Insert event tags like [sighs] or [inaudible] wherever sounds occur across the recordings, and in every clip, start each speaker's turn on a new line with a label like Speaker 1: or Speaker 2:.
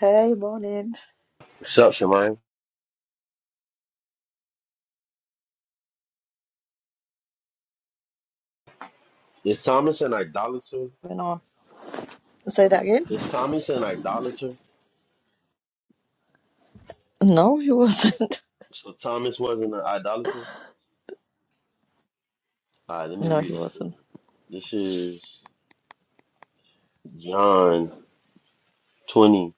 Speaker 1: Hey, morning.
Speaker 2: What's up, Shemai? Is Thomas an idolater?
Speaker 1: Went on. Say that again.
Speaker 2: Is Thomas an idolater?
Speaker 1: No, he wasn't. [laughs]
Speaker 2: So Thomas wasn't an idolater? All right, let me
Speaker 1: No, he
Speaker 2: read this to
Speaker 1: wasn't.
Speaker 2: you. This is John 20,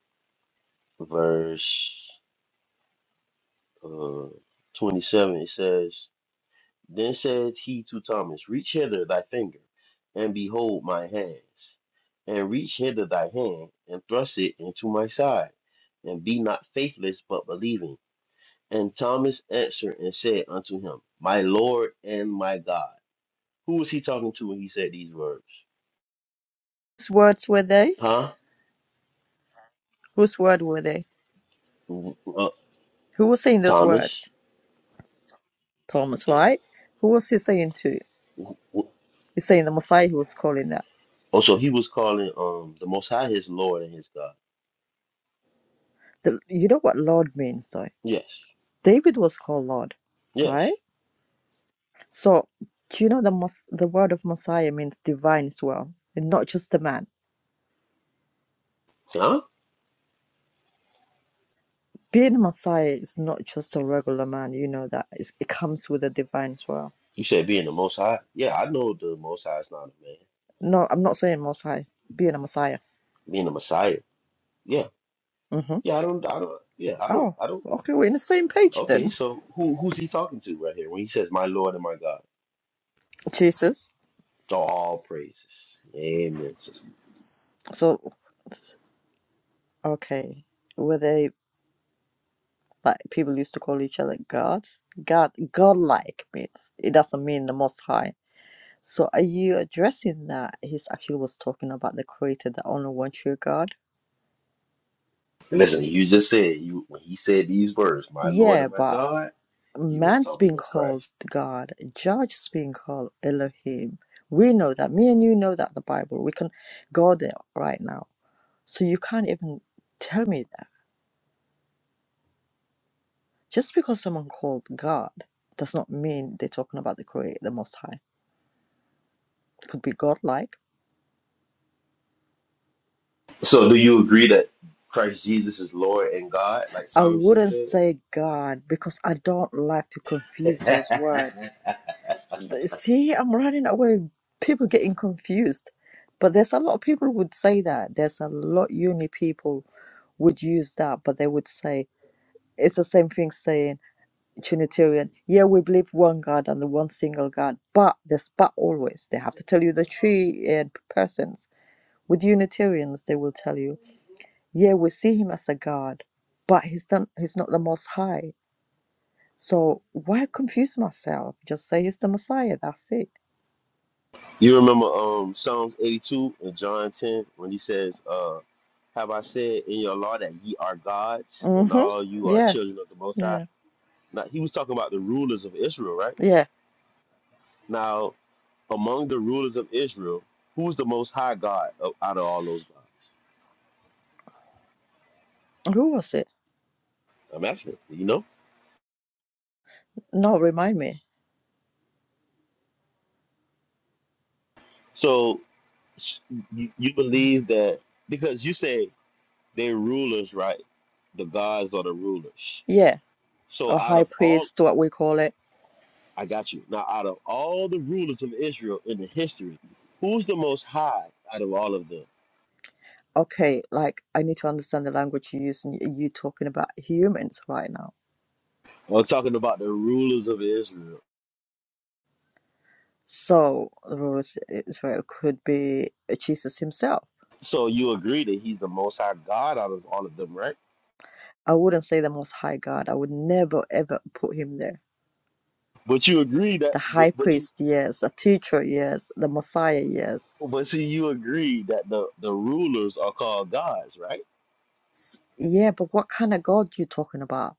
Speaker 2: verse uh, 27. It says, Then said he to Thomas, Reach hither thy finger, and behold my hands, and reach hither thy hand, and thrust it into my side, and be not faithless, but believing. And Thomas answered and said unto him, My Lord and my God. Who was he talking to when he said these words?
Speaker 1: Whose words were they?
Speaker 2: Huh?
Speaker 1: Whose word were they?
Speaker 2: W- Uh,
Speaker 1: Who was saying those
Speaker 2: Thomas.
Speaker 1: words? Thomas,
Speaker 2: Yes.
Speaker 1: right? Who was he saying to?
Speaker 2: W- w-
Speaker 1: He's saying the Messiah who was calling that.
Speaker 2: Oh, so he was calling um the Most High his Lord and his God.
Speaker 1: The, you know what Lord means, though?
Speaker 2: Yes.
Speaker 1: David was called Lord, right?
Speaker 2: Yes.
Speaker 1: So, do you know the Mos- the word of Messiah means divine as well, and not just a man.
Speaker 2: Huh?
Speaker 1: Being a Messiah is not just a regular man. You know that. It's, it comes with the divine as well
Speaker 2: You said being the Most High. Yeah, I know the Most High is not a man.
Speaker 1: No, I'm not saying Most High, being a Messiah.
Speaker 2: Being the Messiah. Yeah.
Speaker 1: hmm
Speaker 2: Yeah. I don't. I don't. Yeah. I don't.
Speaker 1: Oh,
Speaker 2: I don't.
Speaker 1: okay, we're in the same page
Speaker 2: Okay.
Speaker 1: then.
Speaker 2: So who who's he talking to right here when he says, "My Lord and my God"?
Speaker 1: Jesus.
Speaker 2: To all praises. Amen. sister.
Speaker 1: So, okay, were they like people used to call each other gods? God, godlike means it doesn't mean the Most High. So, are you addressing that? He's actually was talking about the Creator, the only one true God.
Speaker 2: Listen, you just said you when he said these words, "My Lord
Speaker 1: Yeah,
Speaker 2: and my
Speaker 1: but
Speaker 2: God," he was
Speaker 1: man's
Speaker 2: talking
Speaker 1: being
Speaker 2: to
Speaker 1: called
Speaker 2: Christ.
Speaker 1: God, judge's being called Elohim. We know that. Me and you know that the Bible. We can go there right now So you can't even tell me that. Just because someone called God does not mean they're talking about the Creator, the Most High. It could be God-like.
Speaker 2: So, do you agree that Christ Jesus is Lord and God, like
Speaker 1: I
Speaker 2: Thomas just
Speaker 1: wouldn't
Speaker 2: said?
Speaker 1: say God because I don't like to confuse those
Speaker 2: [laughs]
Speaker 1: words. See, I'm running away. People getting confused. But there's a lot of people would say that. There's a lot uni people would use that, but they would say it's the same thing saying Trinitarian. Yeah, we believe one God and the one single God, but there's but always. They have to tell you the three uh, persons. With Unitarians, they will tell you, yeah, we see him as a God, but he's done. he's not the most high. So why confuse myself? Just say he's the Messiah. That's it.
Speaker 2: you remember um Psalms eighty-two and John ten when he says, uh, "Have I said in your law that ye are gods, and
Speaker 1: Mm-hmm.
Speaker 2: all you are
Speaker 1: Yeah.
Speaker 2: children of the Most High?"
Speaker 1: Yeah.
Speaker 2: Now he was talking about the rulers of Israel, right?
Speaker 1: Yeah.
Speaker 2: Now, among the rulers of Israel, who's the Most High God of, out of all those gods?
Speaker 1: Who was it?
Speaker 2: I'm asking, you know?
Speaker 1: No, remind me.
Speaker 2: So s- you, you believe that because you say they're rulers, right? The gods are the rulers.
Speaker 1: Yeah.
Speaker 2: So
Speaker 1: A
Speaker 2: out
Speaker 1: high
Speaker 2: of all,
Speaker 1: priest, what we call it
Speaker 2: I got you. Now, out of all the rulers of Israel in the history, who's the most high out of all of them?
Speaker 1: okay, like I need to understand the language you use, and you talking about humans right now
Speaker 2: I'm talking about the rulers of Israel.
Speaker 1: So the ruler of Israel could be Jesus himself.
Speaker 2: So you agree that he's the most high God out of all of them, right?
Speaker 1: I wouldn't say the Most High God. I would never ever put him there.
Speaker 2: But you agree that,
Speaker 1: The
Speaker 2: but,
Speaker 1: high
Speaker 2: but you,
Speaker 1: priest, yes. The teacher, yes. The Messiah, yes.
Speaker 2: but see, you agree that the, the rulers are called gods, right?
Speaker 1: Yeah, but what kind of God you talking about?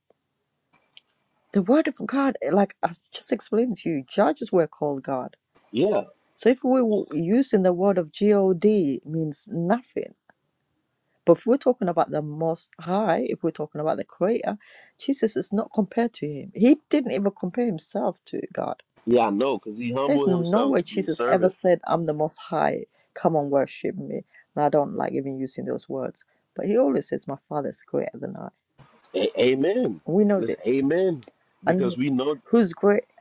Speaker 1: The Word of God, like I just explained to you, judges were called God.
Speaker 2: Yeah.
Speaker 1: So if we were using the word of God, means nothing But if we're talking about the Most High, if we're talking about the Creator, Jesus is not compared to him. He didn't even compare himself to God.
Speaker 2: Yeah, I know, because he
Speaker 1: There's
Speaker 2: humbled
Speaker 1: no
Speaker 2: himself
Speaker 1: way
Speaker 2: to be a
Speaker 1: Jesus ever
Speaker 2: servant.
Speaker 1: said, I'm the Most High, come and worship me. And I don't like even using those words. But he always says, My Father is greater than I.
Speaker 2: A- amen.
Speaker 1: And we know
Speaker 2: Listen,
Speaker 1: this.
Speaker 2: amen. Because
Speaker 1: And
Speaker 2: we know,
Speaker 1: who's great?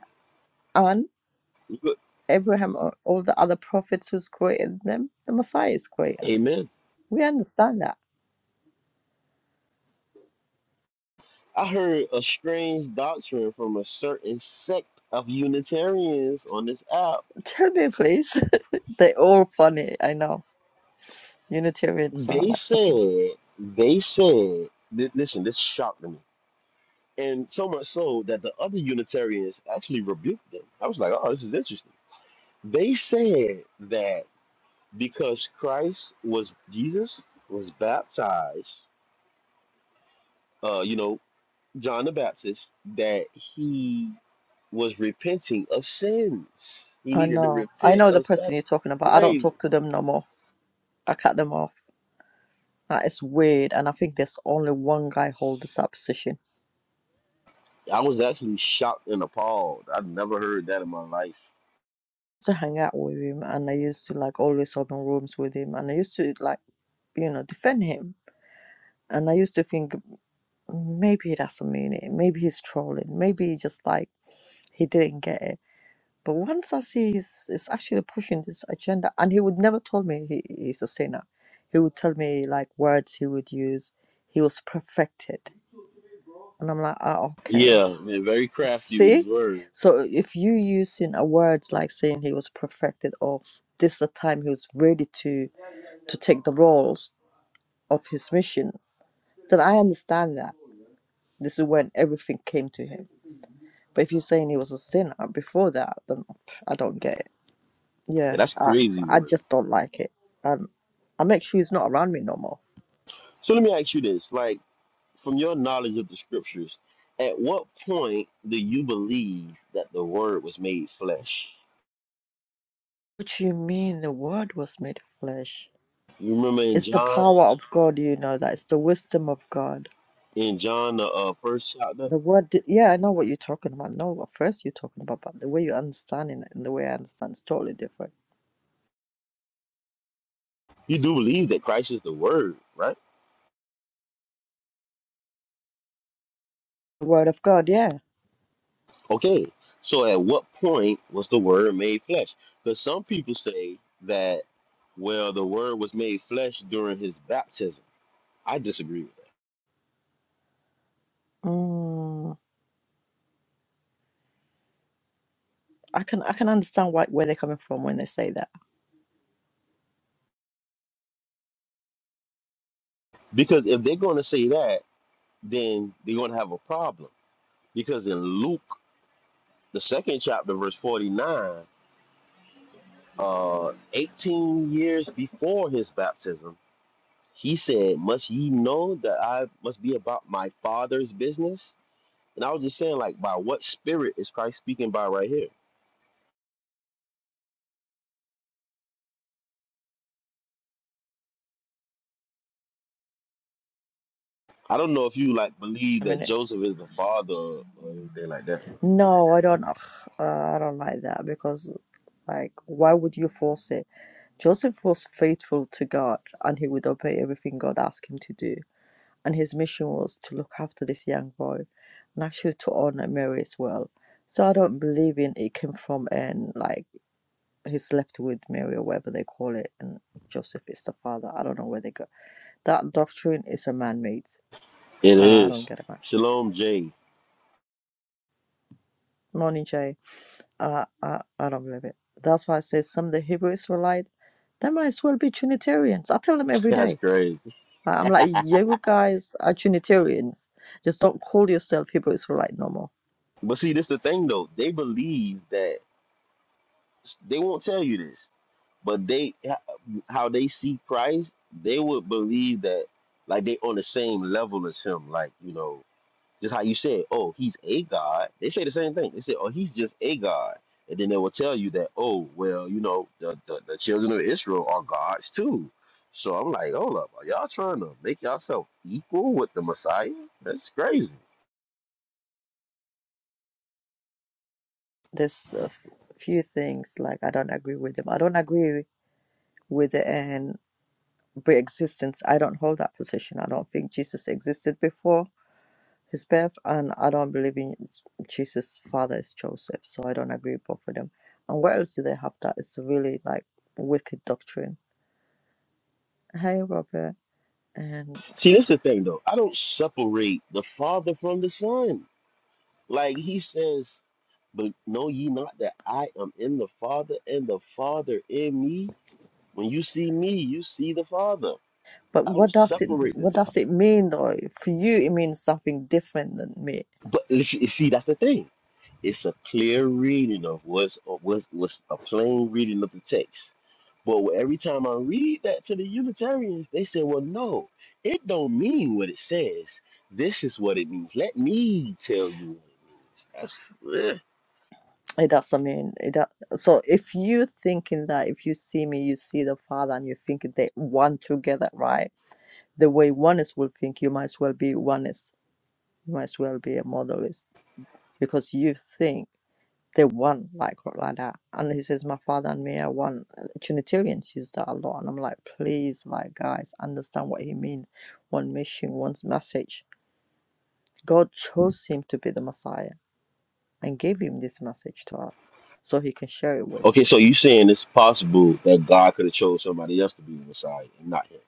Speaker 1: And
Speaker 2: look,
Speaker 1: Abraham or all the other prophets who's greater than them? The Messiah is greater.
Speaker 2: amen.
Speaker 1: We understand that.
Speaker 2: I heard a strange doctrine from a certain sect of Unitarians on this app.
Speaker 1: [laughs] Tell me, please. [laughs] They're all funny, I know. Unitarians are
Speaker 2: They
Speaker 1: like so funny.
Speaker 2: said, they said, th- listen, this shocked me. And so much so that the other Unitarians actually rebuked them. I was like, oh, this is interesting. They said that because Christ was, Jesus was baptized uh, you know, John the Baptist that he was repenting of sins. He
Speaker 1: I
Speaker 2: needed to
Speaker 1: know. I
Speaker 2: repent
Speaker 1: know the
Speaker 2: of
Speaker 1: person
Speaker 2: that's
Speaker 1: you're talking about. I don't
Speaker 2: crazy.
Speaker 1: talk to them no more. I cut them off. That is weird. And I think there's only one guy holds that position.
Speaker 2: I was actually shocked and appalled. I've never heard that in my life.
Speaker 1: To hang out with him and I used to like always open rooms with him and I used to like, you know, defend him. And I used to think maybe he doesn't mean it. Maybe he's trolling. Maybe he just like he didn't get it. But once I see he's, he's actually pushing this agenda and he would never tell me he, he's a sinner. He would tell me like words he would use. He was perfected And I'm like, ah, okay.
Speaker 2: Yeah, man, very crafty with his
Speaker 1: See?
Speaker 2: word.
Speaker 1: So if you using a word like saying he was perfected or this the time he was ready to to take the roles of his mission, then I understand that. This is when everything came to him. But if you're saying he was a sinner before that, then I don't get it.
Speaker 2: Yeah,
Speaker 1: Yeah.
Speaker 2: that's
Speaker 1: I
Speaker 2: crazy
Speaker 1: I
Speaker 2: work.
Speaker 1: just don't like it. And I make sure he's not around me no more.
Speaker 2: So let me ask you this: like, from your knowledge of the scriptures, at what point do you believe that the word was made flesh?
Speaker 1: What do you mean the word was made flesh?
Speaker 2: You remember in
Speaker 1: It's the
Speaker 2: John,
Speaker 1: power of God, you know that. It's the wisdom of God
Speaker 2: in John the uh, first chapter,
Speaker 1: The word, di- yeah, I know what you're talking about. No, what first you're talking about, but the way you understand it and the way I understand is totally different.
Speaker 2: you do believe that Christ is the word, right?
Speaker 1: The word of God, yeah.
Speaker 2: Okay, so at what point was the word made flesh? Because some people say that, well, the word was made flesh during his baptism. I disagree with that.
Speaker 1: Mm, I can I can understand why, where they're coming from when they say that.
Speaker 2: Because if they're going to say that, then they're going to have a problem. Because in Luke, the second chapter, verse 49, uh, 18 years before his baptism, he said, Must ye know that I must be about my father's business? And I was just saying, like, by what spirit is Christ speaking by right here? I don't know if you like believe
Speaker 1: I mean,
Speaker 2: that
Speaker 1: it-
Speaker 2: Joseph is the father or anything like that. But,
Speaker 1: no, I don't. Ugh, uh, I don't like that because, like, why would you force it? Joseph was faithful to God, and he would obey everything God asked him to do. And his mission was to look after this young boy, and actually to honor Mary as well. So I don't believe in it came from an like he's left with Mary or whatever they call it, and Joseph is the father. I don't know where they go. That doctrine is a man-made.
Speaker 2: you know. It
Speaker 1: I don't
Speaker 2: is.
Speaker 1: get it, man.
Speaker 2: Shalom J.
Speaker 1: Morning, Jay. Uh, I I don't believe it. That's why I say some of the Hebrew Israelite, they might as well be Trinitarians. I tell them
Speaker 2: [laughs]
Speaker 1: every
Speaker 2: That's
Speaker 1: day.
Speaker 2: crazy.
Speaker 1: I- I'm like, you guys are Trinitarians. Just don't call yourself Hebrew Israelite no more.
Speaker 2: But see, this the thing though. They believe that they won't tell you this, but they how they see Christ, they would believe that like they on the same level as him. Like you know, Just how you said, oh, he's a god. They say the same thing. They say, oh, he's just a god. And then they will tell you that, oh, well, you know, the, the, the children of Israel are gods too. So I'm like, hold up, are y'all trying to make yourself equal with the Messiah? That's crazy.
Speaker 1: There's a f- few things like I don't agree with them. I don't agree with the and pre-existence. I don't hold that position. I don't think Jesus existed before. his birth and I don't believe in Jesus' father is Joseph, so I don't agree with both of them. And where else do they have that? It's a really like wicked doctrine. Hey Robert, and
Speaker 2: See, that's the thing though. I don't separate the Father from the Son. Like he says, but know ye not that I am in the Father and the Father in me? When you see me, you see the Father.
Speaker 1: but
Speaker 2: I don't
Speaker 1: what does it
Speaker 2: separate the
Speaker 1: what
Speaker 2: two.
Speaker 1: does it mean though? For you it means something different than me.
Speaker 2: But you see, you see, that's the thing. It's a clear reading of what's of what's, what's a plain reading of the text. But every time I read that to the Unitarians, they say, "Well, no, it don't mean what it says. This is what it means. Let me tell you what it means." That's eh.
Speaker 1: It doesn't mean it does, so if you thinking that if you see me you see the father and you think they one together, right? The way oneness will think you might as well be oneness. You might as well be a modalist because you think. They won like like that. And he says, My father and me are one. Trinitarians use that a lot. And I'm like, please, like guys, understand what he means. One mission, one message. God chose him to be the Messiah and gave him this message to us so he can share it with.
Speaker 2: okay. So you saying it's possible that God could have chose somebody else to be the Messiah and not him?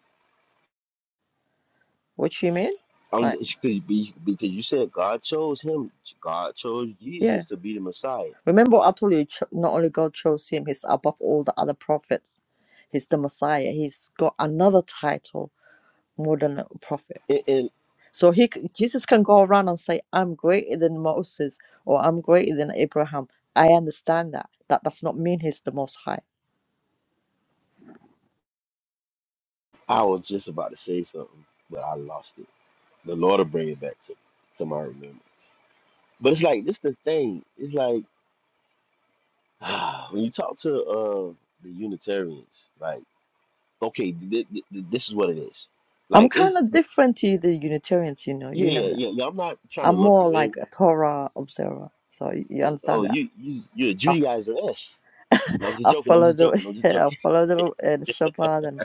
Speaker 1: What you mean?
Speaker 2: I'm
Speaker 1: Like,
Speaker 2: just because because you said God chose him. God chose
Speaker 1: yeah.
Speaker 2: Jesus to be the Messiah.
Speaker 1: Remember what I told you, cho- not only God chose him, he's above all the other prophets. He's the Messiah. He's got another title more than a prophet
Speaker 2: and. and
Speaker 1: So he c- Jesus can go around and say, "I'm greater than Moses" or "I'm greater than Abraham." I understand that. That does not mean he's the Most High.
Speaker 2: I was just about to say something, but I lost it. The Lord will bring it back to, to my remembrance. But it's like this the thing. It's like [sighs] when you talk to uh the Unitarians, like okay, th- th- th- this is what it is.
Speaker 1: I'm
Speaker 2: Like
Speaker 1: kind
Speaker 2: it's
Speaker 1: of different to the Unitarians, you know.
Speaker 2: yeah,
Speaker 1: You
Speaker 2: yeah,
Speaker 1: know that.
Speaker 2: yeah. yeah, I'm not trying to
Speaker 1: I'm
Speaker 2: lump
Speaker 1: more
Speaker 2: you in.
Speaker 1: like a Torah observer, so y- you
Speaker 2: Yeah, oh,
Speaker 1: understand that.
Speaker 2: you you you're a
Speaker 1: I,
Speaker 2: Judaizer. S. No, I'm just
Speaker 1: I
Speaker 2: joking. I'm
Speaker 1: follow
Speaker 2: just
Speaker 1: the
Speaker 2: joking. I'm
Speaker 1: [laughs]
Speaker 2: just
Speaker 1: yeah, I
Speaker 2: joking.
Speaker 1: follow
Speaker 2: [laughs]
Speaker 1: the uh, the Shabbat and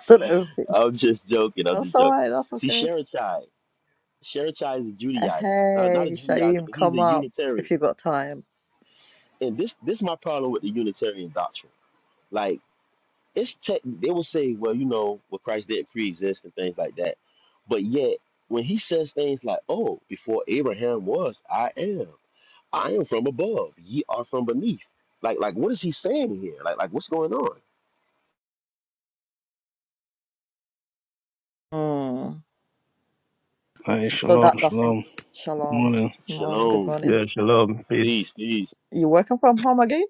Speaker 1: [laughs] sort of everything.
Speaker 2: I'm just joking. I'm
Speaker 1: That's
Speaker 2: just
Speaker 1: all
Speaker 2: joking.
Speaker 1: right. That's
Speaker 2: See,
Speaker 1: okay.
Speaker 2: Sherachai, Sherachai is a
Speaker 1: Uh,
Speaker 2: Judaizer. Not, not
Speaker 1: Hey,
Speaker 2: a Judaizer,
Speaker 1: Shaim,
Speaker 2: but he's
Speaker 1: come
Speaker 2: a
Speaker 1: up
Speaker 2: Unitarian.
Speaker 1: if you got time.
Speaker 2: and this this is my problem with the Unitarian doctrine. Like it's tech they will say, well, you know, well Christ didn't pre-exist and things like that. But yet when he says things like, "Oh, before Abraham was, I am. I am from above. Ye are from beneath." Like like what is he saying here? Like like what's going on?
Speaker 1: Mm.
Speaker 3: Hi
Speaker 1: So
Speaker 3: shalom,
Speaker 1: that doesn't.
Speaker 3: shalom. Good
Speaker 1: Shalom.
Speaker 3: morning.
Speaker 1: Morning. Good
Speaker 2: Shalom,
Speaker 1: morning.
Speaker 4: Yeah, shalom. Peace.
Speaker 2: peace, peace.
Speaker 1: You're working from home again?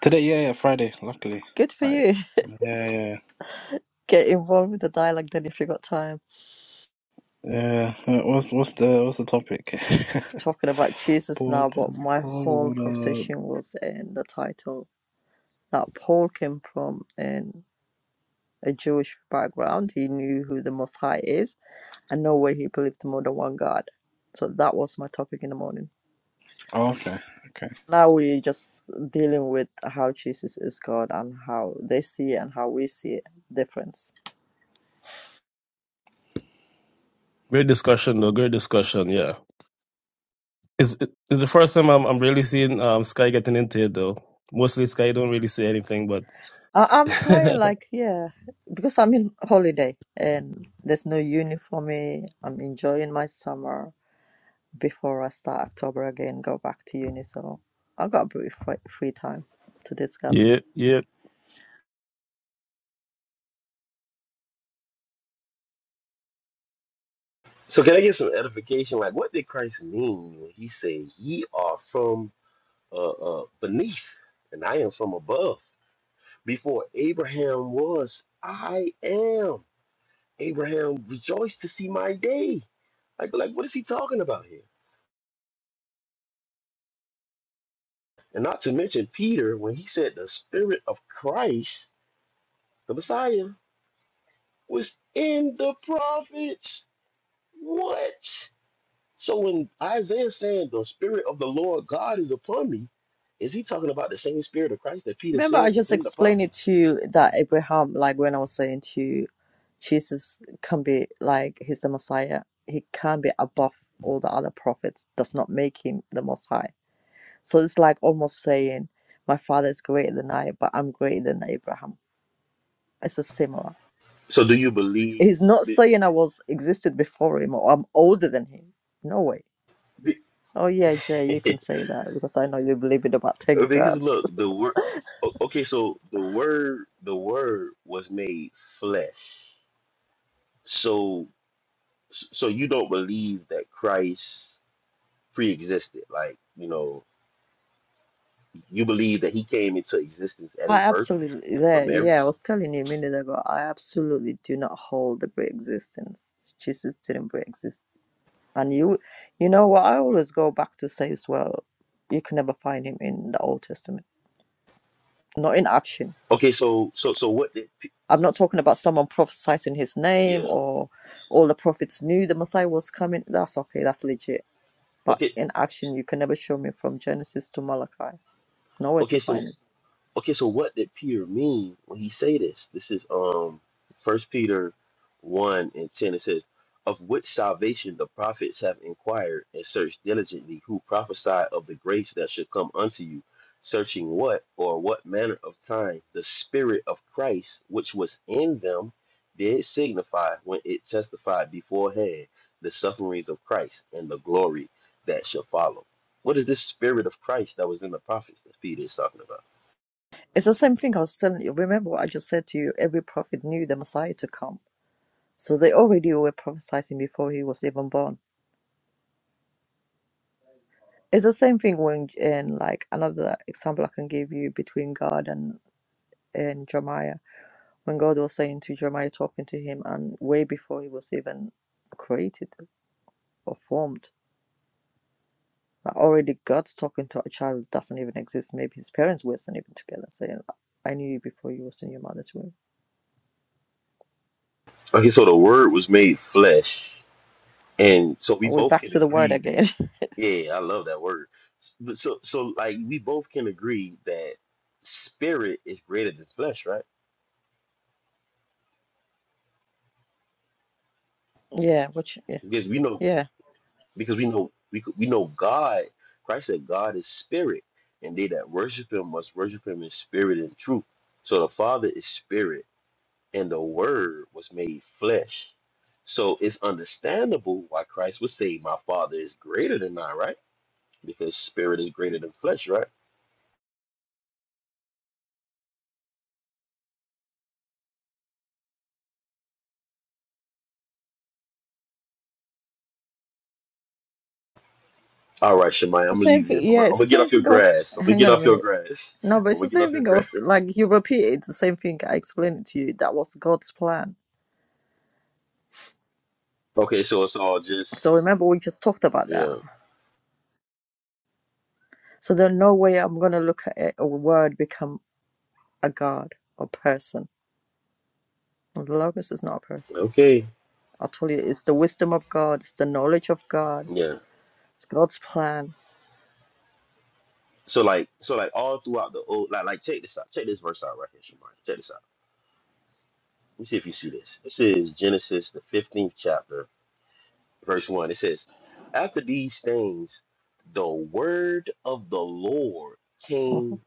Speaker 3: Today, yeah, yeah, Friday. Luckily,
Speaker 1: Good for
Speaker 3: Friday.
Speaker 1: you.
Speaker 3: Yeah, yeah,
Speaker 1: [laughs] Get involved with the dialogue then if you got time.
Speaker 3: yeah. Uh, What's what's the what's the topic?
Speaker 1: Talking about
Speaker 3: [laughs]
Speaker 1: Jesus
Speaker 3: Paul,
Speaker 1: now, but
Speaker 3: Paul,
Speaker 1: my
Speaker 3: Paul was
Speaker 1: whole
Speaker 3: on
Speaker 1: conversation was in the title that Paul came from in a Jewish background. He knew who the Most High is, and no way he believed more than one God. So that was my topic in the morning.
Speaker 3: a. Oh, okay, okay.
Speaker 1: Now we're just dealing with how Jesus is God and how they see it and how we see it, difference.
Speaker 4: Great discussion, though. Great discussion. Yeah, it's it's the first time I'm I'm really seeing um Sky getting into it though. Mostly Sky don't really say anything, but
Speaker 1: I, I'm trying
Speaker 4: [laughs]
Speaker 1: like yeah, because I'm in holiday and there's no uni for me. I'm enjoying my summer before I start October again, go back to uni. So I have got a bit of free, free time to discuss.
Speaker 4: yeah, yeah.
Speaker 2: So can I get some edification? Like what did Christ mean when he said, "Ye are from uh, uh beneath, and I am from above"? Before Abraham was, I am. Abraham rejoiced to see my day. Like, like, what is he talking about here? And not to mention Peter, when he said the spirit of Christ, the Messiah, was in the prophets. What? So when Isaiah saying the spirit of the Lord God is upon me, is he talking about the same spirit of Christ that Peter
Speaker 1: Remember,
Speaker 2: said
Speaker 1: I
Speaker 2: was
Speaker 1: just
Speaker 2: in the
Speaker 1: explained it
Speaker 2: prophets?
Speaker 1: to you that Abraham, like when I was saying to you, Jesus can be like he's the Messiah. He can be above all the other prophets. Does not make him the Most High. So it's like almost saying, "My father is greater than I, but I'm greater than Abraham." It's a similar.
Speaker 2: So do you believe
Speaker 1: He's not saying I was existed before him or I'm older than him. No way.
Speaker 2: that?
Speaker 1: Oh yeah, Jay, you
Speaker 2: [laughs]
Speaker 1: can say that because I know you believe in about ten
Speaker 2: Because
Speaker 1: grads.
Speaker 2: look,
Speaker 1: [laughs]
Speaker 2: the word. Okay, so the word, the word was made flesh. So, so you don't believe that Christ pre-existed, like you know, you believe that he came into existence at
Speaker 1: I
Speaker 2: his birth
Speaker 1: absolutely
Speaker 2: from
Speaker 1: there.
Speaker 2: Mary.
Speaker 1: Yeah, I was telling you a minute ago. I absolutely do not hold the pre-existence. Jesus didn't pre-exist, and you, you know what? I always go back to say as well. You can never find him in the Old Testament, not in action.
Speaker 2: Okay, so, so, so what did? pe-
Speaker 1: I'm not talking about someone prophesying in his name
Speaker 2: Yeah.
Speaker 1: or all the prophets knew the Messiah was coming. That's okay, that's legit. But
Speaker 2: Okay.
Speaker 1: in action, you can never show me from Genesis to Malachi. Nowhere
Speaker 2: Okay.
Speaker 1: to
Speaker 2: So,
Speaker 1: find it.
Speaker 2: Okay, so what did Peter mean when he say this? This is um First Peter one and ten. It says, "Of which salvation the prophets have inquired and searched diligently, who prophesied of the grace that should come unto you, searching what or what manner of time the Spirit of Christ which was in them did signify when it testified beforehand the sufferings of Christ and the glory that shall follow." What is this Spirit of Christ that was in the prophets that Peter is talking about?
Speaker 1: It's the same thing I was telling you. Remember what I just said to you? Every prophet knew the Messiah to come. So they already were prophesying before he was even born. It's the same thing when, in like another example I can give you between God and, and Jeremiah. When God was saying to Jeremiah, talking to him, and way before he was even created performed. Like already God's talking to a child that doesn't even exist. Maybe his parents were not even together, saying, I knew you before you was in your mother's womb.
Speaker 2: Okay, so the word was made flesh, and so we
Speaker 1: Are we
Speaker 2: both
Speaker 1: back
Speaker 2: can
Speaker 1: to the word
Speaker 2: agree.
Speaker 1: again?
Speaker 2: Yeah, I love that word. S- But So, so like we both can agree that spirit is greater than flesh, right?
Speaker 1: [laughs] yeah, which yeah.
Speaker 2: Because we know,
Speaker 1: Yeah.
Speaker 2: because we know, we could- we know God. Christ said, "God is spirit, and they that worship Him must worship Him in spirit and truth." So the Father is spirit, and the Word was made flesh. So it's understandable why Christ would say, "My Father is greater than I," right? because spirit is greater than flesh, right? All right, Shemai, I'm
Speaker 1: The
Speaker 2: gonna
Speaker 1: same
Speaker 2: leave you. I'm
Speaker 1: thing
Speaker 2: gonna,
Speaker 1: yeah,
Speaker 2: I'm
Speaker 1: it's the
Speaker 2: gonna get
Speaker 1: same
Speaker 2: off your
Speaker 1: thing goes
Speaker 2: grass. I'm gonna
Speaker 1: hang
Speaker 2: get
Speaker 1: on a
Speaker 2: off your
Speaker 1: minute.
Speaker 2: grass. [laughs]
Speaker 1: No, but
Speaker 2: I'm
Speaker 1: it's
Speaker 2: gonna
Speaker 1: the
Speaker 2: get off
Speaker 1: same
Speaker 2: your
Speaker 1: thing
Speaker 2: grass.
Speaker 1: goes like you repeat it, it's the same thing I explained it to you. That was God's plan.
Speaker 2: Okay, so it's all just
Speaker 1: So remember we just talked about that.
Speaker 2: yeah.
Speaker 1: So there's no way I'm gonna look at it, a word become a god or person. The logos is not a person.
Speaker 2: Okay,
Speaker 1: I'll tell you, it's the wisdom of God, it's the knowledge of God,
Speaker 2: yeah.
Speaker 1: it's God's plan.
Speaker 2: So like, so like all throughout the old, like, like check this out. Check this verse out right here, Shemai. Check this out. Let's see if you see this. This is Genesis the 15th chapter, verse one. It says, "After these things, the word of the Lord
Speaker 1: Mhm,
Speaker 2: came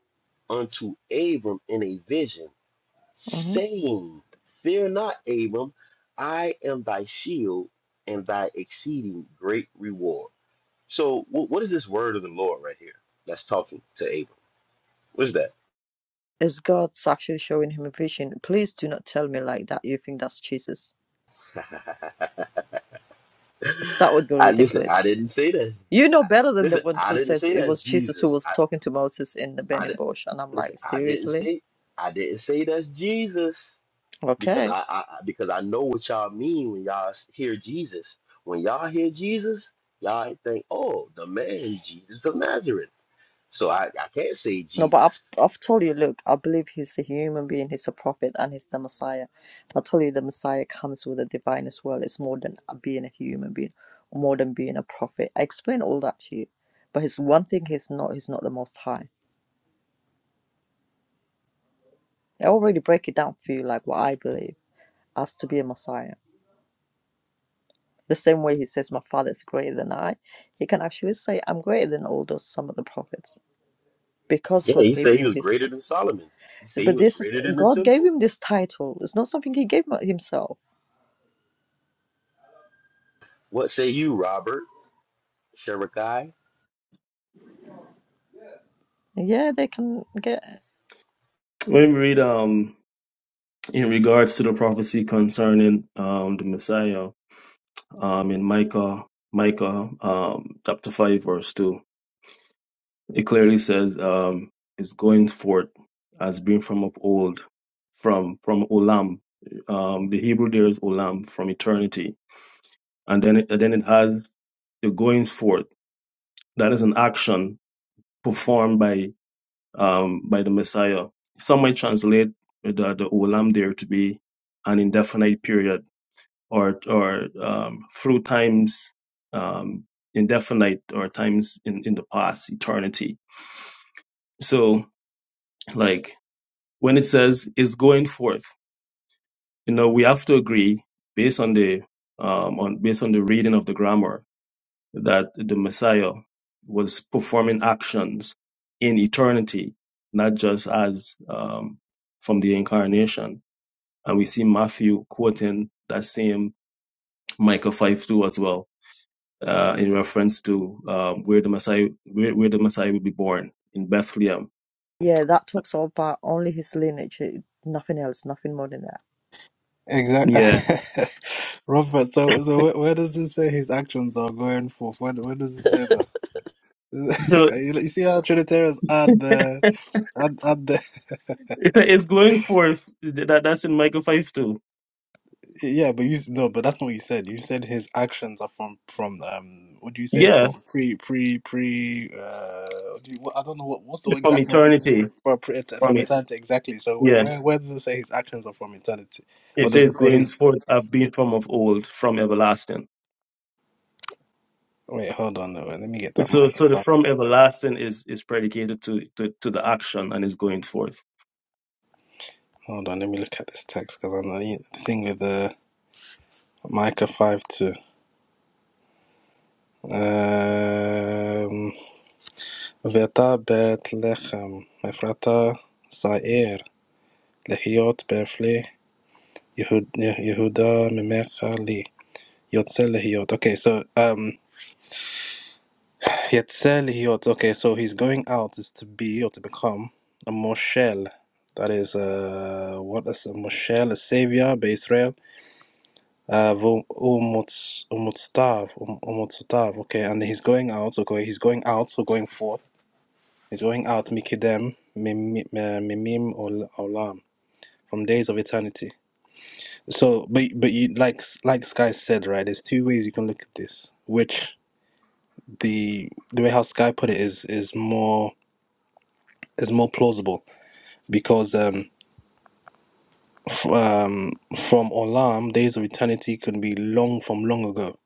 Speaker 2: unto Abram in a vision."
Speaker 1: mhm.
Speaker 2: saying, Fear not, Abram, I am thy shield and thy exceeding great reward. So, wh- what is this word of the Lord right here that's talking to Abram? What's that?
Speaker 1: It's God's actually showing him a vision. Please do not tell me like that. You think that's Jesus?
Speaker 2: [laughs]
Speaker 1: Because that would be
Speaker 2: I, listen, I
Speaker 1: ridiculous.
Speaker 2: didn't say that.
Speaker 1: You know better than the
Speaker 2: Listen,
Speaker 1: ones
Speaker 2: I
Speaker 1: who
Speaker 2: didn't
Speaker 1: says
Speaker 2: say
Speaker 1: it
Speaker 2: that's
Speaker 1: was Jesus who
Speaker 2: Jesus.
Speaker 1: was
Speaker 2: I,
Speaker 1: talking to Moses in the
Speaker 2: I di-
Speaker 1: burning bush. And I'm
Speaker 2: listen,
Speaker 1: like,
Speaker 2: I didn't
Speaker 1: seriously?
Speaker 2: say, I didn't say that's Jesus. because
Speaker 1: Okay.
Speaker 2: I, I I- because I know what y'all mean when y'all s- hear Jesus. When y'all hear Jesus, y'all think, oh, the man Jesus of Nazareth. So I, I can't say
Speaker 1: No, but
Speaker 2: Jesus.
Speaker 1: I've I've told you, look, I believe he's a human being, he's a prophet, and he's the Messiah. I told you the Messiah comes with the divine as well. It's more than being a human being, more than being a prophet. I explained all that to you. But his one thing he's not he's not the most high. I already break it down for you like what I believe as to be a Messiah. The same way he says my father is greater than I, he can actually say I'm greater than all those some of the prophets. Because
Speaker 2: Yeah,
Speaker 1: God
Speaker 2: he
Speaker 1: gave
Speaker 2: said he
Speaker 1: him
Speaker 2: was
Speaker 1: this
Speaker 2: greater than Solomon. He said he
Speaker 1: but
Speaker 2: was
Speaker 1: this is
Speaker 2: greater than the
Speaker 1: God gave
Speaker 2: temple.
Speaker 1: him this title. It's not something he gave himself
Speaker 2: What say you, Robert? Sherekai?
Speaker 1: Yeah, they can get.
Speaker 4: When we read um in regards to the prophecy concerning um the Messiah um in Micah Micah um chapter five verse two, it clearly says um it's going forth as being from of old, from from Olam. Um, the Hebrew there is Olam from eternity and then it, and then it has the goings forth. That is an action performed by um, by the Messiah. Some might translate the the olam there to be an indefinite period or or um, through times um, indefinite or times in, in the past eternity. So like when it says is going forth, you know we have to agree based on the um, on based on the reading of the grammar that the Messiah was performing actions in eternity, not just as um, from the incarnation. And we see Matthew quoting that same Micah 5 2 as well, uh, in reference to um, where the Messiah where, where the Messiah will be born in Bethlehem.
Speaker 1: Yeah, that talks all about only his lineage, eh, nothing else, nothing more than that.
Speaker 4: Yeah.
Speaker 3: Exactly. [laughs] Robert. So, so where, where does it say his actions are going forth? Where, where does it say that? [laughs] This
Speaker 4: So
Speaker 3: you you see how Trinitarians add the add, add the [laughs]
Speaker 4: it's it's going forth that that's in Micah 5 2.
Speaker 3: Yeah, but you no, but that's not what you said. You said his actions are from from um. What do you say?
Speaker 4: Yeah.
Speaker 3: From pre pre pre. Uh, what do you, what, I don't know what what's the
Speaker 4: From
Speaker 3: exact word you said
Speaker 4: eternity.
Speaker 3: for pre,
Speaker 4: From
Speaker 3: from
Speaker 4: it.
Speaker 3: eternity exactly. So where,
Speaker 4: Yeah.
Speaker 3: where where does it say his actions are from eternity, or
Speaker 4: It
Speaker 3: does
Speaker 4: says
Speaker 3: it say
Speaker 4: going
Speaker 3: his?
Speaker 4: forth have been from of old, from everlasting.
Speaker 3: Wait, hold on. Wait, let me get that
Speaker 4: So,
Speaker 3: Micah
Speaker 4: so the
Speaker 3: five.
Speaker 4: from everlasting is is predicated to, to to the action and is going forth.
Speaker 3: Hold on, let me look at this text because I know you- the thing with the Micah five two. Um, Veta bet lechem Ephrata Sair, Lehiot Berfle. Yehud, Yeh- Yehuda Memech Ali. Yotzelehiot. Okay, so um, Yotzelehiot. Okay, so he's going out is to be or to become a Moshel. That is uh, what is a Moshel, a savior by Israel. Uh, vo- umutz- umutstav, um- umutstav. Okay, and he's going out. Okay, he's going out. So going forth. He's going out. Mikidem mimim olam from days of eternity. So, but but you like like Sky said, right? There's two ways you can look at this, which the the way how Sky put it is is more is more plausible because um f- um from Olam, days of eternity can be long from long ago,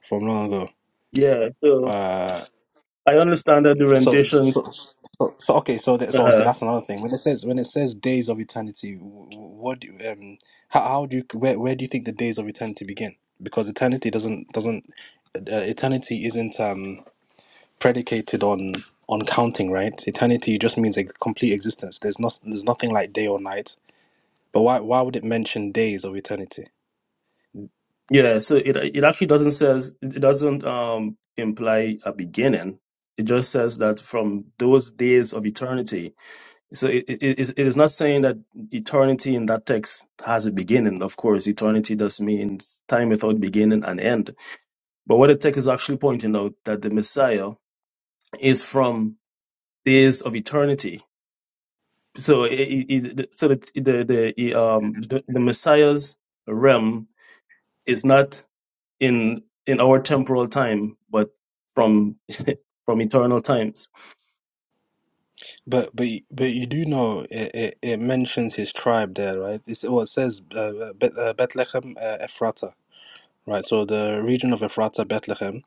Speaker 3: from long ago.
Speaker 4: Yeah. So
Speaker 3: Uh,
Speaker 4: I understand that the
Speaker 3: so
Speaker 4: rendition.
Speaker 3: so so, so okay, so that's so see
Speaker 4: Uh,
Speaker 3: that's another thing. When it says when it says days of eternity, wh- wh- what do you, um how how do you where where do you think the days of eternity begin? Because eternity doesn't doesn't uh, eternity isn't um predicated on on counting, right? Eternity just means ex- complete existence. There's not there's nothing like day or night. But why why would it mention days of eternity?
Speaker 4: yeah. So it it actually doesn't says it doesn't um imply a beginning. It just says that from those days of eternity. So it it, it is it is not saying that eternity in that text has a beginning. Of course, eternity does mean time without beginning and end. But what the text is actually pointing out that the Messiah is from days of eternity so it, it, it- so the the the the, um the, the Messiah's realm is not in in our temporal time, but from from eternal times.
Speaker 3: But but y- but you do know it, it, it mentions his tribe there, right? It's, well, it says uh, uh, Bet- uh, Bethlehem uh, Ephrata, right? So the region of Ephrata, Bethlehem,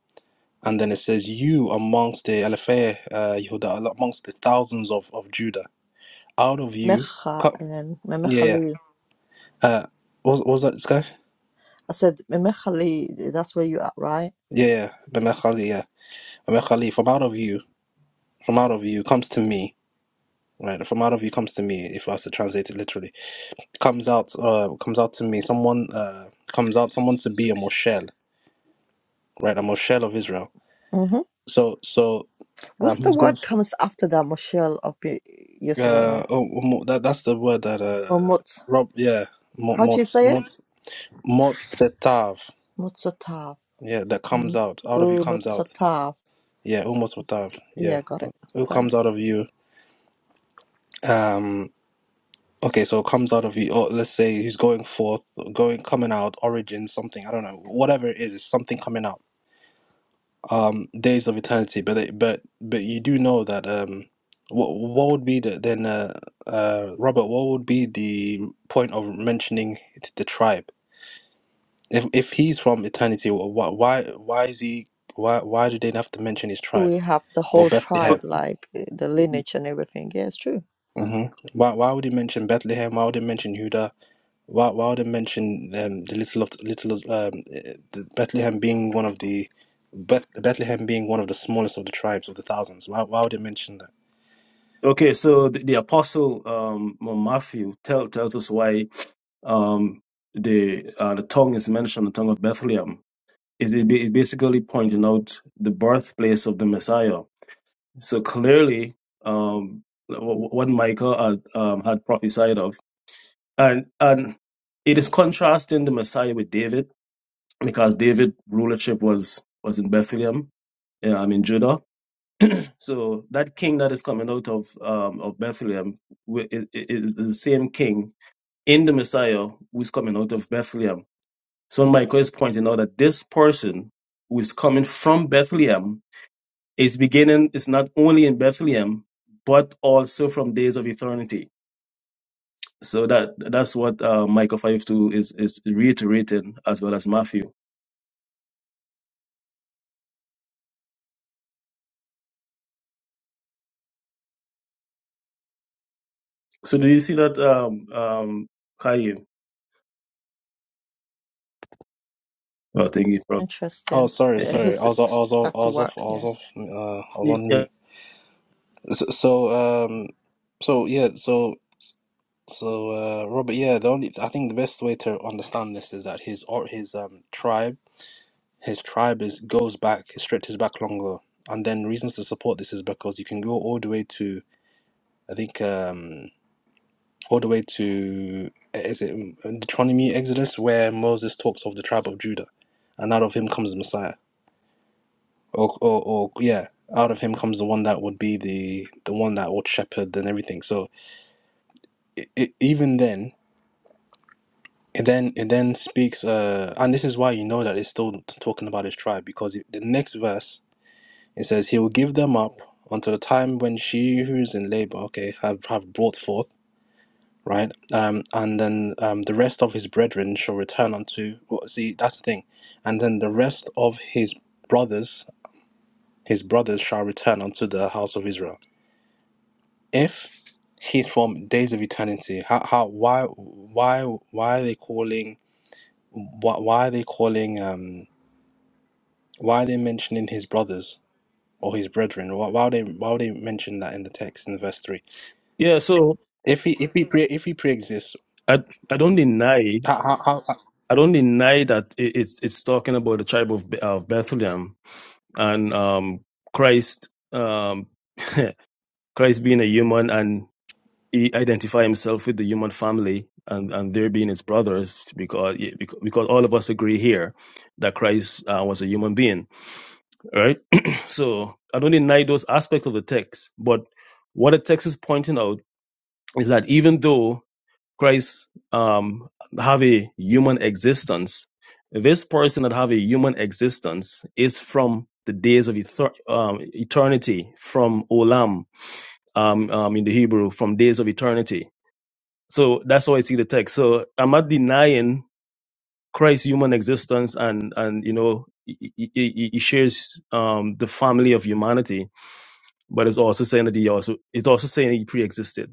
Speaker 3: and then it says you amongst the Alephei, uh, Yehuda, amongst the thousands of, of Judah, out of you,
Speaker 1: Mecha
Speaker 3: co-
Speaker 1: and
Speaker 3: yeah, yeah.
Speaker 1: Memechali.
Speaker 3: Uh, what what was that this guy?
Speaker 1: I said Memechali, that's where you are, right?
Speaker 3: Yeah, yeah, Abu Khalid, from out of you, from out of you comes to me, right? From out of you comes to me. If I was to translate it literally, comes out, uh, comes out to me. Someone, uh, comes out. Someone to be a Moshel, right? A Moshel of Israel.
Speaker 1: hmm
Speaker 3: So, so, um,
Speaker 1: What's the
Speaker 3: who's going?
Speaker 1: word
Speaker 3: For,
Speaker 1: comes after that, Moshel of Be-
Speaker 3: uh,
Speaker 1: Yisrael?
Speaker 3: oh, mo- that that's the word that
Speaker 1: Or
Speaker 3: uh,
Speaker 1: Mutz?
Speaker 3: Rob, yeah, mot
Speaker 1: How do
Speaker 3: mot
Speaker 1: you say it?
Speaker 3: mot mot setav,
Speaker 1: Mutzatav.
Speaker 3: yeah, that comes
Speaker 1: Um,
Speaker 3: out. Out of you
Speaker 1: oh,
Speaker 3: comes out,
Speaker 1: Mutzatav.
Speaker 3: yeah, almost setav, yeah.
Speaker 1: Yeah, got it.
Speaker 3: Who comes out
Speaker 1: Thanks.
Speaker 3: of you? Um. Okay, so it comes out of you. Or let's say he's going forth, going coming out, origin, something. I don't know, whatever it is, it's something coming out. Um, days of eternity. But it, but but you do know that um, what what would be the then uh, uh Robert? What would be the point of mentioning the tribe? If if he's from eternity, why why why is he? Why why do they have to mention his tribe
Speaker 1: We have the
Speaker 3: or
Speaker 1: whole
Speaker 3: Bethlehem?
Speaker 1: tribe, like eh, the lineage and everything. Yeah, it's true.
Speaker 3: hmm Why why would he mention Bethlehem? Why would he mention Judah? Wa- Wilder mentioned um, the little of little of, um, eh, the Bethlehem being one of the Beth- Bethlehem being one of the smallest of the tribes of the thousands. Why Wilder mentioned that.
Speaker 4: Okay, so the, the apostle um Matthew tell, tells us why um the uh, the tongue is mentioned, the tongue of Bethlehem. It, it, ba- it basically pointing out the birthplace of the Messiah. So clearly, um, wh- wh- what Michael had, um, had prophesied of And and it is contrasting the Messiah with David because David rulership was was in Bethlehem, yeah, I mean Judah. So that king that is coming out of um, of Bethlehem wi- i- i- is the same king in the Messiah who's coming out of Bethlehem. So Michael is pointing out that this person who is coming from Bethlehem is beginning is not only in Bethlehem but also from days of eternity. So that that's what uh, Micah five two is is reiterating as well as Matthew. So do you see that, um, um, Chaim? Well, thank you, bro.
Speaker 3: Oh,
Speaker 1: Interesting.
Speaker 3: sorry,
Speaker 1: Uh,
Speaker 3: sorry.
Speaker 1: he's
Speaker 3: I was, I
Speaker 1: s-
Speaker 3: was, I
Speaker 1: back to
Speaker 3: was off. I
Speaker 1: work.
Speaker 3: was
Speaker 1: Yeah.
Speaker 3: off. Uh, I was on
Speaker 4: Yeah.
Speaker 3: mute. So, so um, so yeah, so so uh, Robert. Yeah, the only I think the best way to understand this is that his or his um tribe, his tribe is goes back, it stretches back longer, and then reasons to support this is because you can go all the way to I think um. all the way to is it in Deuteronomy, Exodus, where Moses talks of the tribe of Judah, and out of him comes the Messiah, or or, or yeah, out of him comes the one that would be the the one that would shepherd and everything. So it, it, even then. It then it then speaks, uh, and this is why you know that it's still t- talking about his tribe because it, the next verse it says he will give them up until the time when she who is in labor, okay, have have brought forth, right? Um, and then um, the rest of his brethren shall return unto. Well, see, that's the thing. And then the rest of his brothers, his brothers shall return unto the house of Israel. If he's from days of eternity, how, how, why, why, why are they calling? Why, why are they calling? Um, why are they mentioning his brothers or his brethren? Why, why would they? Why would they mention that in the text in verse three?
Speaker 4: Yeah. So
Speaker 3: If he, if he pre, if he pre-exists,
Speaker 4: I I don't deny
Speaker 3: how, how, how?
Speaker 4: I don't deny that it, it's it's talking about the tribe of Be- of Bethlehem and um Christ um [laughs] Christ being a human and he identify himself with the human family and and there being his brothers because because because all of us agree here that Christ uh, was a human being right? [clears throat] so I don't deny those aspects of the text, but what the text is pointing out is that even though Christ um, have a human existence, this person that have a human existence is from the days of ether- um, eternity, from olam um, um, in the Hebrew, from days of eternity. So that's how I see the text. So I'm not denying Christ's human existence, and and you know he, he, he he shares um, the family of humanity but it's also saying that he also it's also saying he pre-existed.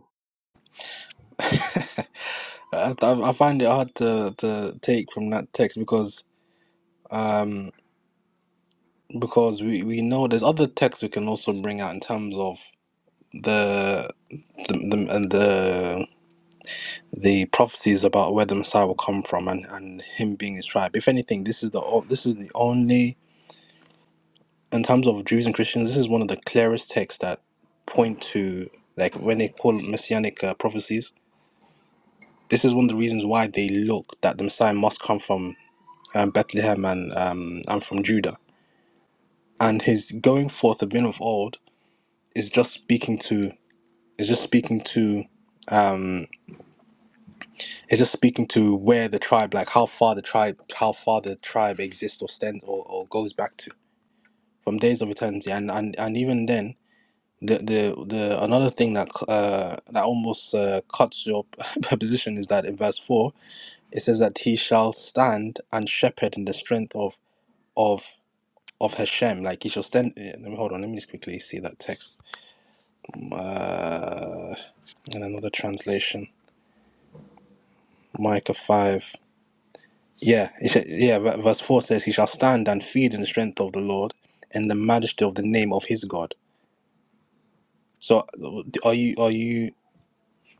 Speaker 3: I, I find it hard to, to take from that text because because we, we know there's other texts we can also bring out in terms of the the the, and the the prophecies about where the Messiah will come from and, and him being his tribe. If anything, this is the o- this is the only in terms of Jews and Christians, this is one of the clearest texts that point to like when they call messianic uh, prophecies. This is one of the reasons why they look that the Messiah must come from um, Bethlehem and um, and from Judah and his going forth of men of old is just speaking to is just speaking to um is just speaking to where the tribe like how far the tribe how far the tribe exists or stands or, or goes back to from days of eternity and and, and even then the, the the another thing that uh that almost uh, cuts your [laughs] position is that in verse 4 it says that he shall stand and shepherd in the strength of of of Hashem like he shall stand eh, let me hold on let me just quickly see that text uh. and another translation, Micah 5. Yeah, [laughs] yeah, ver- verse 4 says, He shall stand and feed in the strength of the Lord in the majesty of the name of his God. So, are you, are you,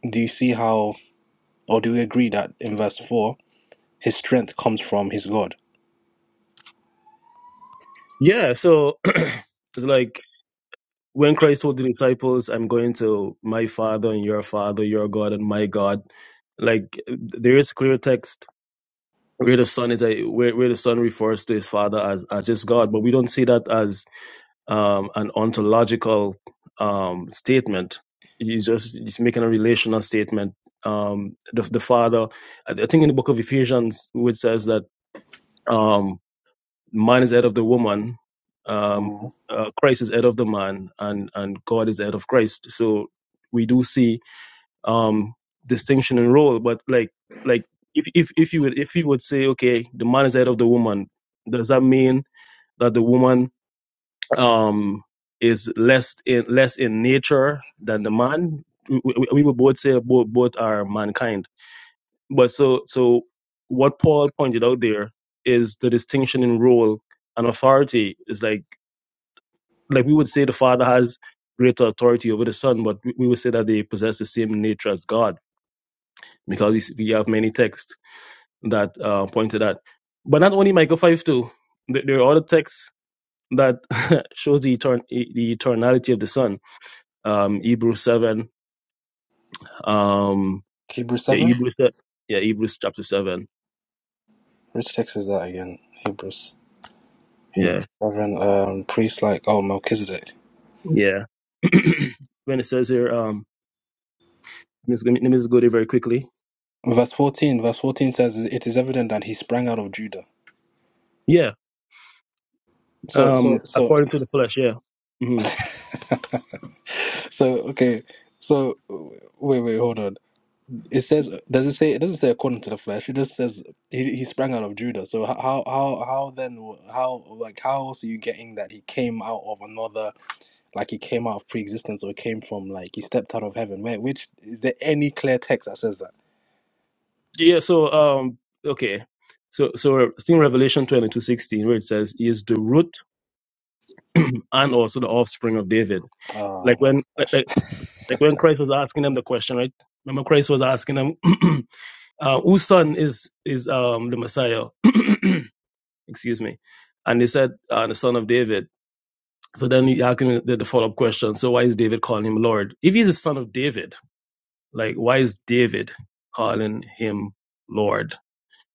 Speaker 3: do you see how, or do we agree that in verse 4, his strength comes from his God?
Speaker 4: Yeah, so [clears throat] it's like when Christ told the disciples, "I'm going to my Father and your Father, your God and my God." Like there is clear text where the Son is a where, where the Son refers to his Father as as his God, but we don't see that as um, an ontological um, statement. He's just he's making a relational statement. Um, the, the father, I I think in the book of Ephesians, which says that um, man is head of the woman, um,
Speaker 3: Mhm.
Speaker 4: uh, Christ is head of the man, and and God is head of Christ. So we do see um, distinction in role, but like like if if if you would if you would say okay, the man is head of the woman, does that mean that the woman um, is less in less in nature than the man. We, we we would both say both both are mankind. But so so what Paul pointed out there is the distinction in role and authority is like like we would say the father has greater authority over the son, but we we would say that they possess the same nature as God because we, see- we have many texts that uh, point to that. But not only Michael five two, there there are other texts that [laughs] shows the etern- the eternality of the son um, Hebrews seven. Um,
Speaker 3: Hebrews
Speaker 4: yeah,
Speaker 3: 7?
Speaker 4: Hebrews. Yeah, Hebrews chapter seven.
Speaker 3: Which text is that again? Hebrews.
Speaker 4: Yeah,
Speaker 3: Hebrews 7, um, priest like, oh, Melchizedek.
Speaker 4: yeah. [clears throat] when it says here, um, let me just let me just go there very quickly.
Speaker 3: Verse 14, verse 14 says, It is evident that he sprang out of Judah.
Speaker 4: Yeah,
Speaker 3: So, so,
Speaker 4: um,
Speaker 3: so.
Speaker 4: according to the flesh. Yeah, hmm
Speaker 3: [laughs] So okay, so w- wait, wait, hold on. It says does it say it doesn't say according to the flesh. It just says he, he sprang out of Judah. So h- how how how then w- how like how else are you getting that he came out of another like he came out of pre-existence or came from like he stepped out of heaven? Where which is there any clear text that says that?
Speaker 4: yeah. So, um, okay. So, so I think Revelation twenty two sixteen, where it says, "He is the root [clears throat] and also the offspring of David." Like
Speaker 3: Oh my
Speaker 4: when, like,
Speaker 3: gosh.
Speaker 4: like
Speaker 3: [laughs]
Speaker 4: like when Christ was asking them the question, right? Remember, Christ was asking them, [clears throat] uh, "Whose son is is um the Messiah?" [clears throat] excuse me. And they said, uh, the son of David. So then he asked him the, the follow up question. So why is David calling him Lord? If he's the son of David, like why is David calling him Lord?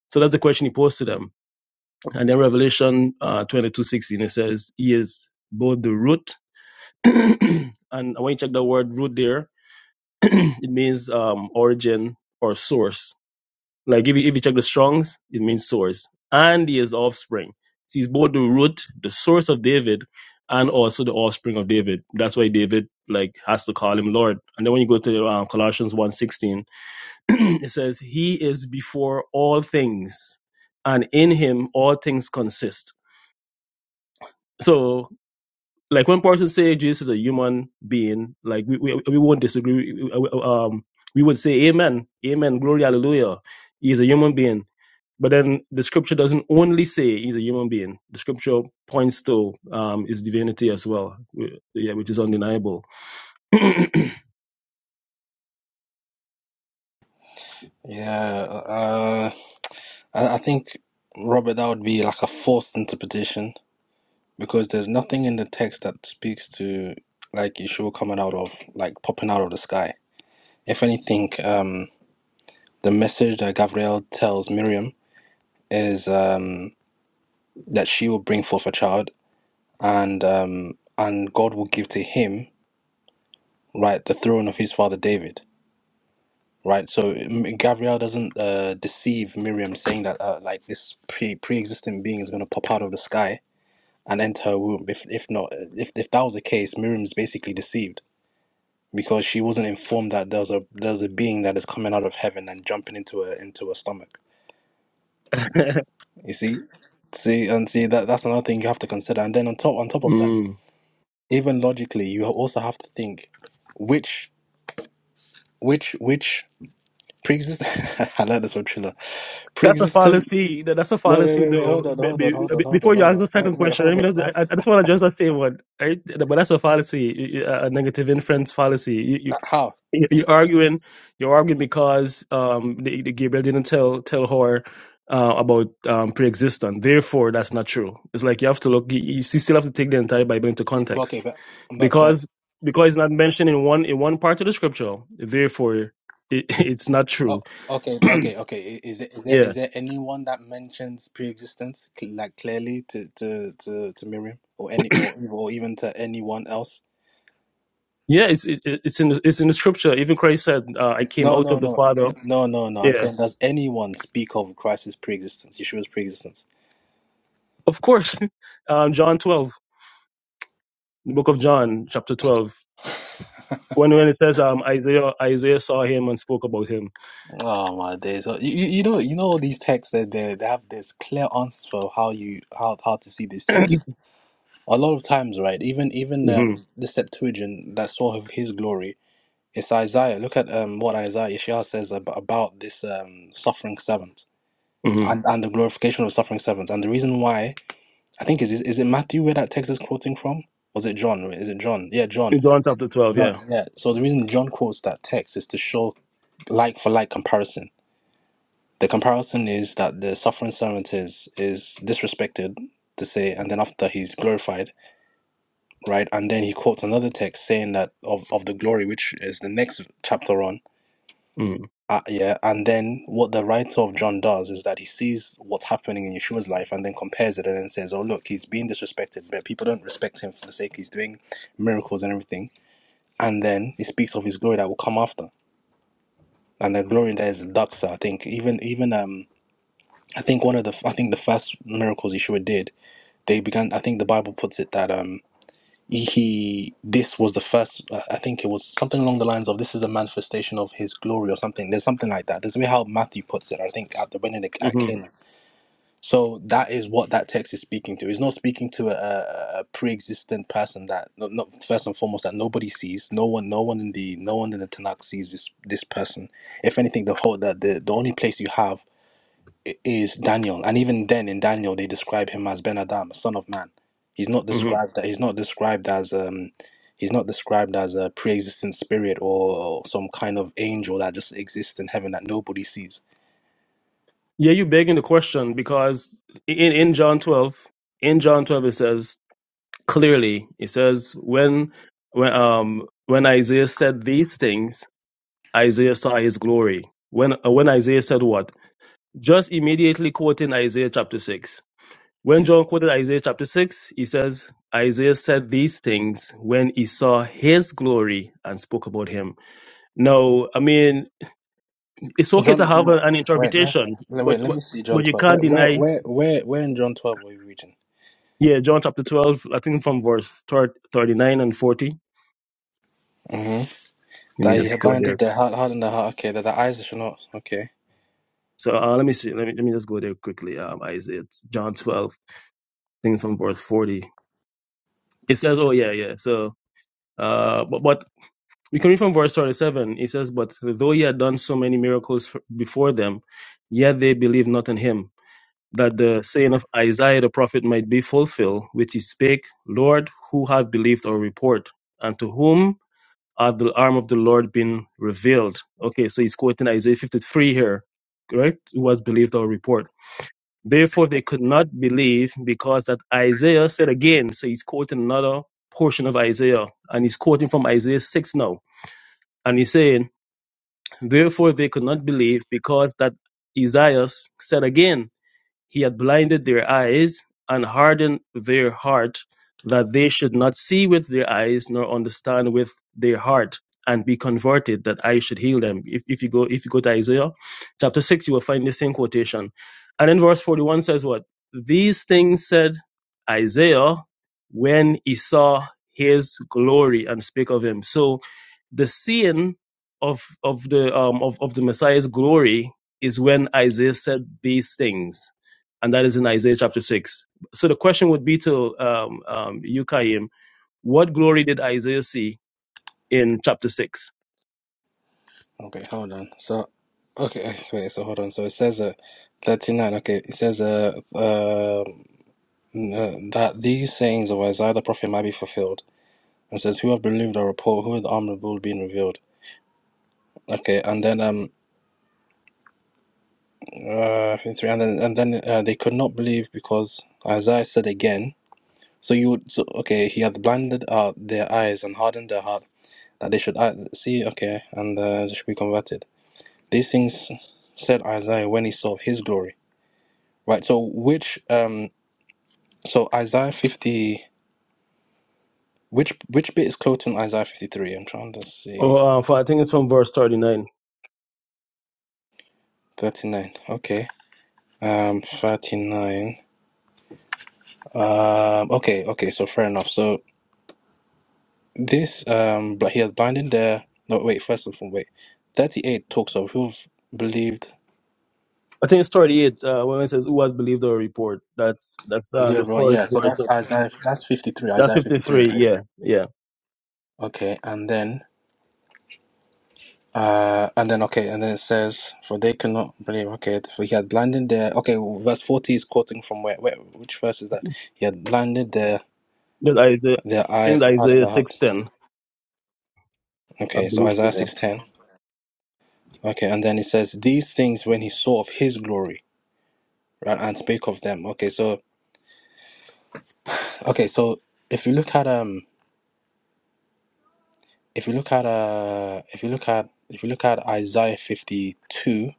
Speaker 4: So that's the question he posed to them. And then Revelation uh, 22, sixteen, it says, He is both the root. [clears throat] and when you check the word root there, it means um, origin or source. Like if you, if you check the Strongs, it means source. And he is the offspring. So he's both the root, the source of David, and also the offspring of David. That's why David like has to call him Lord. And then when you go to um, Colossians one sixteen, [clears throat] it says, He is before all things, and in him all things consist. So like when person say Jesus is a human being, like we, we, we won't disagree. We- we- Um, we would say amen, amen, glory, hallelujah. He is a human being but then the scripture doesn't only say he's a human being. The scripture points to um, his divinity as well, wh- yeah, which is undeniable. [laughs]
Speaker 3: Yeah, uh, I, I think Robert, that would be like a forced interpretation. because there's nothing in the text that speaks to like Yeshua coming out of like popping out of the sky. If anything, um, the message that Gabriel tells Miriam is um, that she will bring forth a child, and um, and God will give to him right the throne of his father David. Right, so M- Gabriel doesn't uh, deceive Miriam, saying that uh, like this pre pre-existing being is going to pop out of the sky and enter her womb. If if not, if if that was the case, Miriam's basically deceived because she wasn't informed that there's a there's a being that is coming out of heaven and jumping into her into her stomach. You see, see and see that that's another thing you have to consider. And then on top on top of that,
Speaker 4: Mm.
Speaker 3: even logically, you also have to think which which which pre-existent. [laughs] I like this one, Triller.
Speaker 4: That's a
Speaker 3: Pre-existent.
Speaker 4: fallacy. That- That's a
Speaker 3: Wait, wait,
Speaker 4: fallacy,
Speaker 3: wait, wait.
Speaker 4: though.
Speaker 3: Hold on,
Speaker 4: Be-
Speaker 3: hold on,
Speaker 4: be-
Speaker 3: hold on,
Speaker 4: be-
Speaker 3: hold
Speaker 4: Before
Speaker 3: on,
Speaker 4: you
Speaker 3: hold
Speaker 4: ask
Speaker 3: on.
Speaker 4: the
Speaker 3: Wait,
Speaker 4: second
Speaker 3: wait,
Speaker 4: question, let
Speaker 3: hold
Speaker 4: me
Speaker 3: on.
Speaker 4: just,
Speaker 3: How?
Speaker 4: I I just want to just say one, right? But that's a fallacy, a a negative inference fallacy. You- You're arguing. You're arguing because um, the, the Gabriel didn't tell tell her uh, about um, pre-existence. Therefore, that's not true. It's like you have to look. You, you still have to take the entire Bible into
Speaker 3: Y- Okay,
Speaker 4: context
Speaker 3: but but but
Speaker 4: because because it's not mentioned in one in one part of the scripture. Therefore, it, [laughs] it's not
Speaker 3: Oh,
Speaker 4: true.
Speaker 3: okay, okay, okay. I- Is there is there
Speaker 4: Yeah,
Speaker 3: is there anyone that mentions pre-existence cl- like clearly to to to to Miriam or any or ev- or even to anyone else?
Speaker 4: yeah. It's it, it- it's in the, it's in the scripture. Even Christ said, uh, "I came
Speaker 3: No,
Speaker 4: out
Speaker 3: no,
Speaker 4: of the
Speaker 3: no,
Speaker 4: Father."
Speaker 3: no, no, no. no. I'm
Speaker 4: Yeah,
Speaker 3: saying, does anyone speak of Christ's pre-existence, Yeshua's pre-existence?
Speaker 4: of course. [laughs] um, John twelve, the book of John, chapter twelve. when when it says um Isaiah Isaiah saw him and spoke about him.
Speaker 3: Oh my days! So, you you you know you know all these texts that they they have this clear answers for how you how how to see these
Speaker 4: [clears throat]
Speaker 3: texts. A lot of times, right? Even even
Speaker 4: hmm
Speaker 3: um the Septuagint that saw of his glory It's Isaiah. Look at um, what Isaiah Yeshua says ab- about this um, suffering servant
Speaker 4: hmm
Speaker 3: and, and the glorification of the suffering servant. And the reason why, I think, is, is is it Matthew where that text is quoting from? Was it John? Is it John? Yeah, John.
Speaker 4: In John chapter twelve,
Speaker 3: John,
Speaker 4: yeah.
Speaker 3: yeah. So the reason John quotes that text is to show like for like comparison. The comparison is that the suffering servant is is disrespected to say, and then after he's glorified, right? And then he quotes another text saying that of, of the glory, which is the next chapter on,
Speaker 4: hmm
Speaker 3: Uh, yeah, and then what the writer of John does is that he sees what's happening in Yeshua's life and then compares it and then says, Oh, look, he's being disrespected, but people don't respect him for the sake he's doing miracles and everything. And then he speaks of his glory that will come after. And the glory there is Daksa, I think. Even, even, um, I think one of the, I think the first miracles Yeshua did, they began, I think the Bible puts it that, um he this was the first uh, i think it was something along the lines of this is the manifestation of his glory or something there's something like that there's me how matthew puts it i think at the wedding at
Speaker 4: hmm
Speaker 3: cana so that is what that text is speaking to it's not speaking to a, a a pre-existent person that not, not first and foremost that nobody sees no one no one in the no one in the tanakh sees this this person if anything the whole that the, the only place you have i- is Daniel, and even then in Daniel they describe him as Ben Adam, son of man. He's not
Speaker 4: hmm
Speaker 3: described that he's not described as um he's not described as a pre-existent spirit or some kind of angel that just exists in heaven that nobody sees.
Speaker 4: Yeah, you begging the question because in in John twelve, in John twelve it says clearly it says when when um when Isaiah said these things, Isaiah saw his glory. When uh, when Isaiah said what? Just immediately quoting Isaiah chapter six When John quoted Isaiah chapter 6, he says, Isaiah said these things when he saw his glory and spoke about him. Now, I mean, it's okay
Speaker 3: John,
Speaker 4: to have a- an
Speaker 3: wait, let,
Speaker 4: interpretation,
Speaker 3: le-
Speaker 4: but,
Speaker 3: wait, let
Speaker 4: but,
Speaker 3: me see John
Speaker 4: but you
Speaker 3: twelve.
Speaker 4: can't
Speaker 3: Where, where,
Speaker 4: deny,
Speaker 3: where, where, where in John twelve are you reading?
Speaker 4: yeah, John chapter 12, I think from verse thir- 39 and 40.
Speaker 3: hmm
Speaker 4: Let me
Speaker 3: That he
Speaker 4: just go there.
Speaker 3: blinded their heart, hardened their heart. Okay, that the eyes should not. Okay,
Speaker 4: So uh, let me see. Let me, let me just go there quickly. Um, Isaiah, it's John 12, I think from verse 40. It says, oh, yeah, yeah. So, uh, but, but We can read from verse 27. It says, But though he had done so many miracles f- before them, yet they believed not in him, that the saying of Isaiah the prophet might be fulfilled, which he spake, Lord, who have believed our report, and to whom hath the arm of the Lord been revealed? Okay, so he's quoting Isaiah 53 here, correct? Who has believed our report. Therefore, they could not believe because that Isaiah said again, so he's quoting another portion of Isaiah, and he's quoting from Isaiah 6 now. And he's saying, Therefore they could not believe, because that Esaias said again, he had blinded their eyes and hardened their heart that they should not see with their eyes nor understand with their heart and be converted that I should heal them. If, if you go if you go to Isaiah chapter 6 you will find the same quotation. And in verse 41 says what? These things said Isaiah when he saw his glory and spake of him. So the seeing of of the um of, of the Messiah's glory is when Isaiah said these things and that is in Isaiah chapter 6. So the question would be to um, um, you, Kaim, what glory did Isaiah see in chapter 6?
Speaker 3: okay, hold on. So, okay, wait. So hold on. So it says uh, thirty nine. Okay, it says uh, um n- that these sayings of Isaiah the prophet might be fulfilled. And says, "Who have believed our report? Who are the arm of the Lord being revealed?" Okay, and then um uh three, and then and then uh, they could not believe because Isaiah said again. So you would so, okay? He hath blinded uh, their eyes and hardened their heart that they should uh, see. Okay, and uh, they should be converted. These things said Isaiah when he saw of his glory. Right. So which um so Isaiah fifty which which bit is close to Isaiah fifty three? I'm trying to see.
Speaker 4: Oh, uh, for, I think it's from verse 39.
Speaker 3: 39. Okay. Um 39. Um okay, okay, so fair enough. So this um but he has blinded the no wait, first of all, wait. 38 talks of who've believed
Speaker 4: I think it's 38 uh, when it says, Who has believed our report? That's that's uh,
Speaker 3: yeah,
Speaker 4: the
Speaker 3: well,
Speaker 4: first
Speaker 3: yeah, so
Speaker 4: verse.
Speaker 3: that's
Speaker 4: Of,
Speaker 3: Isaiah that's 53,
Speaker 4: that's
Speaker 3: Isaiah 53,
Speaker 4: 53,
Speaker 3: right?
Speaker 4: yeah, yeah.
Speaker 3: Okay, and then uh and then okay, and then it says for they cannot believe okay, for he had blinded their okay, verse 40 is quoting from where, where which verse is that? He had blinded their
Speaker 4: That's Isaiah,
Speaker 3: their
Speaker 4: I think
Speaker 3: eyes
Speaker 4: that's
Speaker 3: and hardened their
Speaker 4: Isaiah
Speaker 3: heart.
Speaker 4: 6.10, I
Speaker 3: Okay, so
Speaker 4: believe. so,
Speaker 3: Isaiah
Speaker 4: Yeah,
Speaker 3: 6:10. Okay, and then it says these things when he saw of his glory, right, and spake of them. Okay, so okay, so if you look at um, if you look at uh, if you look at if you look at Isaiah fifty two,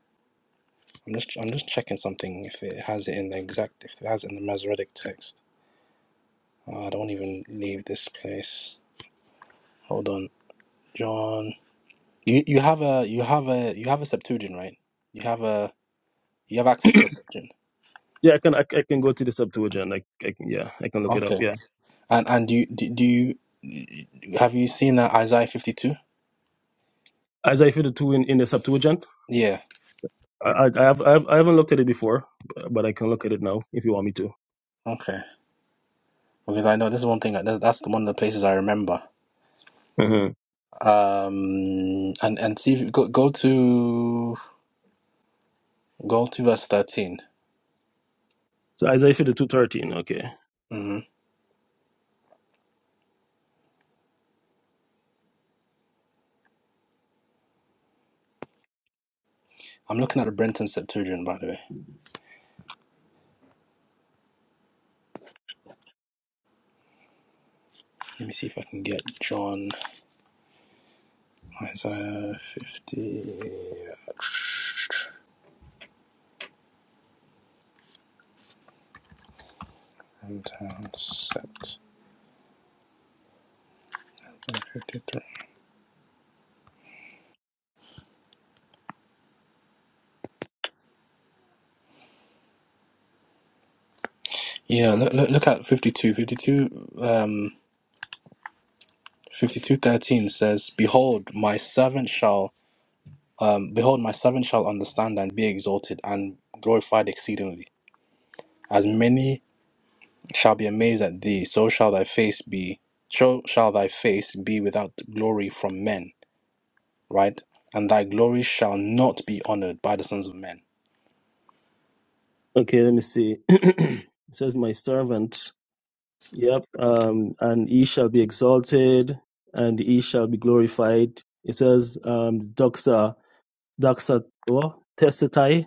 Speaker 3: I'm just I'm just checking something if it has it in the exact if it has it in the Masoretic text. Uh, I don't even leave this place. Hold on, John. You you have a you have a you have a Septuagint, right? You have a you have access to a Septuagint.
Speaker 4: yeah I, can, I, I can go to the Septuagint. I, I can, yeah, I can look it up,
Speaker 3: Okay.
Speaker 4: yeah.
Speaker 3: And and do you, do do you have you seen uh, Isaiah 52?
Speaker 4: Isaiah 52 in, in the Septuagint.
Speaker 3: Yeah.
Speaker 4: I, I, I, have, I, have, I haven't looked at it before, but I can look at it now if you want me to.
Speaker 3: Okay. Because I know this is one thing. That's that's one of the places I remember.
Speaker 4: hmm
Speaker 3: Um. And and see if you go go to go to verse 13.
Speaker 4: So Isaiah 52 13. Okay.
Speaker 3: Mm-hmm. I'm looking at the Brenton Septuagint, by the way. Let me see if I can get John Isaiah 50. Brenton Sept. 53. Yeah, look, look, look at 52. 52, um, 52:13 says, "Behold, my servant shall um, behold my servant shall understand and be exalted and glorified exceedingly. As many shall be amazed at thee, so shall thy face be so shall thy face be without glory from men, right? And thy glory shall not be honored by the sons of men."
Speaker 4: Okay, let me see. [clears throat] it says, My servant, yep, um, and he shall be exalted and he shall be glorified. It says, um, Doxa, Doxa, what? Testatai.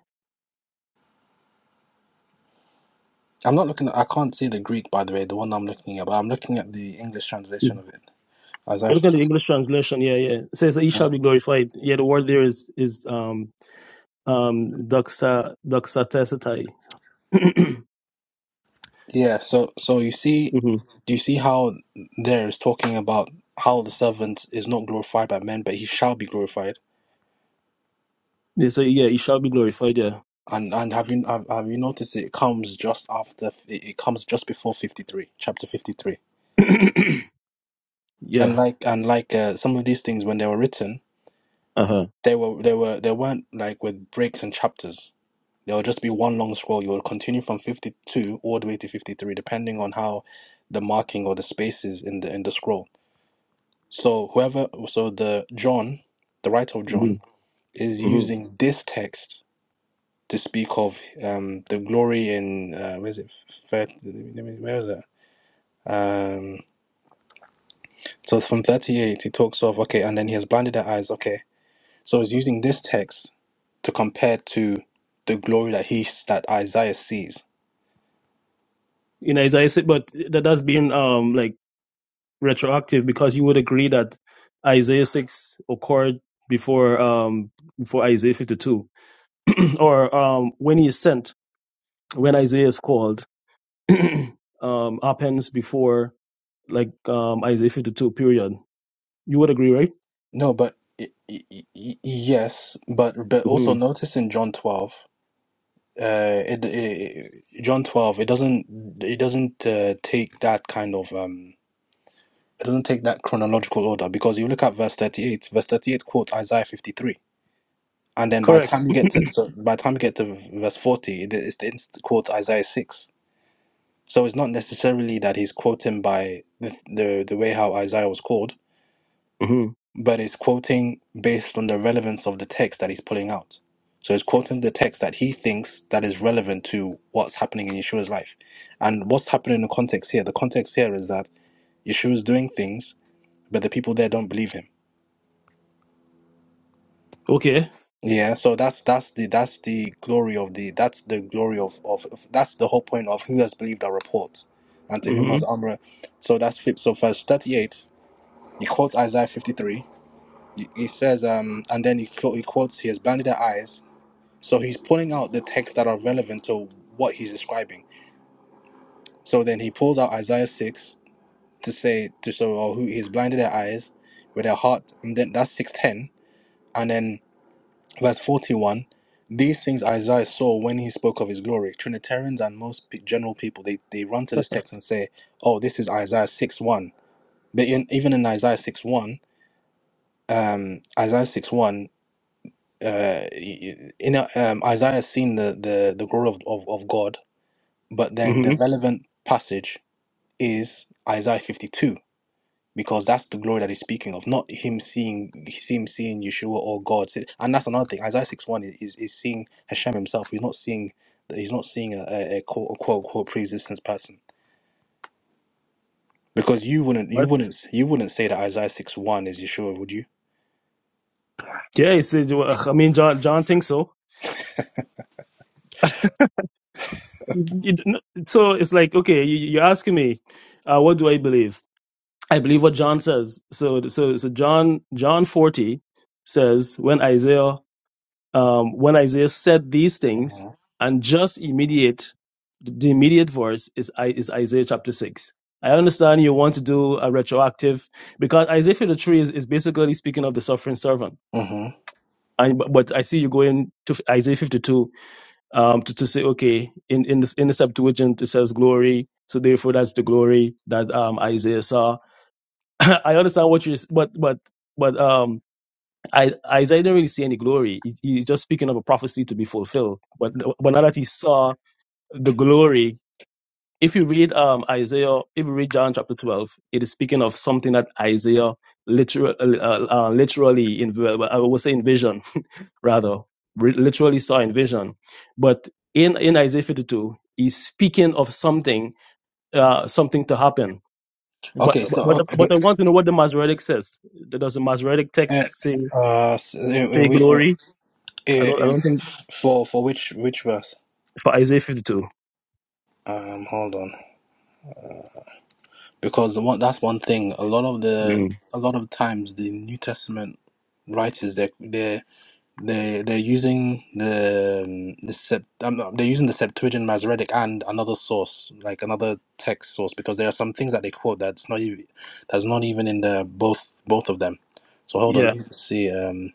Speaker 3: I'm not looking at, I can't see the Greek by the way, the one I'm looking at, but I'm looking at the English translation
Speaker 4: Mhm.
Speaker 3: of it. Isaiah
Speaker 4: Look at the
Speaker 3: 52.
Speaker 4: English translation. Yeah, yeah. It says, He shall be glorified. Yeah, the word there is, is um, um, Doxa, Doxa Testatai. [clears throat]
Speaker 3: Yeah, so so you see,
Speaker 4: hmm
Speaker 3: do you see how there is talking about how the servant is not glorified by men, but he shall be glorified?
Speaker 4: yeah, so, yeah, he shall be glorified. Yeah.
Speaker 3: And and have you have, have you noticed it comes just after it it comes just before 53, chapter 53.
Speaker 4: [clears throat]
Speaker 3: And
Speaker 4: yeah.
Speaker 3: like and like uh, some of these things when they were written,
Speaker 4: Uh
Speaker 3: they were they were they weren't like with breaks and chapters. There will just be one long scroll. You will continue from 52 all the way to 53 depending on how the marking or the spaces in the in the scroll. So whoever, so the John, the writer of John, is
Speaker 4: huh.
Speaker 3: using this text to speak of um, the glory in uh, where is it? Thir- let me- let me- Where is it? Um, so from thirty-eight, he talks of okay, and then he has blinded their eyes. Okay, so he's using this text to compare to the glory that he that Isaiah sees.
Speaker 4: in Isaiah 6, but that has been um like retroactive because you would agree that Isaiah 6 occurred before um before Isaiah 52 [clears throat] or um when he is sent when Isaiah is called [clears throat] um happens before like um Isaiah 52 period you would agree right
Speaker 3: No, but y- y- y- y- yes, but but also
Speaker 4: hmm
Speaker 3: notice in John twelve. uh it, it John 12 it doesn't it doesn't uh, take that kind of um it doesn't take that chronological order because you look at verse 38 verse 38 quotes Isaiah 53 and then by the
Speaker 4: correct
Speaker 3: time you get to so by the time you get to verse 40 it, it, it quotes Isaiah 6 so it's not necessarily that he's quoting by the, the the way how Isaiah was called
Speaker 4: hmm
Speaker 3: but it's quoting based on the relevance of the text that he's pulling out. So it's quoting the text that he thinks that is relevant to what's happening in Yeshua's life. And what's happening in the context here? The context here is that Yeshua is doing things, but the people there don't believe him.
Speaker 4: okay
Speaker 3: Yeah, so that's that's the that's the glory of the that's the glory of, of of- that's the whole point of who has believed our report and to
Speaker 4: hmm
Speaker 3: whom
Speaker 4: hmm
Speaker 3: has Amra. So that's fit. So verse thirty eight, he quotes Isaiah fifty three. He he says, um, and then he, quote- he quotes, he has blinded their eyes So he's pulling out the texts that are relevant to what he's describing. So then he pulls out Isaiah six to say to show oh, who he's blinded their eyes with their heart, and then that's six ten, and then verse forty one. These things Isaiah saw when he spoke of his glory. Trinitarians and most pe- general people they they run to this text and say, oh, this is Isaiah six one. But in, even in Isaiah six one, um, Isaiah six one. Uh, y- y- in a, um, Isaiah has seen the, the, the glory of, of, of God, But then the
Speaker 4: [laughs]
Speaker 3: relevant passage is Isaiah 52 because that's the glory that he's speaking of, not him seeing him seeing Yeshua or God. So- And that's another thing. Isaiah six one is, is seeing Hashem himself. He's not seeing he's not seeing a, a, a quote unquote quote pre-existence person. Because you wouldn't you
Speaker 4: What?
Speaker 3: wouldn't you wouldn't say that Isaiah six one is Yeshua, would you?
Speaker 4: Yeah, he said, well, I mean, John, John thinks so. You- So it's like, okay, you, you're asking me, uh, what do I believe? I believe what John says. So so so John John 40 says when Isaiah um, when Isaiah said these things
Speaker 3: hmm
Speaker 4: and just immediate the immediate verse is I is Isaiah chapter 6. I understand you want to do a retroactive because Isaiah 53 is, is basically speaking of the suffering servant.
Speaker 3: hmm
Speaker 4: And but, but I see you going to Isaiah 52 um, to, to say okay in in the in the Septuagint it says glory so therefore that's the glory that um, Isaiah saw [coughs] [clears throat] I understand what you're, s- but but but um, I Isaiah didn't really see any glory. He, he's just speaking of a prophecy to be fulfilled. But but now that he saw the glory, if you read um Isaiah, if you read John chapter twelve, it is speaking of something that Isaiah literally uh, uh, uh, literally in ver- I would say in vision [laughs] rather re- literally saw in vision. But in in Isaiah fifty two, he's speaking of something uh something to happen but
Speaker 3: Okay, so
Speaker 4: but
Speaker 3: uh,
Speaker 4: but I
Speaker 3: but,
Speaker 4: want to know what the Masoretic says. Does the Masoretic
Speaker 3: uh,
Speaker 4: text say
Speaker 3: uh, so, uh,
Speaker 4: say
Speaker 3: we- uh,
Speaker 4: glory?
Speaker 3: uh,
Speaker 4: I don't I
Speaker 3: in-
Speaker 4: don't think
Speaker 3: for for which which verse?
Speaker 4: for Isaiah fifty two.
Speaker 3: Um, hold on. because the one that's one thing. A lot of the
Speaker 4: Mm.
Speaker 3: a lot of times the New Testament writers they they they they're using the um, the Sept, um, they're using the Septuagint Masoretic and another source like another text source because there are some things that they quote that's not even that's not even in the both both of them. So hold on,
Speaker 4: Yeah,
Speaker 3: let me see. Um,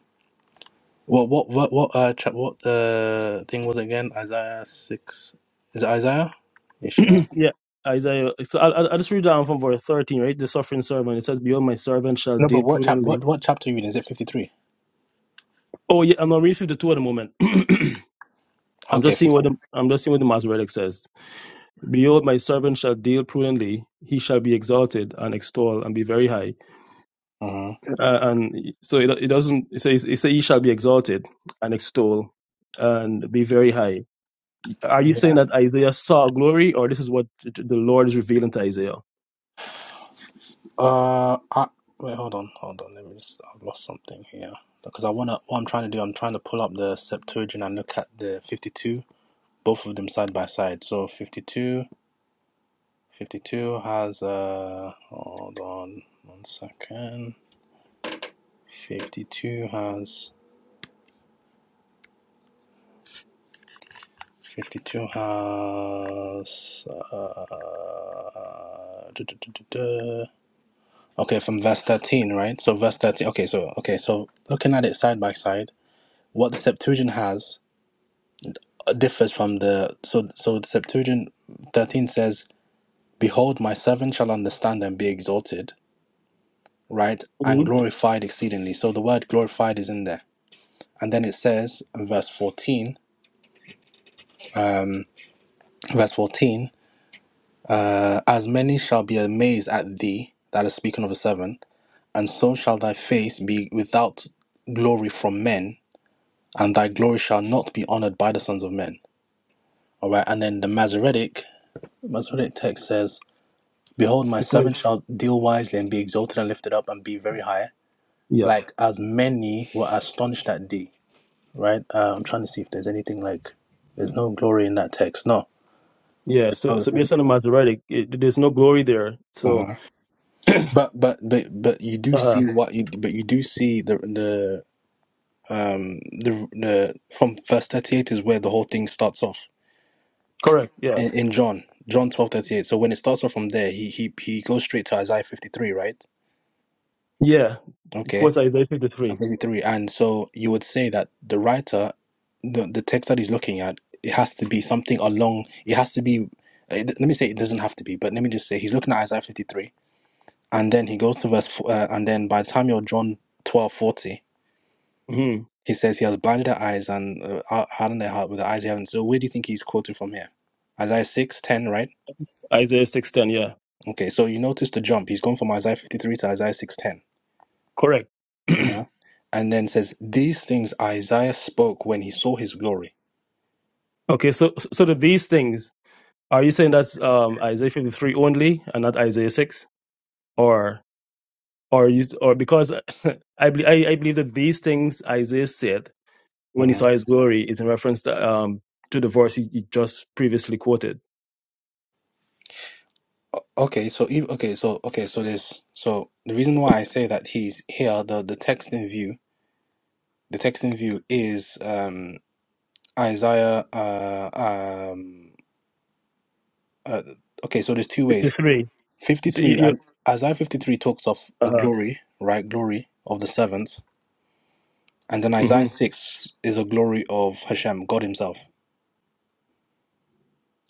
Speaker 3: what what what what uh chap what uh, thing was it again? Isaiah six is it Isaiah? Yeah. sure.
Speaker 4: [clears throat] yeah. Isaiah. So I I I'll just read down from verse thirteen, right? The suffering servant. It says, "Behold, my servant shall
Speaker 3: No, but
Speaker 4: deal
Speaker 3: what chap what
Speaker 4: prudently."
Speaker 3: what chapter are you in? Is it fifty three?
Speaker 4: Oh yeah, I'm not reading fifty two at the moment. [clears throat] I'm
Speaker 3: Okay,
Speaker 4: just seeing
Speaker 3: fifty.
Speaker 4: what the I'm just seeing what the Masoretic says. Behold, my servant shall deal prudently; he shall be exalted and extol and be very high.
Speaker 3: hmm
Speaker 4: Uh, and so it, it doesn't it says it says he shall be exalted and extol and be very high. Are you
Speaker 3: Yeah.
Speaker 4: saying that Isaiah saw glory, or this is what the Lord is revealing to Isaiah?
Speaker 3: Uh, I, wait, hold on, hold on. Let me just. I've lost something here because I wanna. What I'm trying to do, I'm trying to pull up the Septuagint and look at the 52, both of them side by side. So fifty-two, fifty-two has. Uh, hold on, one second. 52 has. 52 has. Uh, duh, duh, duh, duh, duh. Okay, from verse 13, right? So verse 13. Okay, so okay, so looking at it side by side. what the Septuagint has uh, differs from the so so the Septuagint 13 says, "Behold, my servant shall understand and be exalted, right,
Speaker 4: [laughs]
Speaker 3: and
Speaker 4: Mhm.
Speaker 3: glorified exceedingly." So the word glorified is in there. And then it says in verse 14, um, verse 14, uh, as many shall be amazed at thee, that is speaking of the seven, and so shall thy face be without glory from men, and thy glory shall not be honored by the sons of men. All right, and then the Masoretic Masoretic text says Behold, my
Speaker 4: So-
Speaker 3: servant shall deal wisely and be exalted and lifted up and be very high,
Speaker 4: Yep.
Speaker 3: like as many were astonished at thee. Right? Uh, I'm trying to see if there's anything like. There's no glory in that text. No.
Speaker 4: Yeah. So
Speaker 3: Oh, it
Speaker 4: so
Speaker 3: isn't.
Speaker 4: based on the Masoretic, it, there's no glory there. So
Speaker 3: Mhm. But but but but you do
Speaker 4: uh
Speaker 3: see what you but you do see the the um the the from verse 38 is where the whole thing starts off
Speaker 4: correct. Yeah.
Speaker 3: in, in John John 12 38. so when it starts off from there he he he goes straight to Isaiah 53 right
Speaker 4: Yeah. It
Speaker 3: okay
Speaker 4: quotes Isaiah
Speaker 3: at
Speaker 4: 53.
Speaker 3: 23 and so you would say that the writer the, the text that he's looking at it has to be something along it has to be eh, let me say it doesn't have to be but let me just say he's looking at isaiah 53 and then he goes to verse four, uh, and then by the time you're john 12 40,
Speaker 4: hmm
Speaker 3: he says he has blinded their eyes and uh, hard- hardened their heart with the eyes they haven't so where do you think he's quoting from here isaiah six ten, right
Speaker 4: Isaiah 6:10. Yeah.
Speaker 3: okay so you notice the jump he's gone from isaiah 53 to isaiah 6 10,
Speaker 4: Correct. [clears throat]
Speaker 3: uh-huh. and then says these things isaiah spoke when he saw his glory
Speaker 4: okay. So so to these things. Are you saying that's um, Isaiah 53 only and not Isaiah 6? Or or you, or because [laughs] I, bel I I believe that these things Isaiah said when he
Speaker 3: Mm-hmm.
Speaker 4: saw his glory is in reference to, um, to the verse he, he just previously quoted.
Speaker 3: Okay, so ev okay, so okay, so there's so the reason why I say that he's here, the the text in view, the text in view is um Isaiah uh um uh, okay, so there's two ways.
Speaker 4: 53. You see, you,
Speaker 3: 53
Speaker 4: you,
Speaker 3: I- Isaiah 53 talks of a
Speaker 4: uh
Speaker 3: glory, right? Glory of the servants, and then
Speaker 4: hmm
Speaker 3: Isaiah 6 is a glory of Hashem, God himself.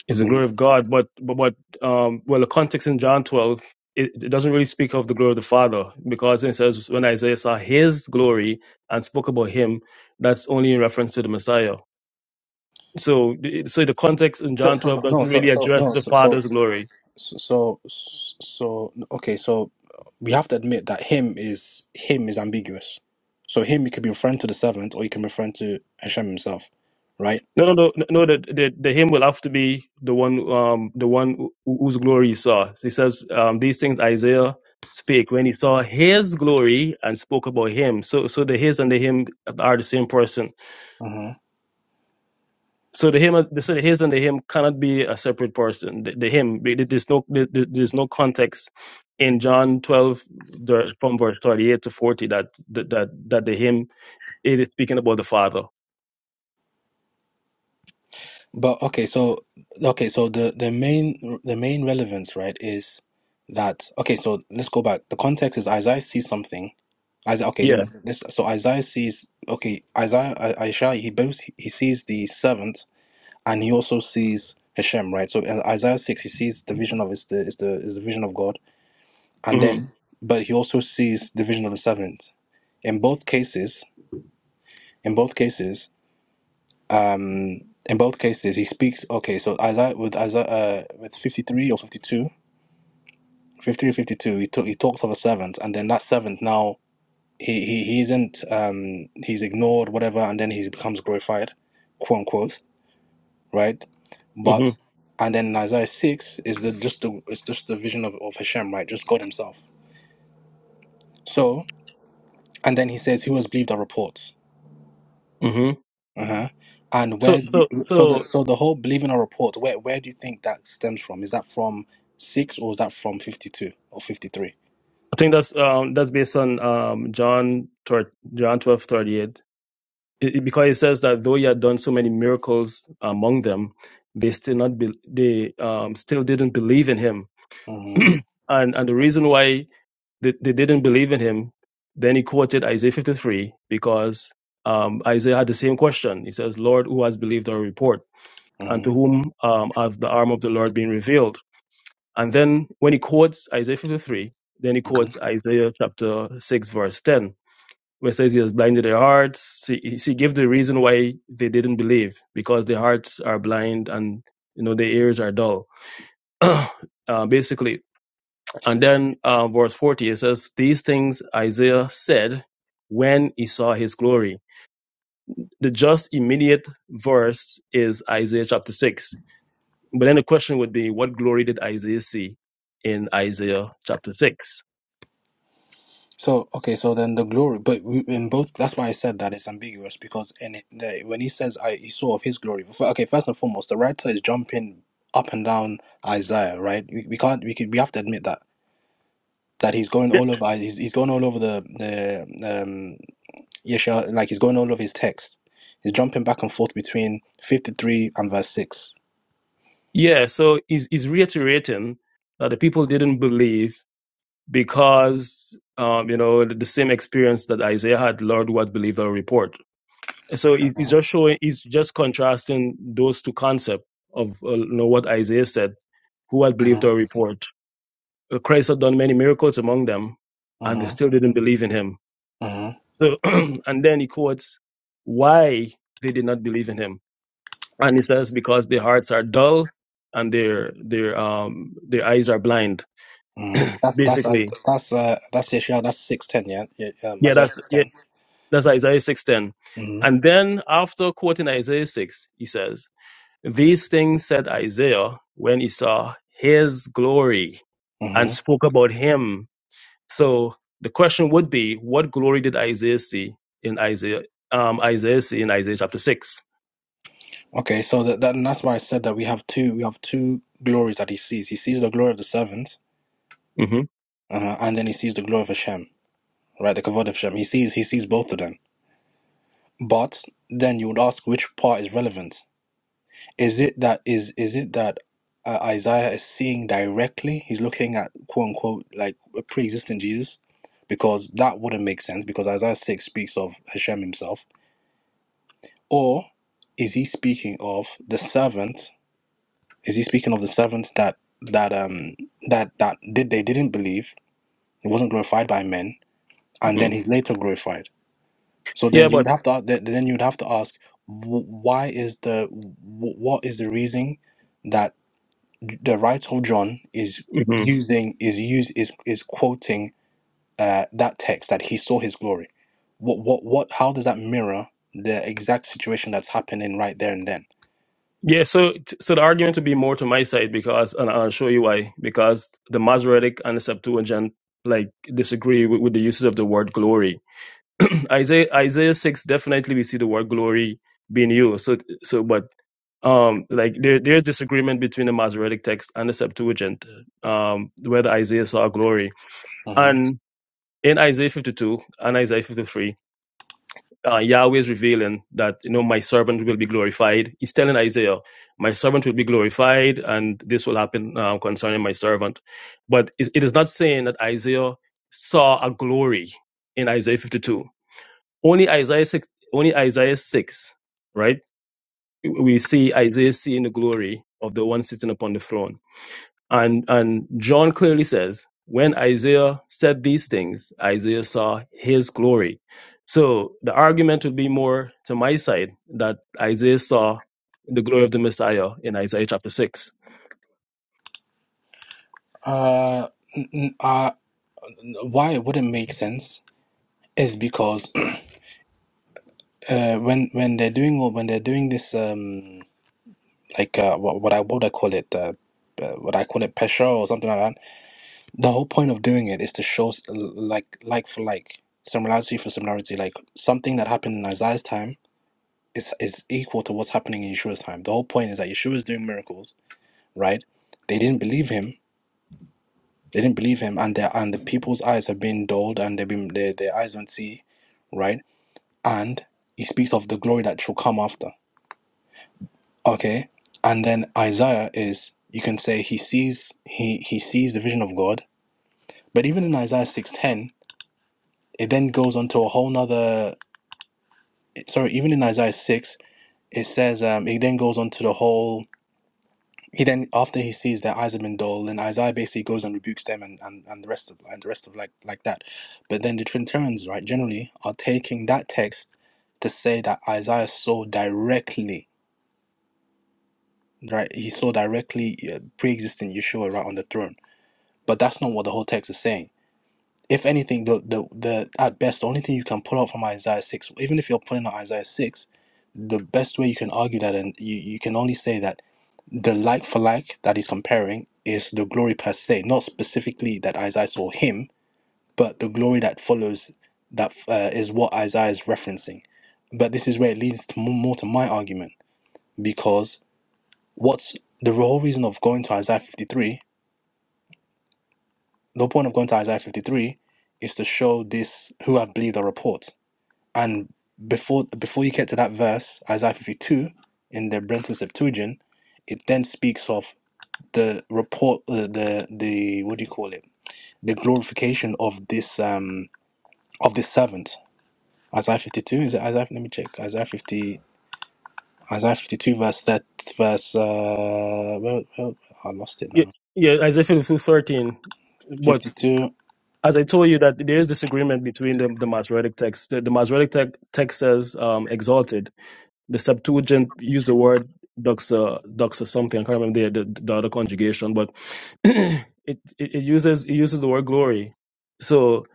Speaker 4: It's the
Speaker 3: Mhm.
Speaker 4: glory of God, but but, but um, well, the context in John 12 it, it doesn't really speak of the glory of the Father because it says when Isaiah saw his glory and spoke about him, that's only in reference to the Messiah So, the- so the context in
Speaker 3: So
Speaker 4: John
Speaker 3: so
Speaker 4: 12
Speaker 3: no no,
Speaker 4: doesn't
Speaker 3: so
Speaker 4: really
Speaker 3: so
Speaker 4: address
Speaker 3: no
Speaker 4: the
Speaker 3: so so
Speaker 4: Father's glory.
Speaker 3: So, so, so, okay, so we have to admit that him is him is ambiguous. So him, he could be referring to the servant, or he can be referring to Hashem himself, right?
Speaker 4: No, no, no, no. The, the, the hymn will have to be the one, um, the one who- whose glory he saw. So He says, um, these things Isaiah spake when he saw his glory and spoke about him. So, so the his and the him are the same person.
Speaker 3: Mhm.
Speaker 4: So the him, so the his and the him cannot be a separate person. The, the him, there- there's no, there- there- there's no context in John 12 the- from verse 38 to 40 that that that, that the him. it is speaking about the Father.
Speaker 3: But okay, so okay, so the the main the main relevance, right, is that okay? So let's go back. The context is Isaiah sees something. Isaiah, okay, let
Speaker 4: Yeah.
Speaker 3: me, let's. So Isaiah sees okay. Isaiah, I- Isaiah, he both he sees the servant and he also sees Hashem, right? So in Isaiah six, he sees the vision of is the is the is the vision of God, and
Speaker 4: hmm
Speaker 3: then but he also sees the vision of the servant. In both cases, in both cases, um, in both cases, he speaks. Okay, so Isaiah with Isaiah uh, with fifty three or 52, 53 fifty-two, he talk, he talks of a servant, and then that servant now he he, he isn't um he's ignored whatever, and then he becomes glorified, quote unquote right?
Speaker 4: hmm
Speaker 3: But and then in Isaiah six is the just the it's just the vision of, of Hashem, right? Just God Himself. So and then he says, "Who has believed our reports?"
Speaker 4: hmm
Speaker 3: Uh-huh. And
Speaker 4: So
Speaker 3: where do
Speaker 4: so
Speaker 3: you- so
Speaker 4: so
Speaker 3: the so the whole believing our reports, where where do you think that stems from? Is that from six or is that from fifty two or fifty three?
Speaker 4: I think that's um that's based on um John thir- John twelve thirty eight. It, it- because it says that though he had done so many miracles among them, they still not be, they um still didn't believe in him. [clears throat]
Speaker 3: Mm-hmm.
Speaker 4: and and the reason why they, they didn't believe in him, then he quoted Isaiah fifty three because um Isaiah had the same question. He says, Lord, who has believed our report? And to
Speaker 3: Mm-hmm.
Speaker 4: whom um, has the arm of the Lord been revealed? And then when he quotes Isaiah 53, then he quotes Isaiah chapter 6, verse 10, where it says he has blinded their hearts. He, he gives the reason why they didn't believe, because their hearts are blind and you know their ears are dull, [clears throat] uh, basically. And then uh, verse 40, it says, These things Isaiah said when he saw his glory. The just immediate verse is Isaiah chapter 6. But then the question would be, what glory did Isaiah see in Isaiah chapter 6?
Speaker 3: So okay, so then the glory, but we, in both, that's why I said that it's ambiguous because in it, the, when he says I he saw of his glory, f- okay, first and foremost, the writer is jumping up and down Isaiah, right? We, we can't we can, we have to admit that that he's going
Speaker 4: Yeah,
Speaker 3: all over he's, he's going all over the the um Yeshua, like he's going all over his text. He's jumping back and forth between fifty three and verse six.
Speaker 4: yeah, so he's, he's reiterating that the people didn't believe because, um, you know, the, the same experience that Isaiah had, Lord, what believe our report. So he- he's
Speaker 3: Uh-huh,
Speaker 4: just showing, he's just contrasting those two concepts of, uh, you know, what Isaiah said, who had believed
Speaker 3: uh-huh,
Speaker 4: our report. Uh, Christ had done many miracles among them, and they
Speaker 3: uh-huh,
Speaker 4: still didn't believe in him.
Speaker 3: uh-huh.
Speaker 4: So, [clears throat] and then he quotes why they did not believe in him And he says, because their hearts are dull and their their um their eyes are blind.
Speaker 3: uh-huh. That's that's that's
Speaker 4: Basically.
Speaker 3: that's uh, that's Yeshua. That's six ten, yeah. yeah um,
Speaker 4: Yeah,
Speaker 3: Isaiah
Speaker 4: that's
Speaker 3: six
Speaker 4: yeah,
Speaker 3: ten.
Speaker 4: that's Isaiah six ten.
Speaker 3: Mm-hmm.
Speaker 4: And then after quoting Isaiah six, he says, These things said Isaiah when he saw his glory and
Speaker 3: Mm-hmm.
Speaker 4: spoke about him. So the question would be, what glory did Isaiah see in Isaiah um Isaiah see in Isaiah chapter 6
Speaker 3: Okay, so that, that and that's why I said that we have two we have two glories that he sees. He sees the glory of the servants,
Speaker 4: hmm
Speaker 3: uh, and then he sees the glory of Hashem, right? The kavod of Hashem. He sees he sees both of them. But then you would ask which part is relevant. Is it that is is it that uh, Isaiah is seeing directly? He's looking at quote unquote like a pre-existing Jesus, because that wouldn't make sense because Isaiah six speaks of Hashem himself. Or is he speaking of the servant? Is he speaking of the servants that that um that that did they didn't believe? It wasn't glorified by men, and
Speaker 4: hmm
Speaker 3: then he's later glorified. So
Speaker 4: Yeah,
Speaker 3: then you would
Speaker 4: but
Speaker 3: have to th- then you would have to ask, wh- why is the wh- what is the reason that the writer of John is
Speaker 4: mhm.
Speaker 3: using is use is is quoting uh, that text that he saw his glory? What what what? How does that mirror the exact situation that's happening right there and then?
Speaker 4: Yeah, so so the argument would be more to my side because, and I'll show you why. Because the Masoretic and the Septuagint like disagree with, with the uses of the word glory. [clears throat] Isaiah Isaiah six definitely we see the word glory being used. So so, but um, like there there's disagreement between the Masoretic text and the Septuagint, um, whether Isaiah saw glory
Speaker 3: Mhm.
Speaker 4: and in Isaiah fifty two and Isaiah fifty three uh, Yahweh is revealing that you know my servant will be glorified. He's telling Isaiah, "My servant will be glorified, and this will happen uh, concerning my servant." But it it is not saying that Isaiah saw a glory in Isaiah 52. Only Isaiah six, only Isaiah six, right? We see Isaiah seeing the glory of the one sitting upon the throne and and John clearly says, when Isaiah said these things, Isaiah saw his glory. So the argument would be more to my side that Isaiah saw the glory of the Messiah in Isaiah chapter six.
Speaker 3: Uh, n- n- uh, why it wouldn't make sense is because [clears throat] uh, when when they're doing all- when they're doing this um like uh, what, what I what I call it uh, uh, what I call it pressure or something like that. The whole point of doing it is to show s- l- like like for like similarity for similarity. Like something that happened in Isaiah's time is is equal to what's happening in Yeshua's time. The whole point is that Yeshua is doing miracles, right? They didn't believe him. They didn't believe him, and their and the people's eyes have been dulled, and they've been their their eyes don't see, right? And he speaks of the glory that shall come after Okay. And then Isaiah is you can say he sees he he sees the vision of God. But even in Isaiah six ten, it then goes on to a whole nother sorry, even in Isaiah six, it says um it then goes on to the whole he then after he sees their eyes have been dull, then Isaiah basically goes and rebukes them and, and, and the rest of and the rest of like like that. But then the Trinitarians, right, generally are taking that text to say that Isaiah saw directly, right? He saw directly uh, pre-existing Yeshua right on the throne But that's not what the whole text is saying. If anything, the the, the at best the only thing you can pull out from Isaiah six, even if you're pulling out Isaiah six, the best way you can argue that and you, you can only say that the like for like that he's comparing is the glory per se, not specifically that Isaiah saw him, but the glory that follows that uh, is what Isaiah is referencing. But this is where it leads to more, more to my argument because what's the whole reason of going to Isaiah 53 The point of going to Isaiah 53 is to show this who have believed the report. And before before you get to that verse, Isaiah 52 in the Brenton Septuagint, it then speaks of the report, uh, the the what do you call it? The glorification of this um of this servant. Isaiah 52 is it Isaiah? Let me check. Isaiah 50. Isaiah 52 verse that verse uh well, well I lost it
Speaker 4: Yeah,
Speaker 3: now.
Speaker 4: yeah Isaiah 52 13. But
Speaker 3: 52.
Speaker 4: as I told you that there is disagreement between the, the Masoretic text. The, the Masoretic te- text says um, exalted, The Septuagint used the word doxa, doxa something. I can't remember the, the, the other conjugation, but [clears throat] it, it it uses it uses the word glory. So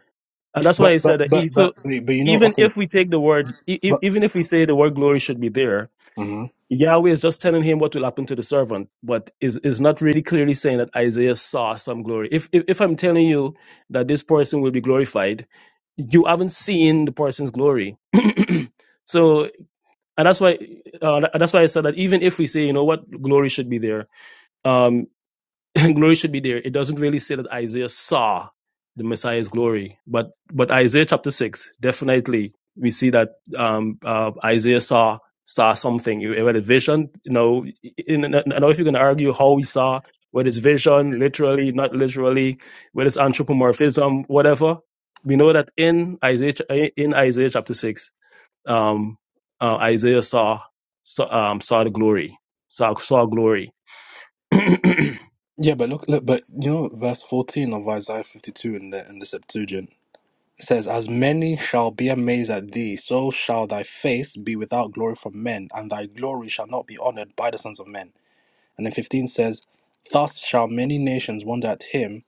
Speaker 4: and that's why
Speaker 3: But
Speaker 4: he
Speaker 3: but but
Speaker 4: said that.
Speaker 3: but
Speaker 4: e- So
Speaker 3: but, but you know
Speaker 4: even
Speaker 3: okay.
Speaker 4: if we take the word, e- e-
Speaker 3: But
Speaker 4: even if we say the word glory should be there, Yahweh is just telling him what will happen to the servant, but is is not really clearly saying that Isaiah saw some glory. If, if if I'm telling you that this person will be glorified, you haven't seen the person's glory. So and that's why uh, tha- that's why I said that even if we say you know what glory should be there, um, [laughs] glory should be there. It doesn't really say that Isaiah saw the Messiah's glory, but but Isaiah chapter six definitely we see that um, uh, Isaiah saw saw something. You- Whether it's vision, you know, in, in- I don't know if you're going to argue how he saw, whether it's vision, literally, not literally, whether it's anthropomorphism, whatever. We know that in Isaiah ch- in Isaiah chapter six um, uh, Isaiah saw saw, um, saw the glory, saw saw glory. [clears throat] yeah.
Speaker 3: Yeah, but look, look, but you know, verse fourteen of Isaiah fifty-two in the in the Septuagint says, "As many shall be amazed at thee, so shall thy face be without glory from men, and thy glory shall not be honored by the sons of men." And then fifteen says, "Thus shall many nations wonder at him,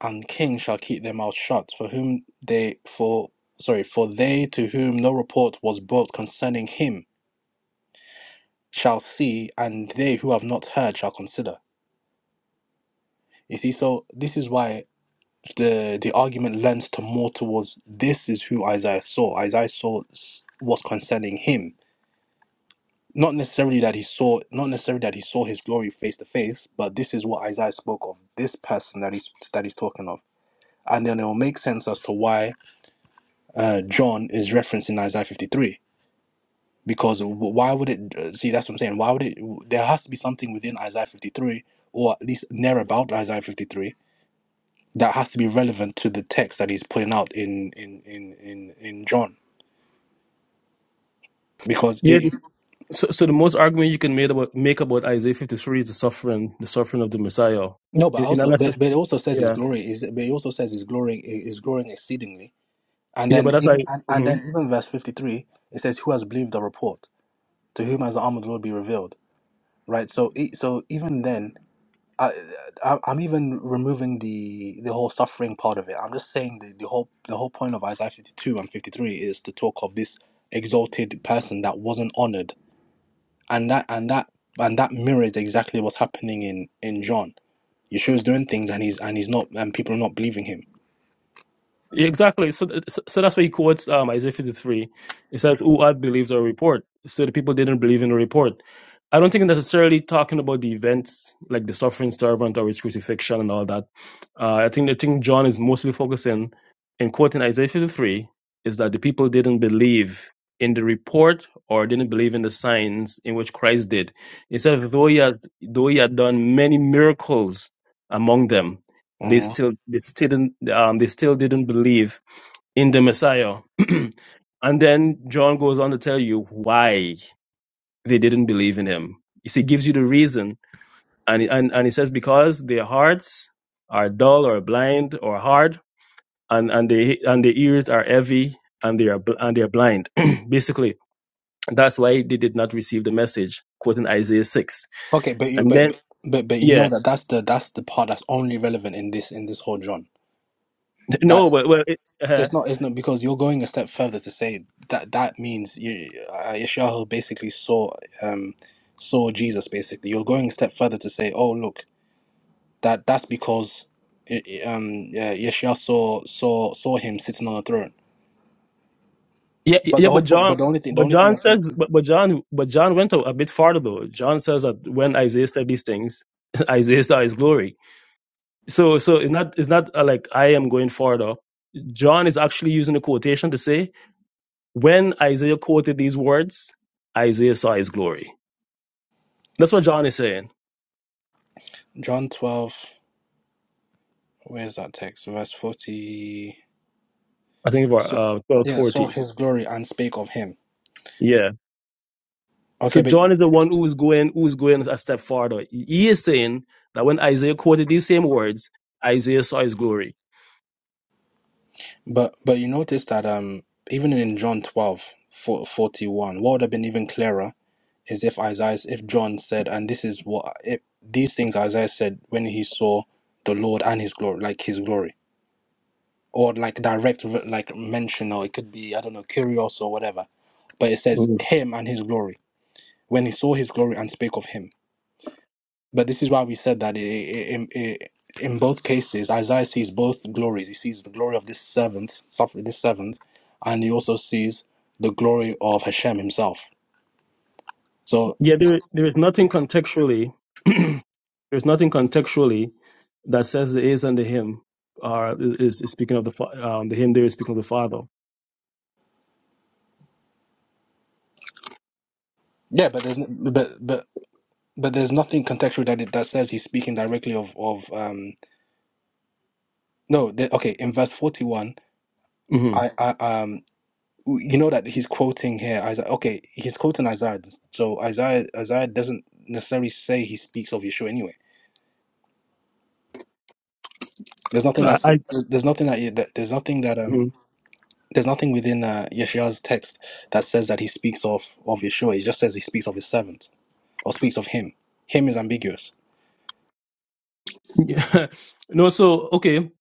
Speaker 3: and kings shall keep their mouths shut, for whom they for sorry for they to whom no report was brought concerning him shall see, and they who have not heard shall consider." You see, so this is why. the the argument lends to more towards this is who Isaiah saw. Isaiah saw s- what's concerning him, not necessarily that he saw, not necessarily that he saw his glory face to face, but this is what Isaiah spoke of. This person that he's that he's talking of, and then it will make sense as to why uh, John is referencing Isaiah fifty three. Because w- why would it uh, see? That's what I'm saying. Why would it? There has to be something within Isaiah 53, or at least near about Isaiah 53, that has to be relevant to the text that he's putting out in in in in, in John because it Mhm.
Speaker 4: So, so the most argument you can make about make about Isaiah fifty three is the suffering, the suffering of the Messiah.
Speaker 3: no but
Speaker 4: In, in
Speaker 3: also
Speaker 4: unless
Speaker 3: but,
Speaker 4: it's-
Speaker 3: but it also says his
Speaker 4: yeah,
Speaker 3: glory is but it also says his glory is growing exceedingly and
Speaker 4: yeah, but
Speaker 3: then
Speaker 4: that's
Speaker 3: even
Speaker 4: like.
Speaker 3: and, and then even verse 53 it says who has believed the report to whom has the arm of the Lord be revealed right so e- so even then I, I I'm even removing the the whole suffering part of it I'm just saying the, the whole the whole point of Isaiah 52 and 53 is to talk of this exalted person that wasn't honored and that and that and that mirrors exactly what's happening in in John. Yeshua's doing things and he's and he's not and people are not believing him.
Speaker 4: Yeah, Exactly. So, th- so so that's why he quotes um, Isaiah 53. It says, Who had believed our report? So the people didn't believe in the report. I don't think necessarily talking about the events like the suffering servant or his crucifixion and all that. Uh, I think the thing John is mostly focusing in quoting Isaiah 53 is that the people didn't believe in the report or didn't believe in the signs in which Christ did. It says, though he had, though he had done many miracles among them, they
Speaker 3: Mhm.
Speaker 4: still they still didn't um, they still didn't believe in the Messiah. [clears throat] and then John goes on to tell you why they didn't believe in him. You see, he gives you the reason, and and and he says because their hearts are dull or blind or hard, and and they and their ears are heavy and they are bl- and they are blind. [clears throat] Basically, that's why they did not receive the message. Quoting Isaiah six,
Speaker 3: Okay, but you
Speaker 4: and
Speaker 3: but
Speaker 4: then
Speaker 3: but but you
Speaker 4: yeah,
Speaker 3: know that that's the that's the part that's only relevant in this in this whole John.
Speaker 4: [laughs] no,
Speaker 3: That
Speaker 4: well, well it, [laughs]
Speaker 3: it's not it's not because you're going a step further to say that that means you uh, Yeshayahu basically saw um saw Jesus basically. You're going a step further to say, oh look, that that's because i- i- um yeah, Yeshua saw saw saw him sitting on a throne
Speaker 4: Yeah, yeah,
Speaker 3: But
Speaker 4: yeah,
Speaker 3: the whole
Speaker 4: but
Speaker 3: point,
Speaker 4: John,
Speaker 3: but the only thing, the
Speaker 4: but
Speaker 3: only thing
Speaker 4: John
Speaker 3: that's
Speaker 4: says, but, but John, but John went a, a bit farther though. John says that when Isaiah said these things, [laughs] Isaiah saw his glory. So, so it's not, it's not uh, like I am going farther. John is actually using a quotation to say when Isaiah quoted these words, Isaiah saw his glory. That's what John is saying.
Speaker 3: John 12, where's that text? Verse 40.
Speaker 4: I think about
Speaker 3: So,
Speaker 4: uh, twelve
Speaker 3: yeah, saw
Speaker 4: forty.
Speaker 3: his glory and spake of him.
Speaker 4: Yeah. So
Speaker 3: Okay, but
Speaker 4: John is the one who is going, who is going a step farther. He is saying that when Isaiah quoted these same words, Isaiah saw his glory.
Speaker 3: but but you notice that um even in John 12, fo- 41, what would have been even clearer is if Isaiah, if John said, and this is what if these things Isaiah said when he saw the Lord and his glory, like his glory, or like direct re- like mention, or it could be I don't know, curious or whatever. But it says him and his glory. when he saw his glory and spake of him. But this is why we said that i- i- in, i- in both cases, Isaiah sees both glories. He sees the glory of this servant, suffering this servant, and he also sees the glory of Hashem himself. So
Speaker 4: Yeah, there there is nothing contextually [clears throat] there's nothing contextually that says the is and the him are is, is speaking of the fa- um the him there is speaking of the father.
Speaker 3: yeah, but there's n- but but but there's nothing contextual that it, that says he's speaking directly of of um no the, okay in verse forty one
Speaker 4: hmm
Speaker 3: I I um w- you know that he's quoting here Isaiah okay he's quoting Isaiah so Isaiah Isaiah doesn't necessarily say he speaks of Yeshua anyway There's nothing
Speaker 4: I,
Speaker 3: that's
Speaker 4: I
Speaker 3: there's there's nothing that, you- that there's nothing that um
Speaker 4: mhm.
Speaker 3: there's nothing within uh, Yeshua's text that says that he speaks of of Yeshua. He just says he speaks of his servant or speaks of him. Him is ambiguous.
Speaker 4: [laughs] no so okay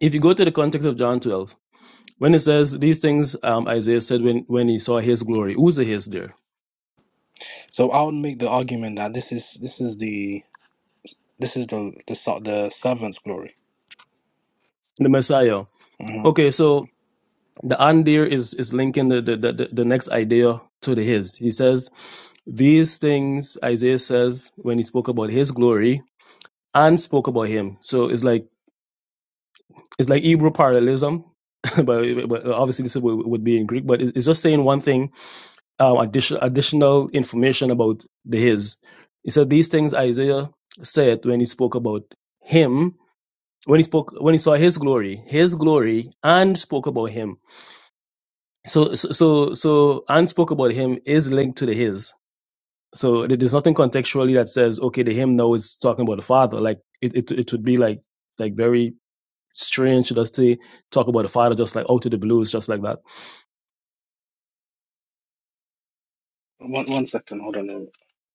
Speaker 4: if you go to the context of John twelve when it says these things um Isaiah said when when he saw his glory who's the his there
Speaker 3: So I would make the argument that this is this is the this is the the ser- the servant's glory.
Speaker 4: the Messiah
Speaker 3: hmm
Speaker 4: okay so the and there is is linking the the the, the the next idea to the his he says these things Isaiah says when he spoke about his glory and spoke about him. So it's like it's like Hebrew parallelism, [laughs] but, but obviously this would, would be in Greek. But it's just saying one thing, um, addition, additional information about the his. He said these things Isaiah said when he spoke about him, when he spoke when he saw his glory, his glory, and spoke about him. So so so, so and spoke about him is linked to the his. So there- there's nothing contextually that says okay, the him now is talking about the father. Like it, it, it would be like like very strange, to just say, talk about the Father just like out of the blues, just like that.
Speaker 3: One second.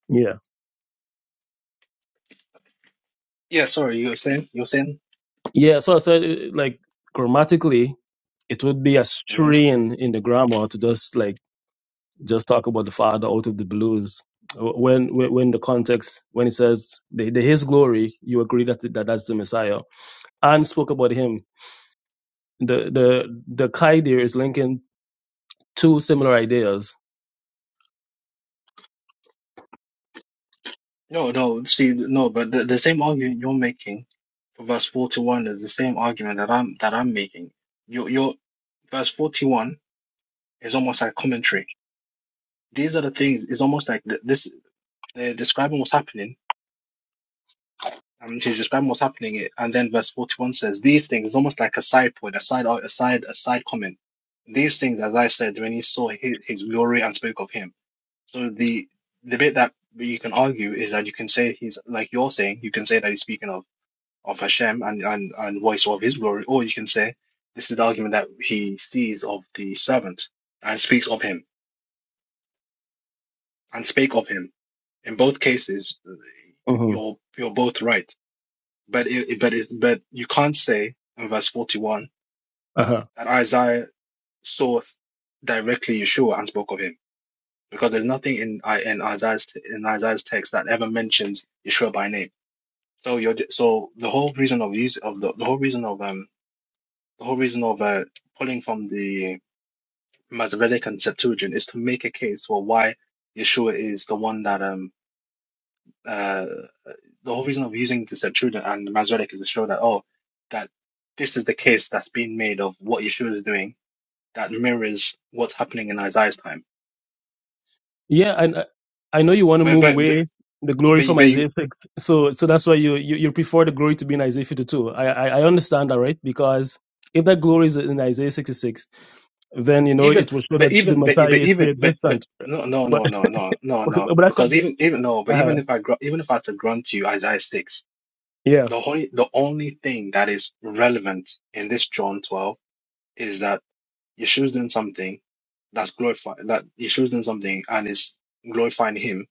Speaker 4: Yeah. Yeah. So I said, uh, like, grammatically, it would be a strain in the grammar to just like just talk about the Father out of the blues. Wh- When when when the context when it says the, the His glory, you agree that that that's the Messiah. And spoke about Him. The the the Kai there is linking two similar ideas.
Speaker 3: No, no, see, no, but the, the same argument you're making for verse 41 is the same argument that I'm that I'm making. Your your verse 41 is almost like commentary. These are the things, it's almost like th- this. They're describing what's happening, and she's describing what's happening. It and then verse forty-one says, "These things," is almost like a side point, a side, a side, a side comment. These things, as I said, when he saw his, his glory and spoke of him. So the the bit that you can argue is that you can say he's like you're saying, you can say that he's speaking of of Hashem and and and voice of his glory, or you can say this is the argument that he sees of the servant and speaks of him and spake of him. In both cases,
Speaker 4: hmm
Speaker 3: you're you're both right But it, it- but it's, but you can't say in verse 41 that Isaiah saw directly Yeshua and spoke of him because there's nothing in I in Isaiah's in Isaiah's text that ever mentions Yeshua by name. So you're ju- so the whole reason of use of the, the whole reason of um the whole reason of uh, pulling from the Masoretic and Septuagint is to make a case for why Yeshua is the one that um uh, the whole reason of using this at Trudon and Masoretic is to show that oh, that this is the case that's been made of what Yeshua is doing that mirrors what's happening in Isaiah's time.
Speaker 4: Yeah, and I, I know you want to
Speaker 3: But
Speaker 4: move
Speaker 3: but but
Speaker 4: away the glory
Speaker 3: but,
Speaker 4: from
Speaker 3: but you,
Speaker 4: Isaiah 6. So so that's why you, you you prefer the glory to be in Isaiah 52. I, I I understand that, right? Because if that glory is in Isaiah 66, then you know
Speaker 3: even
Speaker 4: it will show
Speaker 3: but
Speaker 4: that the
Speaker 3: even but,
Speaker 4: Messiah
Speaker 3: but
Speaker 4: is
Speaker 3: even but but
Speaker 4: pre-existent.
Speaker 3: no no
Speaker 4: But
Speaker 3: no no no no
Speaker 4: [laughs]
Speaker 3: no
Speaker 4: but that's what
Speaker 3: because
Speaker 4: the-
Speaker 3: even even no but
Speaker 4: uh,
Speaker 3: even if I gr- even if I had to grant you Isaiah six
Speaker 4: yeah
Speaker 3: the only the only thing that is relevant in this John twelve is that Yeshua's doing something that's glorified that Yeshua's doing something and is glorifying him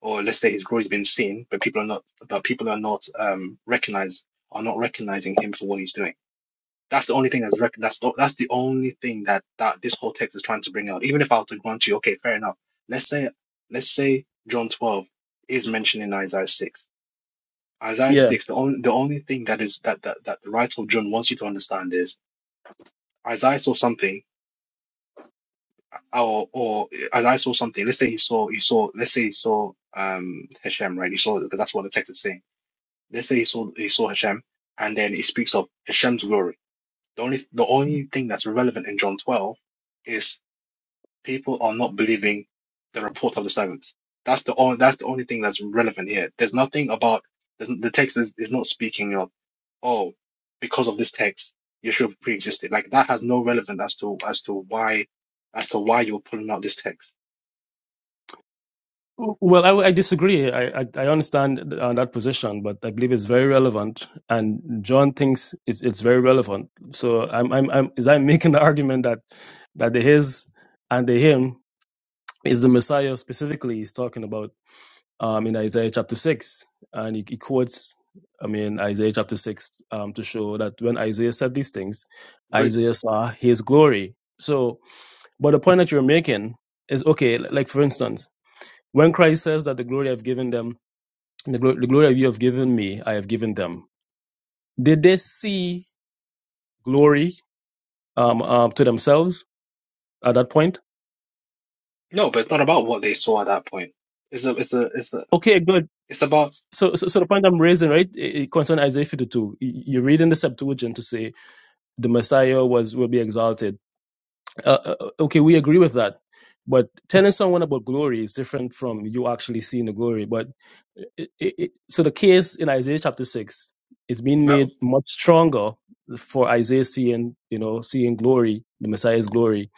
Speaker 3: or let's say his glory's been seen, but people are not, but people are not um recognize are not recognizing him for what he's doing. That's the only thing that's rec- that's the, that's the only thing that that this whole text is trying to bring out. Even if I were to grant you, okay, fair enough. Let's say let's say John twelve is mentioned in Isaiah six. Isaiah
Speaker 4: yeah.
Speaker 3: six, the only the only thing that is that that that the writer of John wants you to understand is Isaiah saw something, or or Isaiah saw something. Let's say he saw he saw let's say he saw um Hashem, right? He saw because that's what the text is saying Let's say he saw he saw Hashem, and then it speaks of Hashem's glory. The only the only thing that's relevant in John 12 is people are not believing the report of the servants. That's the only that's the only thing that's relevant here. There's nothing about there's, the text is, is not speaking of oh because of this text Yeshua pre-existed. Like that has no relevance as to as to why as to why you're pulling out this text.
Speaker 4: Well, I, I disagree. I, I I understand on that position, but I believe it's very relevant, and John thinks it's it's very relevant. So I'm I'm I'm is I'm making the argument that that the his and the him is the Messiah specifically he's talking about um, in Isaiah chapter 6. And he, he quotes, I mean, Isaiah chapter 6 um, to show that when Isaiah said these things,
Speaker 3: But
Speaker 4: Isaiah saw his glory. So, but the point that you're making is okay, like for instance, when Christ says that the glory I've given them, the, glo- the glory you have given me, I have given them, did they see glory um, um, to themselves at that point?
Speaker 3: no, but it's not about what they saw at that point. It's a it's a it's a
Speaker 4: Okay, good.
Speaker 3: it's about
Speaker 4: So, so, so the point I'm raising, right, it, it concerns Isaiah 52. You you read in the Septuagint to say the Messiah was will be exalted. Uh, uh, uh, okay, we agree with that, but telling someone about glory is different from you actually seeing the glory. But it, it, it- so the case in Isaiah chapter six is being
Speaker 3: But
Speaker 4: made much stronger for Isaiah seeing, you know, seeing glory, the Messiah's glory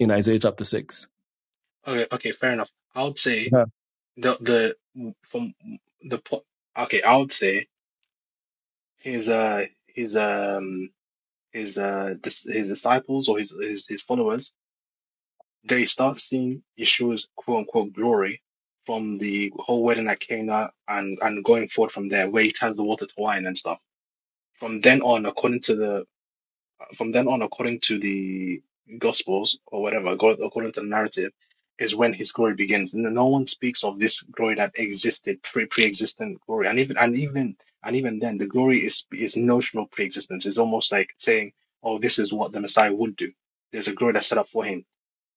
Speaker 4: in Isaiah chapter six.
Speaker 3: Okay, okay, fair enough. I would say
Speaker 4: Yeah,
Speaker 3: the the from the po okay, I would say his uh his um his uh dis his disciples or his his his followers they start seeing Yeshua's quote unquote glory from the whole wedding at Cana and and going forward from there where he turns the water to wine and stuff. From then on, according to the from then on, according to the Gospels or whatever, God, according to the narrative, is when His glory begins. No no one speaks of this glory that existed pre pre-existent glory, and even and even and even then, the glory is is notional pre-existence. It's almost like saying, "Oh, this is what the Messiah would do." There's a glory that's set up for Him,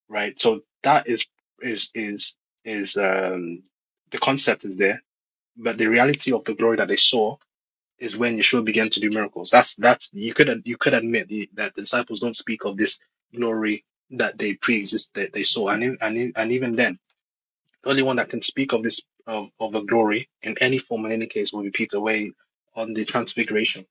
Speaker 3: right? So that is is is is um the concept is there, but the reality of the glory that they saw is when Yeshua began to do miracles. That's that's you could you could admit the, that the disciples don't speak of this glory that they pre-exist that they saw, and in, and in, and even then, the only one that can speak of this of of the glory in any form in any case will be Peter way on the transfiguration.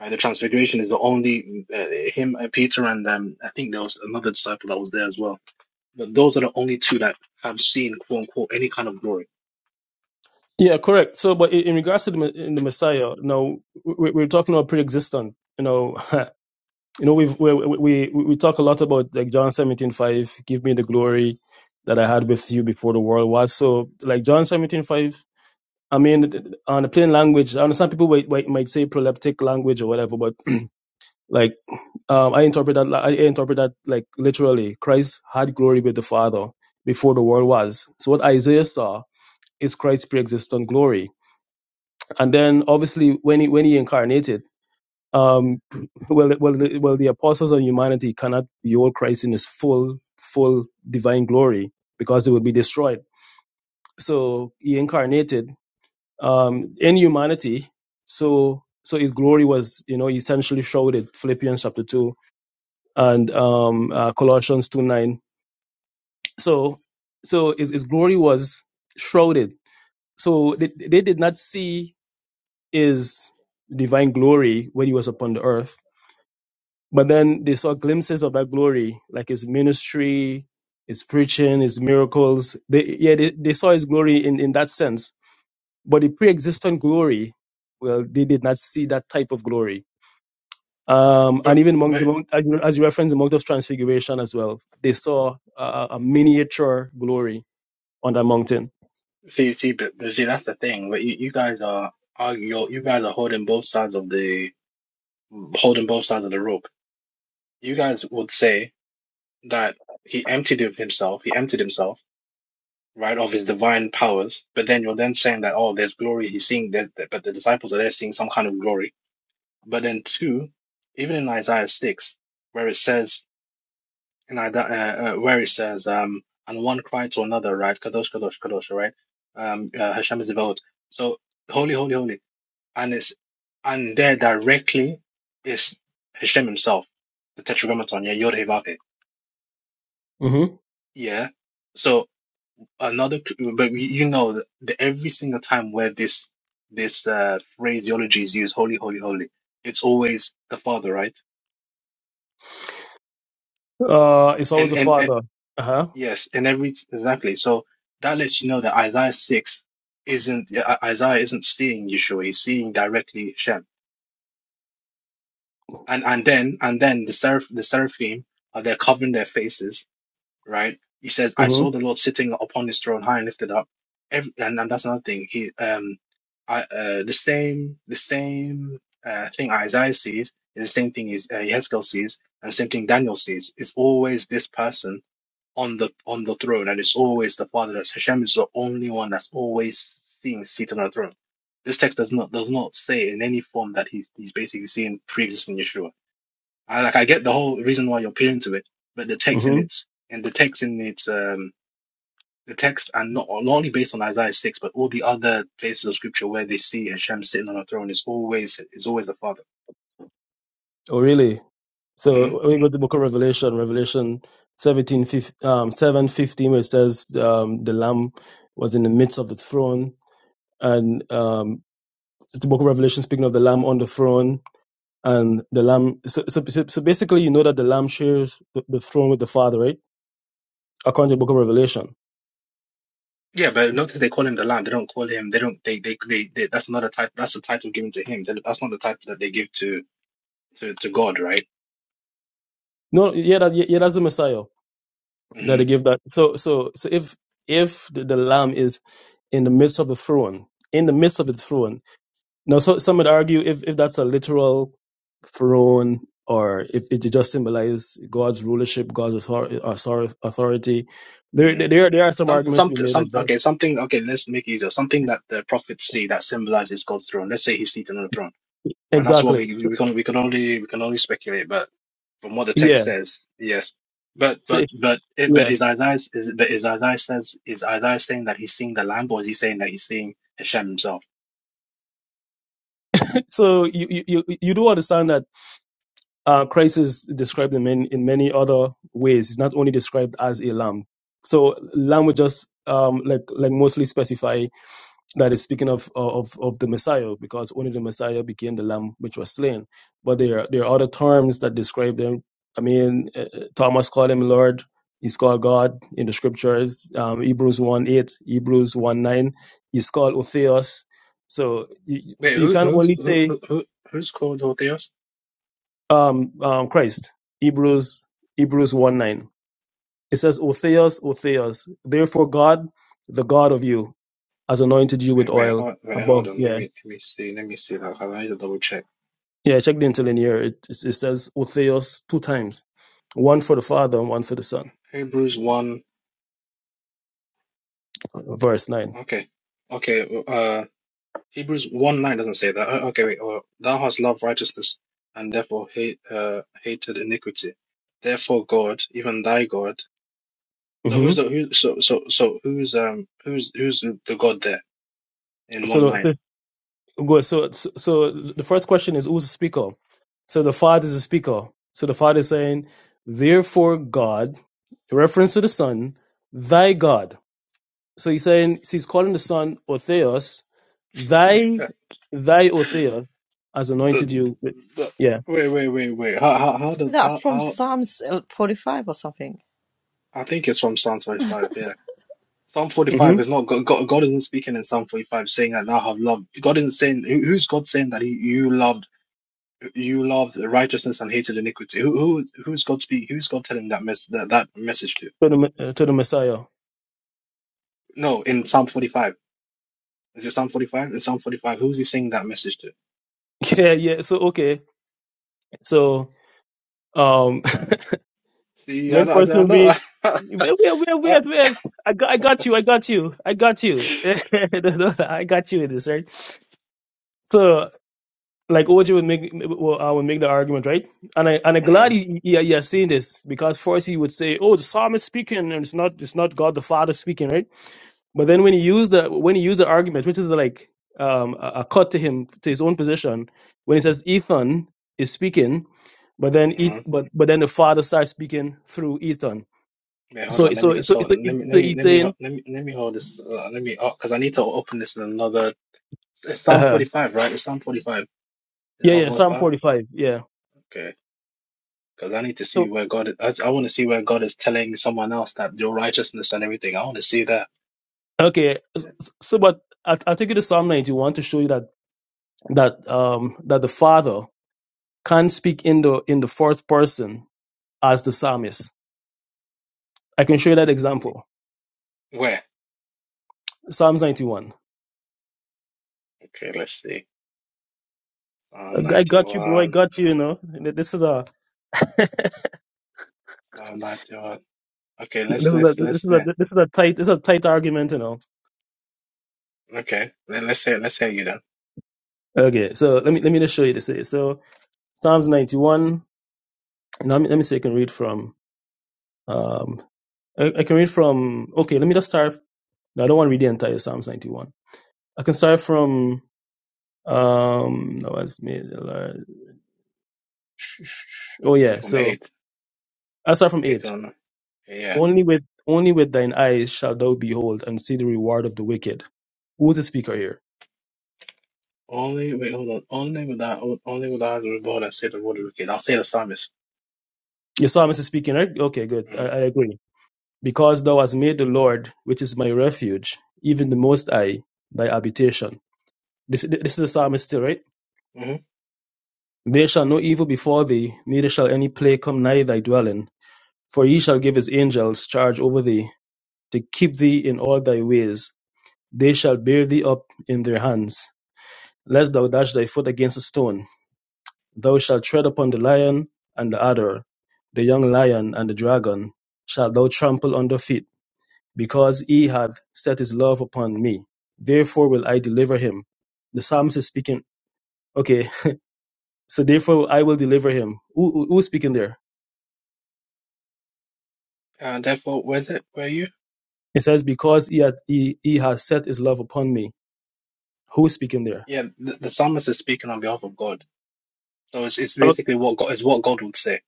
Speaker 3: Right, the transfiguration is the only uh, him, uh, Peter, and um, I think there was another disciple that was there as well. But those are the only two that have seen quote unquote any kind of glory.
Speaker 4: Yeah, correct. So, but in, in regards to the, in the Messiah, now we're, we're talking about pre-existent. You know, [laughs] You know, we've, we, we, we talk a lot about like John seventeen five. give me the glory that I had with you before the world was. So, like John seventeen five. I mean, on the plain language, I understand people might, might, might say proleptic language or whatever, but [clears throat] like, um, I interpret that, I interpret that like literally Christ had glory with the Father before the world was. So what Isaiah saw is Christ's pre-existent glory. And then obviously when he, when he incarnated, um, well, well, well, the apostles and humanity cannot behold Christ in his full, full divine glory because they would be destroyed. So he incarnated um, in humanity. So, so his glory was, you know, essentially showed in Philippians chapter two and um, uh, Colossians two nine. So, so his, his glory was shrouded. So they, they did not see his divine glory when he was upon the earth But then they saw glimpses of that glory, like his ministry, his preaching, his miracles. They, yeah, they, they saw his glory in, in that sense. But the pre-existent glory, well, they did not see that type of glory. Um, and
Speaker 3: But
Speaker 4: even among
Speaker 3: but
Speaker 4: the, Mount- as you as you referenced the Mount of Transfiguration as well, they saw a, a miniature glory on that mountain.
Speaker 3: See, see, but, but see, that's the thing. But you, you guys are argue. You you guys are holding both sides of the holding both sides of the rope. You guys would say that he emptied of himself. He emptied himself, right, of his divine powers. But then you're then saying that oh, there's glory. He's seeing that, that- but the disciples are there seeing some kind of glory. But then two, even in Isaiah six, where it says in Ida, uh, uh, where it says um, and one cried to another, right, kadosh, kadosh, kadosh, right, um, uh, Hashem is devout. So holy, holy, holy and it's and there directly is Hashem himself, the Tetragrammaton, yeah, Yod Heh Vav Heh.
Speaker 4: hmm
Speaker 3: yeah. So another, but we, you know that the- every single time where this this uh, phraseology is used, holy, holy, holy, it's always the Father, right?
Speaker 4: Uh, it's always
Speaker 3: And
Speaker 4: a
Speaker 3: and, and
Speaker 4: father. Uh huh.
Speaker 3: yes, and every exactly. So that lets you know that Isaiah six isn't I- Isaiah isn't seeing Yeshua, he's seeing directly Hashem. And and then and then the seraph the seraphim uh, they're covering their faces right? He says, "I
Speaker 4: hmm
Speaker 3: saw the Lord sitting upon His throne, high and lifted up." Every, and, and that's another thing. He, um, I, uh, the same, the same uh, thing Isaiah sees is the same thing is uh, Ezekiel sees, and the same thing Daniel sees. It's always this person on the on the throne, and it's always the Father. That's Hashem is the only one that's always seen seated on the throne. This text does not does not say in any form that he's he's basically seeing pre-existing Yeshua I like I get the whole reason why you're appealing to it, but the text in
Speaker 4: hmm
Speaker 3: its and the text in its um the text and not, not only based on Isaiah six, but all the other places of scripture where they see Hashem sitting on a throne is always is always the Father.
Speaker 4: Oh, really?
Speaker 3: hmm
Speaker 4: So when we go to the book of Revelation, Revelation 17, fif- um, 7, fifteen, where it says um, the Lamb was in the midst of the throne. And um, it's the book of Revelation speaking of the Lamb on the throne. And the Lamb, so, so, so so basically, you know that the Lamb shares the, the throne with the Father, right? According to the book of Revelation.
Speaker 3: Yeah, but notice they call him the Lamb. They don't call him. They don't. They they they. they that's another title. That's the title given to him. That, that's not the title that they give to to to God, right?
Speaker 4: No, yeah, that, yeah, yeah, that's the Messiah that they
Speaker 3: hmm
Speaker 4: give that. So, so, so if if the, the Lamb is in the midst of the throne, in the midst of its throne, Now, so some would argue if, if that's a literal throne or if it just symbolizes God's rulership, God's author- author- authority, there, there there are- there are some
Speaker 3: Some,
Speaker 4: arguments to
Speaker 3: some,
Speaker 4: be made
Speaker 3: some.
Speaker 4: like that.
Speaker 3: Okay, something. Okay, let's make it easier. Something that the prophets see that symbolizes God's throne. Let's say He's seated on the throne, right? That's what
Speaker 4: Exactly.
Speaker 3: we we can we can only we can only speculate, but from what the text
Speaker 4: Yeah.
Speaker 3: says, yes. But
Speaker 4: So
Speaker 3: but
Speaker 4: if,
Speaker 3: but it, but
Speaker 4: yeah.
Speaker 3: is Isaiah is but is Isaiah says is Isaiah saying that he's seeing the Lamb, or is he saying that he's seeing Hashem himself?
Speaker 4: [laughs] So you, you you you do understand that uh, Christ is described in many in many other ways. He's not only described as a lamb. So lamb would just um like like mostly specify that is speaking of of of the Messiah, because only the Messiah became the Lamb which was slain. But there are- there are other terms that describe them. I mean, uh, uh, Thomas called him Lord. He's called God in the scriptures. Um, Hebrews one eight, Hebrews one nine. He's called Otheos. So you-
Speaker 3: Wait,
Speaker 4: so you
Speaker 3: who
Speaker 4: can
Speaker 3: who's
Speaker 4: only
Speaker 3: who,
Speaker 4: say
Speaker 3: who who- who's called Orthios?
Speaker 4: um, um, Christ. Hebrews Hebrews one nine. It says Otheos, Otheos. Therefore, God, the God of you, has anointed you with
Speaker 3: Wait, wait,
Speaker 4: oil
Speaker 3: hold, wait, hold
Speaker 4: above.
Speaker 3: on.
Speaker 4: Yeah
Speaker 3: Let me let me see. Let me see. that. I need to double check.
Speaker 4: Yeah, I checked the interlinear. It, it, it says Otheos two times, one for the Father and one for the Son.
Speaker 3: Hebrews one.
Speaker 4: Verse 9
Speaker 3: Okay, okay. Uh. Hebrews 1 9 doesn't say that. Oh, Okay, wait. Or, Thou hast loved righteousness and therefore hate, uh, hated iniquity. Therefore, God, even thy God. So
Speaker 4: hmm
Speaker 3: who's the who? So so so who's um who's who's the God there in one
Speaker 4: So,
Speaker 3: nine?
Speaker 4: the-
Speaker 3: [laughs]
Speaker 4: go- so, so, so the first question is who's the speaker? So the Father is the speaker. So the Father is saying, "Therefore, God," reference to the Son, "Thy God." So he's saying so he's calling the Son Otheos, thy
Speaker 3: Uh,
Speaker 4: thy Otheos has anointed
Speaker 3: The,
Speaker 4: you. With,
Speaker 3: the,
Speaker 4: yeah.
Speaker 3: wait wait wait wait. How how how
Speaker 1: Isn't
Speaker 3: does
Speaker 1: that
Speaker 3: how
Speaker 1: from
Speaker 3: how?
Speaker 1: Psalms uh, 45 or something?
Speaker 3: I think it's from Psalm forty five. Yeah, Psalm forty
Speaker 4: hmm
Speaker 3: five is not God, God. God isn't speaking in Psalm forty five saying that thou have loved. God isn't saying who, who's God saying that he, you loved You loved righteousness and hated iniquity. Who who who's God speak? Who's God telling that mess that, that message to?
Speaker 4: To the uh, to the Messiah.
Speaker 3: No, in Psalm 45. Is it Psalm 45? In Psalm 45, who's he saying that message to?
Speaker 4: [laughs] Yeah. Yeah. So okay. So Um, [laughs]
Speaker 3: See, I
Speaker 4: main
Speaker 3: know, I said, I
Speaker 4: person
Speaker 3: know.
Speaker 4: read.
Speaker 3: [laughs]
Speaker 4: Wait, wait, wait,
Speaker 3: I,
Speaker 4: wait, wait. I got, I got you, I got you, I got you. [laughs] No, no, I got you in this, right? So, like OJ would make, well, I would make the argument, right? And I, and I'm
Speaker 3: hmm
Speaker 4: glad you, you, you seeing this because first he would say, "Oh, the psalmist speaking, and it's not, it's not God the Father speaking, right?" But then when he used the, when he used the argument, which is like um a, a cut to him to his own position, when he says Ethan is speaking, but then, it,
Speaker 3: hmm
Speaker 4: but but then the Father starts speaking through Ethan
Speaker 3: Wait, hold
Speaker 4: So
Speaker 3: on. Let
Speaker 4: so
Speaker 3: me just
Speaker 4: so
Speaker 3: hold.
Speaker 4: so,
Speaker 3: Let me
Speaker 4: so
Speaker 3: let me
Speaker 4: he's
Speaker 3: let me
Speaker 4: saying,
Speaker 3: let me let me hold this. Uh, let me because I need to open this in another. It's
Speaker 4: uh
Speaker 3: Psalm
Speaker 4: huh,
Speaker 3: 45, right? It's Psalm 45. Is it
Speaker 4: yeah,
Speaker 3: Psalm
Speaker 4: yeah, Psalm
Speaker 3: 45?
Speaker 4: forty five, yeah.
Speaker 3: Okay. Because I need to see
Speaker 4: So
Speaker 3: where God, I, I want to see where God is telling someone else that your righteousness and everything. I want to see that.
Speaker 4: okay, s-
Speaker 3: Yeah.
Speaker 4: s- so but I I take you to Psalm ninety one to show you that that um that the Father can speak in the in the fourth person as the psalmist. I can show you that example.
Speaker 3: Where?
Speaker 4: Psalms ninety one.
Speaker 3: Okay, let's see.
Speaker 4: I
Speaker 3: Psalm
Speaker 4: g- I got you, bro. I
Speaker 3: 91,
Speaker 4: got you. You know, this is a
Speaker 3: Psalm 91. Okay, let's,
Speaker 4: this is a
Speaker 3: let's,
Speaker 4: this
Speaker 3: let's,
Speaker 4: is a
Speaker 3: do-
Speaker 4: this is a tight this is a tight argument. You know.
Speaker 3: okay, Let, let's hear, let's hear you then.
Speaker 4: Okay, so let me let me just show you this. here. So Psalms ninety one. Let me let me see. if I can read from. um, I, I can read from okay, let me just start no, I don't want to read the entire Psalms ninety one. I can start from um no it's made the Lord. Oh
Speaker 3: Over
Speaker 4: yeah,
Speaker 3: from
Speaker 4: so
Speaker 3: 8,
Speaker 4: I'll start from
Speaker 3: 8
Speaker 4: eight.
Speaker 3: on, yeah.
Speaker 4: Only with only with thine eyes shalt thou behold and see the reward of the wicked. Who's the speaker here?
Speaker 3: Only wait, hold on. Only with that, only with eyes were born and say the word of wicked. I'll say the psalmist.
Speaker 4: Your psalmist is speaking, right? Okay, good. I, I
Speaker 3: Mm-hmm.
Speaker 4: agree. Because thou hast made the Lord, which is my refuge, even the most high, thy habitation. This this is the psalmist still, right?
Speaker 3: Mm-hmm.
Speaker 4: There shall no evil befall thee, neither shall any plague come nigh thy dwelling. For he shall give his angels charge over thee, to keep thee in all thy ways. They shall bear thee up in their hands, lest thou dash thy foot against a stone. Thou shalt tread upon the lion and the adder, the young lion and the dragon shalt thou trample under feet, because he hath set his love upon me. Therefore will I deliver him. The psalmist is speaking. Okay, so therefore I will deliver him. Who, who- who's speaking there?
Speaker 3: And therefore, where's it? Where are you?
Speaker 4: It says, because he, hath he, he has set his love upon me. Who's speaking there?
Speaker 3: Yeah, the, the psalmist is speaking on behalf of God. So it's it's basically what God is what God would say.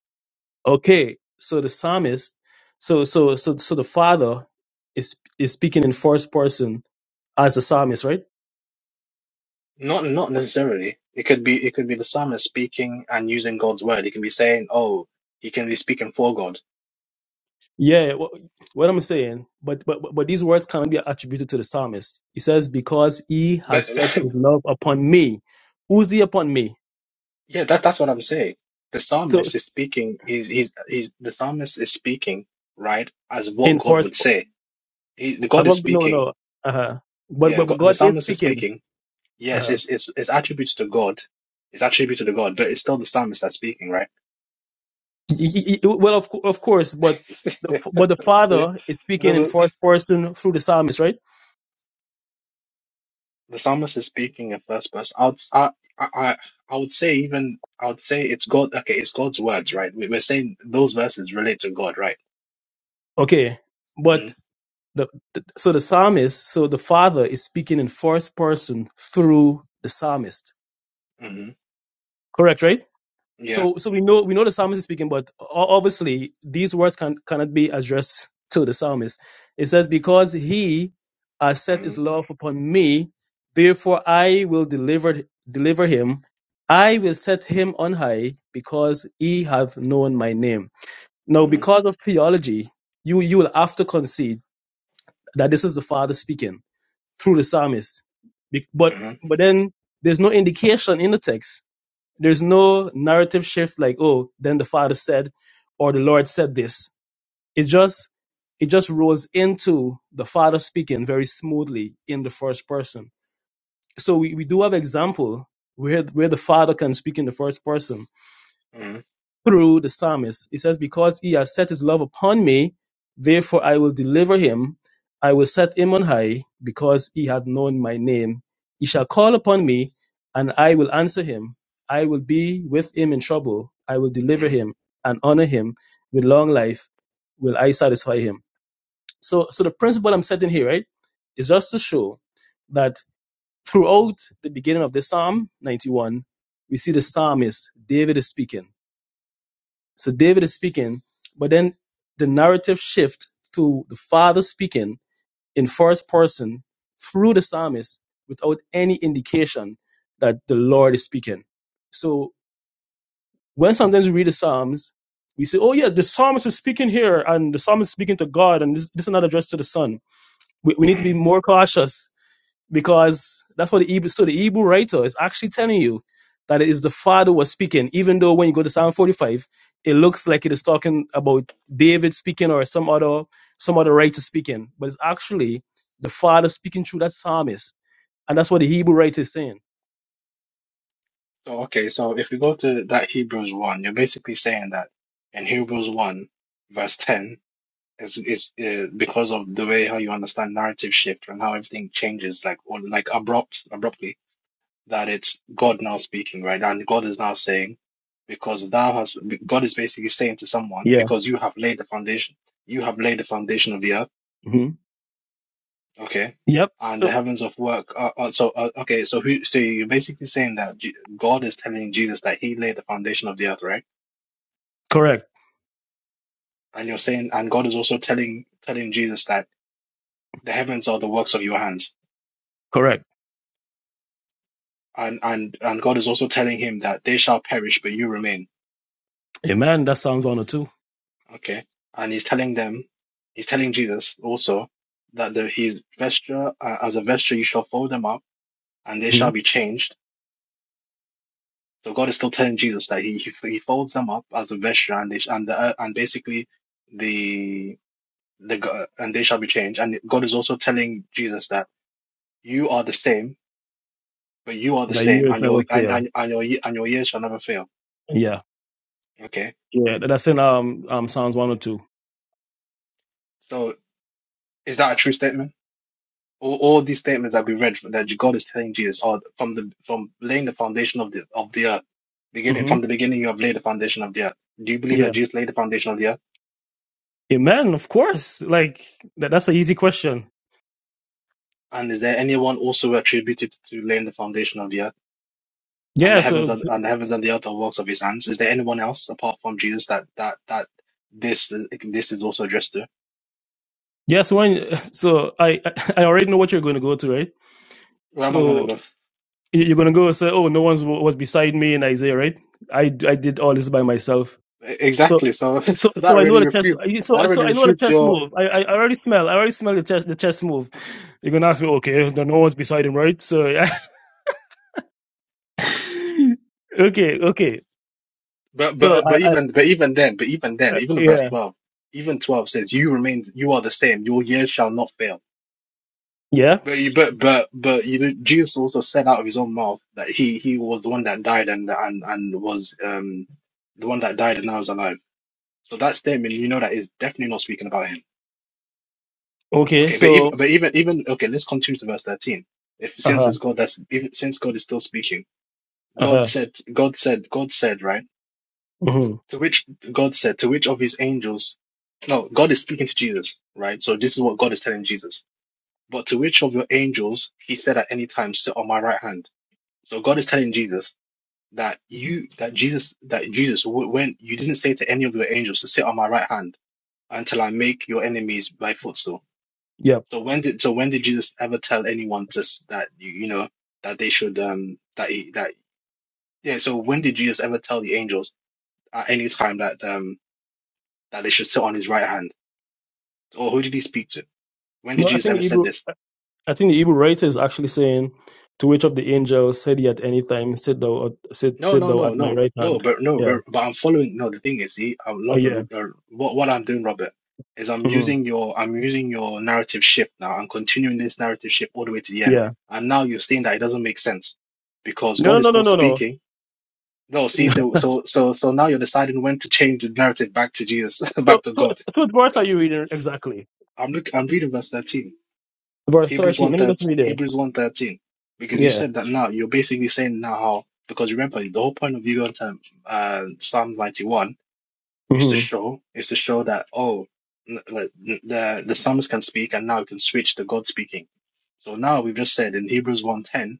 Speaker 4: Okay, so the psalmist, so so so so the father is is speaking in first person as the psalmist, right?
Speaker 3: Not not necessarily. It could be it could be the psalmist speaking and using God's word. He can be saying, oh, he can be speaking for God.
Speaker 4: Yeah, wh- what I'm saying, but but but these words cannot be attributed to the psalmist. He says, "Because he
Speaker 3: But
Speaker 4: has set his love upon me." Who's he upon me?
Speaker 3: [laughs] yeah, that that's what I'm saying. The
Speaker 4: So
Speaker 3: psalmist is speaking. He's he's he's the psalmist is speaking right as what
Speaker 4: in
Speaker 3: God
Speaker 4: first,
Speaker 3: would say. He, the
Speaker 4: I
Speaker 3: God is
Speaker 4: don't no
Speaker 3: speaking
Speaker 4: no. Uh-huh. But
Speaker 3: Yeah,
Speaker 4: but
Speaker 3: God, the
Speaker 4: God is
Speaker 3: psalmist is
Speaker 4: speaking.
Speaker 3: speaking. Yes,
Speaker 4: Uh-huh.
Speaker 3: it's it's it's attributes to God. It's attributed to God, but it's still the psalmist that's speaking, right?
Speaker 4: Y- y- y- Well, of cou- of course, but
Speaker 3: [laughs] See,
Speaker 4: the, but the
Speaker 3: it
Speaker 4: Father is speaking in
Speaker 3: doesn't.
Speaker 4: first person through the psalmist, right?
Speaker 3: The psalmist is speaking in first person. I would, I, I, I I would say even I would say it's God. Okay, it's God's words, right? We, we're saying those verses relate to God, right?
Speaker 4: Okay, but
Speaker 3: hmm
Speaker 4: The, the- so the psalmist, so the Father is speaking in first person through the psalmist.
Speaker 3: hmm
Speaker 4: Correct, right?
Speaker 3: Yeah.
Speaker 4: So so we know we know the psalmist is speaking, but o- obviously these words can cannot be addressed to the psalmist. It says, "Because he has set
Speaker 3: hmm
Speaker 4: his love upon me, therefore I will deliver deliver him. I will set him on high, because he have known my name." Now,
Speaker 3: hmm
Speaker 4: because of theology, you you will have to concede that this is the Father speaking through the psalmist. Be- But
Speaker 3: hmm
Speaker 4: but then there's no indication in the text. There's no narrative shift like, oh, then the Father said, or the Lord said this. It just it just rolls into the Father speaking very smoothly in the first person. So we, we do have example where where the Father can speak in the first person
Speaker 3: hmm
Speaker 4: through the psalmist. He says, Because he has set his love upon me, therefore I will deliver him. I will set him on high, because he hath known my name. He shall call upon me, and I will answer him. I will be with him in trouble. I will deliver
Speaker 3: hmm
Speaker 4: him and honor him with long life. Will I satisfy him? So, so the principle I'm setting here, right, is just to show that throughout the beginning of the Psalm 91, we see the psalmist, David is speaking so David is speaking, but then the narrative shift to the father speaking in first person through the psalmist without any indication that the Lord is speaking. So when sometimes we read the Psalms, we say, oh yeah, the psalmist is speaking here and the psalmist is speaking to God and this, this is not addressed to the son. We, we need to
Speaker 3: hmm
Speaker 4: be more cautious because that's what the Hebrew, so the Hebrew writer is actually telling you that it is the father was speaking, even though when you go to Psalm 45, it looks like it is talking about David speaking or some other, some other writer speaking, but it's actually the father speaking through that psalmist. And that's what the Hebrew writer is saying.
Speaker 3: So okay, so if we go to that Hebrews one, you're basically saying that in Hebrews one, verse ten. It's, it's uh, because of the way how you understand narrative shift and how everything changes, like or like abrupt, abruptly. That it's God now speaking, right? And God is now saying, because thou has God is basically saying to someone,
Speaker 4: Yeah.
Speaker 3: because you have laid the foundation, you have laid the foundation of the earth,
Speaker 4: hmm
Speaker 3: okay,
Speaker 4: Yep.
Speaker 3: and
Speaker 4: So
Speaker 3: the heavens of work. Are, are, so uh, okay, so who? So you're basically saying that G God is telling Jesus that He laid the foundation of the earth, right?
Speaker 4: correct.
Speaker 3: And you're saying, and God is also telling telling Jesus that the heavens are the works of your hands
Speaker 4: Correct.
Speaker 3: and and and God is also telling him that they shall perish, but you remain.
Speaker 4: Amen. That Psalms 102.
Speaker 3: Okay, and he's telling them, he's telling Jesus also that the his vesture uh, as a vesture you shall fold them up, and they shall
Speaker 4: Mm-hmm.
Speaker 3: be changed. So God is still telling Jesus that he he, he folds them up as a vesture, and they, sh- and the uh, and basically the the go- and they shall be changed. And God is also telling Jesus that you are the same, but you are the
Speaker 4: The
Speaker 3: same,
Speaker 4: years
Speaker 3: and
Speaker 4: never
Speaker 3: your and
Speaker 4: fail.
Speaker 3: and, and your ye- and your years shall never fail.
Speaker 4: Yeah.
Speaker 3: Okay,
Speaker 4: Yeah. That's in um, um Psalms 102.
Speaker 3: so is that a true statement? all, all these statements that we read that God is telling Jesus are from the from laying the foundation of the of the earth, beginning
Speaker 4: Mm-hmm.
Speaker 3: from the beginning you have laid the foundation of the earth. Do you believe
Speaker 4: Yeah.
Speaker 3: that Jesus laid the foundation of the earth?
Speaker 4: Amen, of course. Like that, that's an easy question.
Speaker 3: And is there anyone also attributed to laying the foundation of the earth and the
Speaker 4: Yeah,
Speaker 3: heavens
Speaker 4: so
Speaker 3: and, and the heavens and the earth are works of His hands? Is there anyone else apart from Jesus that that that this this is also addressed to?
Speaker 4: yeah, so when so I [laughs] I already know what you're going to go to, right?
Speaker 3: Where am I gonna
Speaker 4: So
Speaker 3: go?
Speaker 4: you- you're going to go and say, "Oh, no one's wa- was beside me in Isaiah," right? I d- I did all this by myself.
Speaker 3: E-,
Speaker 4: So
Speaker 3: Exactly. So, [laughs] so
Speaker 4: so so
Speaker 3: that
Speaker 4: I know
Speaker 3: really
Speaker 4: the chess.
Speaker 3: refutes
Speaker 4: So
Speaker 3: that
Speaker 4: so
Speaker 3: really
Speaker 4: I know the
Speaker 3: refutes
Speaker 4: chess
Speaker 3: your
Speaker 4: move. I I I already smell. I already smell the chess the chess move. You're going to ask me, "Okay, then no one's beside him, right?" So yeah. [laughs] okay, okay.
Speaker 3: But
Speaker 4: So
Speaker 3: but
Speaker 4: I,
Speaker 3: but
Speaker 4: I,
Speaker 3: even but even then, but even then,
Speaker 4: I
Speaker 3: even verse
Speaker 4: yeah
Speaker 3: twelve, even twelve says, "You remain, you are the same. Your years shall not fail."
Speaker 4: yeah
Speaker 3: But you, but but but you know, Jesus also said out of his own mouth that he he was the one that died and and and was um the one that died and now is alive. So that statement, you know, that is definitely not speaking about him.
Speaker 4: okay.
Speaker 3: Okay, but even
Speaker 4: So
Speaker 3: but even even okay, let's continue to verse thirteen. If
Speaker 4: uh
Speaker 3: since
Speaker 4: huh
Speaker 3: it's God, that's even since God is still speaking, God
Speaker 4: uh
Speaker 3: said, God said, God said, right?
Speaker 4: huh.
Speaker 3: To which God said, to which of his angels? No, God is speaking to Jesus, right? So this is what God is telling Jesus. But to which of your angels he said at any time, sit on my right hand. So God is telling Jesus that you, that Jesus, that Jesus, w- when you didn't say to any of your angels to sit on my right hand until I make your enemies my footstool.
Speaker 4: Yeah.
Speaker 3: So when did, so when did Jesus ever tell anyone to s- that you, you know that they should um that he that yeah? So when did Jesus ever tell the angels at any time that um that they should sit on his right hand? Or who did he speak to? When did
Speaker 4: No, I
Speaker 3: Jesus
Speaker 4: think the
Speaker 3: ever said
Speaker 4: Hebrew
Speaker 3: this?
Speaker 4: I I think the Hebrew writer is actually saying to which of the angels said he at any time, sit thou at- sit
Speaker 3: No,
Speaker 4: sit
Speaker 3: no,
Speaker 4: thou
Speaker 3: no,
Speaker 4: at my
Speaker 3: no,
Speaker 4: right
Speaker 3: no.
Speaker 4: hand.
Speaker 3: But no,
Speaker 4: Yeah.
Speaker 3: but, but I'm following. No, the thing is, see, I'm
Speaker 4: Oh
Speaker 3: not.
Speaker 4: yeah.
Speaker 3: Uh, what what I'm doing, Robert, is I'm
Speaker 4: hmm
Speaker 3: using your I'm using your narrative shift now. I'm continuing this narrative shift all the way to the end.
Speaker 4: Yeah.
Speaker 3: And now you're saying that it doesn't make sense because
Speaker 4: No
Speaker 3: God is
Speaker 4: no no
Speaker 3: still
Speaker 4: no no
Speaker 3: speaking. No, see,
Speaker 4: no. [laughs]
Speaker 3: so so so so now you're deciding when to change the narrative back to Jesus, [laughs]
Speaker 4: So
Speaker 3: back to
Speaker 4: so
Speaker 3: God.
Speaker 4: so what verse are you reading exactly?
Speaker 3: I'm look. I'm reading verse thirteen.
Speaker 4: Verse
Speaker 3: Hebrews
Speaker 4: thirteen.
Speaker 3: 1
Speaker 4: Let me just
Speaker 3: thirteen.
Speaker 4: read it.
Speaker 3: Hebrews one thirteen, Because you
Speaker 4: Yeah.
Speaker 3: said that now, you're basically saying now how, because remember, the whole point of you going to uh, Psalm 91 is to
Speaker 4: hmm
Speaker 3: show, is to show that, oh, n- like, n- the, the psalmist can speak and now we can switch to God speaking. So now we've just said in Hebrews one ten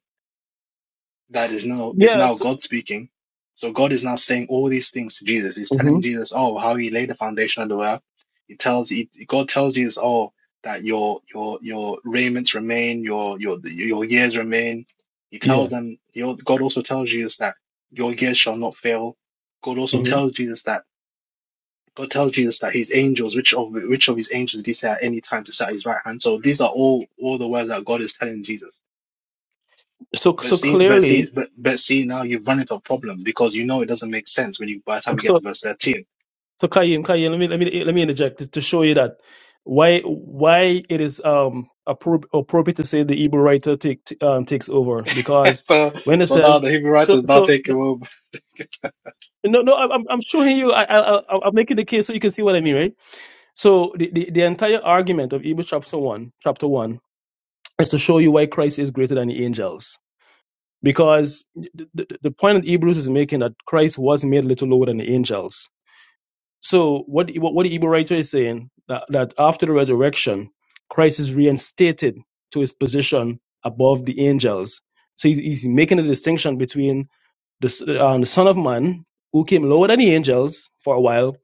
Speaker 3: that is now is now
Speaker 4: Yes.
Speaker 3: God speaking. So God is now saying all these things to Jesus. He's
Speaker 4: hmm
Speaker 3: telling Jesus, oh, how he laid the foundation of the world." He tells he, God tells Jesus, oh, that your your your raiments remain, your your your years remain. He
Speaker 4: Yeah.
Speaker 3: tells them. He, al- God also tells Jesus that your years shall not fail. God also
Speaker 4: hmm
Speaker 3: tells Jesus that God tells Jesus that his angels, which of which of his angels did he say at any time to sit at his right hand? So these are all all the words that God is telling Jesus
Speaker 4: So
Speaker 3: but
Speaker 4: so
Speaker 3: see, but
Speaker 4: clearly
Speaker 3: see, but but see, now you've run into a problem because you know it doesn't make sense when you by the time you get
Speaker 4: so
Speaker 3: to verse thirteen. [laughs]
Speaker 4: So Kaim, Kaim, let me let me let me interject to, to show you that why why it is um appro- appropriate to say the Hebrew writer take t- um, takes over because
Speaker 3: So
Speaker 4: when it
Speaker 3: so
Speaker 4: says
Speaker 3: now the Hebrew
Speaker 4: so
Speaker 3: writers now
Speaker 4: so
Speaker 3: take over.
Speaker 4: no no I'm I'm I'm showing you I I I- I'm making the case so you can see what I mean right so the the, the entire argument of Hebrews chapter one chapter one is to show you why Christ is greater than the angels because the, the, the point that Hebrews is making that Christ was made a little lower than the angels So what what, what the Hebrew writer is saying that, that after the resurrection, Christ is reinstated to his position above the angels. So he's, he's making a distinction between the s- uh, the Son of Man who came lower than the angels for a while,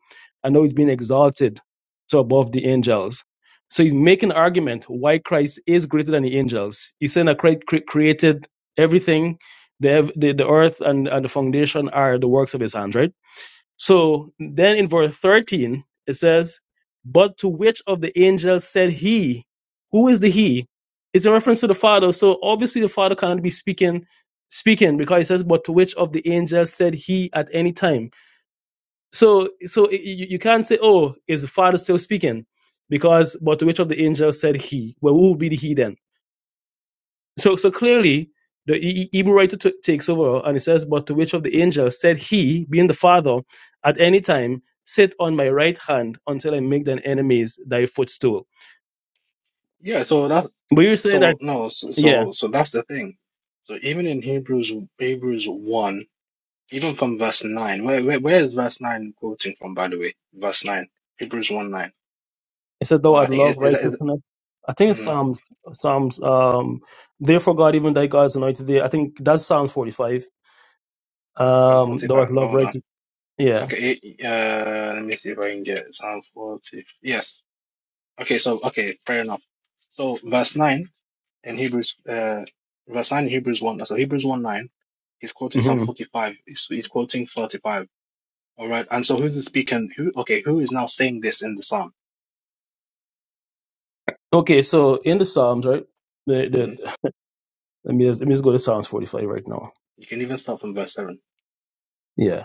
Speaker 4: and now he's been exalted to above the angels. So he's making an argument why Christ is greater than the angels. He's saying that Christ cre- created everything. The, ev- the, the earth and, and the foundation are the works of his hands, right? So then in verse 13, it says, But to which of the angels said he? Who is the he? It's a reference to the Father. So obviously the Father cannot be speaking speaking because it says, But to which of the angels said he at any time? So so y- you, you can't say, Oh, is the Father still speaking? Because but to which of the angels said he? Well, who would be the he then? So, so clearly, the E- E- Hebrew writer t- takes over and it says, But to which of the angels said he, being the Father, at any time, sit on my right hand until I make thine enemies thy footstool.
Speaker 3: Yeah, so that's
Speaker 4: But you're saying that,
Speaker 3: so no, so
Speaker 4: yeah,
Speaker 3: so, so that's the thing. So even in Hebrews Hebrews one, even from verse nine, where where, where is verse nine quoting from? By the way, verse nine, Hebrews one nine.
Speaker 4: it said, Thou
Speaker 3: God, I
Speaker 4: art
Speaker 3: think is
Speaker 4: love,
Speaker 3: is, is
Speaker 4: righteousness. I think it's
Speaker 3: mm,
Speaker 4: Psalms, Psalms, um, therefore God, even thy God's anointed thee. I think that's Psalm 45.
Speaker 3: Psalm
Speaker 4: Um,
Speaker 3: forty
Speaker 4: thou
Speaker 3: five.
Speaker 4: art love,
Speaker 3: Hold on.
Speaker 4: righteous. Yeah.
Speaker 3: Okay, eh, uh, let me see if I can get Psalm forty. Yes. Okay, so okay, fair enough. So verse nine in Hebrews, uh, verse nine in Hebrews one. So Hebrews one nine. He's quoting Psalm
Speaker 4: hmm
Speaker 3: forty five. He's, he's quoting forty five. All right. And so who's the speaking? Who? Okay, who is now saying this in the psalm?
Speaker 4: Okay, so in the Psalms, right? The,
Speaker 3: hmm
Speaker 4: the, let, me just, let me just go to Psalms 45 right now.
Speaker 3: You can even start from verse seven.
Speaker 4: Yeah.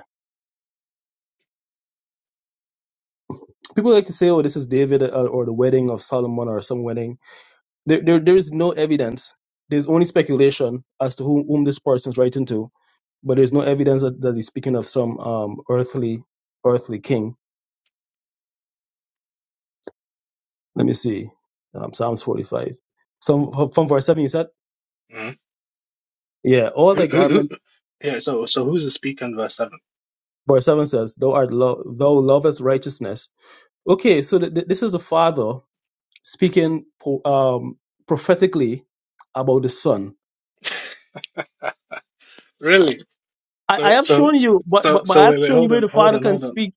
Speaker 4: People like to say, "Oh, this is David uh, or the wedding of Solomon or some wedding." There, there, there is no evidence. There's only speculation as to whom, whom this person's writing to, but there's no evidence that, that he's speaking of some um, earthly, earthly king. Let me see, um, Psalms 45, some from verse seven. You said,
Speaker 3: Mhm.
Speaker 4: "Yeah, all
Speaker 3: Who,
Speaker 4: thy
Speaker 3: who, who?
Speaker 4: garments."
Speaker 3: Yeah. So so who's the speaker in verse seven?
Speaker 4: Verse seven says, "Thou art lo- thou lovest righteousness." Okay, so th- th- this is the father speaking po- um, prophetically about the son
Speaker 3: Really.
Speaker 4: I, I
Speaker 3: So
Speaker 4: have
Speaker 3: so
Speaker 4: shown you, but,
Speaker 3: so
Speaker 4: but but
Speaker 3: so
Speaker 4: I have
Speaker 3: wait wait
Speaker 4: shown you
Speaker 3: hold
Speaker 4: where
Speaker 3: on
Speaker 4: the
Speaker 3: hold
Speaker 4: Father
Speaker 3: on
Speaker 4: can
Speaker 3: hold on
Speaker 4: speak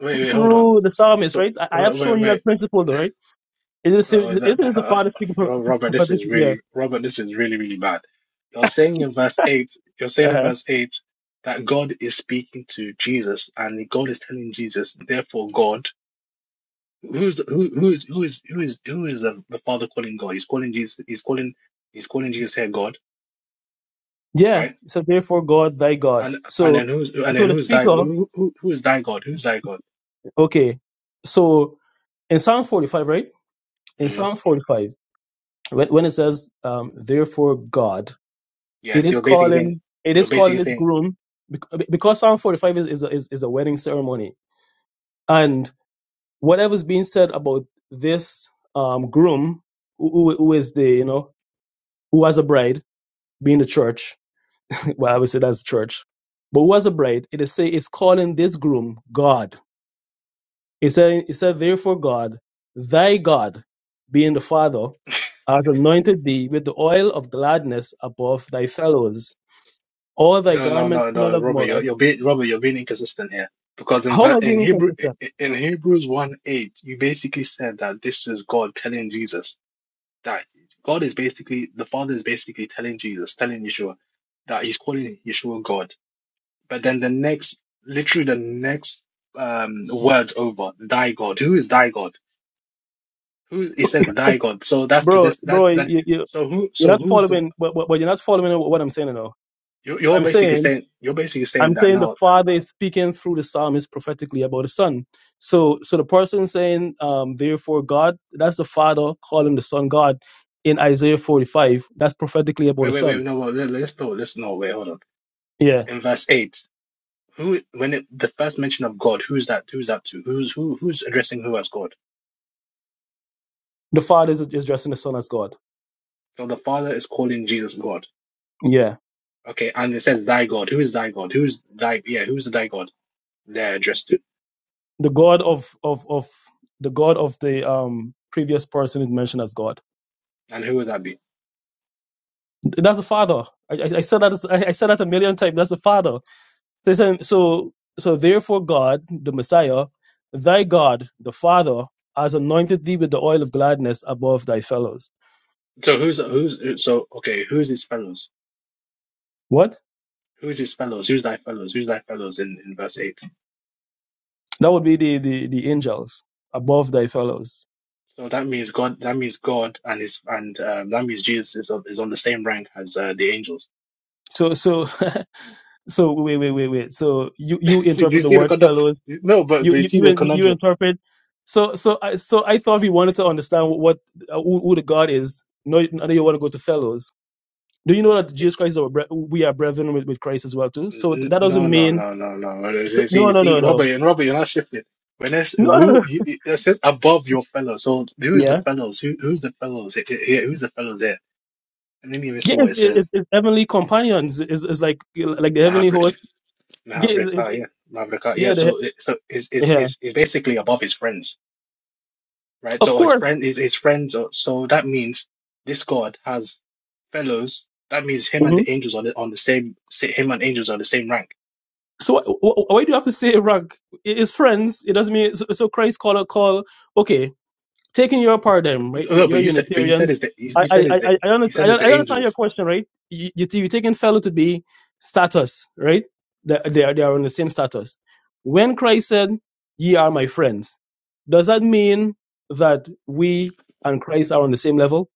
Speaker 3: wait
Speaker 4: th-
Speaker 3: wait hold on.
Speaker 4: through the psalmist,
Speaker 3: So
Speaker 4: right? I, I have
Speaker 3: wait
Speaker 4: shown
Speaker 3: wait
Speaker 4: you
Speaker 3: wait.
Speaker 4: that principle, though,
Speaker 3: [sighs]
Speaker 4: right? It is
Speaker 3: Oh,
Speaker 4: it
Speaker 3: wait,
Speaker 4: is
Speaker 3: that,
Speaker 4: the
Speaker 3: that-
Speaker 4: Father speaking
Speaker 3: [laughs]
Speaker 4: pro-
Speaker 3: Ro-
Speaker 4: pro-
Speaker 3: Robert, this is
Speaker 4: prophetically. Yeah,
Speaker 3: really Robert, this is really really bad. You're saying in verse eight, you're saying in
Speaker 4: uh-huh.
Speaker 3: verse eight that God is speaking to Jesus, and God is telling Jesus, therefore God, who's the, who who is who is who is who is the, the Father calling God? He's calling Jesus. He's calling he's calling Jesus here God,
Speaker 4: yeah.
Speaker 3: right?
Speaker 4: So therefore, God, thy God.
Speaker 3: And and
Speaker 4: So
Speaker 3: then who's and
Speaker 4: so
Speaker 3: then
Speaker 4: the
Speaker 3: who's thy
Speaker 4: speaker.
Speaker 3: who who who is thy God? Who's thy God?
Speaker 4: Okay, so in Psalm forty-five, right? In Psalm forty-five, when when it says, um, "Therefore, God," it
Speaker 3: Yes,
Speaker 4: is
Speaker 3: you're basically saying
Speaker 4: calling it
Speaker 3: you're
Speaker 4: is
Speaker 3: basically
Speaker 4: calling its
Speaker 3: saying
Speaker 4: groom bec- because Psalm forty-five is is a, is, is a wedding ceremony, and whatever's being said about this um, groom who, who is the you know who has a bride being the church [laughs] well i would say that's church but who has a bride it is say it's calling this groom god it said it said therefore god thy god being the father hath anointed thee with the oil of gladness above thy fellows all thy
Speaker 3: no, no,
Speaker 4: garments
Speaker 3: no,
Speaker 4: smell
Speaker 3: no,
Speaker 4: of
Speaker 3: Robert,
Speaker 4: myrrh
Speaker 3: you're you're being Robert, you're being inconsistent here because in
Speaker 4: how am
Speaker 3: ver-
Speaker 4: i
Speaker 3: in
Speaker 4: being
Speaker 3: Hebrew
Speaker 4: inconsistent
Speaker 3: in Hebrews one eight, you basically said that this is God telling Jesus that God is basically the Father is basically telling Jesus, telling Yeshua that He's calling Yeshua God. But then the next, literally the next um words over, thy God. Who is thy God? Who is, it says thy God. So that's
Speaker 4: bro
Speaker 3: possessed that
Speaker 4: bro
Speaker 3: that.
Speaker 4: you, you
Speaker 3: So who
Speaker 4: you're
Speaker 3: so
Speaker 4: not
Speaker 3: who's the
Speaker 4: following but, but, but you're not following what i'm saying now
Speaker 3: You're, you're
Speaker 4: i'm
Speaker 3: basically
Speaker 4: saying
Speaker 3: saying you're basically saying
Speaker 4: I'm
Speaker 3: that
Speaker 4: saying the
Speaker 3: now.
Speaker 4: Father is speaking through the psalmist prophetically about the Son. So, so the person saying, um, "Therefore God," that's the Father calling the Son God in Isaiah 45. That's prophetically about
Speaker 3: Wait,
Speaker 4: the
Speaker 3: wait, wait.
Speaker 4: Son.
Speaker 3: No, well, let, let's go. Let's no. Wait, hold on.
Speaker 4: Yeah,
Speaker 3: In verse eight, who when it, the first mention of God, who's that? Who's that to? Who's who? Who's addressing who as God?
Speaker 4: the Father is, is addressing the Son as God.
Speaker 3: So the Father is calling Jesus God.
Speaker 4: Yeah,
Speaker 3: Okay, and it says thy God. Who is thy God? Who's thy? Yeah, who's the thy God? They're addressed to,
Speaker 4: the God of of of the God of the um previous person is mentioned as God.
Speaker 3: and who would that be?
Speaker 4: That's the Father. I, I, I said that I, I said that a million times. That's the Father. So, so, so so therefore, God, the Messiah, thy God, the Father, has anointed thee with the oil of gladness above thy fellows.
Speaker 3: So who's who's so okay? Who's his fellows?
Speaker 4: What?
Speaker 3: Who's his fellows? Who's thy fellows? Who's thy fellows in in verse eight?
Speaker 4: That would be the the, the angels above thy fellows.
Speaker 3: So that means God. That means God and his and um, that means Jesus is on, is on the same rank as uh, the angels.
Speaker 4: So, so, [laughs] so, wait, wait, wait, wait. So, you you
Speaker 3: [laughs] See, Do
Speaker 4: interpret
Speaker 3: you
Speaker 4: the
Speaker 3: see the
Speaker 4: word
Speaker 3: conundrum?
Speaker 4: fellows.
Speaker 3: No, but
Speaker 4: You
Speaker 3: but you
Speaker 4: you
Speaker 3: see the
Speaker 4: you, you
Speaker 3: conundrum.
Speaker 4: interpret. So, so, I so I thought we wanted to understand what uh, who, who the God is. No, no, you want to go to fellows. Do you know that Jesus Christ is our bre- we are brethren with, with Christ as well too? So
Speaker 3: N-
Speaker 4: that
Speaker 3: No,
Speaker 4: doesn't
Speaker 3: no,
Speaker 4: mean
Speaker 3: no, no, no.
Speaker 4: So,
Speaker 3: See,
Speaker 4: no,
Speaker 3: see,
Speaker 4: no, no, no,
Speaker 3: see, Robert,
Speaker 4: no.
Speaker 3: and Robert, you're not shifting. When it's
Speaker 4: [laughs] no.
Speaker 3: who
Speaker 4: no.
Speaker 3: you- it says above your fellows. So who is the
Speaker 4: Yeah,
Speaker 3: fellows? Who who's the fellows? Here, here- who's the fellows here? And let me even
Speaker 4: yeah.
Speaker 3: see what
Speaker 4: It's,
Speaker 3: it
Speaker 4: it's,
Speaker 3: says.
Speaker 4: it's heavenly companions. It's, it's like like the heavenly
Speaker 3: Mahavri,
Speaker 4: host. Yeah,
Speaker 3: Mahavrika,
Speaker 4: it's,
Speaker 3: yeah,
Speaker 4: it's,
Speaker 3: Mahavrika,
Speaker 4: yeah,
Speaker 3: yeah.
Speaker 4: the,
Speaker 3: So it, so it's
Speaker 4: he-
Speaker 3: it's
Speaker 4: yeah.
Speaker 3: it's it's basically above his friends right?
Speaker 4: Of
Speaker 3: So his
Speaker 4: course.
Speaker 3: friend, his, his friends. Are, so that means this God has fellows. That means him and
Speaker 4: hmm
Speaker 3: the angels on the on the same. sa- Him and angels are the same rank.
Speaker 4: So wh- wh- why do you have to say rank? It's friends. It doesn't mean so, so Christ call a call. Okay, taking your paradigm, right?
Speaker 3: No,
Speaker 4: you-
Speaker 3: no,
Speaker 4: You're
Speaker 3: but you said, but you said
Speaker 4: Unitarian.
Speaker 3: is the you,
Speaker 4: I
Speaker 3: you
Speaker 4: I
Speaker 3: said
Speaker 4: I
Speaker 3: is the
Speaker 4: I, I under-
Speaker 3: you
Speaker 4: I
Speaker 3: said is the
Speaker 4: I understand your
Speaker 3: angels
Speaker 4: question, right? You you you're taking fellow to be status, right? They they are, they are on the same status. When Christ said, "Ye are my friends," does that mean that we and Christ are on the same level,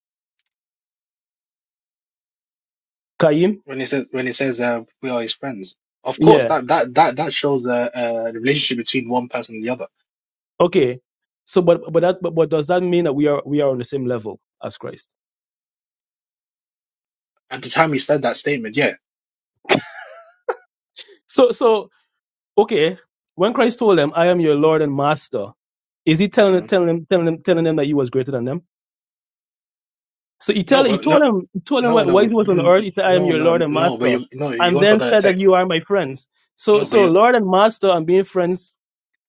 Speaker 4: kaim?
Speaker 3: when it says when it says uh, we are his friends. Of course,
Speaker 4: Yeah.
Speaker 3: that that that that shows uh, uh, the relationship between one person and the other.
Speaker 4: Okay. So, but but that but, but does that mean that we are we are on the same level as Christ?
Speaker 3: At the time he said that statement, yeah.
Speaker 4: So so Okay, when Christ told them, "I am your Lord and Master," is he telling
Speaker 3: hmm
Speaker 4: telling them telling them telling them that he was greater than them? So he
Speaker 3: No,
Speaker 4: tell he
Speaker 3: but
Speaker 4: told
Speaker 3: no,
Speaker 4: them he told them
Speaker 3: no, no,
Speaker 4: while he
Speaker 3: n-
Speaker 4: was on the earth,
Speaker 3: n-
Speaker 4: he said, "I am
Speaker 3: no,
Speaker 4: your Lord
Speaker 3: no,
Speaker 4: and
Speaker 3: no. But
Speaker 4: Master,"
Speaker 3: you no, you
Speaker 4: and
Speaker 3: want
Speaker 4: then
Speaker 3: another
Speaker 4: said that
Speaker 3: text.
Speaker 4: you are my friends. So
Speaker 3: No, but
Speaker 4: so
Speaker 3: you
Speaker 4: Lord and Master and being friends,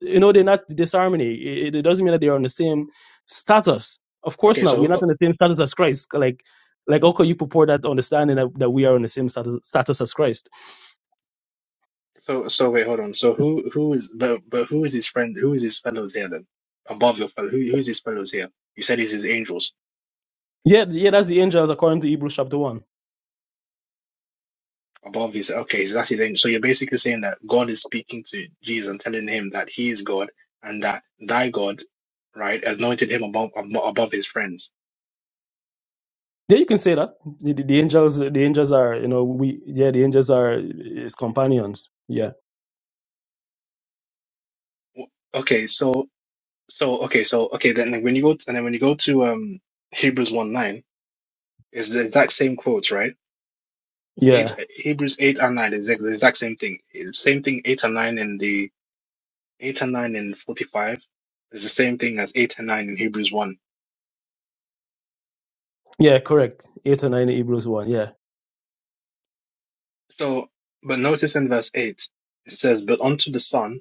Speaker 4: you know, they're not disharmony. It, it doesn't mean that they are on the same status. Of course
Speaker 3: okay.
Speaker 4: not. We're
Speaker 3: So
Speaker 4: not on the same status as Christ. Like like how could you purport that understanding that, that we are on the same status, status as Christ?
Speaker 3: So so wait, hold on. So who who is but but who is his friend? Who is his fellows here then? Above your fellow, who who's his fellows here? You said he's his angels
Speaker 4: Yeah, yeah, that's the angels according to Hebrews chapter one.
Speaker 3: above his. Okay, so that's his angel. So you're basically saying that God is speaking to Jesus and telling him that he is God and that thy God, right, anointed him above abo- above his friends.
Speaker 4: Yeah, you can say that the, the, the angels, the angels are, you know, we, yeah, the angels are his companions. Yeah,
Speaker 3: W- Okay, so So okay, so okay, then like when you go t- and then when you go to um Hebrews one nine, it's the exact same quotes, right? Eight
Speaker 4: yeah,
Speaker 3: Hebrews eight and nine is the the exact same thing. It's the same thing eight and nine in the eight and nine in forty five is the same thing as eight and nine in Hebrews one.
Speaker 4: yeah, correct. Eight and nine, in Hebrews one. Yeah,
Speaker 3: So, but notice in verse eight it says, "But unto the Son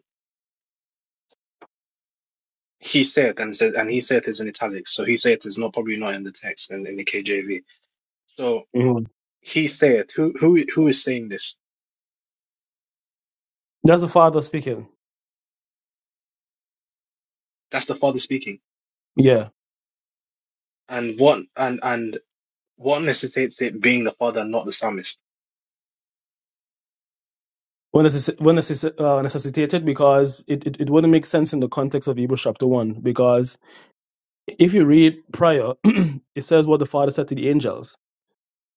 Speaker 3: he said," and it says, and he said is in italics. So he said is not probably not in the text in, in the KJV. So
Speaker 4: Mhm.
Speaker 3: he said, who who who is saying this?
Speaker 4: that's the Father speaking.
Speaker 3: That's the Father speaking.
Speaker 4: Yeah,
Speaker 3: And what and and What necessitates it being the father, and not the psalmist?
Speaker 4: when necess- when necess- uh, necessitated, because it, it it wouldn't make sense in the context of Hebrews chapter one, because if you read prior, [clears throat] it says what the Father said to the angels.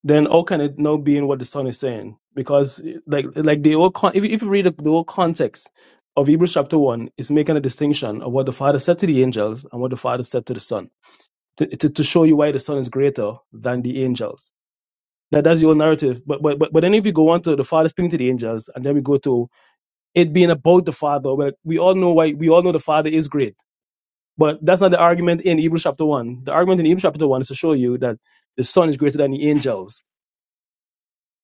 Speaker 4: then how can it now be in what the son is saying? Because like like the whole con- if, you- if you read the whole context of Hebrews chapter one, it's making a distinction of what the father said to the angels and what the father said to the son to, to, to show you why the son is greater than the angels. That that's your narrative. But but but but then if you go on to the father speaking to the angels, and then we go to it being about the father, well, we all know why we all know the father is great. But that's not the argument in Hebrews chapter one. The argument in Hebrews chapter one is to show you that the son is greater than the angels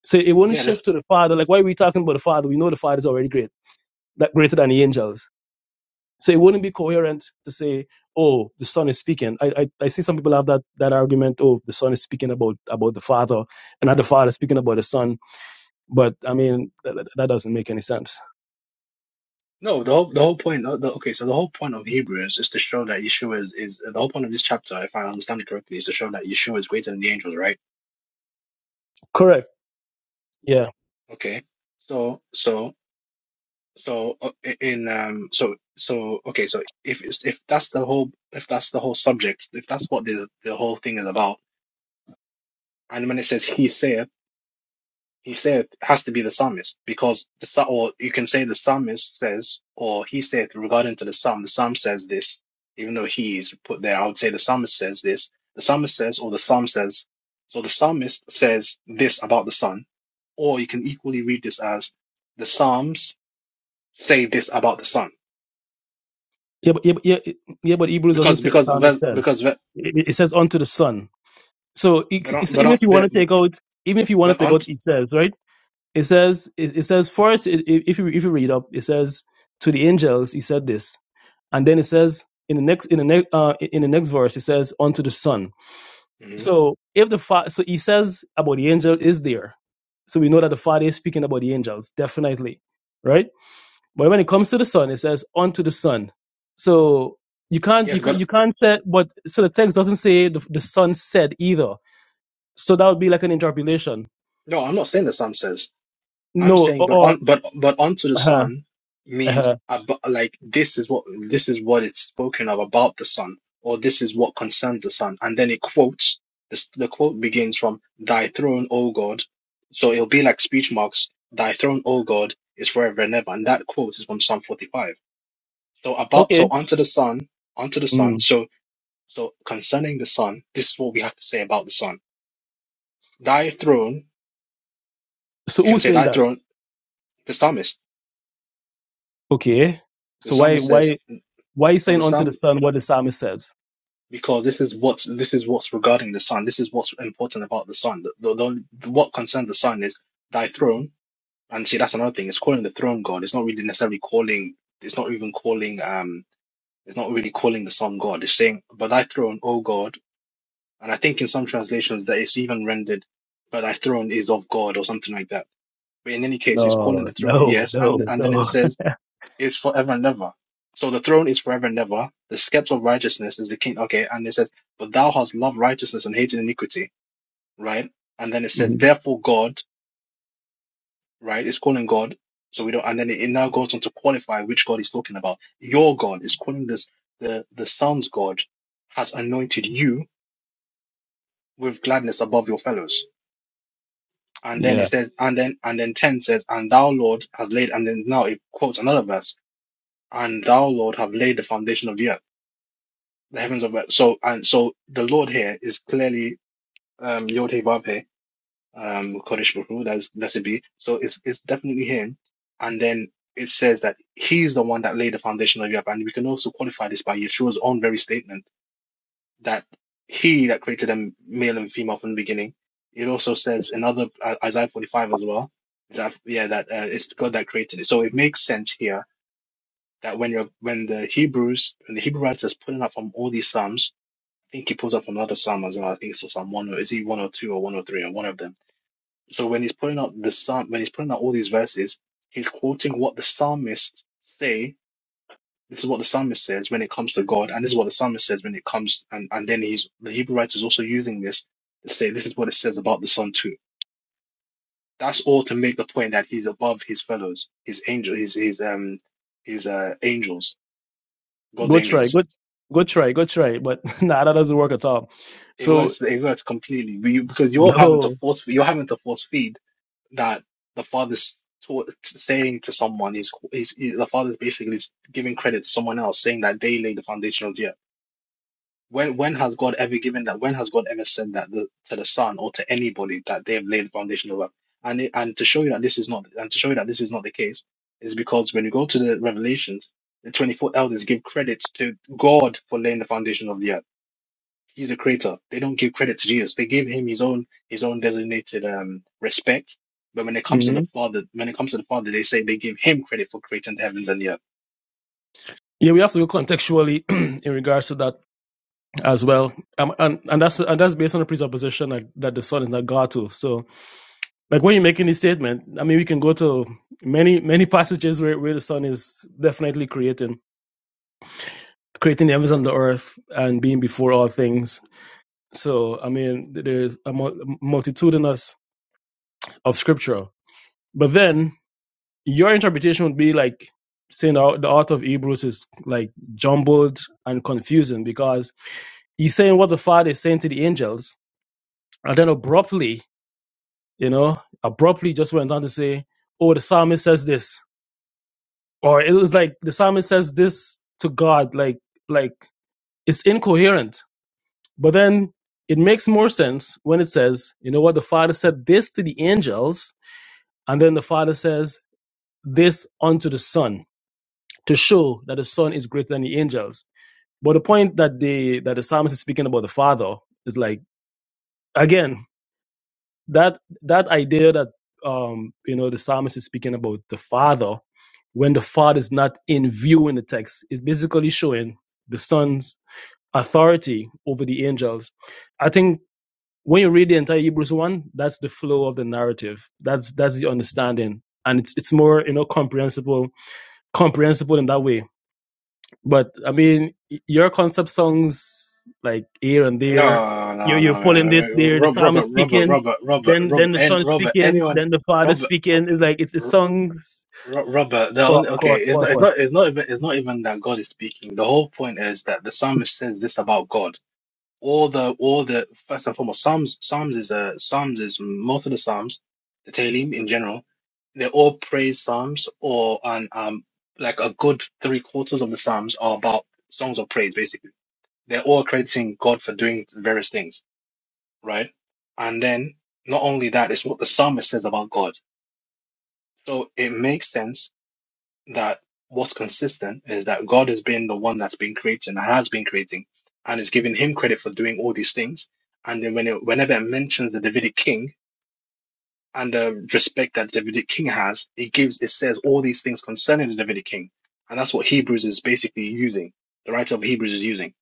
Speaker 4: So it wouldn't
Speaker 3: Yeah, there's,
Speaker 4: shift to the Father. Like, why are we talking about the Father? We know the Father is already great, that greater than the angels. So it wouldn't be coherent to say, "Oh, the Son is speaking." I I, I see some people have that that argument. Oh, the Son is speaking about about the Father, and not the Father speaking about the Son. But I mean, that, that that doesn't make any sense.
Speaker 3: no, the whole the whole point. The, the- okay, so the whole point of Hebrews is to show that Yeshua is is the whole point of this chapter, if I understand it correctly, is to show that Yeshua is greater than the angels, right?
Speaker 4: Correct. Yeah.
Speaker 3: Okay, so so so uh, i- in um so so okay, so if it's- if that's the whole if that's the whole subject, if that's what the the whole thing is about, and when it says he saith. He said has to be the psalmist because the psa- or you can say the psalmist says or he said regarding to the psalm. The psalm says this, even though he is put there. I would say the psalmist says this. The psalmist says or the psalm says. So the psalmist says this about the son, or you can equally read this as the psalms say this about the son
Speaker 4: Yeah. But yeah. But, yeah, yeah, but Hebrews doesn't
Speaker 3: because
Speaker 4: say the
Speaker 3: because
Speaker 4: psalmist
Speaker 3: because
Speaker 4: says
Speaker 3: because- but
Speaker 4: it, it says unto the son. So it,
Speaker 3: but but but, but, but,
Speaker 4: it's-
Speaker 3: but,
Speaker 4: even if you want to take out, even if you want
Speaker 3: but, but,
Speaker 4: to take out,
Speaker 3: but,
Speaker 4: it says right. It says, it, it says first, i- i- if you if you read up, it says to the angels, he said this, and then it says in the next in the next uh, in the next verse, it says unto the son.
Speaker 3: but
Speaker 4: So if the fa- so he says about the angel is there, so we know that the father is speaking about the angels, definitely, right? But when it comes to the son, it says unto the son. So you can't
Speaker 3: yes,
Speaker 4: you can't
Speaker 3: but
Speaker 4: you can't say, but so the text doesn't say the, the son said either. So that would be like an interpolation.
Speaker 3: no, I'm not saying the psalm says. I'm
Speaker 4: No,
Speaker 3: saying,
Speaker 4: or,
Speaker 3: but
Speaker 4: or
Speaker 3: on, but but onto the
Speaker 4: uh-huh,
Speaker 3: Son means
Speaker 4: uh-huh.
Speaker 3: about, like this is what this is what it's spoken of about the Son, or this is what concerns the Son, and then it quotes this, the quote begins from "Thy throne, O God," so it'll be like speech marks. "Thy throne, O God, is forever and ever," and that quote is from Psalm 45. So about so
Speaker 4: okay.
Speaker 3: onto the Son, onto the
Speaker 4: Mm.
Speaker 3: Son. So so concerning the Son, this is what we have to say about the Son. Thy throne,
Speaker 4: So
Speaker 3: you can
Speaker 4: who's
Speaker 3: say
Speaker 4: saying
Speaker 3: Thy
Speaker 4: that?
Speaker 3: throne. The psalmist,
Speaker 4: Okay.
Speaker 3: the
Speaker 4: So why
Speaker 3: psalmist says,
Speaker 4: why why you
Speaker 3: so
Speaker 4: saying
Speaker 3: the
Speaker 4: unto the
Speaker 3: psalm
Speaker 4: sun what the psalmist says?
Speaker 3: because this is what's this is what's regarding the sun. This is what's important about the sun. The, the, the only- what concerns the sun is thy throne. And see, that's another thing. It's calling the throne God. It's not really necessarily calling. It's not even calling. Um, it's not really calling the sun God. It's saying, "But thy throne, O God." And I think in some translations that it's even rendered, "But thy throne is of God" or something like that. But in any case, it's calling
Speaker 4: No,
Speaker 3: the throne.
Speaker 4: no,
Speaker 3: Yes, and
Speaker 4: no,
Speaker 3: and then it
Speaker 4: no. [laughs]
Speaker 3: says is forever and ever. So the throne is forever and ever. The scepter of righteousness is the king. Okay, and it says, but thou hast loved righteousness and hated iniquity, right? And then it says,
Speaker 4: Mhm.
Speaker 3: therefore God, right? It's calling God. So we don't. And then it, it now goes on to qualify which God he's talking about. Your God is calling this the the Son's God has anointed you with gladness above your fellows. And then
Speaker 4: yeah.
Speaker 3: it says, and then and then ten says, and thou Lord has laid. And then now it quotes another verse, and thou Lord have laid the foundation of the earth. the heavens of earth. So and so the Lord here is clearly um Yod Heh Vav Heh, um Kodesh Baruch Hu, that's blessed be. So it's it's definitely him. And then it says that he's the one that laid the foundation of Europe. And we can also qualify this by Yeshua's own very statement that he that created them male and female from the beginning. It also says another Isaiah 45 as well. That, yeah, that uh, it's God that created it. So it makes sense here that when you're when the Hebrews when the Hebrew writers pulling up from all these psalms think he pulls up another psalm as well. I think it's Psalm one or is he one or two or one or three or one of them. So when he's pulling out the psalm, when he's pulling out all these verses, he's quoting what the psalmists say. This is what the psalmist says when it comes to God, and this is what the psalmist says when it comes. And and then he's the Hebrew writer is also using this to say this is what it says about the Son too. That's all to make the point that he's above his fellows, his angel, his his um his uh angels, God's
Speaker 4: Go try.
Speaker 3: angels.
Speaker 4: Go go try. Go try. But [laughs] nah, that doesn't work at all.
Speaker 3: It
Speaker 4: So
Speaker 3: works. It works completely. We because you're having to
Speaker 4: no.
Speaker 3: force. You're having to force feed that the father's to, saying to someone is, is, is the father's basically is giving credit to someone else, saying that they laid the foundation of the earth. When when has God ever given that? When has God ever said that the, to the son or to anybody that they have laid the foundation of the earth? And it, and to show you that this is not and to show you that this is not the case is because when you go to the Revelations, the twenty four elders give credit to God for laying the foundation of the earth He's the creator. They don't give credit to Jesus. They give him his own his own designated um respect. But when it comes to the
Speaker 4: Mhm.
Speaker 3: Father, when it comes to the Father, they say they give him credit for creating the heavens and the earth.
Speaker 4: Yeah, we have to go contextually [clears throat] in regards to that as well, um, and and that's and that's based on the presupposition that, that the son is not God too. So, like when you're making this statement, I mean, we can go to many many [laughs] passages where, where the son is definitely creating, creating the heavens and the earth and being before all things. So, I mean, there's a mul- multitudinous of scripture. But then your interpretation would be like saying the, the author of Hebrews is like jumbled and confusing because he's saying what the Father is saying to the angels. And then abruptly, you know, abruptly just went on to say, oh, the psalmist says this. Or it was like the psalmist says this to God, like, like it's incoherent But then it makes more sense when it says, you know what, the Father said this to the angels, and then the Father says this unto the Son to show that the Son is greater than the angels. But the point that the that the psalmist is speaking about the Father is like again that that idea that um you know the psalmist is speaking about the Father when the Father is not in view in the text is basically showing the Son's authority over the angels. I think when you read the entire Hebrews one, that's the flow of the narrative. That's that's the understanding, and it's it's more you know comprehensible, comprehensible in that way. But I mean, your concept songs like here and there,
Speaker 3: No,
Speaker 4: you
Speaker 3: no,
Speaker 4: you're pulling this
Speaker 3: no,
Speaker 4: there. The
Speaker 3: Rob,
Speaker 4: psalm is
Speaker 3: Robert, Robert,
Speaker 4: speaking,
Speaker 3: Robert, Robert,
Speaker 4: then
Speaker 3: Robert,
Speaker 4: then the son
Speaker 3: and
Speaker 4: is
Speaker 3: Robert,
Speaker 4: speaking,
Speaker 3: anyone,
Speaker 4: then the father is
Speaker 3: Robert,
Speaker 4: speaking. It's like it's, it's
Speaker 3: Ro-
Speaker 4: songs
Speaker 3: Ro- Robert. The
Speaker 4: cross,
Speaker 3: only okay,
Speaker 4: cross
Speaker 3: it's not, it's
Speaker 4: purpose.
Speaker 3: not, it's not even, it's not even that God is speaking. The whole point is that the psalmist says this about God. all the all the first and foremost psalms psalms is a psalms is most of the psalms the Tehillim in general they're all praise psalms or and um like a good three quarters of the psalms are about songs of praise basically they're all crediting god for doing various things right and then not only that it's what the psalmist says about god so it makes sense that what's consistent is that God has been the one that's been creating and has been creating and is giving him credit for doing all these things. And then when it, whenever it mentions the Davidic king, and the respect that the Davidic king has, it gives, it says all these things concerning the Davidic king. And that's what Hebrews is basically using. The writer of Hebrews is using.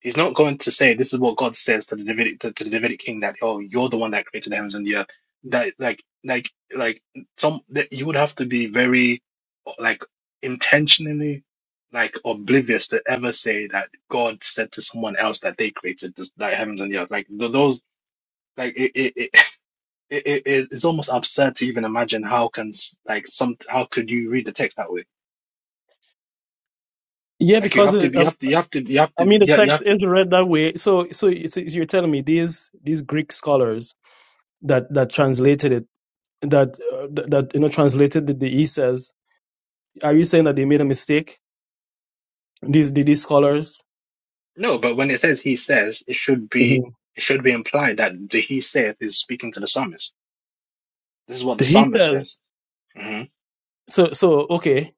Speaker 3: He's not going to say, this is what God says to the Davidic, to, to the Davidic king that, oh, you're the one that created the heavens and the earth. That, like, like, like, some, that you would have to be very, like, intentionally, like, oblivious to ever say that God said to someone else that they created this, that heavens and the earth. Like, th- those, like, it it it, it it- it's almost absurd to even imagine how can s- like some how could you read the text that way?
Speaker 4: Yeah,
Speaker 3: Like you
Speaker 4: because
Speaker 3: have to
Speaker 4: it,
Speaker 3: be you
Speaker 4: um,
Speaker 3: have to you have to you have
Speaker 4: I
Speaker 3: to be
Speaker 4: mean the
Speaker 3: you you
Speaker 4: text
Speaker 3: have to
Speaker 4: is read that way. So so it's, it's- you're telling me these these Greek scholars that that translated it that uh, th- that you know translated the, the he says. Are you saying that they made a mistake? These the, these scholars.
Speaker 3: no, but when it says he says, it should be
Speaker 4: Mhm.
Speaker 3: it should be implied that the he saith is speaking to the psalmist. This is what the
Speaker 4: The he
Speaker 3: psalmist
Speaker 4: says.
Speaker 3: says. hmm
Speaker 4: So so okay,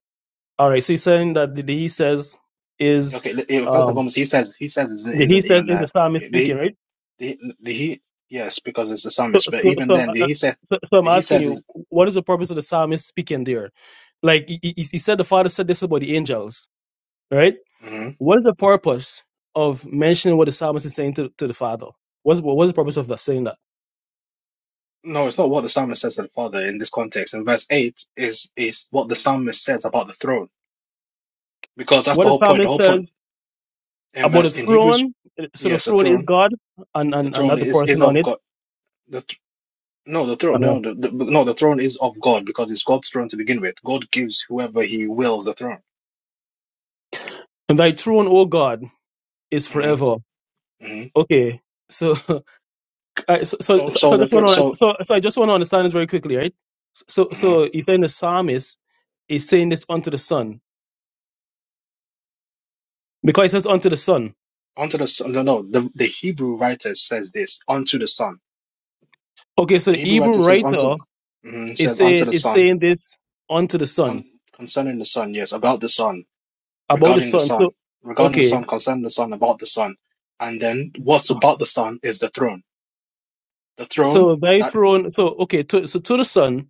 Speaker 4: all right. So he's saying that the, the he says is
Speaker 3: Okay, l- eh, first and
Speaker 4: um
Speaker 3: foremost, he says he says isn't,
Speaker 4: the he
Speaker 3: isn't
Speaker 4: says
Speaker 3: even
Speaker 4: is the
Speaker 3: that
Speaker 4: psalmist speaking,
Speaker 3: the
Speaker 4: right?
Speaker 3: the the he yes because it's the
Speaker 4: So
Speaker 3: psalmist, but
Speaker 4: so
Speaker 3: even
Speaker 4: so I'm,
Speaker 3: then the
Speaker 4: uh,
Speaker 3: he said
Speaker 4: so so I'm
Speaker 3: the he
Speaker 4: asking
Speaker 3: said is.
Speaker 4: you, what is the purpose of the psalmist speaking there? Like he, he he said, the father said this about the angels, right?
Speaker 3: mm-hmm.
Speaker 4: What is the purpose of mentioning what the psalmist is saying to, to the father? What's what's the purpose of that saying that?
Speaker 3: No, it's not what the psalmist says to the Father in this context. In verse 8 is is what the psalmist says about the throne. Because that's
Speaker 4: What
Speaker 3: the
Speaker 4: the
Speaker 3: whole point. The
Speaker 4: psalmist
Speaker 3: whole
Speaker 4: says
Speaker 3: point in
Speaker 4: about the
Speaker 3: verse in Hebrews,
Speaker 4: throne. So the
Speaker 3: yes, the
Speaker 4: throne is
Speaker 3: throne.
Speaker 4: God and,
Speaker 3: The
Speaker 4: and
Speaker 3: throne
Speaker 4: another
Speaker 3: is is
Speaker 4: person on
Speaker 3: of
Speaker 4: it.
Speaker 3: God. The th- no, the throne
Speaker 4: Uh-huh.
Speaker 3: no, the, the, no, the throne is of God because it's God's throne to begin with. God gives whoever he wills the throne.
Speaker 4: And thy throne, O God, is
Speaker 3: hmm
Speaker 4: forever.
Speaker 3: hmm
Speaker 4: Okay. So, [laughs] I- so, so,
Speaker 3: So
Speaker 4: so
Speaker 3: so
Speaker 4: so I
Speaker 3: the
Speaker 4: just
Speaker 3: thr
Speaker 4: want to,
Speaker 3: so
Speaker 4: so, so I just want to understand this very quickly, right? So,
Speaker 3: mhm.
Speaker 4: so he's saying the psalmist is saying this unto the son because he says unto the son.
Speaker 3: unto the son no no the, the Hebrew writer says this unto the son.
Speaker 4: Okay. So
Speaker 3: The
Speaker 4: the
Speaker 3: Hebrew
Speaker 4: Hebrew
Speaker 3: writer says unto
Speaker 4: writer
Speaker 3: mhm,
Speaker 4: is
Speaker 3: says unto
Speaker 4: saying,
Speaker 3: the
Speaker 4: is
Speaker 3: son
Speaker 4: saying this unto the
Speaker 3: con-
Speaker 4: son
Speaker 3: concerning the son, yes, about the son.
Speaker 4: about the
Speaker 3: regarding the
Speaker 4: son.
Speaker 3: Son,
Speaker 4: So,
Speaker 3: regarding the
Speaker 4: okay.
Speaker 3: Son, concerning the Son, about the Son. And then what's about the Son is the throne. The throne
Speaker 4: So thy
Speaker 3: that
Speaker 4: throne, so, okay. To, so to the son,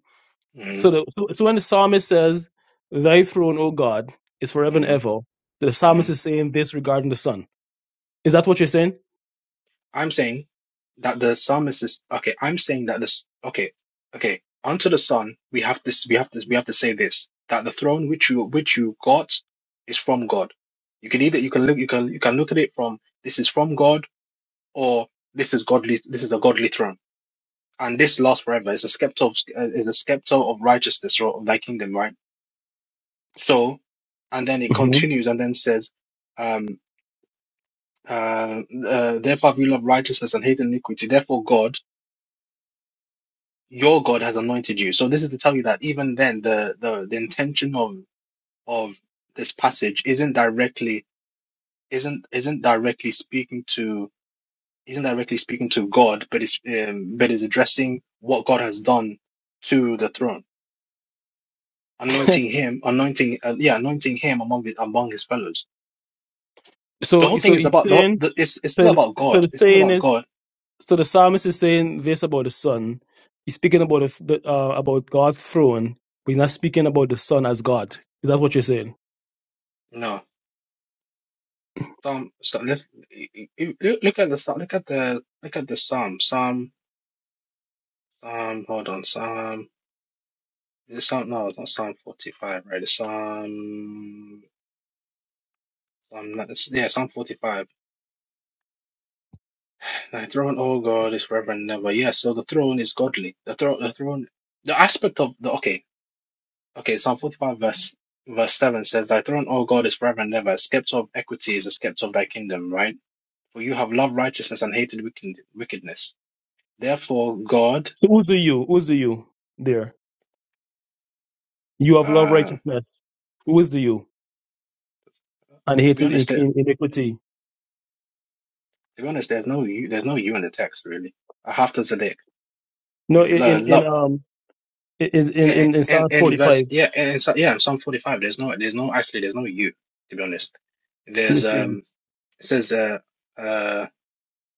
Speaker 4: So,
Speaker 3: mm,
Speaker 4: the, so, so when the psalmist says, Thy throne, O God, is forever and
Speaker 3: mm,
Speaker 4: ever, the psalmist
Speaker 3: mm.
Speaker 4: is saying this regarding the Son. Is that what you're saying?
Speaker 3: I'm saying that the psalmist is okay. I'm saying that this okay, okay. Unto the Son, we have this. We have this. We have to say this that the throne which you which you got is from God. You can either you can look you can you can look at it from this is from God or this is godly. This is a godly throne and this lasts forever. It's a scepter of, uh, it's a scepter of righteousness or of thy kingdom, right? So, and then it
Speaker 4: hmm
Speaker 3: continues and then says, um, uh, uh, therefore have you loved righteousness and hate iniquity. Therefore God, your God has anointed you. So this is to tell you that even then, the, the, the intention of, of this passage isn't directly, isn't, isn't directly speaking to, isn't directly speaking to God, but it's, um, but is addressing what God has done to the throne. anointing him, anointing, uh, yeah, anointing him among the, among his fellows. The
Speaker 4: So,
Speaker 3: whole thing
Speaker 4: so
Speaker 3: is
Speaker 4: he's
Speaker 3: about the,
Speaker 4: saying,
Speaker 3: the it's it's still
Speaker 4: so,
Speaker 3: about
Speaker 4: so
Speaker 3: God.
Speaker 4: the
Speaker 3: It's still
Speaker 4: saying
Speaker 3: about
Speaker 4: is,
Speaker 3: God.
Speaker 4: so the psalmist is saying this about the Son. He's speaking about the, the, uh, about God's throne, but he's not speaking about the Son as God. Is that what you're saying?
Speaker 3: No, Psalm. So let's i- i- i- look at the Psalm- look at the look at the Psalm. Psalm. Psalm. Hold on. Psalm. Is it Psalm? No, it's not Psalm forty-five. Right. It's Psalm. Psalm. not- it's- Yeah, Psalm forty-five. Thy throne, oh God, is forever and ever. Yeah. So the throne is godly. The throne. The throne. The aspect of the okay. Okay, Psalm 45 verse verse 7 says, Thy throne, O God, is forever and ever. A scepter of equity is the scepter of thy kingdom, right? For you have loved righteousness and hated wicked, wickedness. Therefore, God,
Speaker 4: So who's the you? Who's the you there? You have love
Speaker 3: uh,
Speaker 4: righteousness. Who is the you and
Speaker 3: to be
Speaker 4: hated in,
Speaker 3: honest, there-
Speaker 4: in, iniquity?
Speaker 3: to be honest, there's no you, there's no you in the text really. I have to Zedek.
Speaker 4: No,
Speaker 3: You've
Speaker 4: in
Speaker 3: uh,
Speaker 4: in in,
Speaker 3: loved,
Speaker 4: um in in
Speaker 3: yeah,
Speaker 4: in, in
Speaker 3: and
Speaker 4: Psalm
Speaker 3: and verse,
Speaker 4: 45.
Speaker 3: yeah, and so, yeah, in Psalm 45, there's no, there's no actually, there's no you. To be honest,
Speaker 4: Let me
Speaker 3: there's
Speaker 4: see.
Speaker 3: um, it says uh, uh,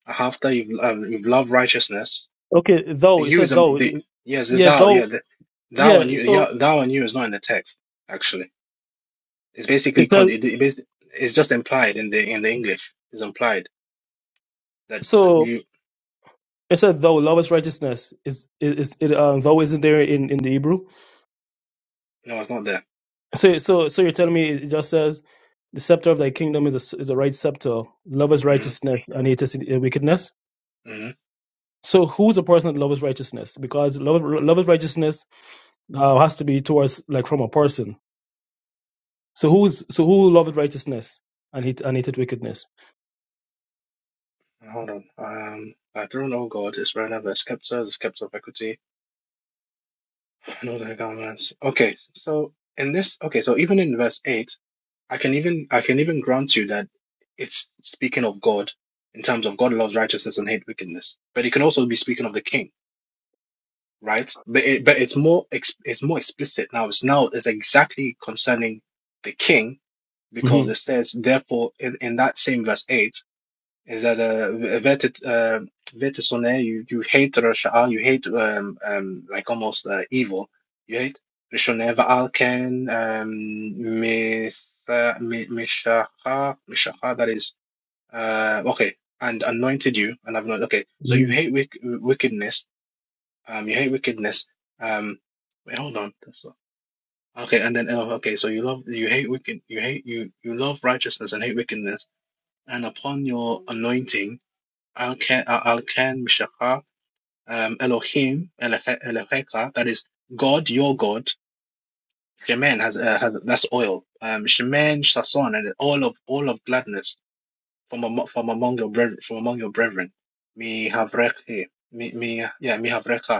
Speaker 3: after you've uh, you've loved righteousness
Speaker 4: Okay, though
Speaker 3: The
Speaker 4: it
Speaker 3: you is
Speaker 4: said
Speaker 3: um,
Speaker 4: though,
Speaker 3: the yes the
Speaker 4: yeah,
Speaker 3: thou
Speaker 4: though
Speaker 3: yeah the thou and
Speaker 4: yeah.
Speaker 3: you
Speaker 4: So
Speaker 3: yeah thou and you is not in the text actually. It's basically
Speaker 4: it
Speaker 3: con
Speaker 4: says
Speaker 3: it, it bas- it's just implied in the in the English. It's implied that, that
Speaker 4: so
Speaker 3: you
Speaker 4: it said though love is righteousness is is it um though isn't there in in the Hebrew.
Speaker 3: no it's not there.
Speaker 4: So so so you're telling me it just says the scepter of thy kingdom is a, is a right scepter. Love is
Speaker 3: hmm
Speaker 4: righteousness and hate wickedness.
Speaker 3: hmm
Speaker 4: So who's the person that loves righteousness? Because love love is righteousness uh, has to be towards like from a person. So who's so who loveth righteousness and hate and hated wickedness?
Speaker 3: Hold on. Um, by throne, oh God, is right over the scepter, the scepter of equity, and all the governments. Okay, so in this, okay, so even in verse eight, I can even I can even grant you that it's speaking of God in terms of God loves righteousness and hate wickedness, but it can also be speaking of the king right? But it, but it's more ex, it's more explicit now. It's now it's exactly concerning the king
Speaker 4: Mm-hmm.
Speaker 3: because it says therefore in, in that same verse eight is that uh, vetit uh, vetisone you you hate Rasha'a, you hate um um like almost uh, evil you hate Rishone Va'alken um Mitha- Mi- Mishacha Mishacha that is uh okay and anointed you and I've not okay so you
Speaker 4: Mm.
Speaker 3: hate wick, wickedness um, you hate wickedness. Um, wait, hold on. That's not, okay. And then oh, okay. So you love, you hate wicked, you hate you you love righteousness and hate wickedness. And upon your anointing, I'll can i mishakha um Elohim Elohe- Elohecha. That is God, your God. Shemen has uh, has that's oil. Um, shemen sason and all of all of gladness from among, from among your brethren from among your brethren. Mi havrechi mi mi yeah mi havrecha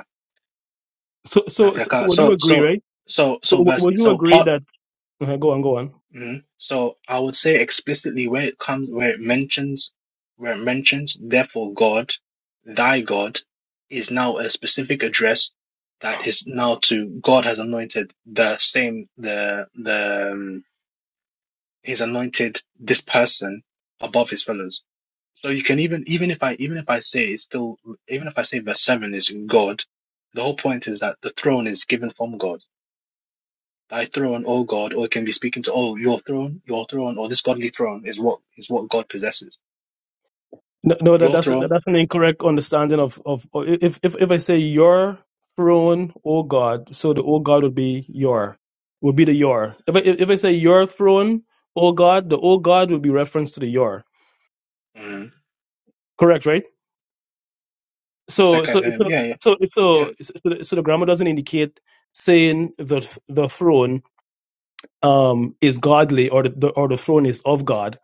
Speaker 4: So, so, so, so
Speaker 3: Mavrika.
Speaker 4: would you
Speaker 3: So
Speaker 4: agree,
Speaker 3: so
Speaker 4: right?
Speaker 3: so
Speaker 4: So,
Speaker 3: so
Speaker 4: w-
Speaker 3: verse
Speaker 4: would you
Speaker 3: so
Speaker 4: agree
Speaker 3: part.
Speaker 4: that? uh go on, go on.
Speaker 3: mhm. So I would say explicitly where it comes where it mentions where it mentions therefore God, thy God, is now a specific address that is now to God has anointed the same the the um, he's anointed this person above his fellows. So you can even even if I even if I say it's still even if I say verse seven is God, the whole point is that the throne is given from God thy throne, O God, or it can be speaking to, oh, your throne, your throne, or this godly throne is what is what God possesses.
Speaker 4: No, no, that
Speaker 3: Your
Speaker 4: that's that,
Speaker 3: throne,
Speaker 4: that's an incorrect understanding of of or if if if I say your throne, O God, so the O God would be your would be the your. If I if I say your throne, O God, the O God would be reference to the your.
Speaker 3: mm,
Speaker 4: Correct, right?
Speaker 3: the
Speaker 4: So, so,
Speaker 3: second limb,
Speaker 4: so,
Speaker 3: yeah, yeah,
Speaker 4: so,
Speaker 3: yeah.
Speaker 4: so, so, the- so the grammar doesn't indicate saying the the throne um is godly or the the- or the throne is of God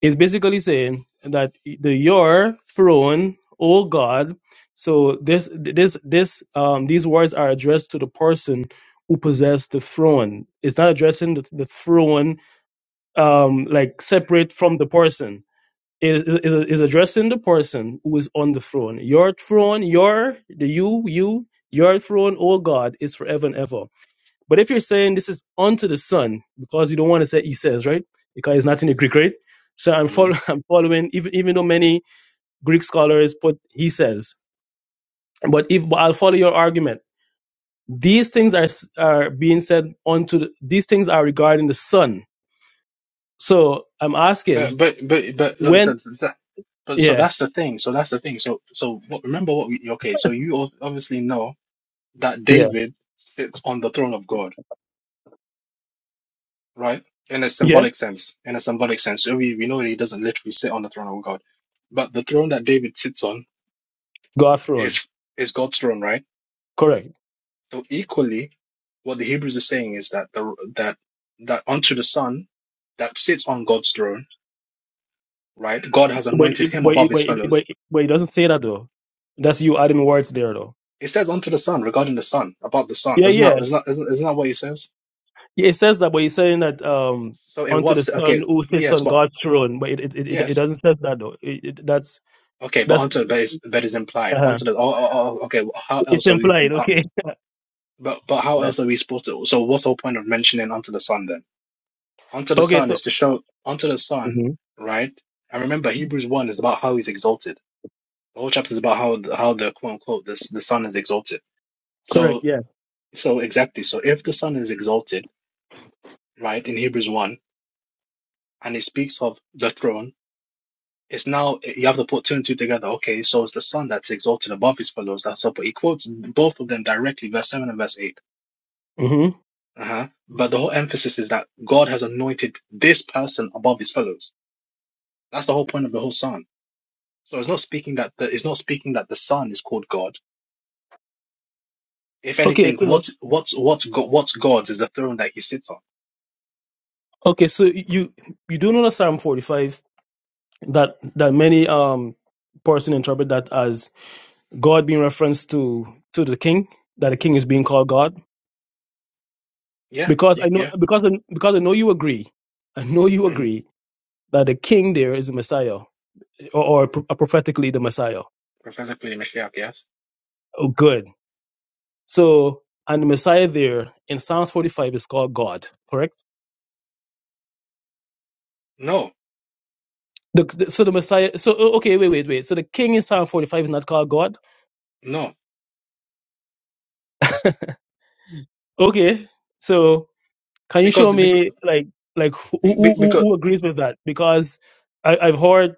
Speaker 4: It's basically saying that the your throne, O God. So this this this um these words are addressed to the person who possessed the throne. It's not addressing the, the throne um like separate from the person. It is is is addressing the person who is on the throne. Your throne, your the you you your throne, O God, is forever and ever. But if you're saying this is unto the Son, because you don't want to say he says, right? Because it's not in the Greek, right? So I'm,
Speaker 3: hmm
Speaker 4: follow, [laughs] I'm following, even, even though many Greek scholars put he says, but if but I'll follow your argument, these things are are being said unto the, these things are regarding the Son. So I'm asking
Speaker 3: But but but but like I
Speaker 4: when,
Speaker 3: said, that, but so
Speaker 4: yeah,
Speaker 3: that's the thing. So that's the thing. So so what, remember what we okay. So you ob- obviously know that
Speaker 4: yeah,
Speaker 3: David sits on the throne of God, right? In a
Speaker 4: yeah,
Speaker 3: symbolic sense, in a symbolic sense. So we, we know that he doesn't literally sit on the throne of God, but the throne that David sits on
Speaker 4: God throne,
Speaker 3: is is God's throne, right?
Speaker 4: correct.
Speaker 3: So equally, what the Hebrews are saying is that the that that unto the Son that sits on God's throne, right? God has
Speaker 4: But
Speaker 3: anointed
Speaker 4: it,
Speaker 3: him
Speaker 4: but
Speaker 3: above
Speaker 4: it, but
Speaker 3: his
Speaker 4: it, but
Speaker 3: fellows.
Speaker 4: it, but it doesn't say that though. That's you adding words there though.
Speaker 3: It says unto the Son regarding the Son about the Son.
Speaker 4: Yeah,
Speaker 3: Doesn't
Speaker 4: yeah.
Speaker 3: that isn't that isn't, isn't that what he says?
Speaker 4: Yeah, it says that, but he's saying that um
Speaker 3: So in
Speaker 4: unto the
Speaker 3: what
Speaker 4: Son
Speaker 3: okay
Speaker 4: who sits
Speaker 3: yes,
Speaker 4: on
Speaker 3: but
Speaker 4: God's throne, but it it, it,
Speaker 3: yes.
Speaker 4: it doesn't says that though. It, it, that's
Speaker 3: Okay, but
Speaker 4: that's
Speaker 3: until that is that is implied.
Speaker 4: uh
Speaker 3: Until that, oh, oh, oh, okay. well, How
Speaker 4: it's
Speaker 3: else are we?
Speaker 4: implied.
Speaker 3: Uh,
Speaker 4: Okay.
Speaker 3: but but
Speaker 4: [laughs]
Speaker 3: how
Speaker 4: That-
Speaker 3: else are we supposed to? So what's the whole point of mentioning unto the sun then? Unto the
Speaker 4: Okay.
Speaker 3: sun
Speaker 4: So
Speaker 3: is to show unto the sun,
Speaker 4: Mhm.
Speaker 3: right? And remember, Hebrews one is about how he's exalted. The whole chapter is about how the- how the quote unquote this the sun is exalted.
Speaker 4: correct.
Speaker 3: So
Speaker 4: Yeah.
Speaker 3: so exactly. So if the sun is exalted, right, in Hebrews one, and it speaks of the throne it's now you have to put two and two together. Okay, so it's the son that's exalted above his fellows. That's up. But he quotes both of them directly, verse seven and verse eight.
Speaker 4: hmm
Speaker 3: Uh-huh. But the whole emphasis is that God has anointed this person above his fellows. That's the whole point of the whole psalm. So it's not speaking that the, it's not speaking that the son is called God. If
Speaker 4: Okay.
Speaker 3: anything,
Speaker 4: So
Speaker 3: what's what's what's God, what's God's is the throne that he sits on.
Speaker 4: okay. So you you do know the Psalm forty five that that many um person interpret that as God being referenced to to the king that the king is being called God
Speaker 3: Yeah,
Speaker 4: because
Speaker 3: you,
Speaker 4: I know
Speaker 3: yeah.
Speaker 4: because I, because I know you agree I know you
Speaker 3: Mm.
Speaker 4: agree that the king there is the Messiah or, or pro- prophetically the Messiah.
Speaker 3: Professor Pliny Mashiach, yes.
Speaker 4: Oh, good. So, and the Messiah there in Psalms 45 is called God, correct?
Speaker 3: No,
Speaker 4: The, the- so the Messiah, so o- okay, wait, wait, wait. So the king in Psalm 45 is not called God?
Speaker 3: no,
Speaker 4: Okay. So can you show
Speaker 3: Because because
Speaker 4: me like, like who, who, who
Speaker 3: because,
Speaker 4: who agrees with that? Because I, I've heard,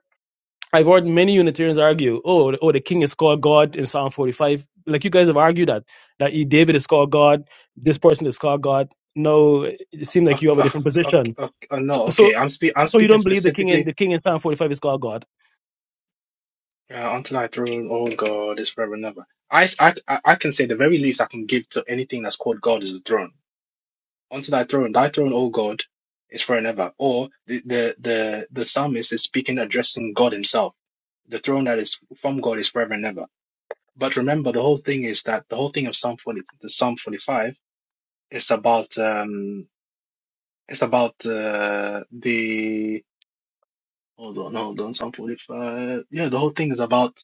Speaker 4: I've heard many Unitarians argue, oh, the- oh, the king is called God in Psalm 45. Like you guys have argued that, that he- David is called God, this person is called God. No, it seems like
Speaker 3: Uh,
Speaker 4: you have a
Speaker 3: uh,
Speaker 4: different
Speaker 3: uh,
Speaker 4: position.
Speaker 3: uh, uh,
Speaker 4: So,
Speaker 3: no,
Speaker 4: so,
Speaker 3: okay. I'm spe I'm
Speaker 4: so you
Speaker 3: speaking
Speaker 4: don't believe the king in
Speaker 3: specifically
Speaker 4: the king in Psalm 45 is called God?
Speaker 3: uh, until I throne, Oh God, is forever and ever. I, I I I can say the very least I can give to anything that's called God is the throne. Unto thy throne, thy throne, O God, is forever and ever. Or the the the the psalmist is speaking addressing God himself. The throne that is from God is forever and ever. But remember, the whole thing is that the whole thing of Psalm 40, the Psalm 45 is about um it's about uh, the Hold on, hold on. Psalm 45. Yeah, the whole thing is about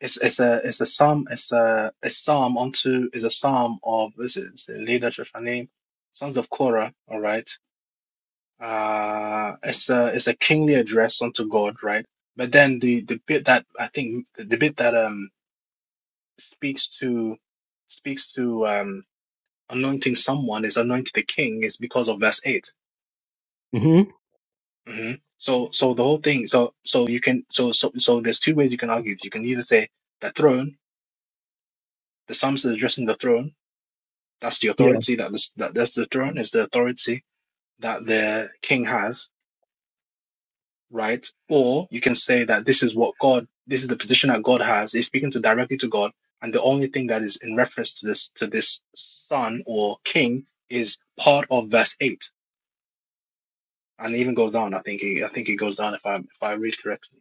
Speaker 3: it's it's a it's a psalm it's a a psalm unto is a psalm of this is the leadership and name sons of Korah. All right. Uh, it's a it's a kingly address unto God, right? But then the the bit that I think the, the bit that um speaks to speaks to um anointing someone is anointing the king is because of verse eight
Speaker 4: hmm
Speaker 3: hmm So, so the whole thing. So, so you can. So, so, so there's two ways you can argue. this. You can either say the throne, the psalms addressing the throne. That's the
Speaker 4: Yeah.
Speaker 3: authority that this that that's the throne is the authority that the king has, right? Or you can say that this is what God. This is the position that God has. He's speaking to directly to God, and the only thing that is in reference to this to this son or king is part of verse eight, and it even goes down. I think it, I think it goes down if I if I read correctly.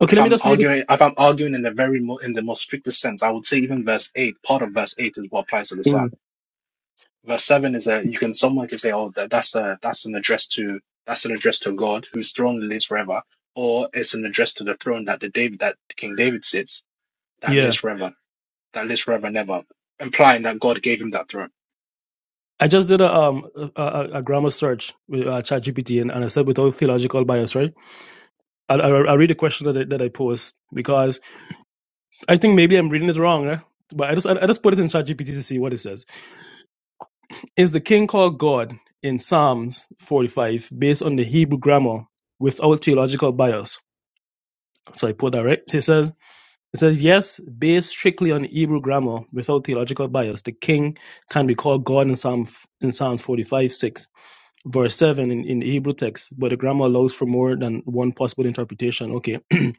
Speaker 4: Okay,
Speaker 3: if
Speaker 4: let me
Speaker 3: I'm
Speaker 4: just read it.
Speaker 3: arguing, if I'm arguing in the very mo- in the most strictest sense, I would say even verse eight, part of verse eight is what applies to the Son.
Speaker 4: Mm.
Speaker 3: Verse seven is that you can someone can say, oh, that, that's a that's an address to that's an address to God whose throne lives forever, or it's an address to the throne that the David that King David sits that
Speaker 4: Yeah.
Speaker 3: lives forever, that lives forever and ever, implying that God gave him that throne.
Speaker 4: I just did a um a, a, a grammar search with uh, ChatGPT and, and I said without theological bias, right? I I, I read the question that I, that I posed because I think maybe I'm reading it wrong, eh? but I just I, I just put it in ChatGPT to see what it says. Is the king called God in Psalms 45 based on the Hebrew grammar without theological bias? So I put that right. So It says It says Yes, based strictly on Hebrew grammar, without theological bias, the king can be called God in Psalm in Psalms 45, 6, verse 7 in, in the Hebrew text, but the grammar allows for more than one possible interpretation. Okay. [clears throat]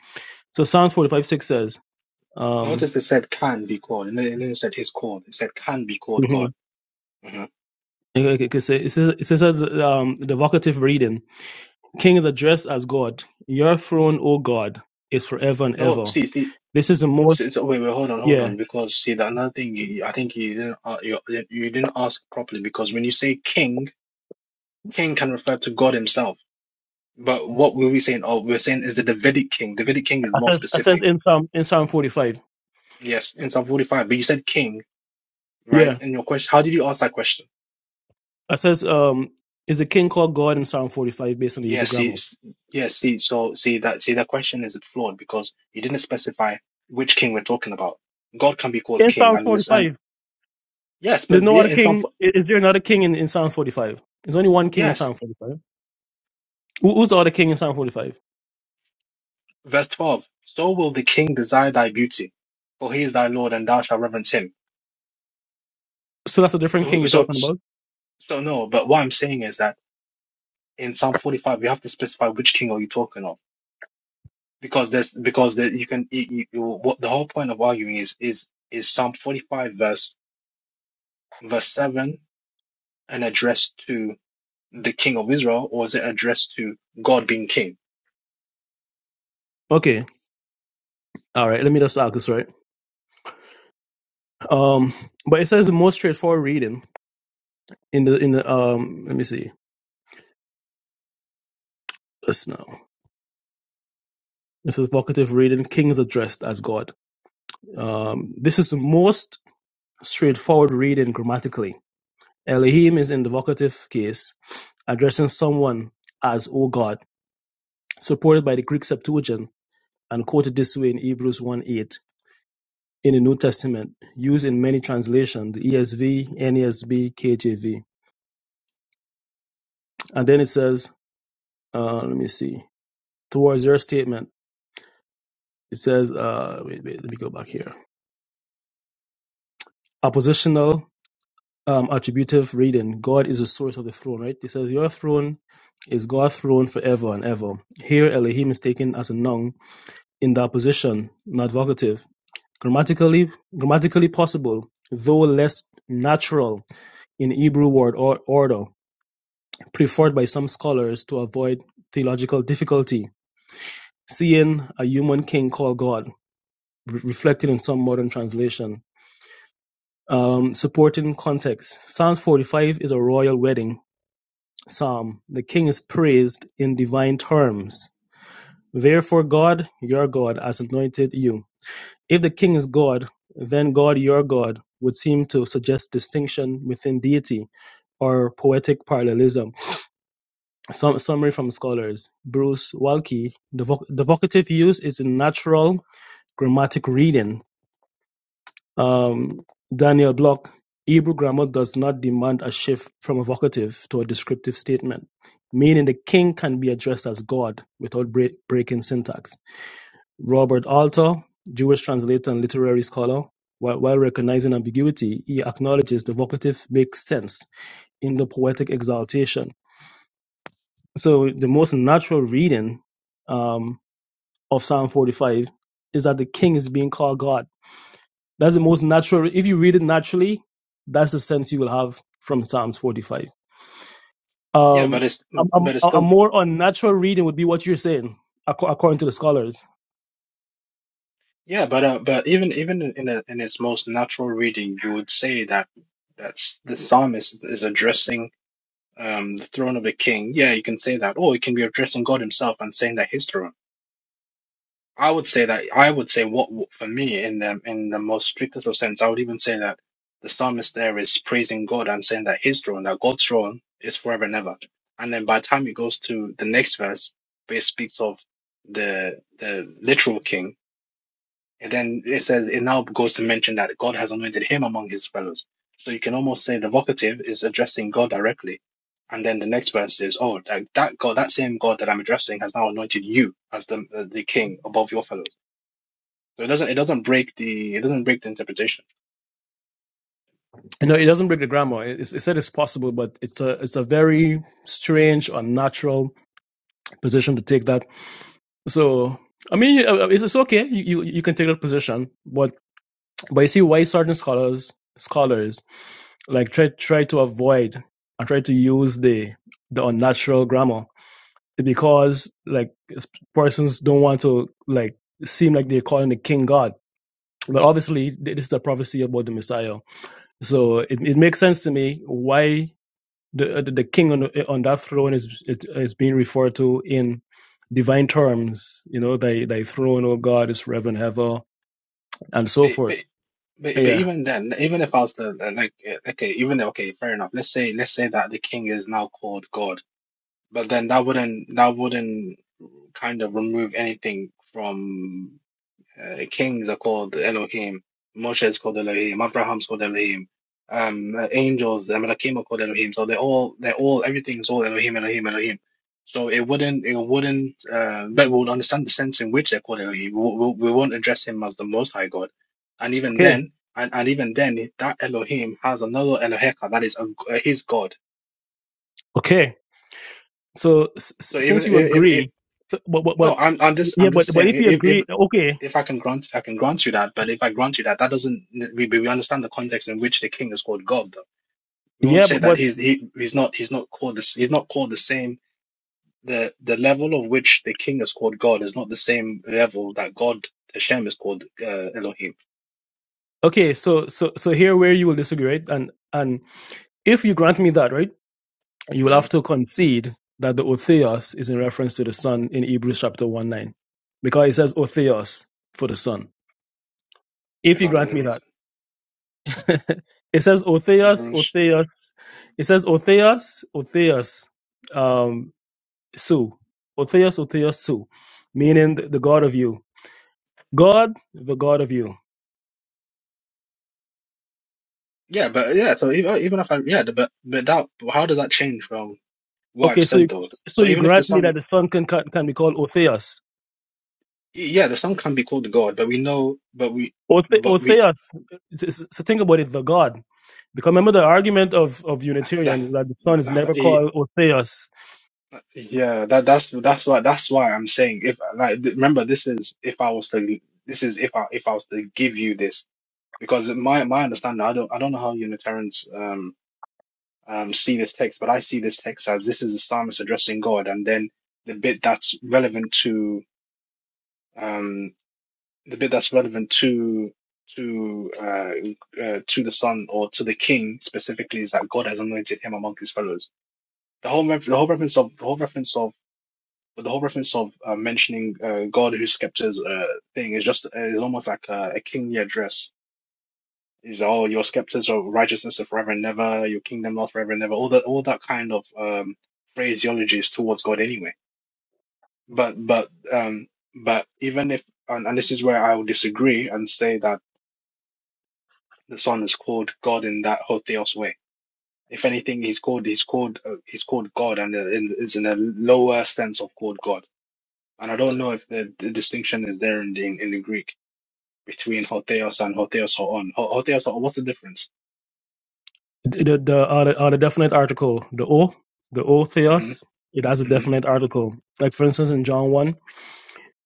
Speaker 4: so Psalms 45, 6 says, um,
Speaker 3: Notice they said can be called, and then and then it said is called. It said can be called
Speaker 4: mhm,
Speaker 3: God. Mhm.
Speaker 4: okay, okay, okay, so it says, it says um, the vocative reading, King is addressed as God. Your throne, O God, is forever and
Speaker 3: No,
Speaker 4: ever.
Speaker 3: see, see,
Speaker 4: This is the most,
Speaker 3: So, so wait, wait, hold on, hold
Speaker 4: yeah,
Speaker 3: on, because see, the another thing you, I think you didn't uh, you, you didn't ask properly because when you say king, king can refer to God Himself. But what were we saying? Oh, we're saying is the Davidic king. Davidic king is
Speaker 4: I
Speaker 3: more
Speaker 4: says, I says
Speaker 3: specific.
Speaker 4: in Psalm, in Psalm 45.
Speaker 3: Yes, in Psalm 45. But you said king,
Speaker 4: Yeah.
Speaker 3: right? And your question, how did you ask that question?
Speaker 4: It says, um, is a king called God in Psalm 45 based on the
Speaker 3: Yeah,
Speaker 4: Hebrew
Speaker 3: see,
Speaker 4: grammar?
Speaker 3: s- yeah, see, so see that see that question is flawed because you didn't specify which king we're talking about. God can be called
Speaker 4: In
Speaker 3: king,
Speaker 4: Psalm
Speaker 3: and the mis- and
Speaker 4: 45,
Speaker 3: yes,
Speaker 4: there's
Speaker 3: but
Speaker 4: no
Speaker 3: yeah,
Speaker 4: other
Speaker 3: in Psalm
Speaker 4: king.
Speaker 3: 4,
Speaker 4: i- Is there another king in, in Psalm 45? There's only one king in
Speaker 3: yes.
Speaker 4: Psalm 45. Who, who's the other king in Psalm 45?
Speaker 3: Verse 12, so will the king desire thy beauty, for he is thy Lord and thou shalt reverence him.
Speaker 4: So that's a different king
Speaker 3: So,
Speaker 4: you're
Speaker 3: so,
Speaker 4: talking about?
Speaker 3: so no, but what I'm saying is that in Psalm 45, you have to specify which king are you talking of because there's, because there, you can, you, you, you- what the whole point of arguing is, is, is Psalm 45 verse, verse 7 an address to the king of Israel or is it addressed to God being king?
Speaker 4: Okay, all right. Let me just ask this right. Um, but it says the most straightforward reading in the in the um. Let me see this now. This is vocative reading. King is addressed as God. Um, this is the most straightforward reading grammatically Elohim is in the vocative case, addressing someone as "O God", supported by the Greek Septuagint and quoted this way in Hebrews one eight in the New Testament, used in many translations, the ESV, NESB, KJV. And then it says, uh, let me see, towards your statement, it says, uh, wait, wait, let me go back here. Oppositional um, attributive reading, God is the source of the throne, right? It says, your throne is God's throne forever and ever. Here, Elohim is taken as a noun in their position, not vocative, grammatically grammatically possible, though less natural in Hebrew word or order, preferred by some scholars to avoid theological difficulty, seeing a human king called God, re- reflected in some modern translation. Um, supporting context. Psalm 45 is a royal wedding psalm. The king is praised in divine terms. Therefore, God, your God, has anointed you If the king is God, then God, your God, would seem to suggest distinction within deity or poetic parallelism. Some, summary from scholars Bruce Walke The voc- the vocative use is the natural grammatic reading. Um, Daniel Block Hebrew grammar does not demand a shift from a vocative to a descriptive statement, meaning the king can be addressed as God without break, breaking syntax. Robert Alter, Jewish translator and literary scholar, while while recognizing ambiguity, he acknowledges the vocative makes sense in the poetic exaltation. So the most natural reading um, of Psalm 45 is that the king is being called God. That's the most natural. If you read it naturally, that's the sense you will have from Psalms 45.
Speaker 3: Yeah,
Speaker 4: Um,
Speaker 3: but it's,
Speaker 4: a,
Speaker 3: but it's
Speaker 4: a, a
Speaker 3: still
Speaker 4: more unnatural reading would be what you're saying, acco- according to the scholars
Speaker 3: Yeah, but uh, but even even in in a, in its most natural reading, you would say that that's the psalmist is addressing um the throne of the king. Yeah, you can say that. Or it can be addressing God Himself and saying that His throne. I would say that I would say what what- for me in the in the most strictest of sense, I would even say that the psalmist there is praising God and saying that His throne, that God's throne, is forever and ever. And then by the time it goes to the next verse, where it speaks of the the literal king and then it says it now goes to mention that God has anointed him among his fellows. So you can almost say the vocative is addressing God directly. And then the next verse says, "Oh, that, that God, that same God that I'm addressing, has now anointed you as the uh, the king above your fellows." So it doesn't it doesn't break the it doesn't break the interpretation.
Speaker 4: No, it doesn't break the grammar. It, it said it's possible, but it's a it's a very strange, unnatural position to take. That so. I mean, uh, uh, it's, it's okay. You, you you can take that position, but but you see, why certain scholars scholars like try try to avoid and try to use the the unnatural grammar because like s- persons don't want to like seem like they're calling the king god. But obviously, th- this is a prophecy about the Messiah, so it, it makes sense to me why the uh, the, the king on the, on that throne is, is is being referred to in divine terms. You know, thy thy throne, O God, is forever and ever, and so
Speaker 3: But,
Speaker 4: forth.
Speaker 3: but, but, but
Speaker 4: Yeah.
Speaker 3: even then, even if I was to uh, like, uh, okay, even if- okay, fair enough. Let's say, let's say that the king is now called God, but then that wouldn't that wouldn't kind of remove anything from. Uh, kings are called Elohim. Moshe is called Elohim. Abraham's called Elohim. Um, uh, angels, the Malachim are called Elohim. So they're all, they're all, everything's all Elohim, Elohim, Elohim. So it wouldn't, it wouldn't, uh, but we'll understand the sense in which they're called Elohim. We, we, we won't address him as the Most High God. And even
Speaker 4: Okay.
Speaker 3: then, and, and even then, that Elohim has another Eloheka that is a, uh, his God.
Speaker 4: Okay. So s- s-
Speaker 3: So even
Speaker 4: since
Speaker 3: if,
Speaker 4: you
Speaker 3: if, if
Speaker 4: agree, so, but, but
Speaker 3: no,
Speaker 4: but
Speaker 3: I'm, I'm just,
Speaker 4: yeah,
Speaker 3: I'm just
Speaker 4: but but
Speaker 3: saying,
Speaker 4: if you
Speaker 3: if. if
Speaker 4: agree, okay.
Speaker 3: if I can grant, I can grant you that. But if I grant you that, that doesn't we we understand the context in which the king is called God. Though. We won't
Speaker 4: Yeah,
Speaker 3: say
Speaker 4: but
Speaker 3: that
Speaker 4: but
Speaker 3: he's he he's not he's not called this he's not called the same. The the level of which the king is called God is not the same level that God Hashem is called uh, Elohim.
Speaker 4: okay. So so so here where you will disagree, right? And and if you grant me that, right, you will have
Speaker 3: Mhm.
Speaker 4: to concede that the Otheos is in reference to the Son in Hebrews chapter one nine, because it says Otheos for the Son
Speaker 3: Wait,
Speaker 4: if you
Speaker 3: hold on,
Speaker 4: grant
Speaker 3: let
Speaker 4: me
Speaker 3: me
Speaker 4: that.
Speaker 3: see.
Speaker 4: [laughs] it says Otheus,
Speaker 3: Hebrews.
Speaker 4: Otheus. It says Otheus, Otheus, um, Su. Otheus, Otheus, Su, meaning the, the God of you. God, the God of you.
Speaker 3: Yeah, but yeah. So even even if I yeah, but but that how does that change from what I've
Speaker 4: Okay, so
Speaker 3: said
Speaker 4: you,
Speaker 3: though?
Speaker 4: so
Speaker 3: So
Speaker 4: you
Speaker 3: even if the
Speaker 4: grant me that
Speaker 3: son
Speaker 4: the son can can, can be called Otheus.
Speaker 3: yeah the son can be called God, but we know but we
Speaker 4: Othe,
Speaker 3: but we
Speaker 4: Otheus. it's- it's- So think about it, the God. Because remember the argument of, of
Speaker 3: that.
Speaker 4: Unitarians is that the son is never
Speaker 3: it,
Speaker 4: called Otheus
Speaker 3: Yeah, that that's that's why that's why I'm saying if like th- remember this is if I was to this is if I if I was to give you this because my my understanding I don't I don't know how Unitarians um um see this text but I see this text as this is the psalmist addressing God and then the bit that's relevant to um the bit that's relevant to to uh, uh to the son or to the king specifically is that God has anointed him among his fellows the whole ref- the whole reference of the whole reference of But the whole reference of uh, mentioning uh, God who scepters uh, thing is just uh, is almost like uh, a kingly address. Is all your scepters of righteousness of forever and never, your kingdom lasts forever and never. All that all that kind of um, phraseology is towards God anyway. But but um but even if and, and this is where I would disagree and say that the Son is called God in that whole theos way. If anything, he's called he's called uh, he's called God and uh, in- is in a lower sense of called God And I don't know if the, the distinction is there in the in the Greek between hotheos and hotheos hoon. Ho- Hotheos hoon, what's the difference?
Speaker 4: The, the on, a, on a definite article, the O, the O
Speaker 3: hmm
Speaker 4: theos, it has a
Speaker 3: hmm
Speaker 4: definite article. Like for instance, in John one,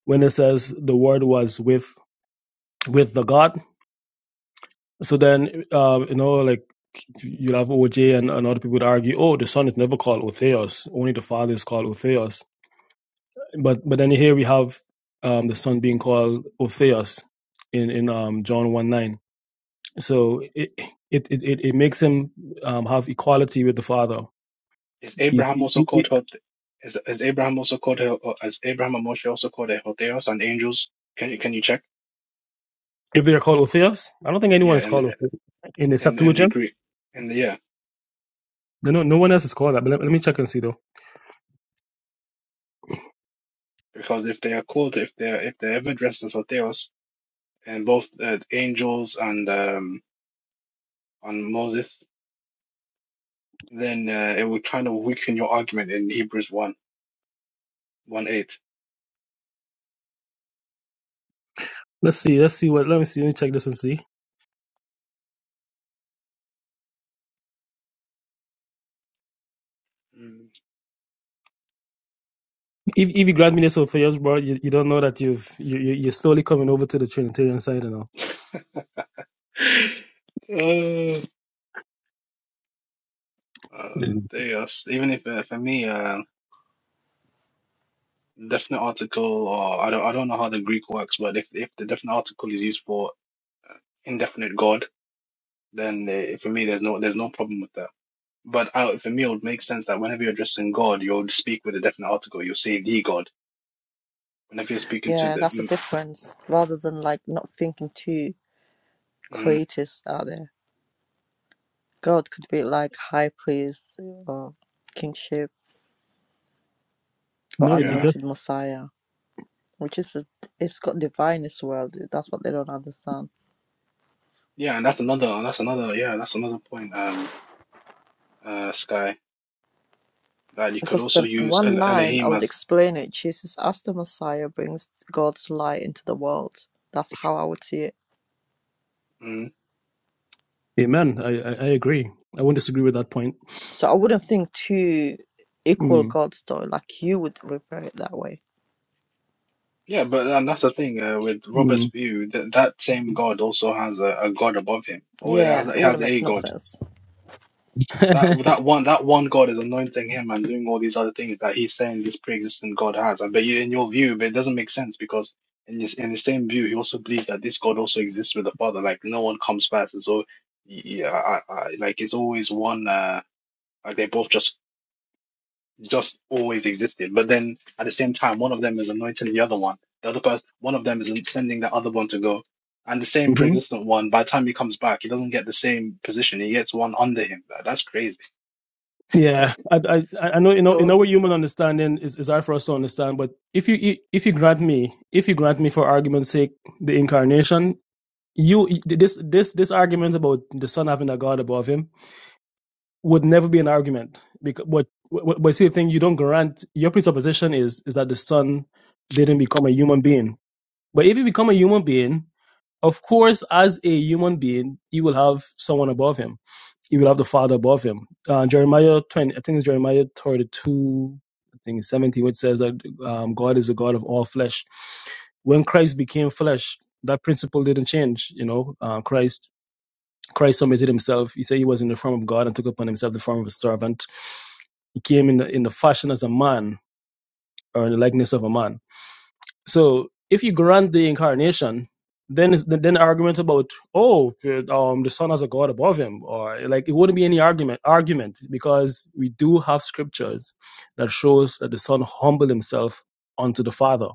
Speaker 4: when it says the word was with with the God. So then, um, you know, like you'll have OJ and, and other people would argue, oh, the son is never called O Theos, only the father is called O Theos. But but then here we have um, the son being called O Theos in in um, John one nine. So it it, it it makes him um, have equality with the father.
Speaker 3: Is
Speaker 4: He's,
Speaker 3: Abraham also
Speaker 4: he,
Speaker 3: called hot? Is is Abraham also called a- uh, as Abraham and Moshe also called a hotheos and angels? Can you can you check?
Speaker 4: If they are called Otheos, I don't think anyone
Speaker 3: Yeah,
Speaker 4: is
Speaker 3: and
Speaker 4: called Otheos. in the
Speaker 3: in, in in the
Speaker 4: Septuagint.
Speaker 3: Greek, and yeah,
Speaker 4: No, no, no one else is called that. But let, let me check and see though.
Speaker 3: because if they are called if they are if they're ever dressed as hotheos and both uh, angels and um and Moses, then uh, it would kind of weaken your argument in Hebrews one one eight.
Speaker 4: Let's see. Let's see what. Let me see. Let me check this and see. If if you grant me this Otheos, bro, you, you don't know that you've you, you- you're slowly coming over to the Trinitarian side and all.
Speaker 3: [laughs] Uh, uh,
Speaker 4: Mm.
Speaker 3: there you go. Even if uh, for me, uh, definite article, or I don't, I don't know how the Greek works, but if if the definite article is used for indefinite God, then uh, for me, there's no there's no problem with that. But uh, for me, it would make sense that whenever you're addressing God, you'll speak with a definite article. You'll say the God. Whenever you're speaking to
Speaker 1: Yeah,
Speaker 3: the,
Speaker 1: that's the
Speaker 3: mm,
Speaker 1: difference. Rather than like not thinking too
Speaker 3: mm,
Speaker 1: creators out there, God could be like high priest or kingship or
Speaker 4: No, it, it
Speaker 3: yeah,
Speaker 4: just
Speaker 1: anointed Messiah. which is a, it's got divine as well. That's what they don't understand.
Speaker 3: yeah, and that's another, that's another, yeah, that's another point. Um, uh, Sky, that you could
Speaker 1: Because
Speaker 3: also
Speaker 1: the
Speaker 3: use
Speaker 1: one
Speaker 3: El
Speaker 1: line I
Speaker 3: Elohim
Speaker 1: would
Speaker 3: as.
Speaker 1: explain it. Jesus, as the Messiah, brings God's light into the world. That's how I would see it.
Speaker 3: mm,
Speaker 4: Amen. I, I I agree. I won't disagree with that point.
Speaker 1: So I wouldn't think two equal
Speaker 4: Mm.
Speaker 1: gods though. Like you would refer it that way.
Speaker 3: Yeah, but and that's the thing uh, with
Speaker 4: mm.
Speaker 3: Robert's view that that same God also has a, a God above him, or he
Speaker 1: Yeah,
Speaker 3: has, he
Speaker 1: it
Speaker 3: has
Speaker 1: wouldn't make
Speaker 3: a
Speaker 1: no
Speaker 3: God.
Speaker 1: sense.
Speaker 3: That
Speaker 4: [laughs]
Speaker 3: that one that one God is anointing him and doing all these other things that he's saying this pre-existent God has. And but you, in your view, but it doesn't make sense because in this in the same view, he also believes that this God also exists with the Father. Like no one comes first, and so yeah, I, I, like it's always one. Uh, like they both just just always existed. But then at the same time, one of them is anointing the other one. The other person, one of them is sending the other one to go. And the same
Speaker 4: hmm
Speaker 3: pre-existent one, by the time he comes back, he doesn't get the same position. He gets one under him. Like, That's crazy.
Speaker 4: Yeah, I, I, I know, you know, in
Speaker 3: So
Speaker 4: our human understanding is, is hard for us to understand. But if you, if you grant me, if you grant me for argument's sake, the incarnation, you, this, this, this argument about the son having a God above him would never be an argument. Because, but, but but see, the thing you don't grant, your presupposition is, is that the son didn't become a human being. But if you become a human being, Of course, as a human being, he will have someone above him. He will have the Father above him. Uh, Jeremiah 20, I think it's Jeremiah 32, I think it's 17, which says that um, God is a God of all flesh. When Christ became flesh, that principle didn't change. You know, uh, Christ Christ submitted himself. He said he was in the form of God and took upon himself the form of a servant. He came in the, in the fashion as a man or in the likeness of a man So if you grant the incarnation, then it's, then the argument about oh um the son has a god above him or like it wouldn't be any argument argument because we do have scriptures that shows that the son humbled himself unto the father.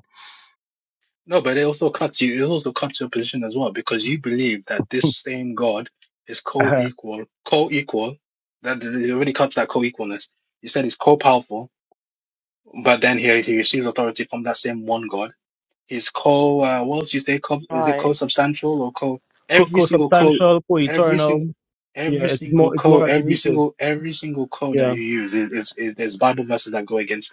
Speaker 3: no, but it also cuts you. It also cuts your position as well because you believe that this same God is
Speaker 4: Uh-huh.
Speaker 3: co-equal, co-equal. That that- it already cuts that co-equalness. You said he's co-powerful, but then he he receives authority from that same one God is co uh, what else you say co is it
Speaker 1: Right,
Speaker 3: co-substantial or co
Speaker 4: Co-
Speaker 3: every single code
Speaker 4: co-substantial,
Speaker 3: every single
Speaker 4: co-eternal. Yeah,
Speaker 3: every
Speaker 4: it's
Speaker 3: single
Speaker 4: more it's more
Speaker 3: code every
Speaker 4: attributed.
Speaker 3: single every single code that
Speaker 4: Yeah.
Speaker 3: you use is, is, is there's Bible verses that go against it.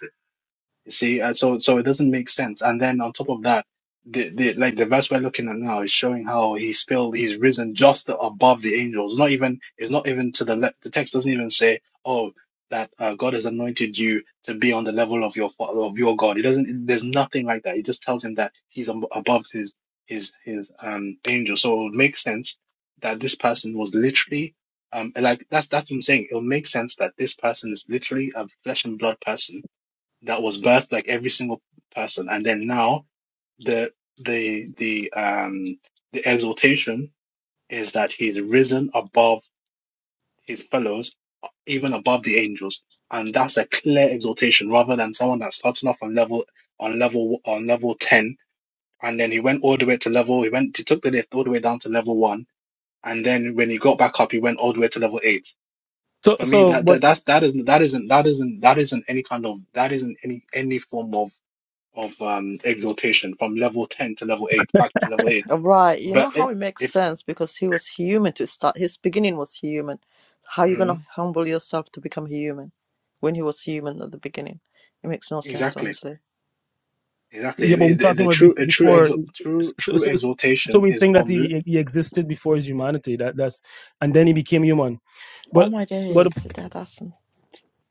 Speaker 3: You See, uh, so so it doesn't make sense. And then on top of that, the, the like the verse we're looking at now is showing how he's still he's risen just above the angels. Not even it's not even to the le the text doesn't even say, oh, that uh, God has anointed you to be on the level of your fa- of your God. It doesn't. There's nothing like that. It just tells him that he's ab- above his his his um angel. So it would make sense that this person was literally um like that's that's what I'm saying. It'll make sense that this person is literally a flesh and blood person that was birthed like every single person and then now the the the um the exaltation is that he's risen above his fellows even above the angels and that's a clear exaltation rather than someone that's starting off on level on level on level 10 and then he went all the way to level he went he took the lift all the way down to level 1 and then when he got back up he went all the way to level 8
Speaker 4: So
Speaker 3: for me
Speaker 4: so
Speaker 3: that,
Speaker 4: but
Speaker 3: that that's that isn't that isn't that isn't that isn't any kind of that isn't any any form of of um exaltation from level 10 to level 8 back to level 8
Speaker 1: Uh, right. You know
Speaker 3: but
Speaker 1: how
Speaker 3: if,
Speaker 1: it makes
Speaker 3: if
Speaker 1: sense because he was human to start. His beginning was human. How you
Speaker 3: mm,
Speaker 1: gonna humble yourself to become human when he was human at the beginning? It makes no sense,
Speaker 3: exactly
Speaker 1: honestly.
Speaker 3: exactly
Speaker 4: yeah, but
Speaker 3: the,
Speaker 4: we're
Speaker 3: the
Speaker 4: talking
Speaker 3: the
Speaker 4: about be-
Speaker 3: true a true
Speaker 4: before.
Speaker 3: exalt true
Speaker 4: So,
Speaker 3: true
Speaker 4: so, so
Speaker 3: exaltation
Speaker 4: we
Speaker 3: is
Speaker 4: think that
Speaker 3: from l-
Speaker 4: he he existed before his humanity. That that's and then he became human.
Speaker 1: Oh
Speaker 4: But
Speaker 1: my
Speaker 4: but
Speaker 1: days, that, that's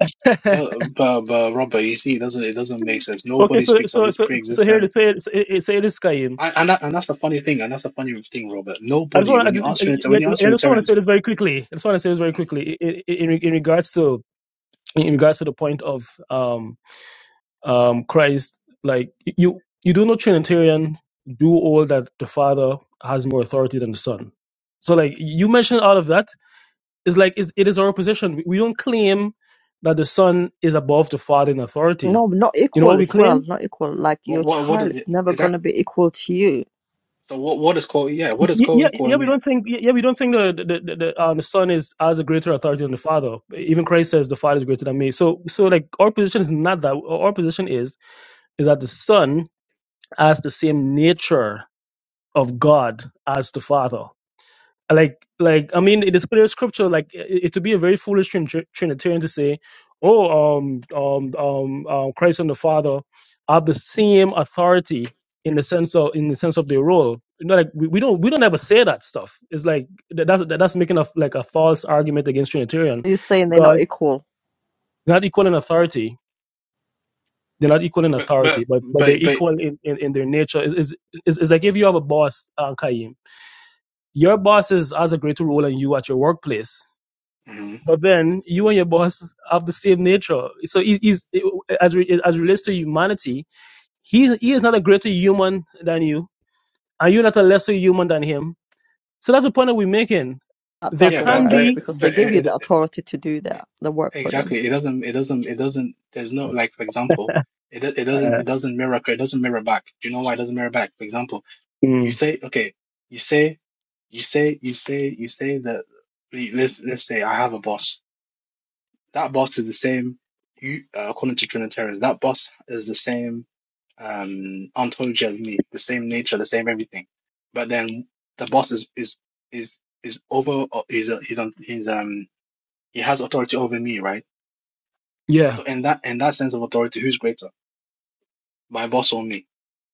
Speaker 4: [laughs]
Speaker 3: the but, but Robert you see it doesn't it doesn't make sense
Speaker 4: okay,
Speaker 3: nobody
Speaker 4: so
Speaker 3: speaks of
Speaker 4: so
Speaker 3: this
Speaker 4: so, so here to
Speaker 3: pre-existent
Speaker 4: say it, it, say this, Kayim.
Speaker 3: and and, that, and that's the funny thing and that's the funny thing Robert
Speaker 4: I just
Speaker 3: nobody
Speaker 4: want I
Speaker 3: when you
Speaker 4: just,
Speaker 3: ask Trinit- when you ask
Speaker 4: I I just want to
Speaker 3: Trinitarians
Speaker 4: say this very quickly. I just want to say this very quickly in, in, in regards to in regards to the point of um um Christ. Like you you do not Trinitarian do all that the Father has more authority than the Son. So like you mentioned all of that is like it's, it is our position. We we don't claim that the Son is above the Father in authority.
Speaker 1: No, not
Speaker 4: You know
Speaker 1: equal
Speaker 4: what we
Speaker 1: as
Speaker 4: claim?
Speaker 1: well. Not equal. Like
Speaker 3: What
Speaker 1: your
Speaker 3: what what
Speaker 1: child
Speaker 3: is,
Speaker 1: is never
Speaker 3: is that
Speaker 1: gonna be equal to you.
Speaker 3: So what what is co yeah,
Speaker 4: Y-
Speaker 3: what does
Speaker 4: Yeah,
Speaker 3: co-equal
Speaker 4: yeah, we
Speaker 3: mean?
Speaker 4: don't think. Yeah, yeah, we don't think the the the, the, uh, the son is has a greater authority than the father. Even Christ says the father is greater than me. So, so like our position is not that. Our position is is that the son has the same nature of God as the father like like i mean it is clear scripture like it, it would be a very foolish trin- trin- trinitarian to say oh um um um um christ and the father have the same authority in the sense of in the sense of their role you know like we, we don't we don't ever say that stuff it's like that, that's that, that's making a like a false argument against trinitarian
Speaker 1: You're saying they're not
Speaker 4: because
Speaker 1: equal.
Speaker 4: they're not equal in authority they're not equal in
Speaker 3: But
Speaker 4: authority
Speaker 3: but
Speaker 4: but but they're
Speaker 3: but but
Speaker 4: equal in in, in their nature is is is like if you have a boss uh, Kaim, your boss is, has a greater role than you at your workplace
Speaker 3: mhm.
Speaker 4: But then you and your boss have the same nature. So he, he's as re, as relates to humanity, he he is not a greater human than you, and you're not a lesser human than him. So that's the point that we're making.
Speaker 1: That
Speaker 4: There
Speaker 3: yeah,
Speaker 1: doesn't
Speaker 3: but
Speaker 4: can
Speaker 1: work
Speaker 3: but
Speaker 4: be,
Speaker 1: because they
Speaker 3: but
Speaker 1: give you the
Speaker 3: it,
Speaker 1: authority to do that, the work for them.
Speaker 3: Exactly. It doesn't, it doesn't, it doesn't, there's no, like, for example, it, do- it doesn't,
Speaker 4: uh,
Speaker 3: it doesn't mirror, it doesn't mirror back. Do you know why it doesn't mirror back? For example, you
Speaker 4: mm,
Speaker 3: say, okay, you say, you say, you say, you say that, let's, let's say I have a boss. That boss is the same, you, uh, according to Trinitarians, that boss is the same, um, ontology as me, the same nature, the same everything. But then the boss is, is, is, is over, is, is, on- he's, um, he has authority over me, right?
Speaker 4: yeah,
Speaker 3: So in that in that sense of authority, who's greater? My boss or me?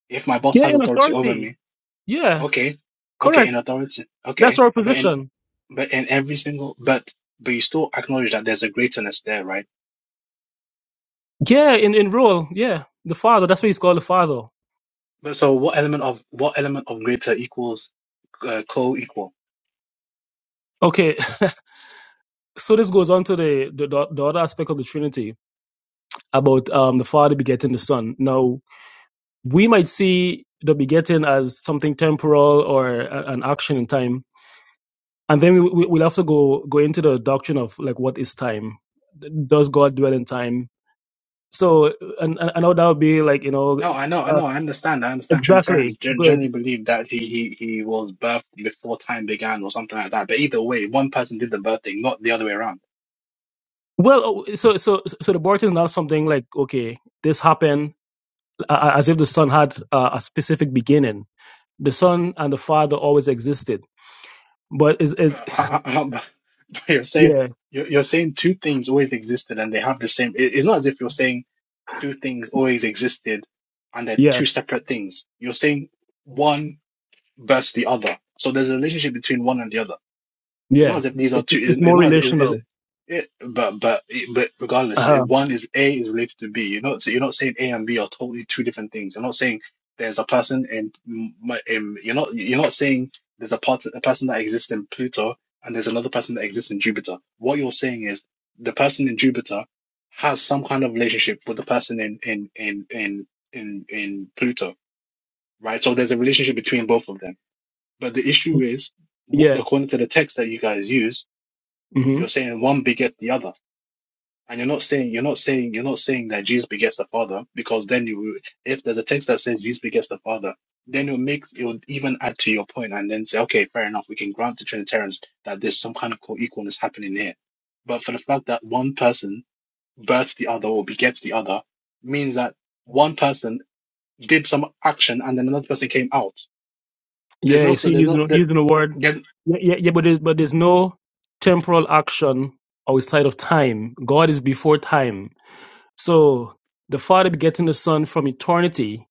Speaker 3: If my boss
Speaker 4: yeah,
Speaker 3: has
Speaker 4: in
Speaker 3: authority over
Speaker 4: authority,
Speaker 3: me,
Speaker 4: yeah,
Speaker 3: okay, okay, in
Speaker 4: correct.
Speaker 3: authority,
Speaker 4: That's
Speaker 3: okay,
Speaker 4: our
Speaker 3: but in
Speaker 4: position.
Speaker 3: but in every single but but you still acknowledge that there's a greaterness there, right?
Speaker 4: Yeah, in in rule, yeah, the father. That's why he's called the father.
Speaker 3: But so what element of what element of greater equals uh, co-equal?
Speaker 4: Okay, [laughs] so this goes on to the the, the other aspect of the Trinity about um the Father begetting the Son. Now we might see the begetting as something temporal or a- an action in time and then we, we- will have to go go into the doctrine of like what is time does god dwell in time so and and, and how that would be like you know
Speaker 3: No, I know, I
Speaker 4: uh,
Speaker 3: know, I understand. I understand
Speaker 4: exactly
Speaker 3: Trinitarians gen-
Speaker 4: good
Speaker 3: generally believe that he, he, he was birthed before time began or something like that. But either way, one person did the birthing, not the other way around.
Speaker 4: well oh, so so so the birth is not something like okay this happened uh, as if the son had uh, a specific beginning the son and the father always existed but is is
Speaker 3: Uh, uh, uh, [laughs] you're saying
Speaker 4: yeah
Speaker 3: you're, you're saying two things always existed and they have the same. It, it's not as if you're saying two things always existed and they're
Speaker 4: yeah
Speaker 3: two separate things. You're saying one. versus the other. So there's a relationship between one and the other. It's not
Speaker 4: yeah
Speaker 3: as if these are two.
Speaker 4: it's it's
Speaker 3: It's
Speaker 4: more
Speaker 3: not as is
Speaker 4: relational
Speaker 3: it, it, but but but regardless,
Speaker 4: uh-huh.
Speaker 3: it- one is A is related to B. You're not so you're not saying A and B are totally two different things. You're not saying there's a person in, M- my- in you're not you're not saying there's a part a person that exists in Pluto and there's another person that exists in Jupiter. What you're saying is the person in Jupiter has some kind of relationship with the person in in in in in, in Pluto, right? So there's a relationship between both of them but the issue is, wh-
Speaker 4: Yeah.
Speaker 3: according to the text that you guys use,
Speaker 4: hmm
Speaker 3: you're saying one begets the other, and you're not saying you're not saying you're not saying that Jesus begets the Father, because then you, if there's a text that says Jesus begets the Father, then it'll make it would even add to your point, and then say, okay, fair enough, we can grant the Trinitarians that there's some kind of co-equalness happening here. But for the fact that one person births the other or begets the other, means that one person did some action and then another person came out. There's
Speaker 4: Yeah.
Speaker 3: no
Speaker 4: You
Speaker 3: so
Speaker 4: see,
Speaker 3: there's no
Speaker 4: using
Speaker 3: that.
Speaker 4: using the word. Yeah, yeah, yeah. But there's but there's no temporal action outside of time. God is before time. So the Father begetting the Son from eternity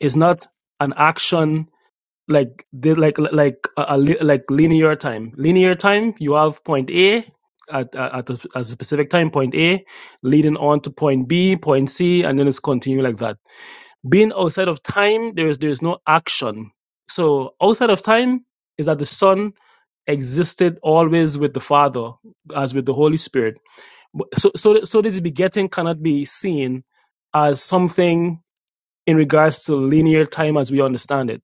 Speaker 4: is not an action like the- like like a, a li- like linear time. Linear time, you have point A. At, at, at a, at a specific time, point A, leading on to point B, point C, and then it's continuing like that Being outside of time, there is there is no action. So outside of time is that the Son existed always with the Father, as with the Holy Spirit. But- So so so this begetting cannot be seen as something in regards to linear time as we understand it.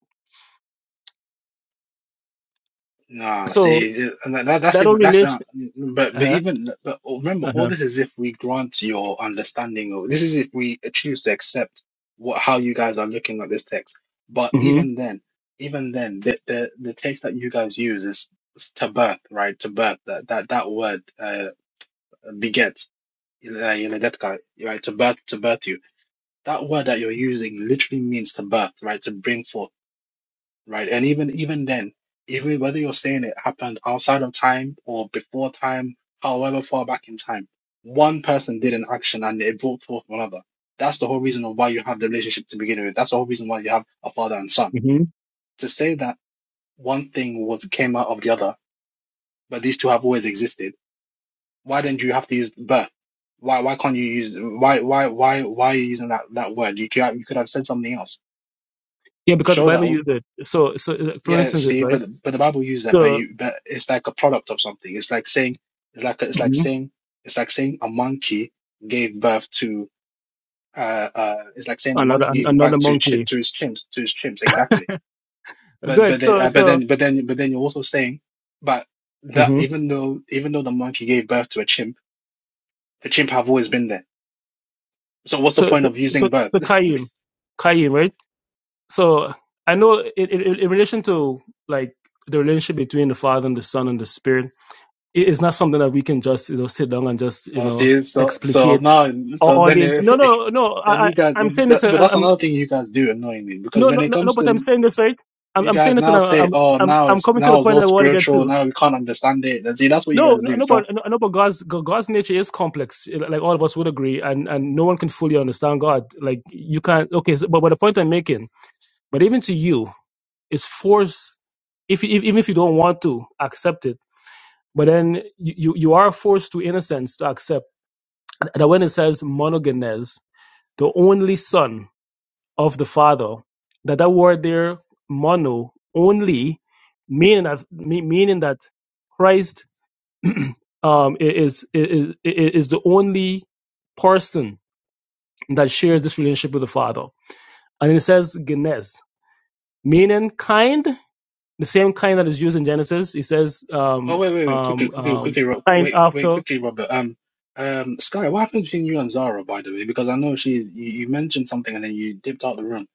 Speaker 3: Ah,
Speaker 4: So
Speaker 3: see, it- and that, that- that's
Speaker 4: that whole
Speaker 3: even that's uh,
Speaker 4: relation.
Speaker 3: but but
Speaker 4: Uh-huh,
Speaker 3: even but remember, all
Speaker 4: uh-huh.
Speaker 3: this is if we grant your understanding or this is if we choose to accept what how you guys are looking at this text. But
Speaker 4: hmm
Speaker 3: even then, even then, the the, the text that you guys use is, is to birth, right? To birth that that that word uh beget, uh, yeledetka, right? To birth to birth you. That word that you're using literally means to birth, right? To bring forth right? And even even then, even whether you're saying it happened outside of time or before time, however far back in time, one person did an action and it brought forth another. That's the whole reason of why you have the relationship to begin with. That's the whole reason why you have a father and son.
Speaker 4: hmm
Speaker 3: To say that one thing was came out of the other, but these two have always existed. Why didn't you have to use birth? Why why can't you use why why why why are you using that that word? You could have- you could have said something else
Speaker 4: Yeah,
Speaker 3: to
Speaker 4: because the
Speaker 3: show that.
Speaker 4: Bible
Speaker 3: oh,
Speaker 4: used it. So, so uh, for
Speaker 3: Yeah,
Speaker 4: instance, this
Speaker 3: see,
Speaker 4: right.
Speaker 3: but but the Bible uses that, but
Speaker 4: So
Speaker 3: you but it's like a product of something. It's like saying it's like it's like
Speaker 4: Mhm.
Speaker 3: saying it's like saying a monkey gave birth to uh uh it's like saying a
Speaker 4: another
Speaker 3: monkey
Speaker 4: an-
Speaker 3: gave
Speaker 4: another
Speaker 3: birth to chip
Speaker 4: monkey.
Speaker 3: to his chimps to his chimps exactly. But
Speaker 4: Good.
Speaker 3: but then
Speaker 4: So
Speaker 3: uh, but then
Speaker 4: so.
Speaker 3: but then but then you're also saying but that even though even though the monkey gave birth to a chimp, the chimp have always been there. So what's the
Speaker 4: so
Speaker 3: point
Speaker 4: so
Speaker 3: of
Speaker 4: so
Speaker 3: using birth?
Speaker 4: so
Speaker 3: [laughs]
Speaker 4: Qayyum, Qayyum, right? So I know in, in, in relation to like the relationship between the Father and the Son and the Spirit, it is not something that we can just you know sit down and just you
Speaker 3: Oh,
Speaker 4: know
Speaker 3: see, so so
Speaker 4: explicate
Speaker 3: now
Speaker 4: or
Speaker 3: so
Speaker 4: all
Speaker 3: then
Speaker 4: the
Speaker 3: you-
Speaker 4: no no no
Speaker 3: [laughs]
Speaker 4: I,
Speaker 3: then you
Speaker 4: I
Speaker 3: guys
Speaker 4: I'm saying this
Speaker 3: but
Speaker 4: uh, I'm,
Speaker 3: that's
Speaker 4: I'm
Speaker 3: another thing you guys do annoyingly because
Speaker 4: no
Speaker 3: when
Speaker 4: no
Speaker 3: it
Speaker 4: no no
Speaker 3: comes
Speaker 4: but
Speaker 3: to
Speaker 4: I'm saying this right. I'm,
Speaker 3: You
Speaker 4: I'm saying
Speaker 3: guys
Speaker 4: this and
Speaker 3: now say,
Speaker 4: I'm
Speaker 3: "Oh,
Speaker 4: I'm
Speaker 3: now
Speaker 4: I'm
Speaker 3: it's
Speaker 4: coming to the
Speaker 3: now it's
Speaker 4: point
Speaker 3: all
Speaker 4: that I want to get
Speaker 3: spiritual.
Speaker 4: to.
Speaker 3: Now we can't understand it." And see, that's what you
Speaker 4: No,
Speaker 3: guys
Speaker 4: no,
Speaker 3: do.
Speaker 4: no, but
Speaker 3: So,
Speaker 4: no, no, but God's God's nature is complex. Like all of us would agree, and and no one can fully understand God. Like you can't. Okay, so, but but the point I'm making But even to you, it's forced. If, if even if you don't want to accept it, but then you, you you are forced to, in a sense, to accept that when it says monogenes, the only son of the father, that that word there, mono, only, meaning that me- meaning that Christ um, i- is, is i- is the only person that shares this relationship with the Father, and it says genes, meaning kind the same kind that is used in Genesis. He says,
Speaker 3: oh
Speaker 4: um,
Speaker 3: wait, wait, wait, quickly,
Speaker 4: um,
Speaker 3: quickly,
Speaker 4: um,
Speaker 3: quickly, Ro-
Speaker 4: kind
Speaker 3: wait, wait,
Speaker 4: after.
Speaker 3: quickly, Robert. Um, um, Sky, what happened between you and Zara, by the way? Because I know she, you, you mentioned something and then you dipped out the room.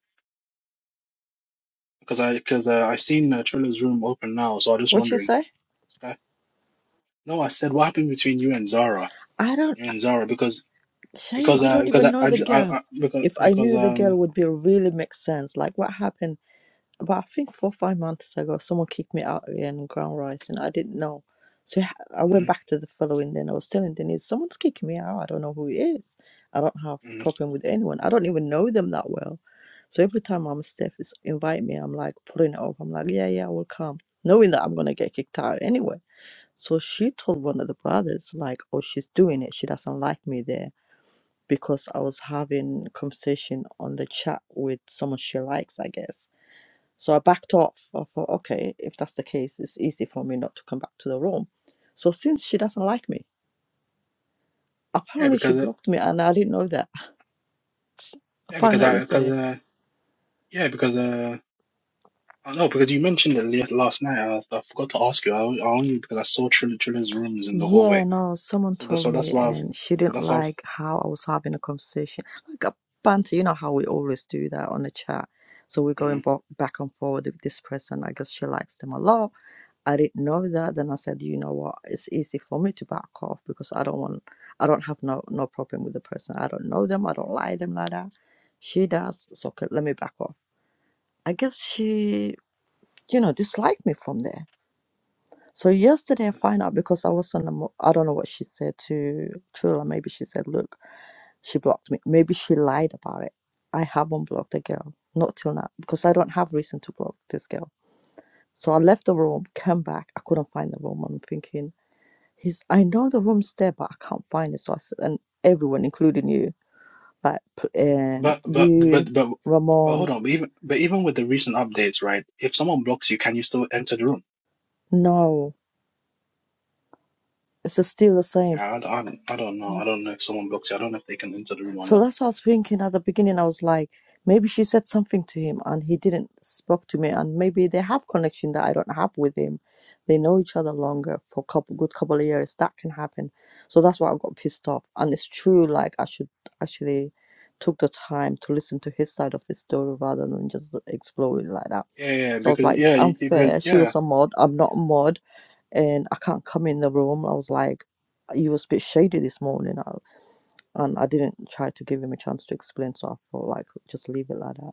Speaker 3: Because I, because uh, I seen uh, Trilla's room open now, so I'm just
Speaker 1: What you
Speaker 3: wondering.
Speaker 1: say?
Speaker 3: Sky, no, I said what happened between you and Zara,
Speaker 1: I don't
Speaker 3: you and Zara, because
Speaker 1: shame.
Speaker 3: because
Speaker 1: I
Speaker 3: uh
Speaker 1: don't
Speaker 3: because
Speaker 1: even
Speaker 3: I
Speaker 1: know
Speaker 3: I,
Speaker 1: the
Speaker 3: ju- I,
Speaker 1: girl.
Speaker 3: I because
Speaker 1: If I
Speaker 3: because
Speaker 1: knew the girl,
Speaker 3: um
Speaker 1: would be really make sense. Like what happened? But I think four five months ago, someone kicked me out again ground rights, and I didn't know. So I I went
Speaker 3: mm,
Speaker 1: back to the following day, and I was telling Denise, someone's kicking me out. I don't know who it is. I don't have
Speaker 3: mm,
Speaker 1: problem with anyone. I don't even know them that well. So every time I'm Steph is invite me, I'm like putting it off. I'm like, yeah, yeah, I will come, knowing that I'm gonna get kicked out anyway. So she told one of the brothers, like, oh, she's doing it. She doesn't like me there because I was having conversation on the chat with someone she likes, I guess so I backed off. I thought, okay, if that's the case, it's easy for me not to come back to the room. So since she doesn't like me,
Speaker 3: yeah
Speaker 1: apparently she
Speaker 3: because uh,
Speaker 1: blocked me and I didn't know that. [laughs] I
Speaker 3: yeah
Speaker 1: found
Speaker 3: because
Speaker 1: out
Speaker 3: I
Speaker 1: yesterday.
Speaker 3: because uh. Yeah, because uh, I know because you mentioned it la- last night. I, I forgot to ask you. I, I only because I saw Triller Triller's rooms in the
Speaker 1: Yeah,
Speaker 3: hallway.
Speaker 1: no, someone
Speaker 3: So that,
Speaker 1: told
Speaker 3: so that's
Speaker 1: me
Speaker 3: why I was.
Speaker 1: and she
Speaker 3: So
Speaker 1: didn't
Speaker 3: that's why I was.
Speaker 1: like how I was having a conversation, like a banter. You know how we always do that on the chat. So we're
Speaker 3: hmm
Speaker 1: going bo- back and forward with this person. I guess she likes them a lot. I didn't know that. Then I said, you know what? It's easy for me to back off because I don't want, I don't have no no problem with the person. I don't know them. I don't like them like that. She does. So okay, let me back off. I guess she, you know, disliked me from there so yesterday, I find out because I was on the. mo- I don't know what she said to Trula. Maybe she said, "Look, she blocked me." Maybe she lied about it. I haven't blocked the girl, not till now, because I don't have reason to block this girl. So I left the room, came back. I couldn't find the room. I'm thinking, "He's." I know the room's there, but I can't find it. So I said, and everyone, including you, like, p- and
Speaker 3: But but
Speaker 1: you,
Speaker 3: but but but
Speaker 1: Ramon,
Speaker 3: hold on. But even but even with the recent updates, right? If someone blocks you, can you still enter the room?
Speaker 1: no, it's just still the
Speaker 3: Okay,
Speaker 1: same.
Speaker 3: I, I, don't- I don't know. I don't know if someone blocks you. I don't know if they can enter the room or
Speaker 1: So
Speaker 3: not.
Speaker 1: that's what I was thinking at the beginning. I was like, maybe she said something to him and he didn't spoke to me, and maybe they have connection that I don't have with him. They know each other longer for a couple good couple of years. That can happen. So that's why I got pissed off. And it's true. Like I should actually took the time to listen to his side of the story rather than just explore it like that.
Speaker 3: Yeah, yeah,
Speaker 1: So I was like,
Speaker 3: because
Speaker 1: it's
Speaker 3: yeah, you- you- because
Speaker 1: unfair. She was
Speaker 3: yeah,
Speaker 1: a mod. I'm not a mod, and I can't come in the room. I was like, you was a bit shady this morning and I didn't try to give him a chance to explain, so I felt like just leave it like that.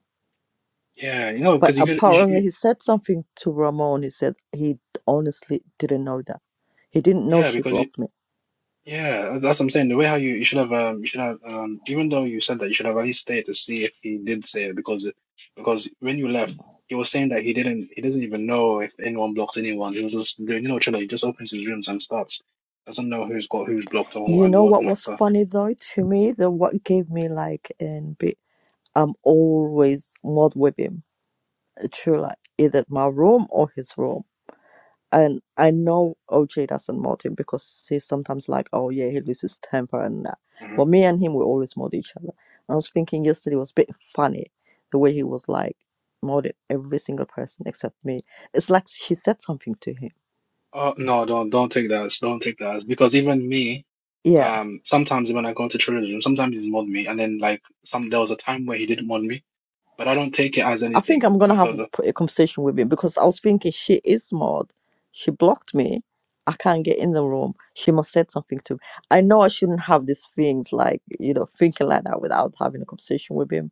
Speaker 3: yeah, you know,
Speaker 1: But
Speaker 3: because you could, you, sh-
Speaker 1: apparently,
Speaker 3: you,
Speaker 1: he said something to Ramon. He said he honestly didn't know that. He didn't know
Speaker 3: yeah,
Speaker 1: she
Speaker 3: because you,
Speaker 1: blocked me.
Speaker 3: Yeah, that's what I'm saying. The way how you, you should have um you should have um even though you said that you should have at least stayed to see if he did say it because because when you left he was saying that he didn't he doesn't even know if anyone blocks anyone. He was just doing you know chilling. He just opens his rooms and starts doesn't know who's got who's blocked or
Speaker 1: You
Speaker 3: and
Speaker 1: know what
Speaker 3: whatnot.
Speaker 1: was
Speaker 3: So
Speaker 1: funny though to me? The what gave me like and bit. I'm always mod with him. True, like either my room or his room and I know OJ doesn't mold him because he's sometimes like, oh yeah, he loses temper and that.
Speaker 3: hmm
Speaker 1: But me and him, we always mold each other. And I was thinking yesterday was a bit funny the way he was like molded every single person except me. It's like she said something to him.
Speaker 3: oh no, don't don't take that. as- Don't take that as- because even me
Speaker 1: Yeah,
Speaker 3: um sometimes when I go into Trilla's room sometimes he's mod me and then like some there was a time where he didn't mod me but I don't take it as
Speaker 1: I think
Speaker 3: anything
Speaker 1: I'm gonna have a,
Speaker 3: because.
Speaker 1: p- a conversation with him because I was thinking she is mod. She blocked me. I can't get in the room. She must said something to me. I know I shouldn't have these things like you know thinking like that without having a conversation with him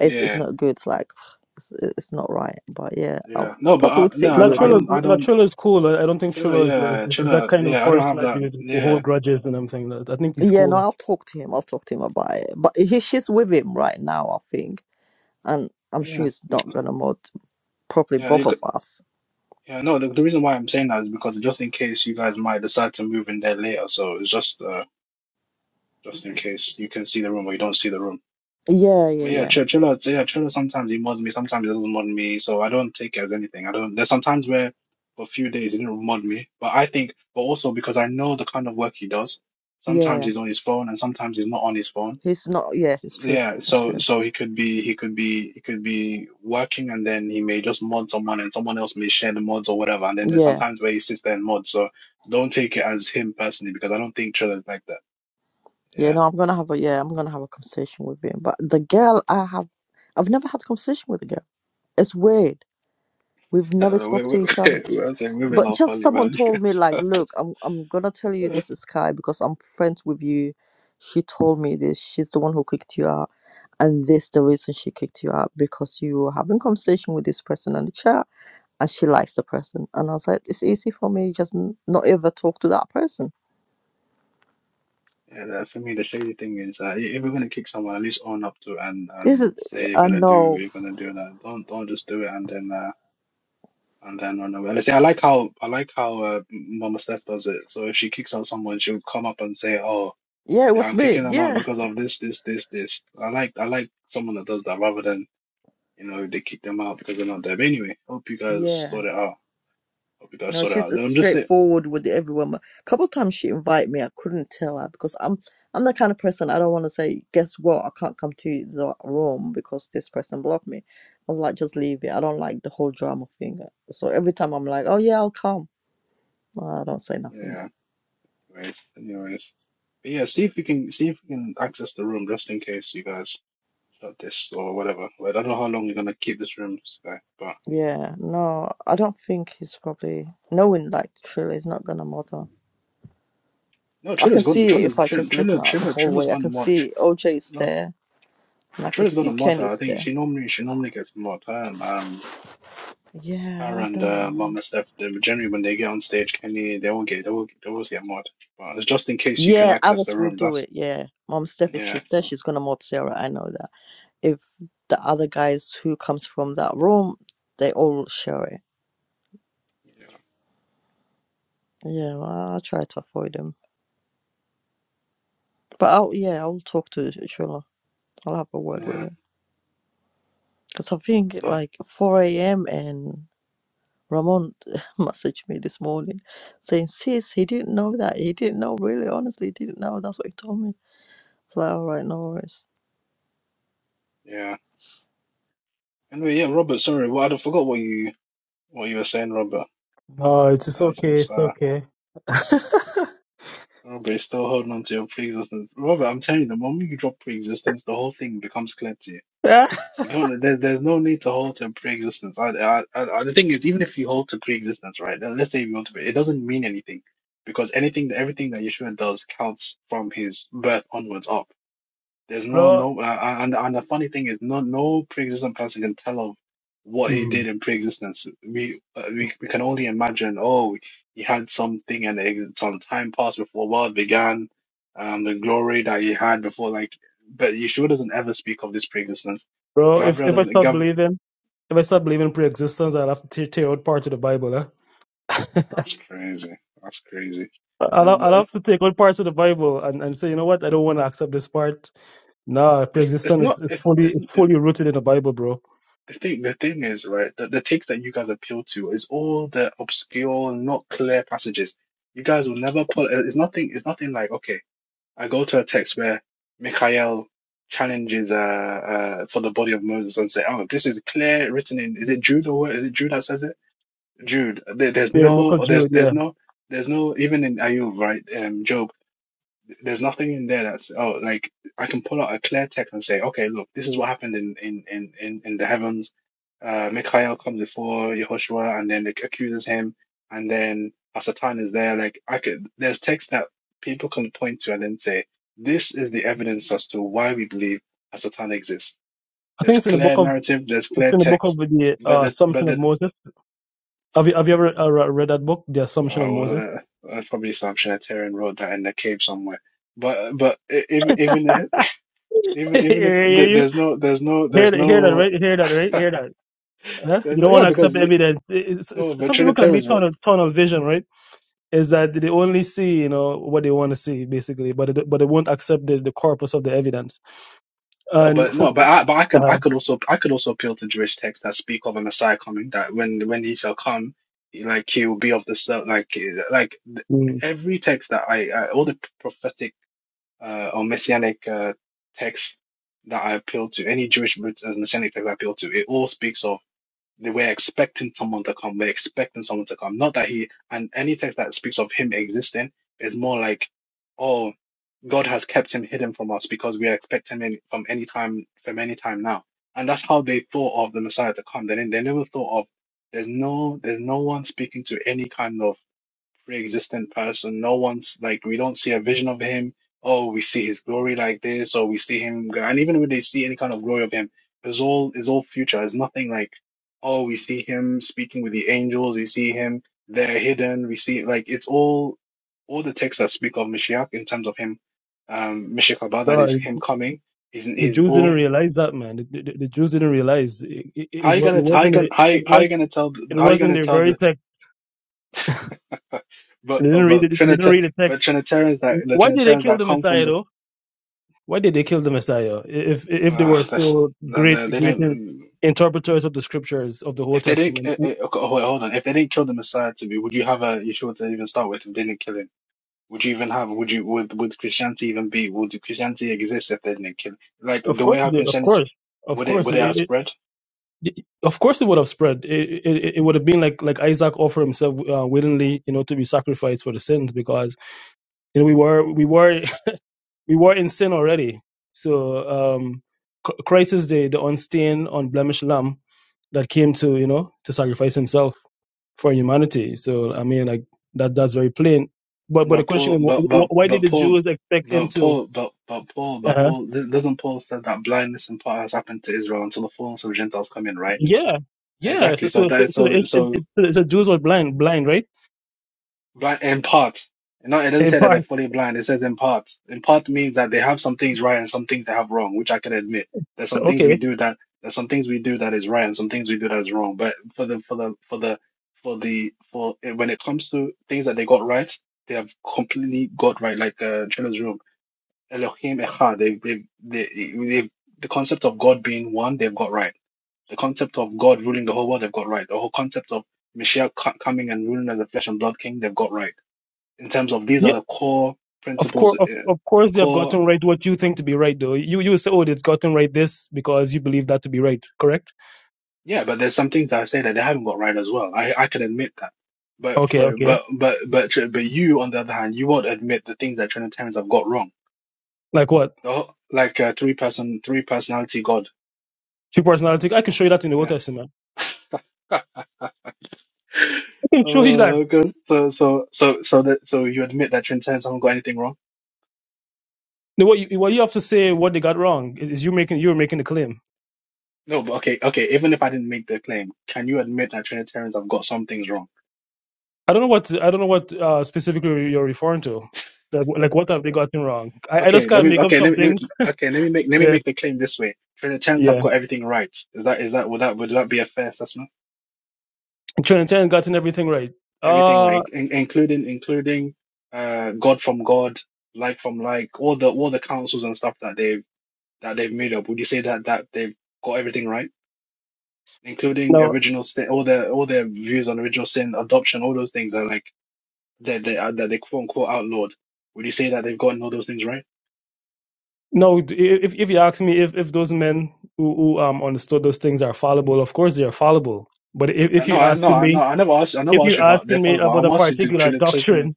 Speaker 1: it's
Speaker 3: Yeah.
Speaker 1: it's not good. It's like [sighs] it's, it's not right. But yeah, I
Speaker 3: Yeah. No, but
Speaker 1: probably
Speaker 3: I,
Speaker 1: would
Speaker 3: no,
Speaker 1: sit
Speaker 3: I
Speaker 4: Not
Speaker 3: don't.
Speaker 1: with
Speaker 3: I
Speaker 4: Trilla,
Speaker 1: him.
Speaker 3: don't. I
Speaker 4: not
Speaker 3: don't.
Speaker 4: Trilla is cool. I I don't think
Speaker 3: Chilla,
Speaker 4: Trilla is like
Speaker 3: yeah,
Speaker 4: is that
Speaker 3: chilla,
Speaker 4: kind of
Speaker 3: yeah. I don't
Speaker 4: person
Speaker 3: have
Speaker 4: that you
Speaker 3: that.
Speaker 4: would
Speaker 3: Yeah,
Speaker 4: hold grudges and everything. That I think he's
Speaker 1: Yeah, no,
Speaker 4: cool.
Speaker 1: I'll talk to him. I'll talk to him about it. But he, she's with him right now, I think, and I'm sure
Speaker 3: yeah,
Speaker 1: it's not gonna mod probably
Speaker 3: yeah.
Speaker 1: both
Speaker 3: You
Speaker 1: of
Speaker 3: could,
Speaker 1: us.
Speaker 3: yeah. No, the, the reason why I'm saying that is because just in case you guys might decide to move in there later. So it's just, uh, just in case you can see the room or you don't see the room.
Speaker 1: Yeah, yeah,
Speaker 3: But yeah,
Speaker 1: yeah,
Speaker 3: chill, chilla, so yeah, chilla. Sometimes he mods me, sometimes he doesn't mod me. So I don't take it as anything. I don't. There's sometimes where for a few days he didn't mod me, but I think, but also because I know the kind of work he does. Sometimes
Speaker 1: yeah.
Speaker 3: he's on his phone and sometimes he's not on his phone.
Speaker 1: He's not. Yeah, it's true.
Speaker 3: Yeah,
Speaker 1: It's
Speaker 3: so
Speaker 1: true.
Speaker 3: so he could be he could be he could be working and then he may just mod someone and someone else may share the mods or whatever. And then there's
Speaker 1: Yeah,
Speaker 3: sometimes where he sits there and mods. So don't take it as him personally because I don't think Trilla's like that.
Speaker 1: yeah.
Speaker 3: Yeah.
Speaker 1: No, I'm gonna have a yeah. I'm gonna have a conversation with him. But the girl, I have, I've never had a conversation with a girl. It's weird. We've
Speaker 3: I
Speaker 1: never
Speaker 3: don't know. We,
Speaker 1: spoke to
Speaker 3: we,
Speaker 1: each other.
Speaker 3: [laughs] we, I'm saying women
Speaker 1: but
Speaker 3: are
Speaker 1: just
Speaker 3: funny,
Speaker 1: someone
Speaker 3: man. [laughs] You
Speaker 1: told me like
Speaker 3: guys.
Speaker 1: look i'm i'm gonna tell you this
Speaker 3: [laughs]
Speaker 1: sky because i'm friends with you she told me this she's the one who kicked you out and this the reason she kicked you out because you were having conversation with this person on the chat and she likes the person and i was like it's easy for me just n- not ever talk to that person
Speaker 3: Yeah, that- for me the shady thing is uh, i- if you're gonna kick someone, at least own up to it and
Speaker 1: this is
Speaker 3: and say you're
Speaker 1: i
Speaker 3: gonna do
Speaker 1: know
Speaker 3: you're gonna do that. Don't don't just do it and then uh, And then on the way. Let's say I like how I like how uh, Mama Steph does it. So if she kicks out someone, she'll come up and say, "Oh,
Speaker 1: yeah it
Speaker 3: yeah,
Speaker 1: was
Speaker 3: I'm
Speaker 1: me
Speaker 3: kicking them out
Speaker 1: yeah
Speaker 3: because of this, this, this, this." I like I like someone that does that rather than you know they kick them out because they're not there. But anyway, hope you
Speaker 1: [laughs]
Speaker 3: guys
Speaker 1: yeah
Speaker 3: sort it out. Hope you guys
Speaker 1: No,
Speaker 3: sort it
Speaker 1: she's
Speaker 3: out.
Speaker 1: as
Speaker 3: I'm just it.
Speaker 1: straightforward with everyone. woman. A couple of times she invited me, I couldn't tell her because I'm I'm the kind of person I don't want to say, guess what, I can't come to the room because this person blocked me. I was like, just
Speaker 3: Mm,
Speaker 1: leave it. I don't like the whole drama thing. So every time I'm like, oh yeah, I'll come. No, I don't say nothing.
Speaker 3: Yeah. Anyways, anyways. But yeah, see if you can see if you can access the room just in case you guys. about this or whatever. Like, I don't know how long you're gonna keep this room, this guy. But
Speaker 1: Yeah, no, I don't think he's probably knowing like truly it's not gonna matter.
Speaker 3: no,
Speaker 1: I can
Speaker 3: Trilla's gone.
Speaker 1: see it
Speaker 3: Trilla's
Speaker 1: if I
Speaker 3: Trilla
Speaker 1: just look
Speaker 3: Trilla
Speaker 1: now the
Speaker 3: Trilla
Speaker 1: whole
Speaker 3: Trilla's
Speaker 1: way. I can
Speaker 3: gone mod.
Speaker 1: see OJ is
Speaker 3: No,
Speaker 1: there and I can
Speaker 3: Trilla's gone
Speaker 1: see
Speaker 3: to mod.
Speaker 1: Ken
Speaker 3: her. I
Speaker 1: is
Speaker 3: think
Speaker 1: there.
Speaker 3: she normally she normally gets mod. Her and um
Speaker 1: Yeah,
Speaker 3: her
Speaker 1: I
Speaker 3: and
Speaker 1: don't know,
Speaker 3: uh,
Speaker 1: man.
Speaker 3: Mama Steph. They, generally, when they get on stage, Kenny they all get they all they always get mod. But it's just in case you can
Speaker 1: Yeah,
Speaker 3: access the
Speaker 1: others will
Speaker 3: room.
Speaker 1: do
Speaker 3: That's
Speaker 1: it. Yeah, Mom Steph, if
Speaker 3: yeah.
Speaker 1: she's there,
Speaker 3: So
Speaker 1: she's gonna mod Sarah. I know that. If the other guys who comes from that room, they all share it.
Speaker 3: yeah,
Speaker 1: Yeah, well, I'll try to avoid them. But I'll yeah, I'll talk to Shula. I'll have a word with
Speaker 3: yeah,
Speaker 1: her because I think
Speaker 3: yeah,
Speaker 1: like four a.m. and Ramon [laughs] messaged me this morning saying, "Sis, he didn't know that. He didn't know. Really, honestly, he didn't know. That's what he told me." It's like, all right, no worries.
Speaker 3: yeah. Anyway, yeah, Robert. Sorry, well, I forgot what you what you were saying, Robert.
Speaker 4: No, it's it's
Speaker 3: Uh,
Speaker 4: okay.
Speaker 3: Since
Speaker 4: It's
Speaker 3: uh,
Speaker 4: okay. [laughs]
Speaker 3: Robert's still holding on to your pre-existence. Robert, I'm telling you, the moment you drop pre-existence, the whole thing becomes clear to you.
Speaker 4: yeah,
Speaker 3: You don't. There's there's no need to hold to pre-existence. I, I, I, the thing is, even if you hold to pre-existence, right? then Let's say you hold to it, it doesn't mean anything because anything, everything that Yeshua does counts from his birth onwards up. There's no
Speaker 4: bro,
Speaker 3: no, uh, uh, and and the funny thing is, no no pre-existent person can tell of what he did
Speaker 4: Mm.
Speaker 3: in pre-existence. We uh, we we can only imagine. Oh, he had something, and it, some time passed before world began, um, the glory that he had before. Like, but Yeshua doesn't ever speak of this pre-existence.
Speaker 4: bro. If
Speaker 3: Gabriel
Speaker 4: if I
Speaker 3: doesn't.
Speaker 4: start
Speaker 3: Gav,
Speaker 4: believing, if I start believing pre-existence, I'll have to tear, tear out part of the Bible. Eh? [laughs]
Speaker 3: that's crazy. That's crazy.
Speaker 4: I
Speaker 3: So,
Speaker 4: will I
Speaker 3: but
Speaker 4: love to take all parts of the Bible and, and say, you know what, I don't want to accept this part. Nah,
Speaker 3: it's it's
Speaker 4: pre-existence
Speaker 3: not.
Speaker 4: is, is
Speaker 3: It's
Speaker 4: fully it's
Speaker 3: it's.
Speaker 4: fully rooted in the Bible, bro.
Speaker 3: The thing, the thing is, right, the, the takes that you guys appeal to is all the obscure, not clear passages. You guys will never pull. It's nothing. It's nothing like okay. I go to a text where Mikhail challenges uh, uh for the body of Moses and say, oh, this is clear written in. Is it Jude or what? Is it Jude that says it? Jude. There, there's
Speaker 4: Yeah, the book of
Speaker 3: no. There's
Speaker 4: Jude.
Speaker 3: there's
Speaker 4: Yeah,
Speaker 3: no. There's no even in Ayub, right? Um, Job there's nothing in there that's oh like I can pull out a clear text and say, okay, look, this is what happened in in in in, in the heavens. Uh, Mikhail comes before Yehoshua and then it accuses him, and then Hasatan is there. Like I could, there's text that people can point to and then say, this is the evidence as to why we believe Hasatan exists.
Speaker 4: I
Speaker 3: There's
Speaker 4: think it's in the book
Speaker 3: clear
Speaker 4: of
Speaker 3: narrative, there's
Speaker 4: it's
Speaker 3: clear
Speaker 4: in the book of
Speaker 3: text,
Speaker 4: the
Speaker 3: but
Speaker 4: uh,
Speaker 3: the but
Speaker 4: Assumption
Speaker 3: the
Speaker 4: of Moses. Have you have you ever uh, re- read that book, The Assumption
Speaker 3: uh,
Speaker 4: of
Speaker 3: well,
Speaker 4: Moses?
Speaker 3: uh, uh, probably some Trinitarian wrote that in the cave somewhere. But but e- even even Even
Speaker 4: [laughs]
Speaker 3: even if
Speaker 4: hear
Speaker 3: th-
Speaker 4: you
Speaker 3: there's no there's no
Speaker 4: hear
Speaker 3: there's
Speaker 4: that, hear that
Speaker 3: no
Speaker 4: right hear that right
Speaker 3: [laughs]
Speaker 4: hear that. Huh?
Speaker 3: there's
Speaker 4: You
Speaker 3: no
Speaker 4: don't want
Speaker 3: yeah
Speaker 4: to
Speaker 3: because
Speaker 4: accept
Speaker 3: you,
Speaker 4: evidence. It's, it's,
Speaker 3: no but
Speaker 4: some people can be
Speaker 3: Trinitarianism
Speaker 4: tunnel tunnel vision, right? Is that they only see you know what they want to see basically, but they, but they won't accept the, the corpus of the evidence.
Speaker 3: no
Speaker 4: And
Speaker 3: but
Speaker 4: for
Speaker 3: no but I but I can I
Speaker 4: Uh,
Speaker 3: could also I could also appeal to Jewish texts that speak of a Messiah coming that when when he shall come he- like he will be of the ser- like eh, like th-
Speaker 4: mm.
Speaker 3: every text that I, I all the prophetic uh, or messianic uh, texts that I appeal to any Jewish messianic text I appeal to it all speaks of. They were expecting someone to come. We're expecting someone to come. Not that he, and any text that speaks of him existing is more like, oh, God has kept him hidden from us because we are expecting him from any time, from any time now. And that's how they thought of the Messiah to come. They, didn't- they never thought of, there's no, there's no one speaking to any kind of pre-existent person. No one's like we don't see a vision of him. Oh, we see his glory like this, or we see him. And even when they see any kind of glory of him, it's all it's all future. It's nothing like oh, we see him speaking with the angels. We see him there hidden. We see like it's all all the texts that speak of Mashiach in terms of him, um, Mashiach Haba, that
Speaker 4: No,
Speaker 3: is
Speaker 4: it-
Speaker 3: him coming. Is
Speaker 4: the
Speaker 3: is
Speaker 4: Jews didn't
Speaker 3: all.
Speaker 4: realize that, man. The, the, the Jews didn't realize it, it,
Speaker 3: How
Speaker 4: it,
Speaker 3: you
Speaker 4: wa- it
Speaker 3: gonna how you
Speaker 4: wasn't
Speaker 3: gonna
Speaker 4: the-
Speaker 3: how
Speaker 4: it
Speaker 3: you, how
Speaker 4: was
Speaker 3: you gonna tell the-
Speaker 4: it
Speaker 3: how you
Speaker 4: wasn't
Speaker 3: gonna
Speaker 4: their
Speaker 3: tell
Speaker 4: very
Speaker 3: the
Speaker 4: text.
Speaker 3: [laughs]
Speaker 4: They
Speaker 3: but
Speaker 4: didn't
Speaker 3: uh,
Speaker 4: read
Speaker 3: but
Speaker 4: it. They didn't
Speaker 3: Trinita
Speaker 4: read the
Speaker 3: but
Speaker 4: text.
Speaker 3: Trinitarians that the
Speaker 4: Why did they
Speaker 3: Trinitarians
Speaker 4: kill
Speaker 3: that
Speaker 4: the
Speaker 3: come from
Speaker 4: Messiah
Speaker 3: the
Speaker 4: though? Why did they kill the Messiah if if they were
Speaker 3: Ah, that's
Speaker 4: so
Speaker 3: no,
Speaker 4: great
Speaker 3: no, they
Speaker 4: great in-
Speaker 3: don't.
Speaker 4: interpreters of the scriptures of the
Speaker 3: If
Speaker 4: Old
Speaker 3: they didn't,
Speaker 4: Testament?
Speaker 3: eh, eh, okay, oh, wait, hold on. If they didn't kill the Messiah to be, would you have a Yeshua to even start with if they didn't kill him? Would you even have? Would you? Would would Christianity even be? Would Christianity exist if they didn't kill? Like
Speaker 4: Of
Speaker 3: the way
Speaker 4: course,
Speaker 3: how
Speaker 4: they- of
Speaker 3: Christianity sp-
Speaker 4: course, of
Speaker 3: would it
Speaker 4: course.
Speaker 3: would it
Speaker 4: It,
Speaker 3: have
Speaker 4: it,
Speaker 3: spread?
Speaker 4: of course, it would have spread. It, it, it would have been like like Isaac offered himself uh, willingly, you know, to be sacrificed for the sins, because you know we were we were [laughs] we were in sin already. So um, C- Christ is the, the unstained, unblemished lamb that came to, you know, to sacrifice himself for humanity. So, I mean, like, that that's very plain. But but the
Speaker 3: But
Speaker 4: question
Speaker 3: Paul,
Speaker 4: is, wh-
Speaker 3: but but
Speaker 4: wh- why did
Speaker 3: but
Speaker 4: the
Speaker 3: Paul,
Speaker 4: Jews expect him
Speaker 3: but
Speaker 4: to?
Speaker 3: Paul, but but Paul, but
Speaker 4: Uh-huh.
Speaker 3: Paul, doesn't Paul said that blindness in part has happened to Israel until the fullness of Gentiles come in, right?
Speaker 4: Yeah. Yeah.
Speaker 3: Exactly.
Speaker 4: So,
Speaker 3: So
Speaker 4: so, so,
Speaker 3: that
Speaker 4: so, the,
Speaker 3: so
Speaker 4: it, it,
Speaker 3: so
Speaker 4: it- so the so the Jews were blind, blind, right?
Speaker 3: blind in part. No, it doesn't
Speaker 4: In
Speaker 3: say that they're
Speaker 4: part.
Speaker 3: fully blind. It says in part. In part means that they have some things right and some things they have wrong, which I can admit. There's some things we
Speaker 4: Okay.
Speaker 3: do that there's some things we do that is right and some things we do that is wrong. But for the for the for the for the for when it comes to things that they got right, they have completely got right. Like uh, Children's Room, Elohim Echad. They they they they the concept of God being one, they've got right. The concept of God ruling the whole world, they've got right. The whole concept of Mashiach co- coming and ruling as a flesh and blood king, they've got right. In terms of these are
Speaker 4: Yeah.
Speaker 3: the core
Speaker 4: Of
Speaker 3: principles,
Speaker 4: course, of,
Speaker 3: uh,
Speaker 4: of course, they have
Speaker 3: core,
Speaker 4: gotten right what you think to be right, though. You you would say, oh, they've gotten right this because you believe that to be right, correct?
Speaker 3: yeah, but there's some things that I say that they haven't got right as well. I, I can admit that. But
Speaker 4: Okay,
Speaker 3: for,
Speaker 4: okay.
Speaker 3: but, but, but, tr- but you, on the other hand, you won't admit the things that Trinitarians have got wrong.
Speaker 4: Like what?
Speaker 3: The whole, like uh, three person, three personality God.
Speaker 4: Two personality. I can show you that in the Old
Speaker 3: Yeah.
Speaker 4: Testament.
Speaker 3: [laughs]
Speaker 4: I can show you that.
Speaker 3: Uh, 'cause so so so so that so you admit that Trinitarians haven't got anything wrong?
Speaker 4: No, What you, what you have to say, what they got wrong, is, is you making you're making the claim.
Speaker 3: No, but okay, okay. Even if I didn't make the claim, can you admit that Trinitarians have got some things wrong?
Speaker 4: I don't know what I don't know what uh, specifically you're referring to. Like, like what have they gotten wrong? I, I just
Speaker 3: Okay, let
Speaker 4: can't
Speaker 3: me.
Speaker 4: make up
Speaker 3: Okay, let me. Let
Speaker 4: something.
Speaker 3: me okay, let me make. Let me
Speaker 4: Yeah,
Speaker 3: make the claim this way. Trinitarians have
Speaker 4: yeah.
Speaker 3: got everything right. Is that? Is that? Would that? Would that be a fair assessment?
Speaker 4: Trinitarian gotten everything right.
Speaker 3: Everything
Speaker 4: Uh,
Speaker 3: right, in, including including uh God from God, like from like, all the all the councils and stuff that they've that they've made up. Would you say that that they've got everything right, including
Speaker 4: no,
Speaker 3: original sin, all their all their views on original sin, adoption, all those things are like that they are that they quote unquote outlawed, would you say that they've gotten all those things right?
Speaker 4: no. d- If if you ask me if if those men who, who um understood those things are fallible, of course they are fallible. But if
Speaker 3: Uh,
Speaker 4: if
Speaker 3: No,
Speaker 4: you
Speaker 3: I no,
Speaker 4: asking
Speaker 3: I no,
Speaker 4: me
Speaker 3: I never asked. I never
Speaker 4: if
Speaker 3: asked
Speaker 4: you're
Speaker 3: you about their
Speaker 4: asking me
Speaker 3: follow, but
Speaker 4: about
Speaker 3: I'm
Speaker 4: a
Speaker 3: asking you to
Speaker 4: particular doctrine
Speaker 3: Trinitarian.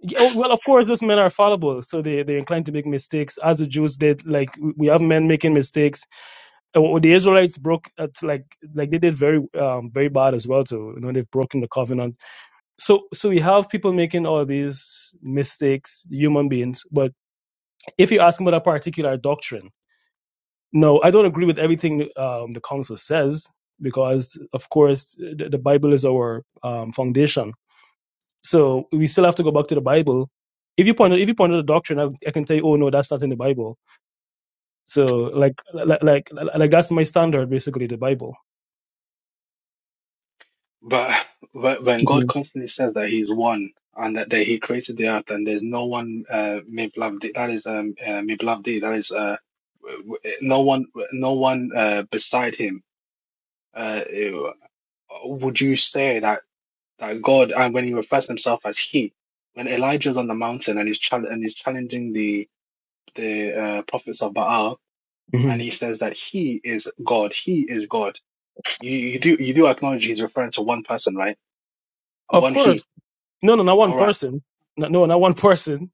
Speaker 4: Yeah, oh, well, of course, those men are fallible, so they they're inclined to make mistakes, as the Jews did. Like we have men making mistakes. And the Israelites broke, it's like like they did very um very bad as well. So you know they've broken the covenant. So so we have people making all these mistakes, human beings. But if you ask me about a particular doctrine, no, I don't agree with everything um, the council says because of course the, the Bible is our um, foundation so we still have to go back to the Bible. If you point out, if you point out a doctrine, I, I can tell you, oh no, that's not in the Bible. So like like like, like that's my standard basically, the Bible.
Speaker 3: But but when
Speaker 4: hmm
Speaker 3: God constantly says that He's one and that, that He created the earth and there's no one uh miblavdi, that is um uh, miblavdi, that is uh w- w- no one no one uh beside Him. Uh, eh, would you say that that God and when He refers to Himself as He, when Elijah's on the mountain and he's chal- and he's challenging the the uh, prophets of Baal,
Speaker 4: hmm
Speaker 3: and he says that he is God. He is God. You, you do you do acknowledge he's referring to one person, right?
Speaker 4: Of
Speaker 3: One he.
Speaker 4: course, no, no, not one
Speaker 3: All right.
Speaker 4: person, no, no, not one [laughs] person.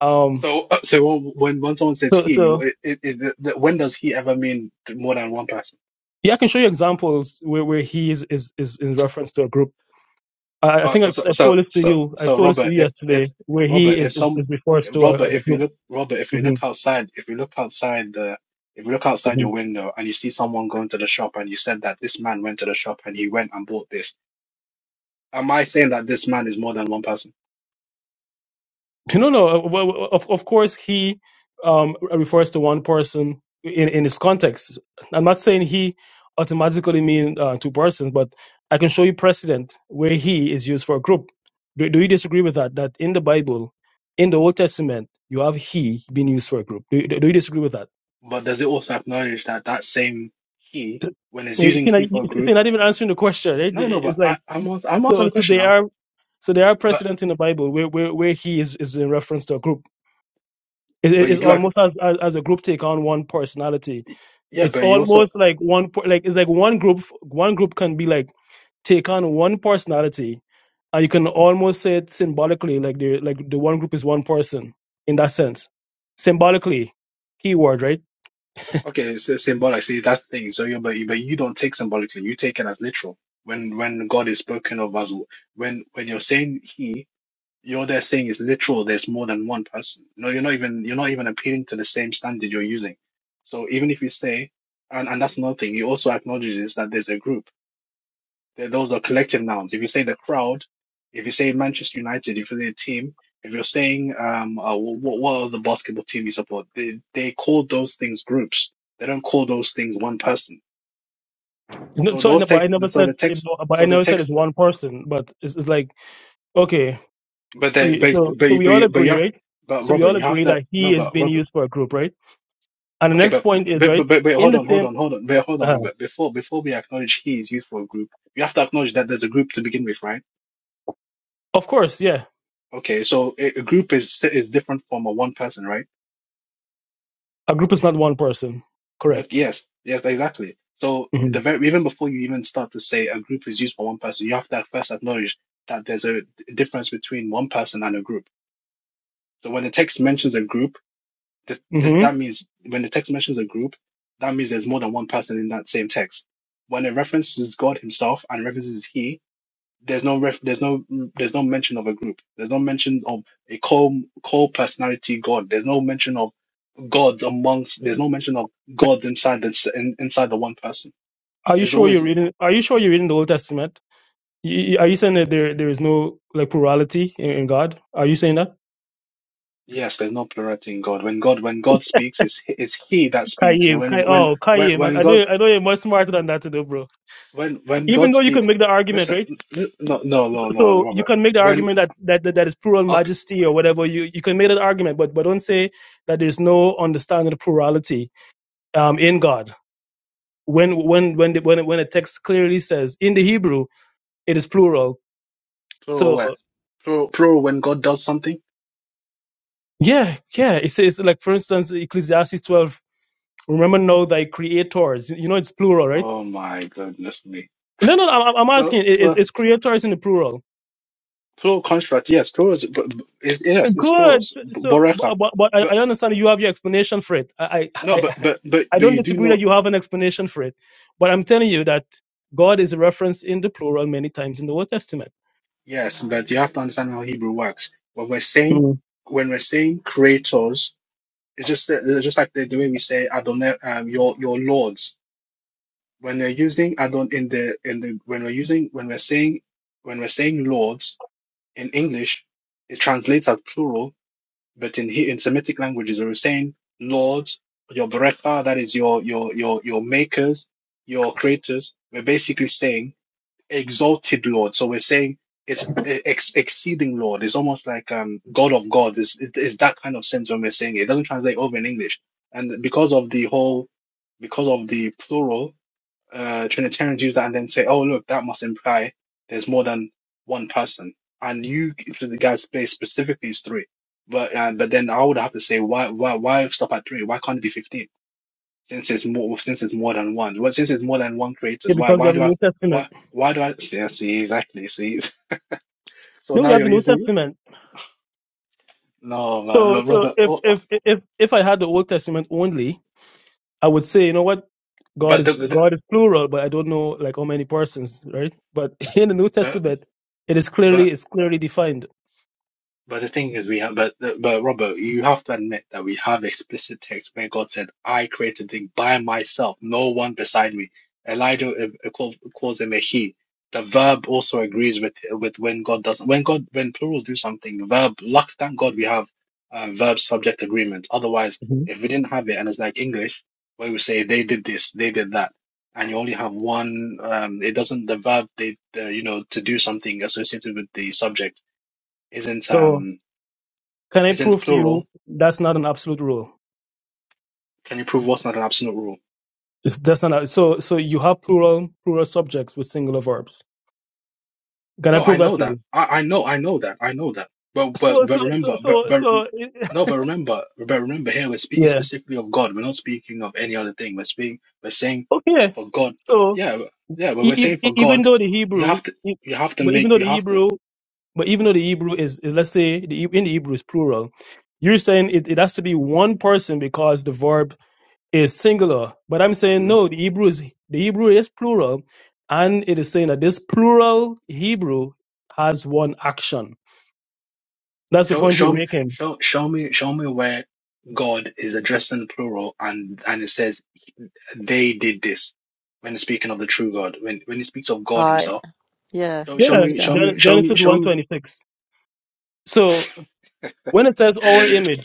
Speaker 4: Um,
Speaker 3: So uh, so when when someone says
Speaker 4: so
Speaker 3: he,
Speaker 4: so
Speaker 3: you- it, it, it, the, when does he ever mean more than one person?
Speaker 4: yeah, I can show you examples where, where he is, is is in reference to a group. I, I
Speaker 3: Uh,
Speaker 4: think I've,
Speaker 3: so,
Speaker 4: I've
Speaker 3: so
Speaker 4: told this to
Speaker 3: so
Speaker 4: you. I've
Speaker 3: so
Speaker 4: told this to
Speaker 3: Robert,
Speaker 4: you
Speaker 3: if if
Speaker 4: yesterday, where he
Speaker 3: Robert, if
Speaker 4: is is,
Speaker 3: some
Speaker 4: is referred to
Speaker 3: Robert,
Speaker 4: as a
Speaker 3: if you
Speaker 4: group.
Speaker 3: look Robert, if you look outside, if you look outside the if you look outside
Speaker 4: Mhm.
Speaker 3: your window and you see someone going to the shop and you said that this man went to the shop and he went and bought this am I saying that this man is more than one person?
Speaker 4: No, no. no. uh, well, well, Of of course, he um, refers to one person in in his context. I'm not saying he automatically mean uh, two persons, but I can show you precedent where he is used for a group. Do, do you disagree with that? That in the Bible, in the Old Testament, you have he being used for a group. Do, you- do you disagree with that?
Speaker 3: But does it also acknowledge that that same he, when it's
Speaker 4: You
Speaker 3: using
Speaker 4: see, like,
Speaker 3: he for a
Speaker 4: It's
Speaker 3: group?
Speaker 4: not even answering the question. Right?
Speaker 3: No, no. But
Speaker 4: It's
Speaker 3: I,
Speaker 4: like
Speaker 3: I'm ans- I'm answering
Speaker 4: so.
Speaker 3: the
Speaker 4: So
Speaker 3: question
Speaker 4: they
Speaker 3: now.
Speaker 4: are. So there are
Speaker 3: But
Speaker 4: precedent in the Bible where, where, where he is, is in reference to a group. It,
Speaker 3: but
Speaker 4: it-
Speaker 3: you
Speaker 4: it's
Speaker 3: do act.
Speaker 4: almost as, as as a group take on one personality.
Speaker 3: Yeah,
Speaker 4: It's
Speaker 3: but you also
Speaker 4: almost like one per- like it's like one group one group can be like take on one personality, and you can almost say it symbolically like the like the one group is one person in that sense, symbolically, keyword right.
Speaker 3: okay. So symbolic. See that thing. So you but you, but you don't take symbolically. You take it as literal. When when God is spoken of as when when you're saying he. You're there saying it's literal. There's more than one person. No, you're not even you're not even appealing to the same standard you're using. So even if you say, and and that's another thing, you also acknowledge this that there's a group. Th- Those are collective nouns. If you say the crowd, if you say Manchester United, if you say a team, if you're saying um, uh, what what are the basketball team you support? They they call those things groups. They don't call those things one person.
Speaker 4: No,
Speaker 3: So
Speaker 4: So, I
Speaker 3: those
Speaker 4: ne- but I
Speaker 3: text,
Speaker 4: never
Speaker 3: so the
Speaker 4: said
Speaker 3: text,
Speaker 4: but I
Speaker 3: so the
Speaker 4: never said it's
Speaker 3: text,
Speaker 4: one person, but it's, it's like okay,
Speaker 3: but
Speaker 4: so
Speaker 3: they,
Speaker 4: you-
Speaker 3: but
Speaker 4: so so
Speaker 3: but
Speaker 4: we all
Speaker 3: but but you
Speaker 4: agree,
Speaker 3: have,
Speaker 4: right?
Speaker 3: but
Speaker 4: So we
Speaker 3: Robert,
Speaker 4: all
Speaker 3: you have
Speaker 4: agree
Speaker 3: to
Speaker 4: that
Speaker 3: no,
Speaker 4: he is
Speaker 3: but
Speaker 4: being
Speaker 3: Robert.
Speaker 4: used for a group, right? And the
Speaker 3: Okay,
Speaker 4: next
Speaker 3: but
Speaker 4: point is
Speaker 3: but
Speaker 4: right
Speaker 3: but but wait,
Speaker 4: in
Speaker 3: hold
Speaker 4: the
Speaker 3: on, hold
Speaker 4: same.
Speaker 3: on, hold on, wait, hold on,
Speaker 4: uh
Speaker 3: Robert. Before before we acknowledge he is used for a group, you have to acknowledge that there's a group to begin with, right?
Speaker 4: of course, yes.
Speaker 3: Okay, so a, a group is is different from a one person, right?
Speaker 4: A group is not one person.
Speaker 3: Uh,
Speaker 4: Correct.
Speaker 3: Yes, yes, exactly. So
Speaker 4: hmm
Speaker 3: the very even before you even start to say a group is used for one person, you have to first acknowledge that there's a difference between one person and a group. So when the text mentions a group, that that
Speaker 4: hmm
Speaker 3: that means when the text mentions a group, that means there's more than one person in that same text. When it references God Himself and references He There's no ref, there's no there's no mention of a group. There's no mention of a core core personality God. There's no mention of gods amongst. There's no mention of gods inside the in, inside the one person.
Speaker 4: Are you
Speaker 3: There's
Speaker 4: sure you're
Speaker 3: always
Speaker 4: reading? Are you sure you're reading the Old Testament? Y- y- Are you saying that there there is no like plurality in, in God? Are you saying that?
Speaker 3: yes. There's no plurality in God. When God when God speaks, is is He that speaks. And
Speaker 4: Kaim,
Speaker 3: when
Speaker 4: Kai,
Speaker 3: when
Speaker 4: oh
Speaker 3: when
Speaker 4: Kaim, I
Speaker 3: when
Speaker 4: I know
Speaker 3: God
Speaker 4: you- I know you're much smarter than that, though, bro.
Speaker 3: when when
Speaker 4: Even
Speaker 3: God
Speaker 4: though you can
Speaker 3: speaks,
Speaker 4: make the argument,
Speaker 3: listen.
Speaker 4: right?
Speaker 3: No no
Speaker 4: So
Speaker 3: no
Speaker 4: so
Speaker 3: no
Speaker 4: you
Speaker 3: Robert.
Speaker 4: can make the
Speaker 3: When
Speaker 4: argument that that that, that is plural
Speaker 3: ok,
Speaker 4: majesty or whatever. You you can make that argument, but but don't say that there's no understanding of plurality um, in God. When when when the, when when the text clearly says in the Hebrew it is plural.
Speaker 3: plural
Speaker 4: So
Speaker 3: where plural plural when God does something.
Speaker 4: Yeah, yeah. It says, like, for instance, Ecclesiastes 12, remember now thy creators. You know, it's plural, right?
Speaker 3: Oh my goodness me.
Speaker 4: No, no, I'm, I'm
Speaker 3: So,
Speaker 4: asking, i-
Speaker 3: so
Speaker 4: is, is creators in the plural?
Speaker 3: plural construct. Yes, plural is, but, but it's, yes, it's
Speaker 4: Good.
Speaker 3: plurals.
Speaker 4: So,
Speaker 3: B-
Speaker 4: so,
Speaker 3: Boreka.
Speaker 4: but, but but I
Speaker 3: But
Speaker 4: I understand you have your explanation for it. I, I,
Speaker 3: no,
Speaker 4: I
Speaker 3: but but but
Speaker 4: I
Speaker 3: but
Speaker 4: don't
Speaker 3: you do
Speaker 4: disagree that
Speaker 3: not.
Speaker 4: you have an explanation for it, but I'm telling you that God is referenced in the plural many times in the Old Testament.
Speaker 3: Yes, but you have to understand how Hebrew works. When we're saying
Speaker 4: Mm.
Speaker 3: when we're saying creators, it's just that- it's just like the, the way we say Adonai, um, your your lords. When we're using Adon in the in the when we're using when we're saying when we're saying lords in English, it translates as plural But in here in Semitic languages, we were saying lords, your bereka, that is your your your your makers, your creators. We're basically saying exalted lord. So we're saying it's e, ex- exceeding lord. It's almost like um god of gods. It's, it- it's that kind of sense when we're saying it. It doesn't translate over in English, and because of the whole, because of the plural uh, Trinitarians use that and then say, oh, look, that must imply there's more than one person. And you, the guys play specifically is three. But, uh, but then I would have to say, why, why, why stop at three? Why can't it be 15? Since it's more, since it's more than one. Well, since it's more than one
Speaker 4: Yeah,
Speaker 3: creators, why,
Speaker 4: because you
Speaker 3: why
Speaker 4: have the
Speaker 3: do I,
Speaker 4: New Testament.
Speaker 3: why, why do I see, I see, exactly, see. [laughs] So
Speaker 4: No, you
Speaker 3: now
Speaker 4: have the
Speaker 3: you're
Speaker 4: New
Speaker 3: using,
Speaker 4: Testament.
Speaker 3: no, man,
Speaker 4: So,
Speaker 3: but
Speaker 4: so
Speaker 3: Robert,
Speaker 4: if
Speaker 3: oh,
Speaker 4: if if if I had the Old Testament only, I would say, you know what? God
Speaker 3: but the,
Speaker 4: is
Speaker 3: the
Speaker 4: God is plural, but I don't know like how many persons, right? But [laughs] in the New
Speaker 3: but,
Speaker 4: Testament, it is
Speaker 3: but
Speaker 4: clearly it's clearly defined.
Speaker 3: But the thing is, we have, but, but Robert, you have to admit that we have explicit text where God said, I created things by myself, no one beside me. Elijah uh, uh, call- calls him a he. The verb also agrees with, with when God does when God, when plurals do something, the verb, luck, thank God we have uh, verb subject agreement. Otherwise,
Speaker 4: Mhm.
Speaker 3: if we didn't have it and it's like English, where we say they did this, they did that, and you only have one, um, it doesn't, the verb, they, uh, you know, to do something associated with the subject isn't,
Speaker 4: So
Speaker 3: um,
Speaker 4: can I
Speaker 3: isn't
Speaker 4: prove to you
Speaker 3: plural
Speaker 4: that's not an absolute rule?
Speaker 3: can you prove what's not an absolute rule
Speaker 4: It's that's not a- so so you have plural plural subjects with singular verbs. Can I
Speaker 3: no i
Speaker 4: prove that
Speaker 3: know
Speaker 4: to
Speaker 3: that
Speaker 4: you?
Speaker 3: i, I know i know that i know that but
Speaker 4: So
Speaker 3: but
Speaker 4: so
Speaker 3: but
Speaker 4: so
Speaker 3: remember but
Speaker 4: so,
Speaker 3: but
Speaker 4: so
Speaker 3: no but remember but remember here we're
Speaker 4: [laughs]
Speaker 3: speaking
Speaker 4: yeah.
Speaker 3: specifically of god we're not speaking of any other thing we're speaking we're saying
Speaker 4: Okay.
Speaker 3: for god
Speaker 4: So
Speaker 3: yeah but- yeah but we're
Speaker 4: e- e-
Speaker 3: saying
Speaker 4: e-
Speaker 3: for
Speaker 4: even
Speaker 3: god
Speaker 4: though the
Speaker 3: you
Speaker 4: Hebrew,
Speaker 3: have to
Speaker 4: e-
Speaker 3: you have to
Speaker 4: but even
Speaker 3: make
Speaker 4: though
Speaker 3: you
Speaker 4: the
Speaker 3: have to
Speaker 4: Hebrew, but even though the Hebrew is, is let's say the Heb- in the Hebrew is plural, you're saying it, it has to be one person because the verb is singular. But I'm saying
Speaker 3: hmm
Speaker 4: no, the Hebrew is the Hebrew is plural, and it is saying that this plural Hebrew has one action. That's the
Speaker 3: show
Speaker 4: point we're
Speaker 3: show
Speaker 4: making.
Speaker 3: show show me show me where god is addressing plural and and it says they did this when it's speaking of the true God, when when it speaks of God
Speaker 1: Right,
Speaker 3: Himself.
Speaker 1: yeah,
Speaker 3: Show, show
Speaker 4: Yeah,
Speaker 1: prove
Speaker 3: me, show
Speaker 1: that.
Speaker 3: me,
Speaker 4: Gen-
Speaker 3: show me,
Speaker 4: Genesis
Speaker 3: show
Speaker 4: one
Speaker 3: me.
Speaker 4: twenty six. So when it says our image,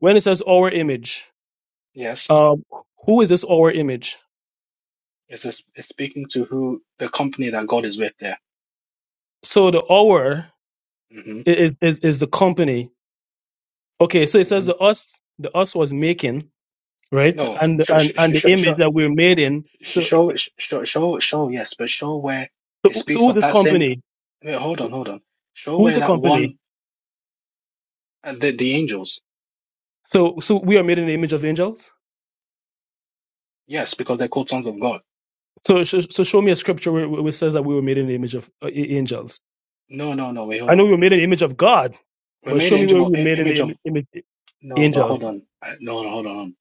Speaker 4: when it says our image,
Speaker 3: Yes,
Speaker 4: um, who is this our image?
Speaker 3: it's, it's it's speaking to who the company that God is with there.
Speaker 4: So the our
Speaker 3: hmm
Speaker 4: i- is, is is the company. Okay, so it says
Speaker 3: hmm
Speaker 4: the us, the us was making, right?
Speaker 3: No,
Speaker 4: And
Speaker 3: show,
Speaker 4: and
Speaker 3: show,
Speaker 4: and
Speaker 3: show,
Speaker 4: the image
Speaker 3: show,
Speaker 4: that we're made in. So
Speaker 3: show, show, show, show, yes, but show where it
Speaker 4: so, so
Speaker 3: speaks
Speaker 4: who's
Speaker 3: of
Speaker 4: this
Speaker 3: that same.
Speaker 4: company?
Speaker 3: Wait, hold on, hold on. Show
Speaker 4: Who's
Speaker 3: where
Speaker 4: the
Speaker 3: that
Speaker 4: company?
Speaker 3: one, uh, the the angels.
Speaker 4: So so we are made in the image of angels.
Speaker 3: Yes, because they're called sons of God.
Speaker 4: So so, so show me a scripture where, where it says that we were made in the image of uh, a- angels.
Speaker 3: No, no, no. Wait,
Speaker 4: I
Speaker 3: hold
Speaker 4: know
Speaker 3: on.
Speaker 4: we were made in the image of God,
Speaker 3: We
Speaker 4: but
Speaker 3: made
Speaker 4: show
Speaker 3: an
Speaker 4: me where
Speaker 3: image
Speaker 4: we were
Speaker 3: of.
Speaker 4: made in the
Speaker 3: Image of
Speaker 4: im- image
Speaker 3: no, but
Speaker 4: angels.
Speaker 3: hold on. Uh, No, no, hold on.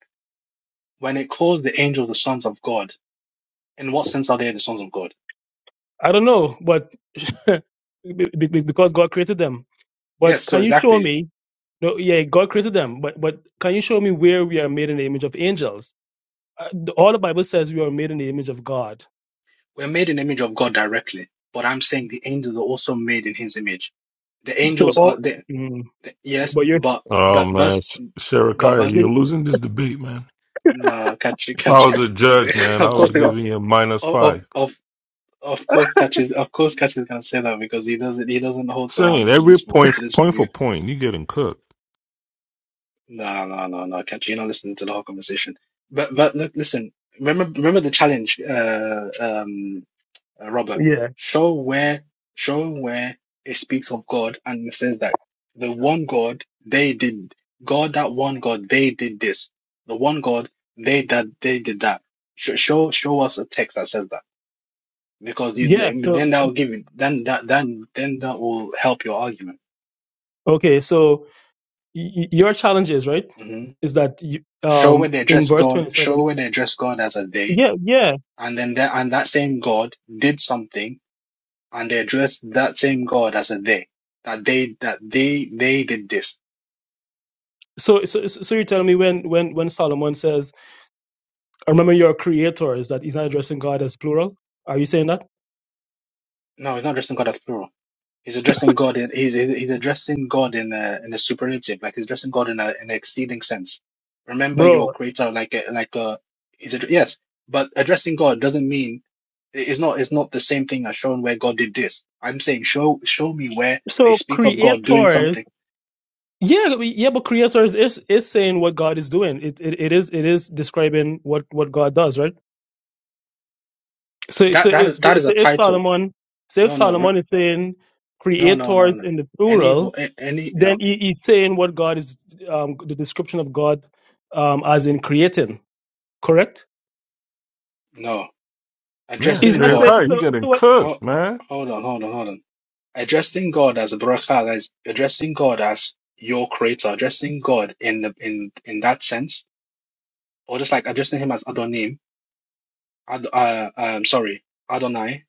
Speaker 3: when it calls the angels the sons of God, in what sense are they the sons of God?
Speaker 4: I don't know, but [laughs] be- be- because God created them.
Speaker 3: Yes,
Speaker 4: But
Speaker 3: so
Speaker 4: can you show
Speaker 3: exactly.
Speaker 4: me? No, yeah, God created them, but but can you show me where we are made in the image of angels? Uh, the- all the Bible says we are made in the image of God.
Speaker 3: We're made in the image of God directly, but I'm saying the angels are also made in his image. The
Speaker 4: So the,
Speaker 3: angels are
Speaker 4: all,
Speaker 3: the,
Speaker 4: mm,
Speaker 3: the- yes,
Speaker 4: but you're
Speaker 3: but
Speaker 5: Oh
Speaker 3: but
Speaker 5: man,
Speaker 3: verse
Speaker 5: Sh-
Speaker 3: but
Speaker 5: Sherikaya,
Speaker 3: verse
Speaker 5: you're losing this debate, man.
Speaker 3: no catchy
Speaker 5: If I
Speaker 3: catchy.
Speaker 5: was a
Speaker 3: [laughs]
Speaker 5: judge, man, I
Speaker 3: of course
Speaker 5: would
Speaker 3: they
Speaker 5: give
Speaker 3: go-
Speaker 5: you a minus
Speaker 3: of of
Speaker 5: five.
Speaker 3: of of course catchy is- of course catchy is gonna say that because he doesn't he doesn't hold to,
Speaker 5: Saying
Speaker 3: to
Speaker 5: every
Speaker 3: this
Speaker 5: point,
Speaker 3: to this
Speaker 5: point
Speaker 3: view.
Speaker 5: for point, you getting cooked,
Speaker 3: No, no, no, no, Catch you're not listening to the whole conversation. But but look, listen, remember remember the challenge, uh, um, uh, Robert.
Speaker 4: yeah
Speaker 3: Show where show where it speaks of God and it says that the one God they did God that one God they did this. The one God they that they did that. Show show show us a text that says that because you
Speaker 4: yeah. So
Speaker 3: then that will give you then that then then that will help your argument.
Speaker 4: okay, so y- y- your challenge is right
Speaker 3: hmm
Speaker 4: is that you,
Speaker 3: Show where
Speaker 4: um
Speaker 3: they
Speaker 4: in
Speaker 3: address
Speaker 4: verse
Speaker 3: God.
Speaker 4: twenty seven
Speaker 3: Show where they address God as a they
Speaker 4: yeah yeah.
Speaker 3: and then that and that same God did something, and they addressed that same God as a they. That they that they they did this.
Speaker 4: So so so you're telling me when when when Solomon says, "I remember your creator," is that he's not addressing God as plural? Are you saying that,
Speaker 3: No, he's not addressing God as plural. He's addressing God in he's he's he's addressing God in a in a superlative, like he's addressing God in a in an exceeding sense. Remember your
Speaker 4: bro?
Speaker 3: creator, like a like a he's addre- yes, but addressing God doesn't mean it's not it's not the same thing as showing where God did this. I'm saying show show me where they
Speaker 4: So
Speaker 3: speak of God doing
Speaker 4: creators
Speaker 3: something.
Speaker 4: Yeah, we- yeah, but creators is is saying what God is doing. It it, it is it is describing what what God does, right? So so
Speaker 3: That
Speaker 4: if
Speaker 3: that
Speaker 4: so
Speaker 3: that is a
Speaker 4: if
Speaker 3: title.
Speaker 4: Solomon so if
Speaker 3: No, no.
Speaker 4: Solomon is saying
Speaker 3: No, no, no,
Speaker 4: creators
Speaker 3: no.
Speaker 4: in the
Speaker 3: Any, vo-
Speaker 4: plural,
Speaker 3: a- any, no,
Speaker 4: then he, he's saying what God is um, the description of God um, as in creating, correct?
Speaker 3: no.
Speaker 5: man.
Speaker 4: He's
Speaker 3: Addressing
Speaker 4: not saying
Speaker 3: God.
Speaker 5: Sherikaya,
Speaker 4: so
Speaker 5: you getting
Speaker 4: so what.
Speaker 3: Oh,
Speaker 5: cooked, man.
Speaker 3: hold on, hold on, hold on. Addressing God as a barakah, guys. Addressing God as your creator. Addressing God in the in in that sense, or just like addressing Him as Adonim. Ad, uh, um, sorry, Adonai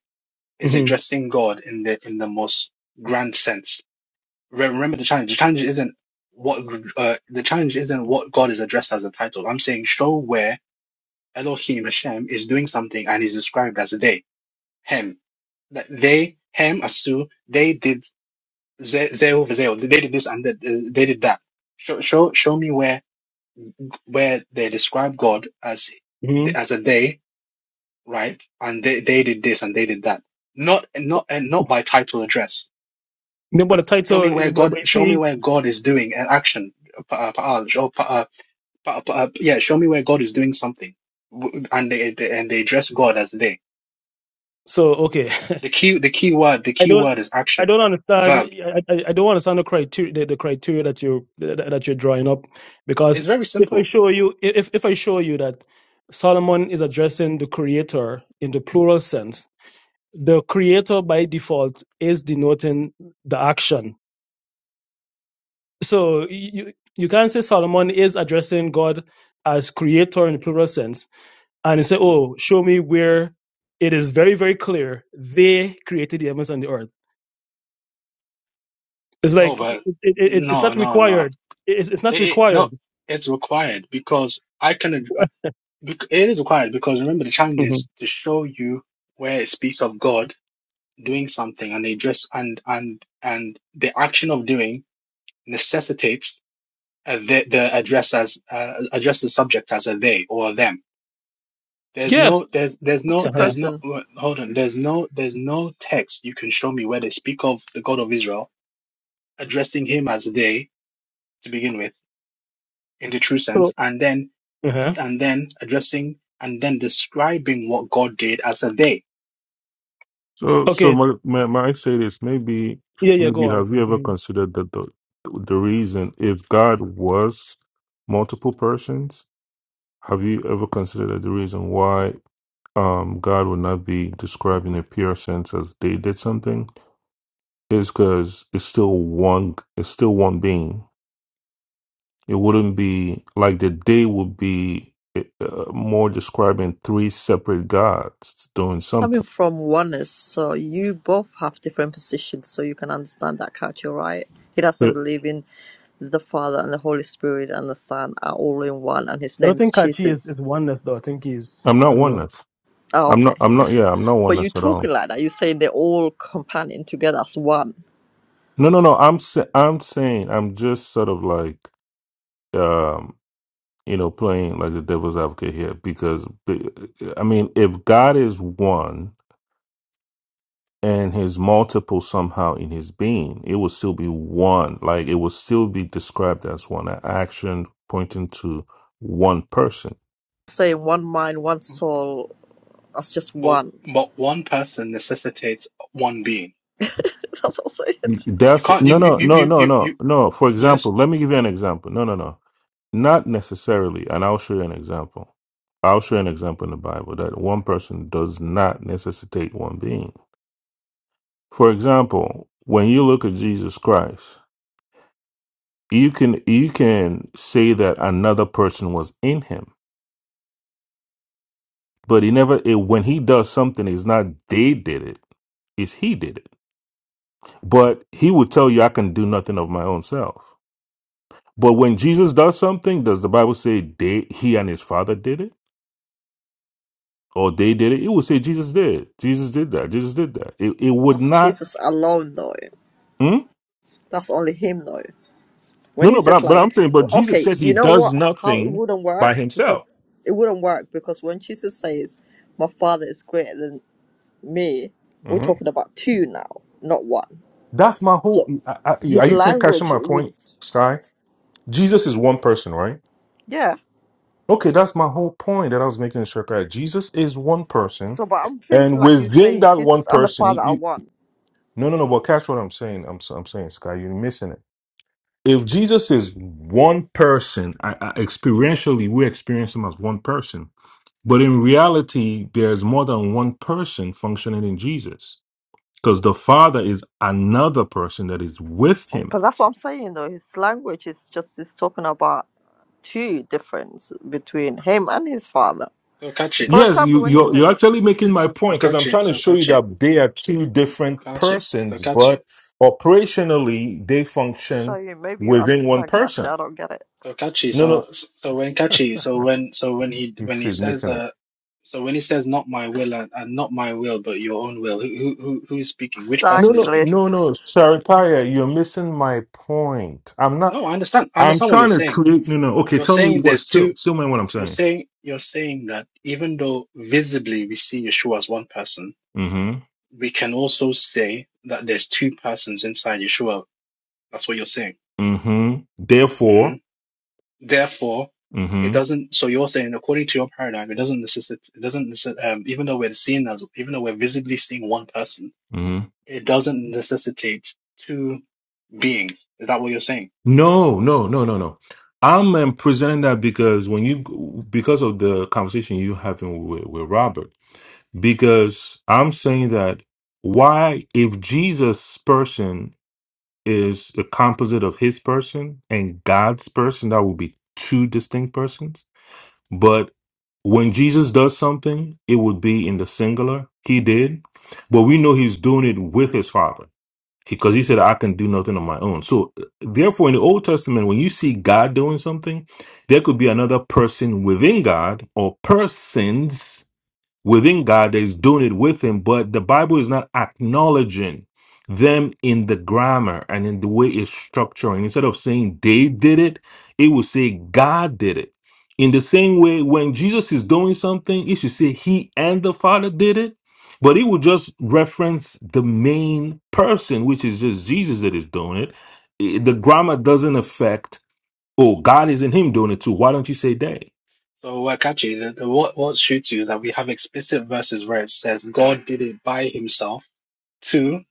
Speaker 3: is
Speaker 4: Mm-hmm,
Speaker 3: addressing God in the in the most grand sense. Re- Remember the challenge. The challenge isn't what uh, the challenge isn't what God is addressed as a title. I'm saying show where Elohim Hashem is doing something and is described as they, him. That they, him, Asu, they did ze- Zeu v'Zeu. They did this and that, uh, they did that. Show, show, show me where where they describe God as
Speaker 4: hmm
Speaker 3: as a they, right? And they, they did this and they did that. Not not and not by title address.
Speaker 4: No, but the
Speaker 3: Show me
Speaker 4: title,
Speaker 3: where
Speaker 4: but
Speaker 3: God.
Speaker 4: but you
Speaker 3: Show me
Speaker 4: see,
Speaker 3: where God is doing an action. Uh, pa'al, show, pa- uh, pa- uh, pa- uh, yeah, show me where God is doing something, W- and they they- and they address God as they.
Speaker 4: so okay.
Speaker 3: The key the key word the
Speaker 4: I
Speaker 3: key
Speaker 4: don't
Speaker 3: word is
Speaker 4: I
Speaker 3: action.
Speaker 4: don't understand
Speaker 3: Verb.
Speaker 4: I, I I don't understand the criteria the, the criteria that you that, that you're drawing up because
Speaker 3: It's very
Speaker 4: if I
Speaker 3: simple.
Speaker 4: show you if if I show you that Solomon is addressing the creator in the plural sense the creator by default is denoting the action so you you can't say Solomon is addressing God as creator in the plural sense and say
Speaker 3: Mhm.
Speaker 4: oh show me where it is very very clear they created the heavens and the earth It's
Speaker 3: No,
Speaker 4: like it,
Speaker 3: but
Speaker 4: it, it, it's
Speaker 3: no,
Speaker 4: not
Speaker 3: no, no.
Speaker 4: required. It's, it's not
Speaker 3: It, it, no,
Speaker 4: required.
Speaker 3: it's required because I can. uh, bec- It is required because remember the challenge
Speaker 4: hmm
Speaker 3: is to show you where it speaks of God doing something and they address and and and the action of doing necessitates uh, the the address as uh, address the subject as a they or a them There's
Speaker 4: Yes.
Speaker 3: no, there's, there's no,
Speaker 1: Positive
Speaker 4: Uh-huh.
Speaker 3: there's no.
Speaker 1: person.
Speaker 3: wait, Hold on. There's no, there's no text you can show me where they speak of the God of Israel addressing him as they to begin with in the true sense,
Speaker 4: So
Speaker 3: and then,
Speaker 4: uh-huh.
Speaker 3: and then addressing and then describing what God did as a they.
Speaker 5: So, so
Speaker 4: okay.
Speaker 5: my, my, my say this maybe,
Speaker 4: Yeah, yeah. Go
Speaker 5: maybe
Speaker 4: on.
Speaker 5: have you ever
Speaker 4: hmm
Speaker 5: considered that the the reason if God was multiple persons, have you ever considered that the reason why um God would not be described in a pure sense as they did something? is because it's still one it's still one being it wouldn't be like the day would be eh, uh, more describing three separate gods doing
Speaker 1: coming
Speaker 5: something
Speaker 1: from oneness, so you both have different positions, so you can understand that culture, right? He
Speaker 5: Yeah,
Speaker 1: doesn't believe in the Father and the Holy Spirit and the Son are all in one, and his
Speaker 4: I
Speaker 1: name
Speaker 4: don't
Speaker 1: is
Speaker 4: think Kachi is,
Speaker 1: Jesus.
Speaker 4: is oneness though. I think he's.
Speaker 5: i'm
Speaker 4: I
Speaker 5: not
Speaker 4: don't know.
Speaker 5: oneness
Speaker 1: Oh,
Speaker 5: i'm
Speaker 1: okay.
Speaker 5: not i'm not yeah i'm not
Speaker 1: But you
Speaker 5: oneness at
Speaker 1: talking
Speaker 5: all
Speaker 1: like that, you say they're all companion together as one.
Speaker 5: no no no i'm sa- i'm saying i'm just sort of like um you know playing like the devil's advocate here because the- i mean if god is one and his multiple somehow in his being, it will still be one. Like it will still be described as one action pointing to one person.
Speaker 1: Saying one mind, one soul, as just
Speaker 3: But
Speaker 1: one.
Speaker 3: but one person necessitates one being.
Speaker 1: [laughs] That's what I'm saying.
Speaker 3: You
Speaker 5: That's
Speaker 3: can't you
Speaker 5: no,
Speaker 3: you
Speaker 5: no,
Speaker 3: you
Speaker 5: no,
Speaker 3: you
Speaker 5: no,
Speaker 3: you,
Speaker 5: no,
Speaker 3: you
Speaker 5: no. For
Speaker 3: yes.
Speaker 5: example, let me give you an example. No, no, no, not necessarily. And I'll show you an example. I'll show you an example in the Bible that one person does not necessitate one being. For example, when you look at Jesus Christ, you can you can say that another person was in him but he never it, when he does something it's not they did it it's he did it but he would tell you i can do nothing of my own self but when jesus does something does the bible say they he and his father did it or they did it it would say jesus did jesus did that jesus did that it, it would
Speaker 1: That's
Speaker 5: not
Speaker 1: Jesus alone, though.
Speaker 5: hmm?
Speaker 1: That's only him, though. When
Speaker 5: no
Speaker 1: he
Speaker 5: no but, I,
Speaker 1: says
Speaker 5: but
Speaker 1: like,
Speaker 5: i'm saying but jesus
Speaker 1: okay,
Speaker 5: said he
Speaker 1: you know
Speaker 5: does
Speaker 1: what? How it
Speaker 5: nothing
Speaker 1: wouldn't
Speaker 5: by
Speaker 1: work
Speaker 5: himself
Speaker 1: because it wouldn't work because when Jesus says, "My Father is greater than me," we're
Speaker 5: Mhm.
Speaker 1: talking about two now, not one.
Speaker 5: that's my whole
Speaker 1: So
Speaker 5: I, I,
Speaker 1: his
Speaker 5: are you ca- catching
Speaker 1: language
Speaker 5: my
Speaker 1: would,
Speaker 5: point sky jesus is one person right
Speaker 1: yeah.
Speaker 5: Okay, that's my whole point that I was making sure that Jesus is one person,
Speaker 1: So, but I'm thinking
Speaker 5: and
Speaker 1: like you
Speaker 5: within
Speaker 1: saying,
Speaker 5: that one
Speaker 1: Jesus and the
Speaker 5: person, you,
Speaker 1: Father are
Speaker 5: you
Speaker 1: one,
Speaker 5: no no no. But catch what I'm saying. I'm s- I'm saying, Sky, you're missing it. If Jesus is one person, I, I, experientially we experience him as one person, but in reality, there's more than one person functioning in Jesus, because the Father is another person that is with him.
Speaker 1: because that's what I'm saying though. His language is just is talking about two difference between him and his Father.
Speaker 3: So catch
Speaker 1: For
Speaker 3: it.
Speaker 5: Yes,
Speaker 1: example,
Speaker 5: you
Speaker 1: when he
Speaker 5: you're,
Speaker 1: says,
Speaker 5: you're
Speaker 3: So
Speaker 5: actually making
Speaker 3: so
Speaker 5: my
Speaker 3: so
Speaker 5: point because I'm
Speaker 3: catch it.
Speaker 5: trying to
Speaker 3: So
Speaker 5: show you
Speaker 3: catch it.
Speaker 5: that they are two different
Speaker 3: Catch it. So
Speaker 5: persons,
Speaker 3: catch it.
Speaker 5: but operationally they
Speaker 1: "Show
Speaker 5: function
Speaker 1: you," maybe you
Speaker 5: within one
Speaker 1: understand, Kachi.
Speaker 5: person.
Speaker 1: I don't get it
Speaker 3: So catchy.
Speaker 5: No,
Speaker 3: So
Speaker 5: no,
Speaker 3: so when catchy. So when so when he when he
Speaker 5: she's
Speaker 3: says
Speaker 5: missing it.
Speaker 3: uh, so when he says not my will and, and not my will but your own will. Who who who who is speaking? Which
Speaker 5: No,
Speaker 3: person is
Speaker 5: no,
Speaker 1: exactly.
Speaker 3: speaking?
Speaker 5: no, no, Sarataya, you're missing my point. I'm not.
Speaker 3: No, I understand. I
Speaker 5: I'm
Speaker 3: understand what you're
Speaker 5: trying to
Speaker 3: saying.
Speaker 5: create. No, no. Okay,
Speaker 3: You're
Speaker 5: tell me
Speaker 3: saying
Speaker 5: what.
Speaker 3: there's
Speaker 5: Still,
Speaker 3: two.
Speaker 5: still, mind what I'm
Speaker 3: You're
Speaker 5: saying.
Speaker 3: saying you're saying that even though visibly we see Yeshua as one person,
Speaker 5: Mm-hmm.
Speaker 3: we can also say that there's two persons inside Yeshua. That's what you're saying.
Speaker 5: Mm-hmm.
Speaker 3: Mm-hmm.
Speaker 5: Therefore.
Speaker 3: Therefore,
Speaker 5: Mm-hmm.
Speaker 3: it doesn't. So you're saying, according to your paradigm, it doesn't necessitate. It doesn't necessitate. Um, even though we're seeing as, even though we're visibly seeing one person,
Speaker 5: mm-hmm.
Speaker 3: it doesn't necessitate two beings. Is that what you're saying?
Speaker 5: No, no, no, no, no. I'm um, presenting that because when you because of the conversation you having with, with Robert, because I'm saying that why if Jesus' person is a composite of his person and God's person, that would be two distinct persons. But when Jesus does something, it would be in the singular. He did, but we know he's doing it with his father because he said i can do nothing on my own so therefore in the old testament when you see god doing something there could be another person within god or persons within God that is doing it with him, but the Bible is not acknowledging them in the grammar and in the way it's structuring. Instead of saying they did it, it will say God did it.
Speaker 3: So
Speaker 5: In the same way, when Jesus is doing something, it should say he and the Father did it, but it will just reference the main person, which is just Jesus that is doing it. I- The grammar doesn't affect, oh, God is in him doing it too. Why don't you say they?
Speaker 3: so, Wakachi, the, the what what shoots you is that we have explicit verses where it says God did it by Himself. Two,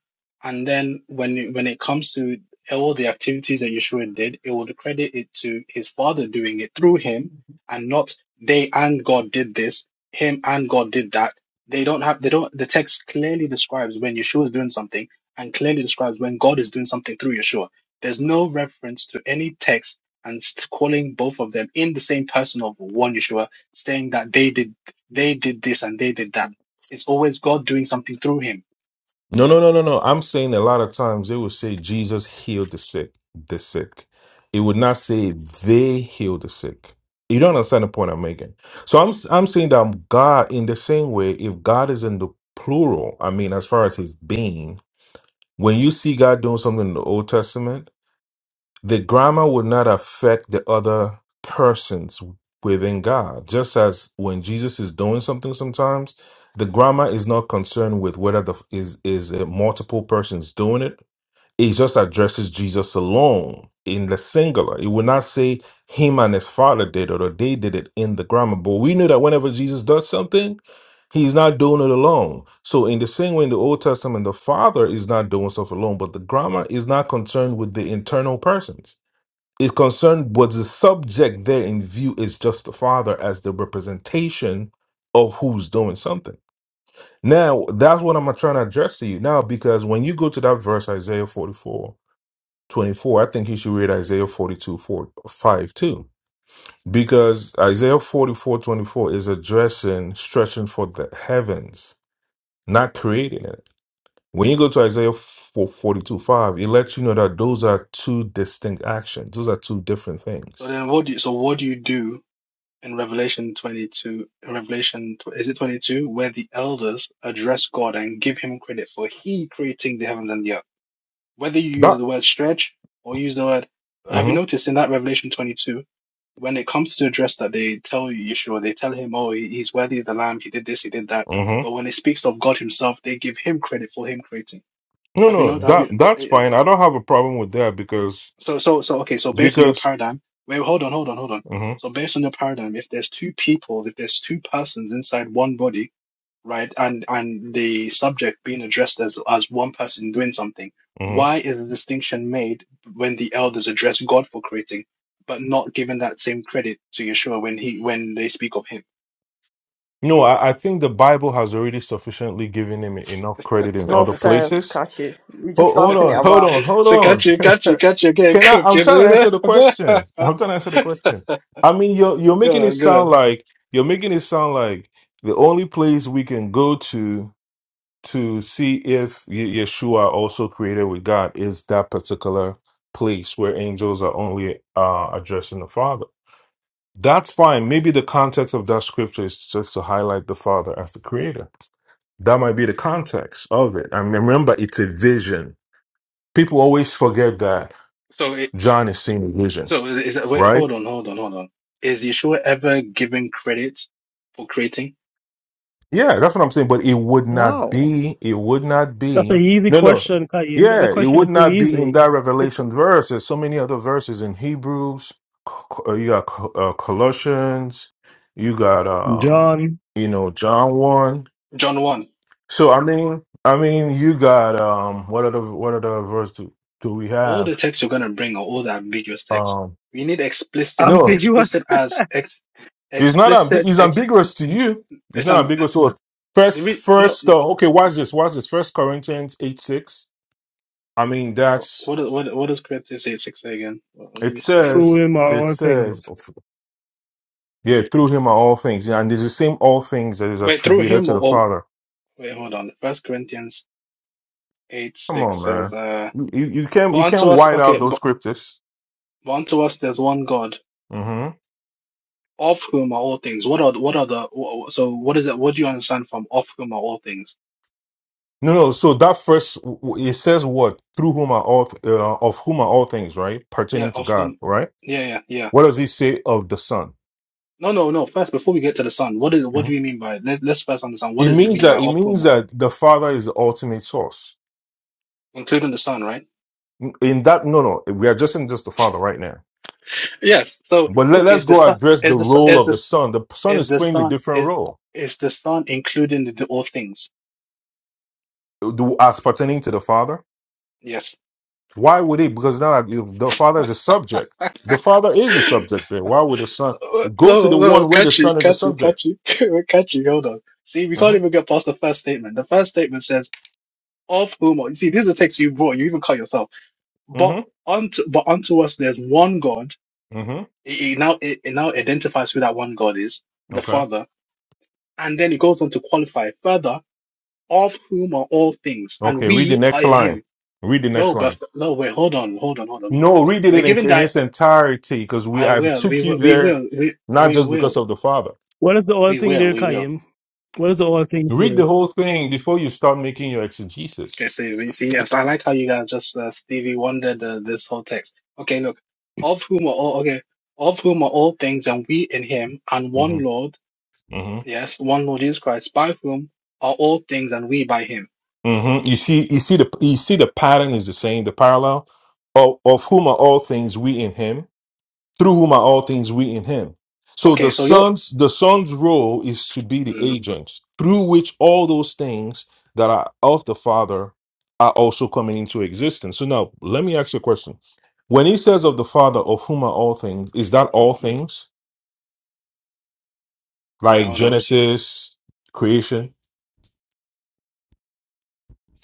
Speaker 3: and then when it, when it comes to all the activities that Yeshua did, it would credit it to his father doing it through him, and not they and God did this, him and God did that. They don't have they don't the text clearly describes when Yeshua is doing something and clearly describes when God is doing something through Yeshua. There's no reference to any text and st- calling both of them in the same person of one Yeshua, saying that they did they did this and they did that. It's always God doing something through him
Speaker 5: No, no, no, no, no. I'm saying a lot of times they will say Jesus healed the sick, the sick. It would not say they healed the sick. You don't understand the point I'm making. So I'm I'm saying that God, in the same way, if God is in the plural, I mean, as far as His being, when you see God doing something in the Old Testament the grammar would not affect the other persons within God. Just as when Jesus is doing something sometimes, the grammar is not concerned with whether the is is a multiple persons doing it. It just addresses Jesus alone in the singular. It would not say him and his father did it or they did it in the grammar. But we know that whenever Jesus does something, he's not doing it alone. So in the same way in the Old Testament, the Father is not doing stuff alone, but the grammar is not concerned with the internal persons is concerned, but the subject there in view is just the father as the representation of who's doing something. Now, that's what I'm trying to address to you now, because when you go to that verse, Isaiah 44:24, I think you should read Isaiah 42:45 too, because Isaiah 44:24 is addressing stretching for the heavens, not creating it. When you go to Isaiah 4, forty-two 5, it lets you know that those are two distinct actions, those are two different
Speaker 3: So
Speaker 5: things.
Speaker 3: then, what do you, so what do you do in Revelation 22? In Revelation, tw- is it 22, where the elders address God and give Him credit for He creating the heavens and the earth? Whether you use
Speaker 5: That.
Speaker 3: the word stretch or use the word, have you noticed in that Revelation 22, when it comes to address that, they tell Yeshua, they tell Him, oh, he- He's worthy of the Lamb, He did this, He did that.
Speaker 5: hmm
Speaker 3: But when it speaks of God Himself, they give Him credit for Him creating.
Speaker 5: No,
Speaker 3: Have you not?
Speaker 5: no,
Speaker 3: Have
Speaker 5: that
Speaker 3: you?
Speaker 5: that's fine. I don't have a problem with that because
Speaker 3: So, so, so, okay. So based on your
Speaker 5: because
Speaker 3: paradigm, wait, hold on, hold on, hold on.
Speaker 5: hmm
Speaker 3: So based on your paradigm, if there's two people, if there's two persons inside one body, right, and and the subject being addressed as as one person doing something,
Speaker 5: hmm
Speaker 3: why is the distinction made when the elders address God for creating, but not given that same credit to Yeshua when he when they speak of him?
Speaker 5: no, I, I think the Bible has already sufficiently given him enough credit
Speaker 1: It's
Speaker 5: in
Speaker 3: [laughs]
Speaker 5: other
Speaker 1: nonsense, sense,
Speaker 5: places.
Speaker 1: Kaki. You're just
Speaker 5: Hold, hold
Speaker 1: dancing it
Speaker 5: on, hold on,
Speaker 1: around.
Speaker 5: hold
Speaker 3: So catch
Speaker 5: on.
Speaker 3: you, catch
Speaker 5: [laughs]
Speaker 3: you, catch you again. [laughs]
Speaker 5: Can I?
Speaker 3: Go,
Speaker 5: I'm trying to answer the
Speaker 3: on,
Speaker 5: question. I'm trying to answer the question. I mean, you're you're making it
Speaker 3: go.
Speaker 5: sound
Speaker 3: on.
Speaker 5: like you're making it sound like the only place we can go to to see if Ye- Yeshua also created with God is that particular place where angels are only uh, addressing the Father. That's fine. Maybe the context of that scripture is just to highlight the Father as the Creator. That might be the context of it. I mean, remember, it's a vision. People always forget that
Speaker 3: So
Speaker 5: John is seeing a vision,
Speaker 3: So is is that, wait,
Speaker 5: right?
Speaker 3: hold on, hold on, hold on. Is Yeshua ever given credit for creating?
Speaker 5: Yeah, that's what I'm saying. But it would not
Speaker 1: No.
Speaker 5: be, it would not
Speaker 4: That's an
Speaker 5: be.
Speaker 4: easy
Speaker 5: No, no.
Speaker 4: question, Kachi. That that
Speaker 5: Yeah, it
Speaker 4: question
Speaker 5: would
Speaker 4: is so
Speaker 5: not be in
Speaker 4: easy.
Speaker 5: that Revelation verse. There's so many other verses in Hebrews. C- uh, You got Co- uh, Colossians. You got, um,
Speaker 4: John,
Speaker 5: you know, John one.
Speaker 3: John 1,
Speaker 5: So I mean, I mean, you got um, what other what other verse do do we
Speaker 3: all the
Speaker 5: have?
Speaker 3: texts you're going to bring are all the ambiguous texts.
Speaker 5: Um,
Speaker 3: We need explicit,
Speaker 5: no,
Speaker 4: ambiguous
Speaker 3: explicit as ex,
Speaker 5: it's not. Ambi-
Speaker 3: explicit,
Speaker 5: it's
Speaker 3: ex,
Speaker 5: ambiguous to you. It's
Speaker 3: it's,
Speaker 5: not
Speaker 3: um,
Speaker 5: ambiguous to us.
Speaker 3: the
Speaker 5: First,
Speaker 3: re, no,
Speaker 5: first. Uh, okay, watch this. Watch this. First Corinthians eight six. I mean,
Speaker 3: what,
Speaker 5: that's
Speaker 3: what, what what does Corinthians 8, 6 say again? Well, let
Speaker 5: it
Speaker 3: me
Speaker 4: [laughs]
Speaker 3: see this.
Speaker 5: says
Speaker 4: through him are
Speaker 5: it
Speaker 4: all
Speaker 5: says
Speaker 4: things.
Speaker 5: yeah, through him are all things. Yeah, and it's the same all things that is
Speaker 3: Wait, through
Speaker 5: attributed
Speaker 3: him
Speaker 5: to
Speaker 3: or,
Speaker 5: the
Speaker 3: or
Speaker 5: Father.
Speaker 3: wait, hold on. First Corinthians 8,
Speaker 5: Come
Speaker 3: 6
Speaker 5: on,
Speaker 3: says,
Speaker 5: man.
Speaker 3: uh,
Speaker 5: You you can't
Speaker 3: but
Speaker 5: you can't
Speaker 3: unto us,
Speaker 5: white out
Speaker 3: okay,
Speaker 5: those
Speaker 3: but,
Speaker 5: scriptures.
Speaker 3: but unto us there's one God.
Speaker 5: hmm
Speaker 3: Of whom are all things? What are what are the wh- wh- so what is that? What do you understand from of whom are all things?
Speaker 5: No, no. So that first w- w- it says what through whom are all th- uh, of whom are all things, right?
Speaker 3: Yeah,
Speaker 5: Pertaining to
Speaker 3: of
Speaker 5: God,
Speaker 3: whom.
Speaker 5: right?
Speaker 3: Yeah, yeah, yeah.
Speaker 5: What does he say of the Son?
Speaker 3: No, no, no. First, before we get to the sun, what is what do
Speaker 5: Mhm.
Speaker 3: we mean by let, let's first understand what
Speaker 5: It
Speaker 3: does it
Speaker 5: means
Speaker 3: mean by
Speaker 5: that it
Speaker 3: of
Speaker 5: means
Speaker 3: whom,
Speaker 5: that the Father is the ultimate source.
Speaker 3: including the sun, right?
Speaker 5: In that, no, no, we are just in just the Father right now.
Speaker 3: Yes. So
Speaker 5: But
Speaker 3: who
Speaker 5: let, us
Speaker 3: is the
Speaker 5: go
Speaker 3: sun?
Speaker 5: address
Speaker 3: Is
Speaker 5: the
Speaker 3: the Son-
Speaker 5: role
Speaker 3: is
Speaker 5: of the
Speaker 3: this
Speaker 5: son. The son
Speaker 3: is
Speaker 5: is
Speaker 3: the
Speaker 5: playing a
Speaker 3: sun?
Speaker 5: different
Speaker 3: is
Speaker 5: role
Speaker 3: is the sun including the, the all things?
Speaker 5: do- as pertaining to the father.
Speaker 3: Yes.
Speaker 5: Why would he? Because now if the father is a subject. The
Speaker 3: [laughs]
Speaker 5: father is a subject there. Why would the son
Speaker 3: Uh,
Speaker 5: go to
Speaker 3: No,
Speaker 5: the
Speaker 3: no,
Speaker 5: one where the
Speaker 3: catchy,
Speaker 5: son is the
Speaker 3: catchy,
Speaker 5: subject?
Speaker 3: catchy, [laughs] catchy. Hold on. See, we can't
Speaker 5: hmm
Speaker 3: even get past the first statement. The first statement says. of whom are you see, this is the text you brought, you even call yourself. But
Speaker 5: hmm
Speaker 3: unto but unto us there's one God.
Speaker 5: hmm
Speaker 3: It, it now it, it now identifies who that one God is, the
Speaker 5: Okay.
Speaker 3: Father, and then it goes on to qualify further, of whom are all things, and
Speaker 5: Okay. Read the
Speaker 3: we
Speaker 5: next
Speaker 3: are in
Speaker 5: line.
Speaker 3: him.
Speaker 5: Read the next
Speaker 3: No, but
Speaker 5: line.
Speaker 3: no, wait, hold on, hold on, hold on, hold on.
Speaker 5: No, read it
Speaker 3: We're
Speaker 5: in,
Speaker 3: given
Speaker 5: in
Speaker 3: that
Speaker 5: its entirety because we
Speaker 3: I
Speaker 5: I
Speaker 3: will,
Speaker 5: took
Speaker 3: we
Speaker 5: you
Speaker 3: will, we
Speaker 5: there
Speaker 3: will, we,
Speaker 5: not
Speaker 3: we
Speaker 5: just because
Speaker 3: will,
Speaker 5: of the father.
Speaker 4: What is the all
Speaker 3: we
Speaker 4: thing
Speaker 3: will,
Speaker 4: there,
Speaker 3: we will.
Speaker 4: Kayim? What is the all things
Speaker 5: Read
Speaker 4: there?
Speaker 5: the whole thing before you start making your
Speaker 3: Okay,
Speaker 5: exegesis.
Speaker 3: so you see, yes, I like how you guys just uh, Stevie wondered uh, this whole text. Okay, look, of whom are all okay, of whom are all things, and we in Him, and one
Speaker 5: hmm
Speaker 3: Lord, yes, one Lord Jesus Christ, by whom are all things, and we by Him.
Speaker 5: hmm You see, you see the you see the pattern is the same, the parallel of, of whom are all things we in Him, through whom are all things we in Him. So
Speaker 3: Okay,
Speaker 5: the
Speaker 3: so you're.
Speaker 5: son's the son's role is to be the
Speaker 3: Mm,
Speaker 5: agent through which all those things that are of the Father are also coming into existence. So now let me ask you a question: When He says of the Father, of whom are all things, is that all
Speaker 3: mm,
Speaker 5: things
Speaker 3: wait,
Speaker 5: like
Speaker 3: hold on.
Speaker 5: Genesis, creation?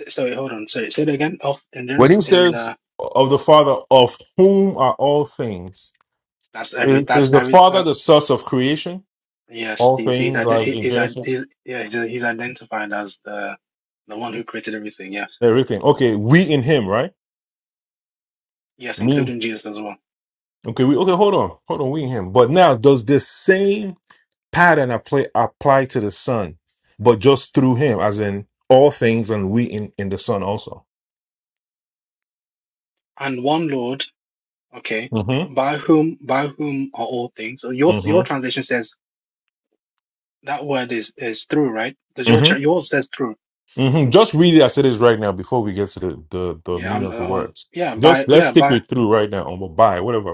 Speaker 3: Sorry, hold on. Sorry, say it again. Of in
Speaker 5: When
Speaker 3: this,
Speaker 5: He
Speaker 3: in
Speaker 5: says
Speaker 3: uh,
Speaker 5: of the Father, of whom are all things?
Speaker 3: that's every.
Speaker 5: Is is
Speaker 3: That's
Speaker 5: the
Speaker 3: every.
Speaker 5: Father
Speaker 3: That,
Speaker 5: the source of creation?
Speaker 3: yes,
Speaker 5: All
Speaker 3: he's he's
Speaker 5: things
Speaker 3: ide-
Speaker 5: like
Speaker 3: he-
Speaker 5: in
Speaker 3: he's, ide-
Speaker 5: Genesis,
Speaker 3: he's yeah he's, he's identified as the the one who created everything. Yes,
Speaker 5: everything. Okay, we in Him, right?
Speaker 3: yes,
Speaker 5: Me.
Speaker 3: including Jesus as well.
Speaker 5: Okay, we okay. Hold on, hold on. We in Him, but now does this same pattern apply apply to the Son, but just through Him, as in all things, and we in in the Son also.
Speaker 3: And one Lord Okay.
Speaker 5: Mm-hmm.
Speaker 3: By whom by whom are all things? So your your
Speaker 5: Mm-hmm.
Speaker 3: translation says that word is is through, right? Because your
Speaker 5: Mm-hmm.
Speaker 3: tra- yours says through.
Speaker 5: Mm-hmm. Just read it as it is right now before we get to the the, the
Speaker 3: Yeah,
Speaker 5: meaning
Speaker 3: I'm
Speaker 5: of the
Speaker 3: uh, hold-
Speaker 5: words.
Speaker 3: yeah,
Speaker 5: Just
Speaker 3: by
Speaker 5: let's
Speaker 3: yeah,
Speaker 5: stick
Speaker 3: by
Speaker 5: with through right now, or by whatever,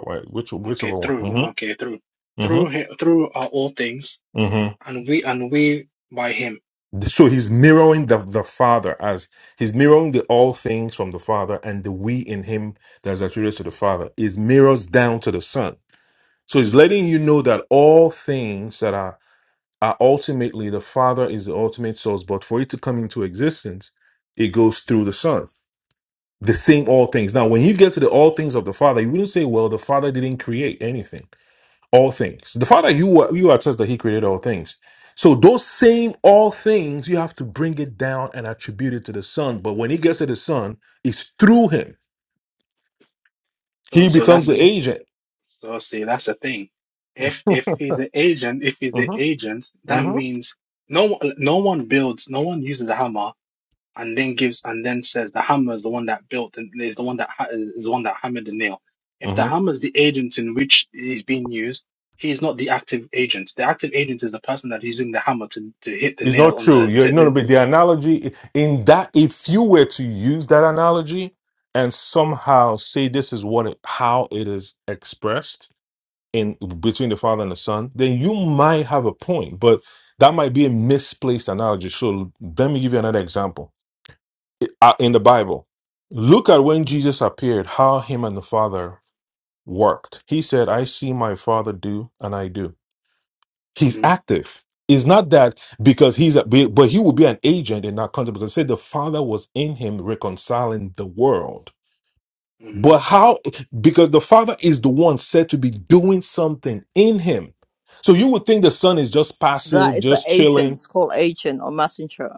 Speaker 3: okay,
Speaker 5: whichever one.
Speaker 3: through.
Speaker 5: Mm-hmm.
Speaker 3: Okay, through.
Speaker 5: Mm-hmm.
Speaker 3: Through him, through are all things
Speaker 5: mm-hmm.
Speaker 3: and we and we by him.
Speaker 5: So he's mirroring the, the Father as he's mirroring the all things from the Father and the we in him that is attributed to the Father is mirrors down to the Son. So he's letting you know that all things that are are ultimately the Father is the ultimate source, but for it to come into existence, it goes through the Son. The same all things. Now, when you get to the all things of the Father, you wouldn't say, well, the Father didn't create anything all things. The Father you are, you are trust that He created all things. So those same all things, you have to bring it down and attribute it to the Son. But when He gets to the Son, it's through Him.
Speaker 3: So
Speaker 5: He
Speaker 3: so
Speaker 5: becomes
Speaker 3: that's
Speaker 5: the agent.
Speaker 3: so see that's the thing. If
Speaker 5: [laughs]
Speaker 3: if he's the agent, if he's the
Speaker 5: Mm-hmm,
Speaker 3: agent, that
Speaker 5: mm-hmm,
Speaker 3: means no one no one builds, no one uses a hammer and then gives and then says the hammer is the one that built and is the one that ha- is the one that hammered the nail. If the
Speaker 5: mm-hmm.
Speaker 3: hammer is the agent in which is being used, he is not the active agent. The active agent is the person that is using the hammer to, to hit the
Speaker 5: It's not
Speaker 3: nail on
Speaker 5: true.
Speaker 3: the.
Speaker 5: You're
Speaker 3: T-
Speaker 5: no, no,
Speaker 3: the
Speaker 5: but the analogy in that if you were to use that analogy and somehow say this is what it, how it is expressed, in between the father and the son, then you might have a point, but that might be a misplaced analogy. So let me give you another example I- uh, in the Bible. Look at when Jesus appeared, how him and the father worked. He said, "I see my father do, and I do." He's
Speaker 3: hmm
Speaker 5: active. It's not that because he's a, but he will be an agent in that context because it said the father was in him reconciling the world.
Speaker 3: hmm
Speaker 5: But how? Because the Father is the one said to be doing something in him. So you would think the Son is just
Speaker 1: That
Speaker 5: passive,
Speaker 1: is an
Speaker 5: just
Speaker 1: agent.
Speaker 5: chilling.
Speaker 1: It's called agent or messenger.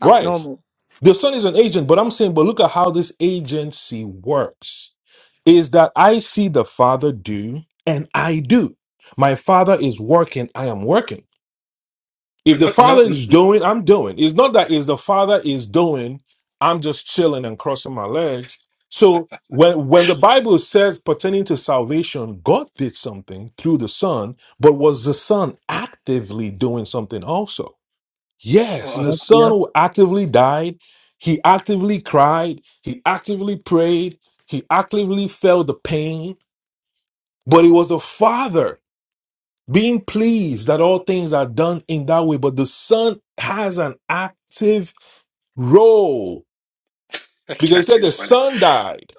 Speaker 1: That's
Speaker 5: Right.
Speaker 1: normal.
Speaker 5: The Son is an agent, but I'm saying, but look at how this agency works is that I see the Father do and I do. My Father is working, I am working. If
Speaker 3: But
Speaker 5: the
Speaker 3: no, no,
Speaker 5: Father
Speaker 3: n-
Speaker 5: is
Speaker 3: n-
Speaker 5: doing, I'm doing. It's not that if the Father is doing, I'm just chilling and crossing my legs. So when when the Bible says pertaining to salvation, God did something through the Son, but was the Son actively doing something also? Yes,
Speaker 3: oh,
Speaker 5: the
Speaker 4: Yep,
Speaker 5: Son
Speaker 4: yep.
Speaker 5: who actively died, he actively cried, he actively prayed, he actively felt the pain, but it was the Father being pleased that all things are done in that way. But the son has an active role
Speaker 3: [laughs] that
Speaker 5: because he
Speaker 3: catch
Speaker 5: said
Speaker 3: is
Speaker 5: the
Speaker 3: funny.
Speaker 5: son died.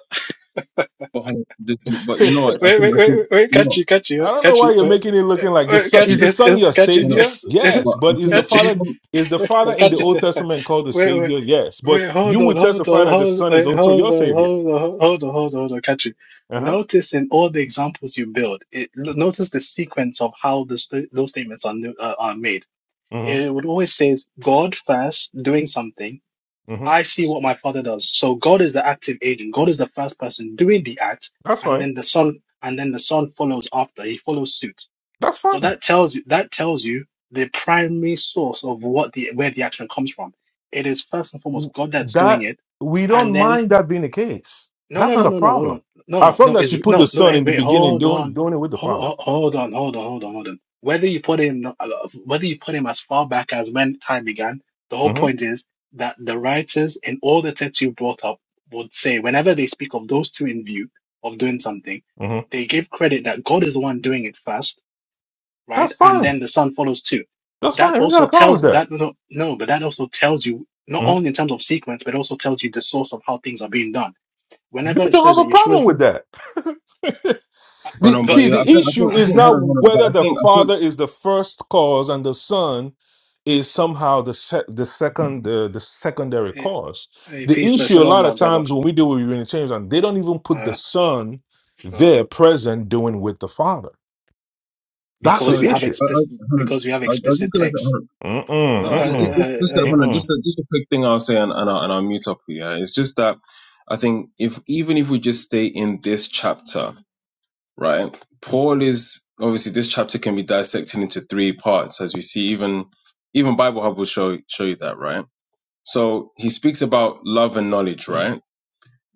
Speaker 6: But, hold on, this, but
Speaker 5: [laughs]
Speaker 6: you know what?
Speaker 5: I
Speaker 6: I
Speaker 3: Wait,
Speaker 6: think
Speaker 3: wait,
Speaker 6: I think
Speaker 3: wait, wait,
Speaker 6: you
Speaker 3: catch
Speaker 6: know.
Speaker 3: you, catch you,
Speaker 5: don't know
Speaker 3: catch
Speaker 5: why
Speaker 3: you,
Speaker 5: you're
Speaker 3: wait,
Speaker 5: making it looking like the
Speaker 3: uh,
Speaker 5: son
Speaker 6: I
Speaker 3: catch
Speaker 5: is
Speaker 6: think,
Speaker 5: the
Speaker 3: it's
Speaker 5: son
Speaker 3: it's
Speaker 5: your
Speaker 3: catch you,
Speaker 6: hold on,
Speaker 5: savior?
Speaker 3: it's it's
Speaker 5: Yes,
Speaker 6: but I
Speaker 5: but is
Speaker 6: think
Speaker 5: the
Speaker 3: catch
Speaker 6: even
Speaker 5: father is the
Speaker 3: you,
Speaker 5: father
Speaker 3: [laughs]
Speaker 5: in
Speaker 3: catch
Speaker 5: the
Speaker 3: you.
Speaker 5: Old Testament called the
Speaker 3: Wait, wait,
Speaker 5: savior? Yes, but
Speaker 3: wait,
Speaker 5: you
Speaker 3: hold on,
Speaker 5: would
Speaker 3: hold
Speaker 5: testify
Speaker 3: on,
Speaker 5: that the
Speaker 3: hold,
Speaker 5: son is
Speaker 3: wait,
Speaker 5: also
Speaker 3: hold
Speaker 5: your
Speaker 3: on,
Speaker 5: savior.
Speaker 3: hold on, hold on, hold on, hold on, catch you.
Speaker 5: Uh huh.
Speaker 3: Notice in all the examples you build, it l- notice the sequence of how the st those statements are nu- uh, are made.
Speaker 5: Mm-hmm.
Speaker 3: It would always says God first doing something.
Speaker 5: Mm-hmm.
Speaker 3: I see what my father does. So God is the active agent. God is the first person doing the act,
Speaker 5: That's
Speaker 3: and
Speaker 5: fine.
Speaker 3: then the son, and then the son follows after. He follows suit.
Speaker 5: That's
Speaker 3: So
Speaker 5: fine.
Speaker 3: that tells you that tells you the primary source of what the where the action comes from. It is first and
Speaker 5: w-
Speaker 3: foremost God that's doing
Speaker 5: that
Speaker 3: it,
Speaker 5: we don't
Speaker 3: and then
Speaker 5: mind that being the case.
Speaker 3: no,
Speaker 5: That's
Speaker 3: no,
Speaker 5: not
Speaker 3: no,
Speaker 5: a
Speaker 3: no, no. Hold
Speaker 5: problem.
Speaker 3: on. No,
Speaker 5: As
Speaker 3: no, no.
Speaker 5: long as you
Speaker 3: Is
Speaker 5: put the
Speaker 3: no, no.
Speaker 5: son
Speaker 3: eh,
Speaker 5: in the
Speaker 3: Wait,
Speaker 5: beginning,
Speaker 3: hold
Speaker 5: doing
Speaker 3: on.
Speaker 5: doing it with the father.
Speaker 3: Hold, hold on, hold on, hold on, hold on. Whether you put him, uh, whether you put him as far back as when time began, the whole
Speaker 5: hmm
Speaker 3: point is that the writers in all the texts you brought up would say whenever they speak of those two in view of doing something,
Speaker 5: hmm
Speaker 3: they give credit that God is the one doing it first, right?
Speaker 5: That's
Speaker 3: And then
Speaker 5: fine.
Speaker 3: the Son follows too.
Speaker 5: That's
Speaker 3: That
Speaker 5: fine. We got a
Speaker 3: also
Speaker 5: problem
Speaker 3: tells
Speaker 5: with that.
Speaker 3: that no, no, but that also tells you not
Speaker 5: hmm
Speaker 3: only in terms of sequence, but also tells you the source of how things are being done Whenever
Speaker 5: We
Speaker 3: it
Speaker 5: don't
Speaker 3: says
Speaker 5: have
Speaker 3: that
Speaker 5: a
Speaker 3: Yeshua,
Speaker 5: problem with that.
Speaker 6: hold
Speaker 5: The,
Speaker 6: on. But
Speaker 3: but
Speaker 5: see,
Speaker 6: yeah, I
Speaker 5: the
Speaker 6: think I
Speaker 5: issue
Speaker 6: think I
Speaker 3: uh,
Speaker 5: is
Speaker 6: think hold
Speaker 5: not
Speaker 6: on, hold on. But
Speaker 5: whether
Speaker 6: I
Speaker 5: the
Speaker 6: think I
Speaker 5: father
Speaker 6: think
Speaker 5: is the first cause and the son is somehow the se- the second the, the secondary
Speaker 3: hey,
Speaker 5: cause.
Speaker 3: hey,
Speaker 5: The
Speaker 3: peace, uh,
Speaker 5: issue a
Speaker 3: shalom,
Speaker 5: lot of
Speaker 3: uh, brother.
Speaker 5: times when we deal with Unitarians, and they don't even put the
Speaker 3: Uh,
Speaker 5: son
Speaker 3: sure.
Speaker 5: there present doing with the father That's
Speaker 6: so.
Speaker 5: the
Speaker 6: I,
Speaker 3: Because we have
Speaker 5: issue.
Speaker 6: I,
Speaker 3: explicit,
Speaker 6: hold on.
Speaker 3: because we have
Speaker 6: I, I was just
Speaker 3: explicit
Speaker 6: gonna say, hold
Speaker 3: text.
Speaker 6: on,
Speaker 5: Mm mm
Speaker 3: No, uh,
Speaker 6: just just
Speaker 5: mm
Speaker 6: just just,
Speaker 3: uh,
Speaker 6: a-
Speaker 3: uh,
Speaker 5: mm
Speaker 6: hold on,
Speaker 5: mm.
Speaker 6: just a just a quick thing I'll say and and, I, and I'll mute up here. It's just that I think if even if we just stay in this chapter, right? Paul is obviously this chapter can be dissected into three parts, as we see even even Bible Hub will show show you that, right? So he speaks about love and knowledge, right?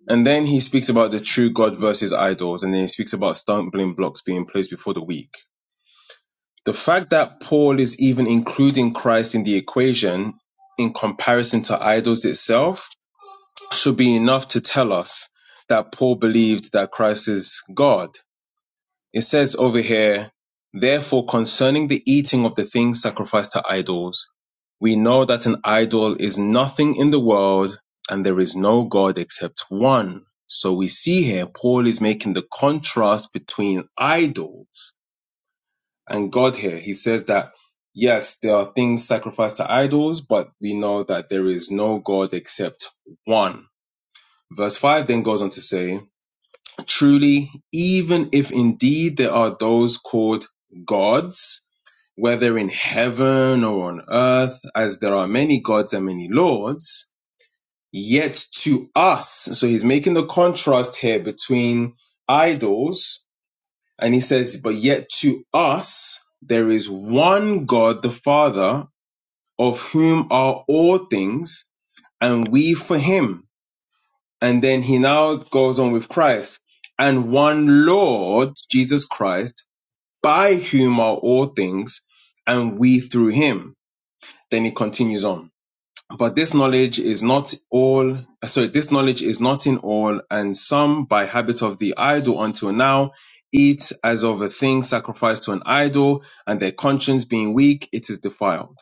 Speaker 6: And then he speaks about the true God versus idols, and then he speaks about stumbling blocks being placed before the weak. The fact that Paul is even including Christ in the equation in comparison to idols itself should be enough to tell us that Paul believed that Christ is God. It says over here, Therefore, concerning the eating of the things sacrificed to idols, we know that an idol is nothing in the world and there is no God except one. So we see here, Paul is making the contrast between idols and God here. He says that, yes, there are things sacrificed to idols, but we know that there is no God except one. Verse 5 then goes on to say, Truly, even if indeed there are those called gods, whether in heaven or on earth, as there are many gods and many lords, yet to us. So he's making the contrast here between idols, and he says, but yet to us, there is one God, the Father, of whom are all things, and we for him. And then he now goes on with Christ and one Lord Jesus Christ, by whom are all things, and we through him. Then he continues on. But this knowledge is not all, sorry, this knowledge is not in all, and some by habit of the idol until now eat as of a thing sacrificed to an idol, and their conscience being weak, it is defiled.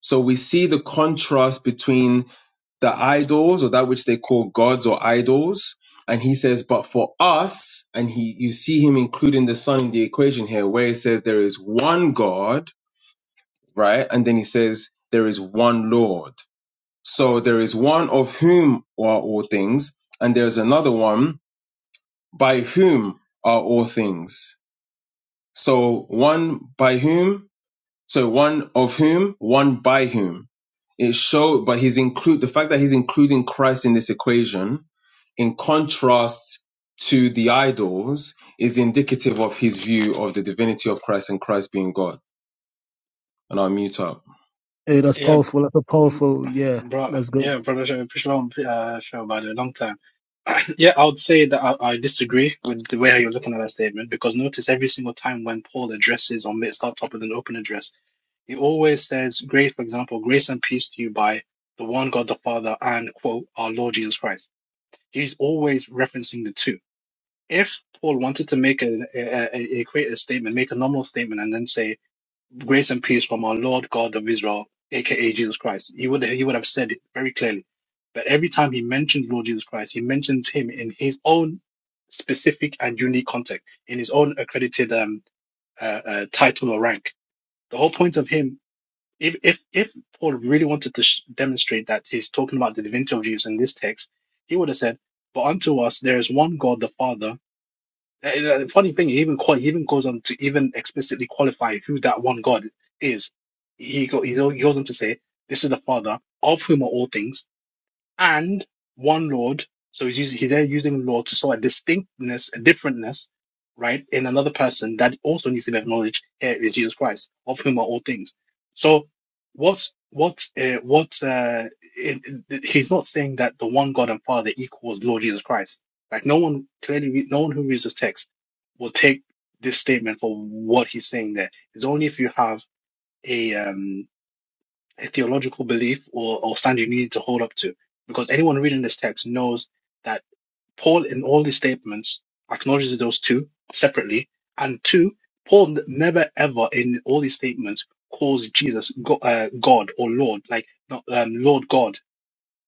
Speaker 6: So we see the contrast between the idols or that which they call gods or idols. And he says, but for us, and he, you see him including the son in the equation here, where he says there is one God, right? And then he says there is one Lord. So there is one of whom are all things, and there is another one by whom are all things. So one by whom, so one of whom, one by whom. It showed, but he's include the fact that he's including Christ in this equation, in contrast to the idols, is indicative of his view of the divinity of Christ and Christ being God. And I'll mute up.
Speaker 4: Hey, that's
Speaker 3: yeah,
Speaker 4: powerful. That's a
Speaker 3: mm,
Speaker 4: powerful. Yeah,
Speaker 3: bro,
Speaker 4: that's good.
Speaker 3: yeah, brother, sh- shalom, uh, sure, about a long time. [coughs] [clears throat] Yeah, I would say that I, I disagree with the way how you're looking at that statement because notice every single time when Paul addresses or ma- starts up with an open address, he always says, "Grace, for example, grace and peace to you by the one God the Father and quote our Lord Jesus Christ." he's always referencing the two. If Paul wanted to make a, a, a equate a statement, make a normal statement, and then say grace and peace from our Lord God of Israel, aka Jesus Christ, he would he would have said it very clearly. But every time he mentions Lord Jesus Christ, he mentions him in his own specific and unique context, in his own accredited um, uh, uh, title or rank. The whole point of him if if if Paul really wanted to sh- demonstrate that he's talking about the divinity of Jesus in this text, he would have said, "But unto us there is one God, the Father." Eh, eh, The funny thing, he even qual- he even goes on to even explicitly qualify who that one God is. He go, he go- he goes on to say, "This is the Father of whom are all things." and one Lord. So he's using, he's there using Lord to show a distinctness, a differentness, right, in another person that also needs to be acknowledged. Here is Jesus Christ, of whom are all things. So what what uh, what uh, it, it- he's not saying that the one God and Father equals Lord Jesus Christ. Like no one clearly, re- no one who reads this text will take this statement for what he's saying there. It's only if you have a um theological belief or, or standard you need to hold up to. Because anyone reading this text knows that Paul, in all these statements, acknowledges those two separately. And two, Paul never ever in all these statements calls Jesus go, uh, God or Lord, like not um, Lord God.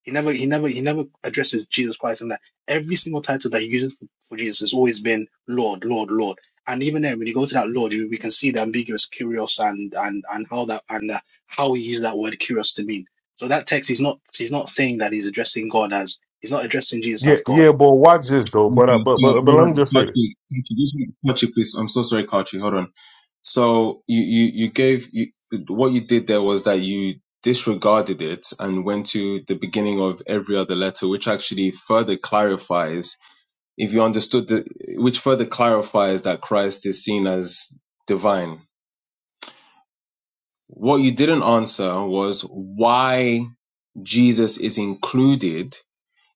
Speaker 3: He never he never he never addresses Jesus Christ in that. Every single title that he uses for, for Jesus has always been Lord, Lord, Lord. And even then, when you go to that Lord, you, we can see the ambiguous curious and and and how that and uh, how he uses that word curious to mean. So that text, he's not he's not saying that he's addressing God as he's not addressing Jesus
Speaker 5: Yeah,
Speaker 3: as God.
Speaker 5: yeah, boy. Watch this though. But I,
Speaker 6: Okay,
Speaker 5: but
Speaker 6: so
Speaker 5: but but
Speaker 6: hold
Speaker 5: let me
Speaker 6: on,
Speaker 5: just say this.
Speaker 6: Kachi, Kachi, just Kachi, please. I'm so sorry, Kachi. Hold on. So you you you gave you, what you did there was that you disregarded it and went to the beginning of every other letter, which actually further clarifies if you understood the which further clarifies that Christ is seen as divine. What you didn't answer was why Jesus is included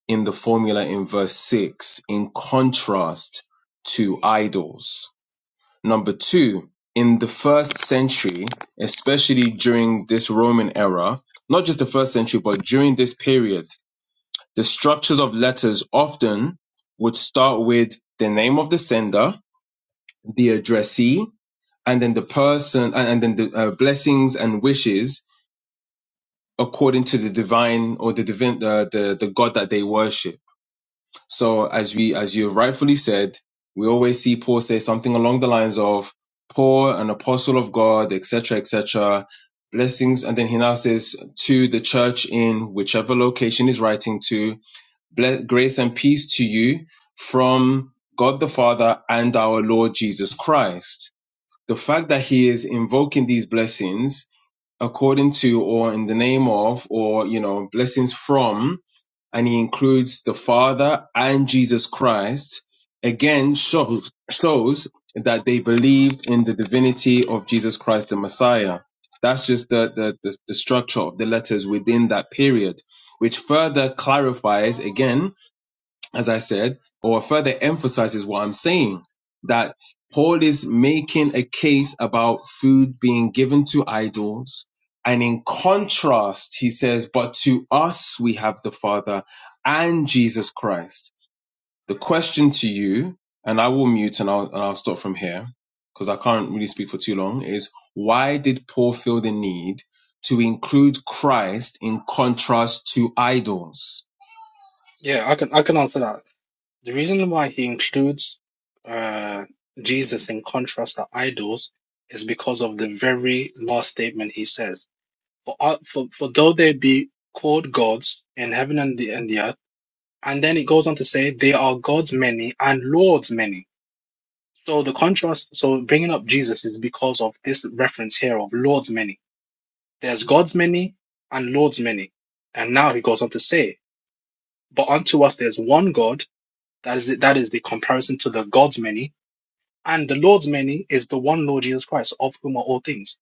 Speaker 6: in the formula in verse six in contrast to idols. Number two, in the first century, especially during this Roman era, not just the first century, but during this period, the structures of letters often would start with the name of the sender, the addressee, and then the person, and, and then the uh, blessings and wishes according to the divine or the divine, uh, the the God that they worship So as we as you rightfully said, we always see Paul say something along the lines of Paul, an apostle of God, etc., etc. Blessings, and then he now says to the church in whichever location he's writing to, "Ble- grace and peace to you from God the Father and our Lord Jesus Christ. The fact that he is invoking these blessings according to or in the name of or you know blessings from and he includes the Father and Jesus Christ, again shows, shows that they believed in the divinity of Jesus Christ the Messiah. That's just the, the, the, the structure of the letters within that period, which further clarifies again as I said, or further emphasizes what I'm saying that Paul is making a case about food being given to idols. And in contrast, he says, but to us we have the Father and Jesus Christ. The question to you, and I will mute and I'll, and I'll stop from here because I can't really speak for too long, is why did Paul feel the need to include Christ in contrast to idols?
Speaker 3: Yeah, I can I can answer that. The reason why he includes uh, Jesus in contrast to idols is because of the very last statement he says. For, uh, for, for though they be called gods in heaven and the, and the earth, and then it goes on to say they are gods many and lords many. So the contrast, so bringing up Jesus is because of this reference here of lords many. There's gods many and lords many. And now he goes on to say, but unto us there's one God. That is, that is the comparison to the gods many And the Lord's many is the one Lord Jesus Christ, of whom are all things.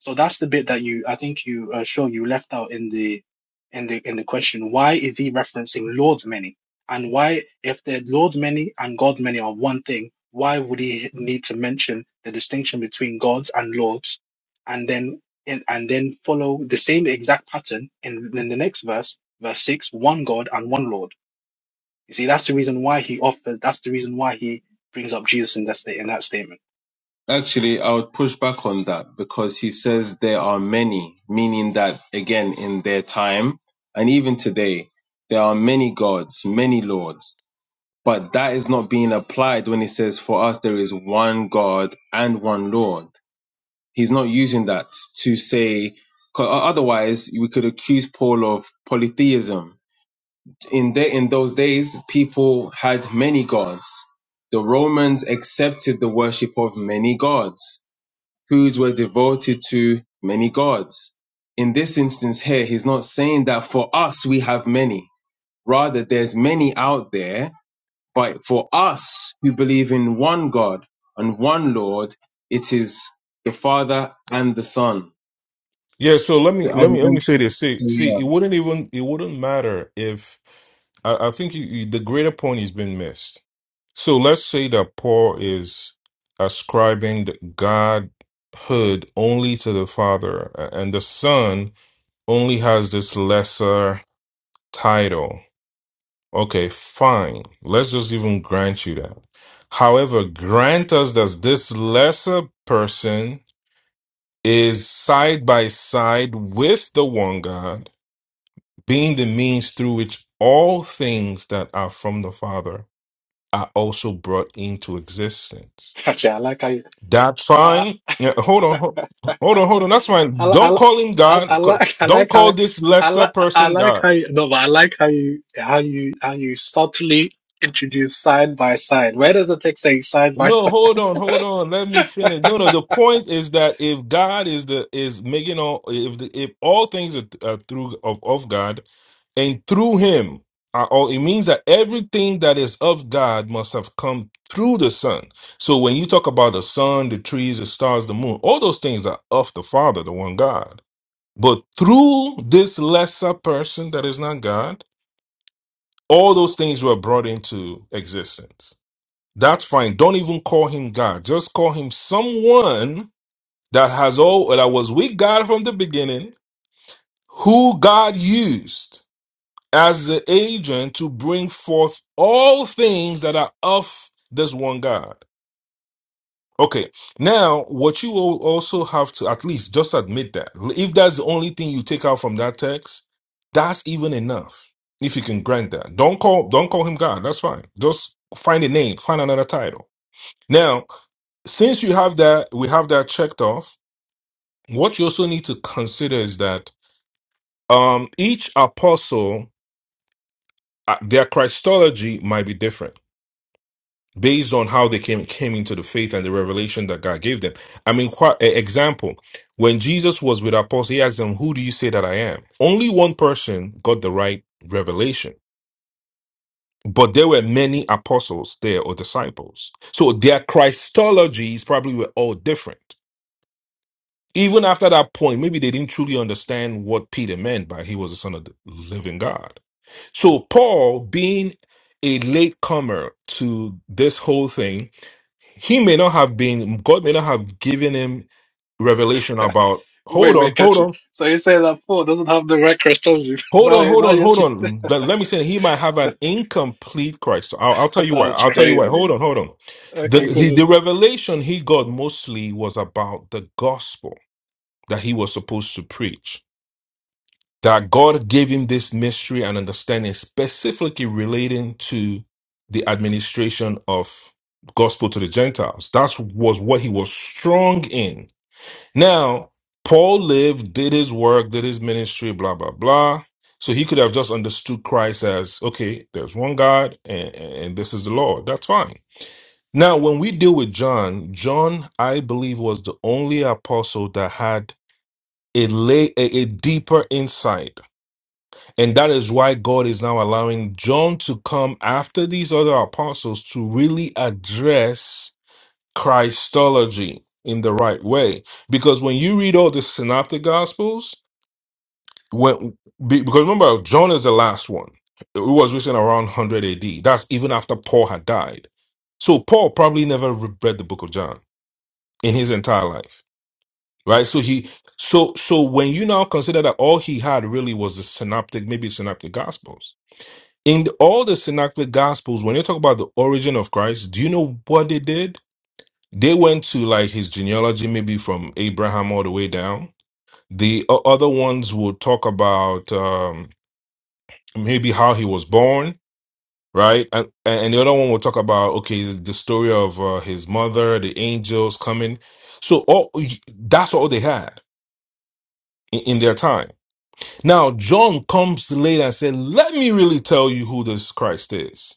Speaker 3: So that's the bit that you, I think you, uh, sure, you left out in the, in the, in the question. Why is he referencing Lord's many? And why, if the Lord's many and God's many are one thing, why would he need to mention the distinction between gods and lords, and then and, and then follow the same exact pattern in, in the next verse, verse six, one God and one Lord. You see, that's the reason why he offers. That's the reason why he brings up Jesus in that state in that statement.
Speaker 6: Actually, I would push back on that because he says there are many, meaning that again, in their time and even today, there are many gods, many lords, but that is not being applied when he says, for us, there is one God and one Lord. He's not using that to say, 'cause otherwise we could accuse Paul of polytheism. In, the, in those days, people had many gods. The Romans accepted the worship of many gods foods were devoted to many gods. In this instance here, he's not saying that for us we have many. Rather, there's many out there, but for us who believe in one God and one Lord, it is the Father and the Son.
Speaker 5: Yeah. So let me
Speaker 6: So,
Speaker 5: let
Speaker 6: And,
Speaker 5: me let me
Speaker 6: and-
Speaker 5: say this. See
Speaker 6: so
Speaker 5: see,
Speaker 6: yeah,
Speaker 5: it wouldn't even it wouldn't matter if I, I think you, you, the greater point has been missed. So let's say that Paul is ascribing the godhood only to the Father, a- and the Son only has this lesser title. Okay, fine. Let's just even grant you that. However, grant us that this lesser person is side by side with the one God, being the means through which all things that are from the Father are also brought into existence.
Speaker 3: Gotcha. I like how you,
Speaker 5: That's
Speaker 3: I,
Speaker 5: fine.
Speaker 3: I,
Speaker 5: Yeah, hold on,
Speaker 3: [laughs]
Speaker 5: hold, hold on, hold on. That's
Speaker 3: I,
Speaker 5: fine.
Speaker 3: li- I,
Speaker 5: Don't
Speaker 3: li-
Speaker 5: call him
Speaker 3: I
Speaker 5: God.
Speaker 3: I
Speaker 5: Co-
Speaker 3: like I
Speaker 5: Don't
Speaker 3: like
Speaker 5: call
Speaker 3: how
Speaker 5: this
Speaker 3: I
Speaker 5: lesser
Speaker 3: like I
Speaker 5: person
Speaker 3: like
Speaker 5: God.
Speaker 3: how you no, but I like how you how you how you subtly introduce side by side. Where does it take saying side by
Speaker 5: No,
Speaker 3: side?
Speaker 5: hold on, hold on. Let me finish. No, no. The
Speaker 3: [laughs]
Speaker 5: point is that if God is the is making all if the, if all things are, are through of, of God and through Him are all, it means that everything that is of God must have come through the Son. So when you talk about the sun, the trees, the stars, the moon, all those things are of the Father, the one God. But through this lesser person that is not God, all those things were brought into existence. That's fine. Don't even call him God. Just call him someone that has all that was with God from the beginning, who God used as the agent to bring forth all things that are of this one God. Okay. Now, what you will also have to at least just admit that if that's the only thing you take out from that text, that's even enough. If you can grant that, don't call don't call him God. That's fine. Just find a name, find another title. Now, since you have that, we have that checked off. What you also need to consider is that um, each apostle, uh, their Christology might be different based on how they came came into the faith and the revelation that God gave them. I mean, quite, example, when Jesus was with apostles, he asked them, "Who do you say that I am?" Only one person got the right revelation. But there were many apostles there or disciples. So their Christologies probably were all different. Even after that point, maybe they didn't truly understand what Peter meant by he was the son of the living God. So Paul, being a latecomer to this whole thing, he may not have been, God may not have given him revelation about,
Speaker 3: Wait,
Speaker 5: hold on,
Speaker 3: wait,
Speaker 5: hold
Speaker 3: catch it.
Speaker 5: on,
Speaker 3: So you say that Paul doesn't have the right Christology. [laughs]
Speaker 5: hold on,
Speaker 3: No,
Speaker 5: hold
Speaker 3: no,
Speaker 5: on,
Speaker 3: yes,
Speaker 5: hold
Speaker 3: you-
Speaker 5: on. Let, let me say, he might have an incomplete Christ. I'll, I'll
Speaker 3: [laughs]
Speaker 5: tell you why.
Speaker 3: that's
Speaker 5: I'll tell you why.
Speaker 3: crazy.
Speaker 5: Hold on, hold on. The,
Speaker 3: Okay,
Speaker 5: the,
Speaker 3: good.
Speaker 5: the revelation he got mostly was about the gospel that he was supposed to preach. that God gave him this mystery and understanding specifically relating to the administration of gospel to the Gentiles. That was what he was strong in. Now, Paul lived, did his work, did his ministry, blah, blah, blah. So he could have just understood Christ as, okay, there's one God and, and this is the Lord. That's fine. Now, when we deal with John, John, I believe, was the only apostle that had a, lay, a a deeper insight and that is why God is now allowing John to come after these other apostles to really address Christology in the right way. Because when you read all the synoptic gospels, when be- because remember John is the last one. It was written around 100 AD. That's even after Paul had died. So Paul probably never re- read the book of John in his entire life. Right? So he so so when you now consider that all he had really was the synoptic maybe synoptic gospels in all the synoptic gospels, when they talk about the origin of Christ, do you know what they did? They went to like his genealogy, maybe from Abraham all the way down. The o- other ones will talk about um, maybe how he was born, right? And, and the other one will talk about okay, the story of uh, his mother, the angels coming. So all that's all they had in, in their time. Now John comes later and said, "Let me really tell you who this Christ is."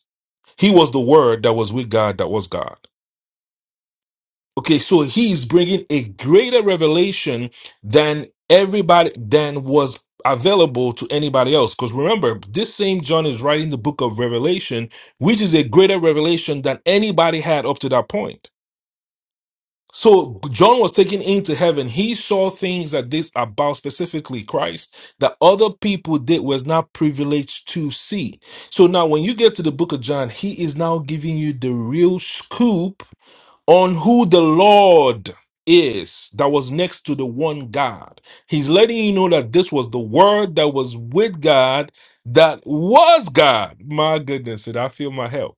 Speaker 5: He was the word that was with God, that was God. Okay, so he is bringing a greater revelation than everybody, than was available to anybody else. Because remember, this same John is writing the book of Revelation, which is a greater revelation than anybody had up to that point. So John was taken into heaven. He saw things that this about specifically Christ that other people did was not privileged to see. So now when you get to the book of John, he is now giving you the real scoop on who the Lord is that was next to the one God. He's letting you know that this was the word that was with God that was God. My goodness, did I feel my help?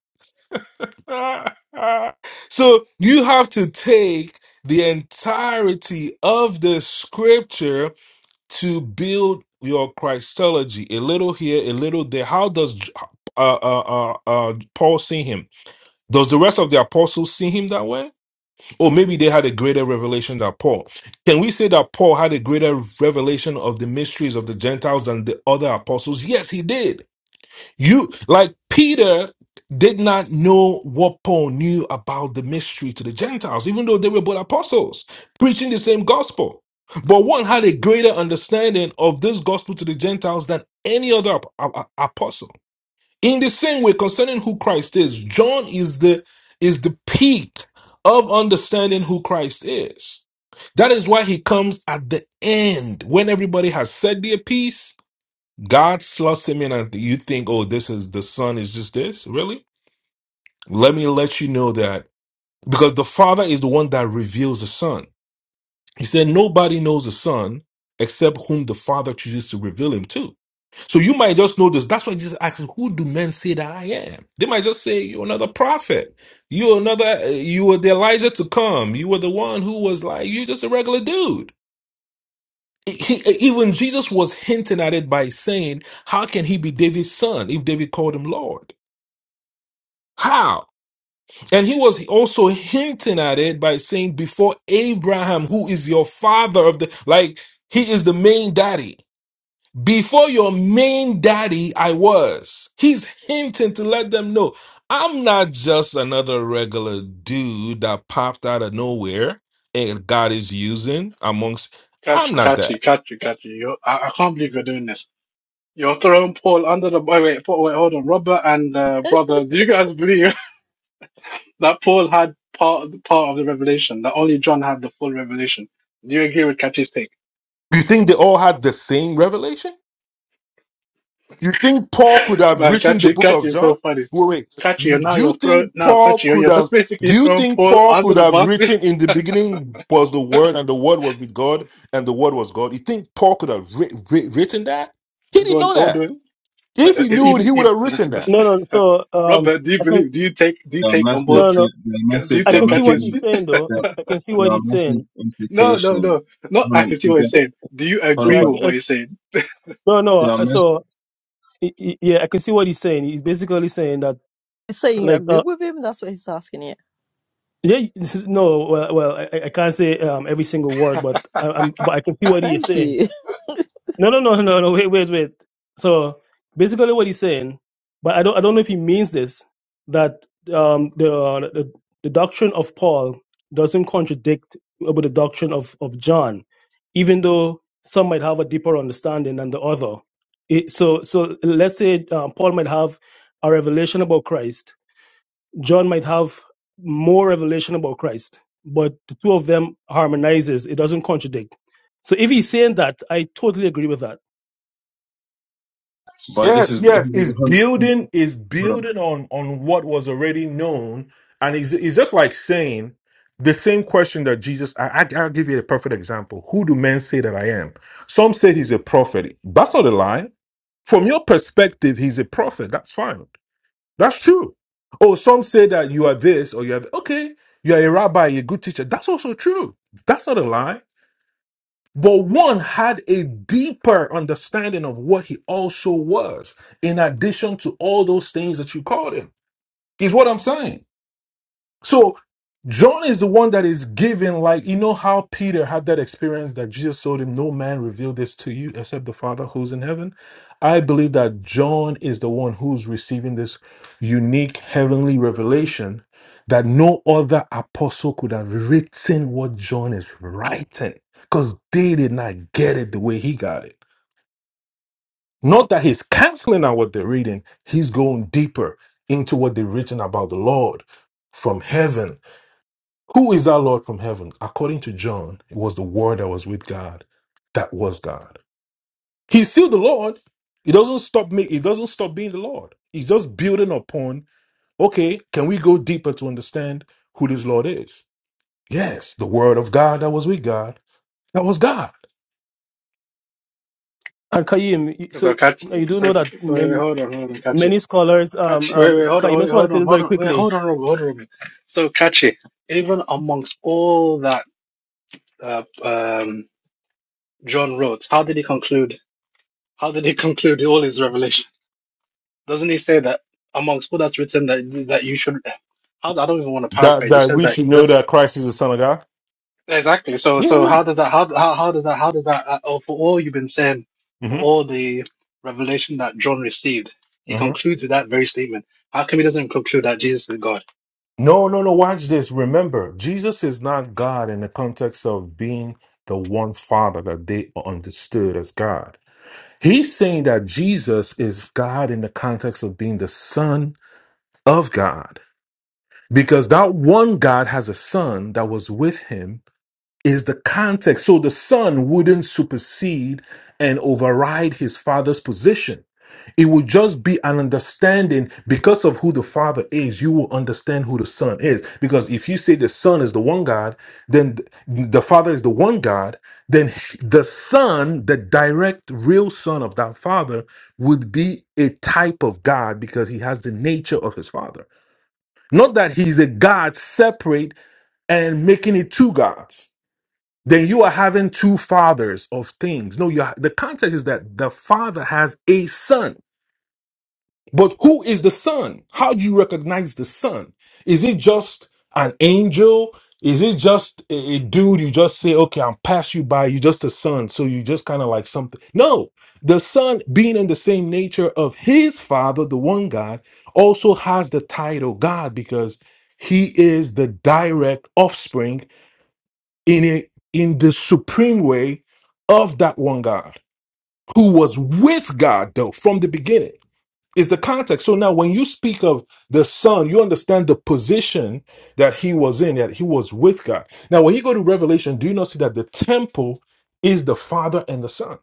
Speaker 5: [laughs] so you have to take the entirety of the scripture to build your Christology. A little here, a little there. How does J- uh, uh, uh, uh, uh, Paul see him? Does the rest of the apostles see him that way? Or maybe they had a greater revelation than Paul. Can we say that Paul had a greater revelation of the mysteries of the Gentiles than the other apostles? Yes, he did. You like Peter did not know what Paul knew about the mystery to the Gentiles, even though they were both apostles preaching the same gospel. But one had a greater understanding of this gospel to the Gentiles than any other ap- a- a- apostle. In the same way, concerning who Christ is, John is the is the peak of understanding who Christ is. That is why he comes at the end when everybody has said their piece God slots him in, and you think, oh, this is the son is just this? Really? Let me let you know that because the father is the one that reveals the son. He said, nobody knows the son except whom the father chooses to reveal him to. So you might just know this. That's why Jesus asks, who do men say that I am? They might just say, you're another prophet. You're another, uh, you were the Elijah to come. You were the one who was like, you just a regular dude. he, even Jesus was hinting at it by saying, How can he be David's son if David called him Lord? How? And he was also hinting at it by saying, Before Abraham, who is your father of the, like, he is the main daddy. Before your main daddy, I was. He's hinting to let them know, I'm not just another regular dude that popped out of nowhere and God is using amongst, I'm
Speaker 3: Catch,
Speaker 5: not
Speaker 3: catch
Speaker 5: that.
Speaker 3: it, catch it, catch it. You, I, I can't believe you're doing this. You're throwing Paul under the. Wait, wait, Paul, wait, hold on. Robert and uh, brother, do you guys believe [laughs] that Paul had part part of the revelation? That only John had the full revelation. Do you agree with Catchy's take?
Speaker 5: You think they all had the same revelation? You think Paul could
Speaker 3: [laughs]
Speaker 5: have
Speaker 3: Man,
Speaker 5: written the
Speaker 3: Catchy,
Speaker 5: book
Speaker 3: Catchy
Speaker 5: of
Speaker 3: is
Speaker 5: John?
Speaker 3: so funny.
Speaker 5: Wait, wait.
Speaker 3: Catchy,
Speaker 5: You,
Speaker 3: and now
Speaker 5: do you
Speaker 3: you're throwing.
Speaker 5: think
Speaker 3: Now,
Speaker 5: Paul
Speaker 3: Catchy, you're
Speaker 5: could
Speaker 3: you're
Speaker 5: have?
Speaker 3: just basically
Speaker 5: Do you
Speaker 3: throwing
Speaker 5: think
Speaker 3: Paul
Speaker 5: Paul
Speaker 3: under
Speaker 5: could
Speaker 3: the
Speaker 5: have
Speaker 3: bus. [laughs]
Speaker 5: written in the beginning was the Word and the Word was with God and the Word was God? You think Paul could have writ, writ, written that? He
Speaker 3: You're
Speaker 5: didn't
Speaker 3: going
Speaker 5: know
Speaker 3: all the
Speaker 5: that.
Speaker 3: way. But
Speaker 5: If
Speaker 3: uh,
Speaker 5: he knew it, he
Speaker 3: even
Speaker 5: would
Speaker 3: if
Speaker 5: have written that.
Speaker 4: No, no.
Speaker 3: [laughs]
Speaker 4: So, um,
Speaker 3: Robert, do you
Speaker 4: I can.
Speaker 3: believe? Do you take? Do you
Speaker 6: there are
Speaker 3: take on
Speaker 6: massive,
Speaker 3: board?
Speaker 4: No, no.
Speaker 6: there,
Speaker 4: no.
Speaker 6: there are
Speaker 3: Do
Speaker 6: massive,
Speaker 3: you
Speaker 4: I
Speaker 6: there are
Speaker 3: take
Speaker 4: can see
Speaker 6: massive,
Speaker 4: what
Speaker 3: catches?
Speaker 4: he's saying though.
Speaker 6: there,
Speaker 4: I, I can see what
Speaker 6: there are
Speaker 4: he's
Speaker 6: massive
Speaker 4: saying.
Speaker 3: No, no,
Speaker 6: implications.
Speaker 3: no. not.
Speaker 6: Hold
Speaker 3: I can
Speaker 6: on,
Speaker 3: see what he's
Speaker 4: Eh,
Speaker 3: saying. Do you
Speaker 6: hold on,
Speaker 4: Yeah,
Speaker 3: agree
Speaker 4: I,
Speaker 6: but
Speaker 3: with
Speaker 4: can- I,
Speaker 3: what he's saying?
Speaker 4: no, no.
Speaker 6: there are
Speaker 4: uh,
Speaker 6: mass,
Speaker 4: So y- y- yeah, I can see what he's saying. He's basically saying that
Speaker 1: You're saying you
Speaker 4: like
Speaker 1: agree
Speaker 4: uh,
Speaker 1: with him? That's what he's asking you.
Speaker 4: yeah, this is- no. Well, well, I, I I can't say um, every single word, but I, I'm but I can see what he is
Speaker 1: Thank
Speaker 4: saying.
Speaker 1: you. [laughs]
Speaker 4: No, no, no, no, no. Wait, wait, wait. So basically, what he's saying, but I don't, I don't know if he means this that um, the, uh, the the doctrine of Paul doesn't contradict with the doctrine of of John, even though some might have a deeper understanding than the other. It, so, so let's say uh, Paul might have a revelation about Christ. John might have more revelation about Christ, but the two of them harmonizes. It doesn't contradict. So, if he's saying that, I totally agree with that
Speaker 6: but this
Speaker 5: Yes,
Speaker 6: is, this
Speaker 5: yes, it's
Speaker 6: is hold on,
Speaker 5: building is
Speaker 6: hold on.
Speaker 5: building on on what was already known, and it's, it's just like saying the same question that Jesus. I, I will give you a perfect example. Who do men say that I am? Some say he's a prophet. That's not a lie. From your perspective, he's a prophet. That's fine. That's true. Oh, some say that you are this or you are th- okay. You are a rabbi, you're a good teacher. That's also true. That's not a lie. But one had a deeper understanding of what he also was, in addition to all those things that you called him, is what I'm saying. So John is the one that is giving, like, you know how Peter had that experience that Jesus told him, No man revealed this to you except the Father who's in heaven. I believe that John is the one who's receiving this unique heavenly revelation that no other apostle could have written what John is writing because they did not get it the way he got it. Not that he's canceling out what they're reading, he's going deeper into what they've written about the Lord from heaven who is that Lord from heaven? According to John, it was the Word that was with God, that was God. He's still the Lord. It doesn't stop me. It doesn't stop being the Lord. He's just building upon. Okay, can we go deeper to understand who this Lord is? Yes, the Word of God that was with God, that was God.
Speaker 4: And Kaim,
Speaker 3: Because I'll
Speaker 4: so
Speaker 3: catch it.
Speaker 4: you do know
Speaker 3: So,
Speaker 4: that
Speaker 3: so wait, wait,
Speaker 4: many,
Speaker 3: hold on, hold on, Kachi.
Speaker 4: many scholars, um,
Speaker 3: Kachi,
Speaker 4: um,
Speaker 3: wait, wait, hold
Speaker 4: Kaim,
Speaker 3: on,
Speaker 4: I
Speaker 3: wait,
Speaker 4: just want to
Speaker 3: hold
Speaker 4: say
Speaker 3: on,
Speaker 4: this
Speaker 3: hold
Speaker 4: very
Speaker 3: on, wait,
Speaker 4: quickly.
Speaker 3: hold on, Robert, hold on, Robert. So, Kachi, even amongst all that uh, um, John wrote, how did he conclude? How did he [laughs] conclude all his revelation? Doesn't he say that amongst all that's written that that you should? How I don't even want to
Speaker 5: That
Speaker 3: paraphrase. He
Speaker 5: that
Speaker 3: says
Speaker 5: we
Speaker 3: that
Speaker 5: should
Speaker 3: he does.
Speaker 5: know that Christ is the Son of God.
Speaker 3: Exactly. So, so
Speaker 5: Yeah.
Speaker 3: how does that, how, how, how does that, how does that, uh, oh, for all you've been saying,
Speaker 5: Mm-hmm.
Speaker 3: for all the revelation that John received, he
Speaker 5: Mm-hmm.
Speaker 3: concludes with that very statement. How come he doesn't conclude that Jesus is God?
Speaker 5: No, no, no. Watch this. Remember, Jesus is not God in the context of being the one Father that they understood as God. He's saying that Jesus is God in the context of being the Son of God, because that one God has a Son that was with him, is the context. So the Son wouldn't supersede and override his Father's position. It will just be an understanding because of who the Father is. You will understand who the Son is. Because if you say the Son is the one God, then th- the Father is the one God, then h- the Son, the direct real Son of that Father, would be a type of God because he has the nature of his Father. Not that he's a God separate and making it two gods. Then you are having two fathers of things. No, you are, the context is that the Father has a Son but who is the son? How do you recognize the son? Is it just an angel? Is it just a, a dude you just say, okay, I'm pass you by, you just a son, so you just kind of like something? No, the son, being in the same nature of his father, the one God, also has the title God because he is the direct offspring in a, in the supreme way of that one God who was with God though from the beginning is the context. So now when you speak of the son, you understand the position that he was in, that he was with God. Now, when you go to Revelation, do you not see that the temple is the father and the son?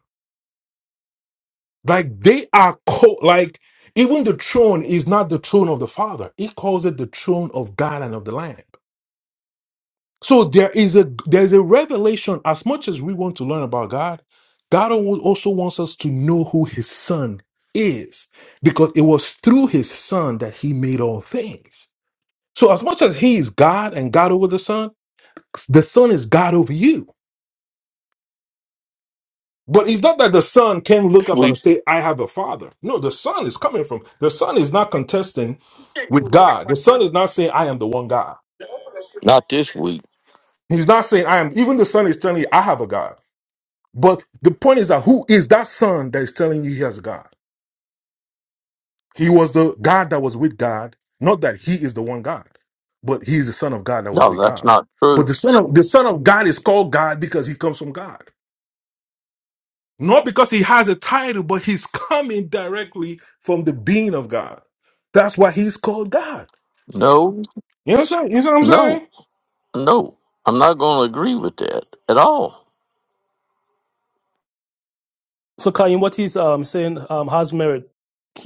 Speaker 5: Like they are co like even the throne is not the throne of the father. He calls it the throne of God and of the Lamb. So there is a there is a revelation. As much as we want to learn about God, God al- also wants us to know who His Son is, because it was through His Son that He made all things. So as much as He is God and God over the Son, the Son is God over you. But it's not that the Son can look up and
Speaker 7: week.
Speaker 5: say, "I have a Father." No, the Son is coming from the Son is not contesting with God. The Son is not saying, "I am the one God."
Speaker 7: Not this week.
Speaker 5: He's not saying, "I am." Even the Son is telling you, "I have a God." But the point is that who is that son that is telling you he has a God? He was the God that was with God, not that he is the one God, but he is the son of God that was
Speaker 7: No,
Speaker 5: with
Speaker 7: that's
Speaker 5: God.
Speaker 7: not
Speaker 5: But
Speaker 7: true.
Speaker 5: the son of the son of God is called God because he comes from God. Not because he has a title, but he's coming directly from the being of God. That's why he's called God.
Speaker 7: No,
Speaker 5: You know what I'm saying? You know what I'm saying?
Speaker 7: no, no. I'm not going to agree with that at all.
Speaker 4: So Kaim, what he's um, saying um, has merit.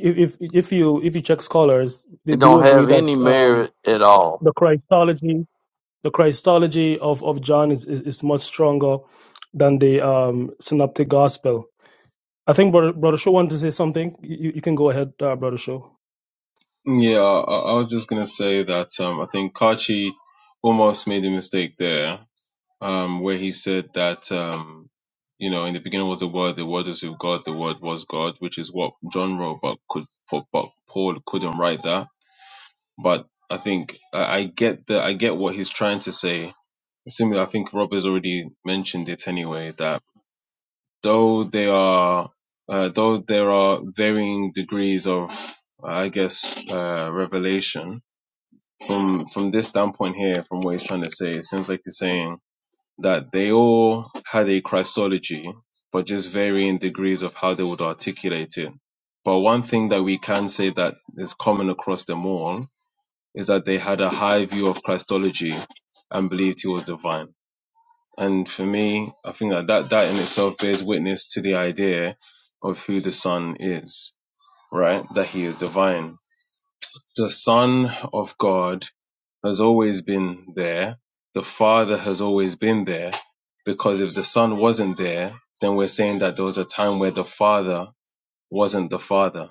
Speaker 4: If, if if you if you check scholars, they
Speaker 7: It
Speaker 4: do
Speaker 7: don't
Speaker 4: agree
Speaker 7: have any
Speaker 4: that um,
Speaker 7: merit at all.
Speaker 4: the Christology the Christology of, of John is, is, is much stronger than the um, Synoptic Gospel. I think Brother, Brother Shaw wanted to say something. You, you can go ahead, uh, Brother Shaw.
Speaker 6: Yeah, I, I was just gonna say that um, I think Kachi almost made a mistake there, um, where he said that um, you know in the beginning was the Word, the Word is with God, the Word was God, which is what John wrote, but could but but Paul couldn't write that. But I think I, I get the I get what he's trying to say. Similar, I think Rob has already mentioned it anyway that though they are uh, though there are varying degrees of I guess uh, revelation from from this standpoint here, from what he's trying to say, it seems like he's saying that they all had a Christology, but just varying degrees of how they would articulate it. But one thing that we can say that is common across them all is that they had a high view of Christology and believed he was divine. And for me, I think that that, that in itself bears witness to the idea of who the Son is, right? That he is divine. The Son of God has always been there. The Father has always been there. Because if the Son wasn't there, then we're saying that there was a time where the Father wasn't the Father,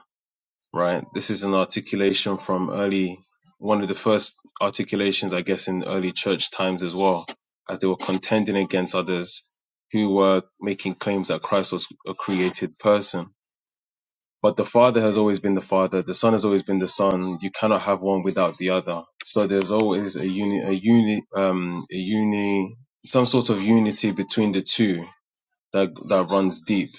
Speaker 6: right? This is an articulation from early, one of the first articulations, I guess, in early church times as well, as they were contending against others who were making claims that Christ was a created person but the Father has always been the Father. The Son has always been the Son. You cannot have one without the other. So there's always a uni, a uni, um, a uni, some sort of unity between the two that that runs deep.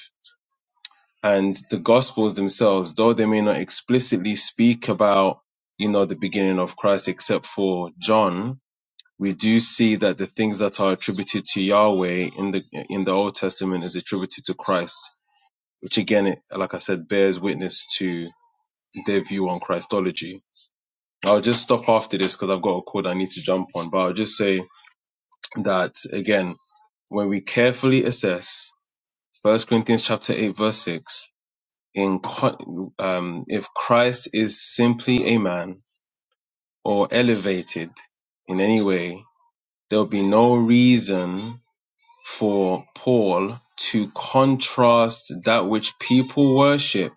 Speaker 6: And the Gospels themselves, though they may not explicitly speak about, you know, the beginning of Christ, except for John, we do see that the things that are attributed to Yahweh in the in the Old Testament is attributed to Christ, which again, it, like I said, bears witness to their view on Christology. I'll just stop after this because I've got a call I need to jump on, but I'll just say that again, when we carefully assess First Corinthians chapter 8 verse 6, in um, if Christ is simply a man or elevated in any way, there'll be no reason for Paul to contrast that which people worship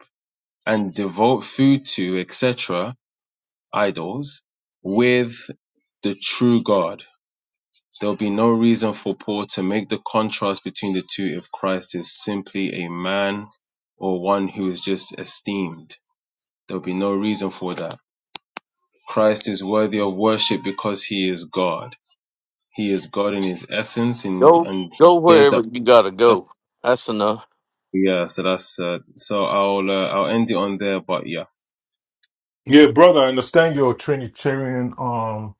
Speaker 6: and devote food to, etc., idols with the true God. There'll be no reason for Paul to make the contrast between the two if Christ is simply a man or one who is just esteemed. There'll be no reason for that. Christ is worthy of worship because he is God. He is God in his essence and,
Speaker 7: Go,
Speaker 6: and
Speaker 7: go
Speaker 6: he shares
Speaker 7: wherever
Speaker 6: that
Speaker 7: you got to go. That's enough.
Speaker 6: Yeah, so that's uh, so I'll uh, I'll end it on there, but yeah.
Speaker 5: Yeah, brother, I understand your Trinitarian um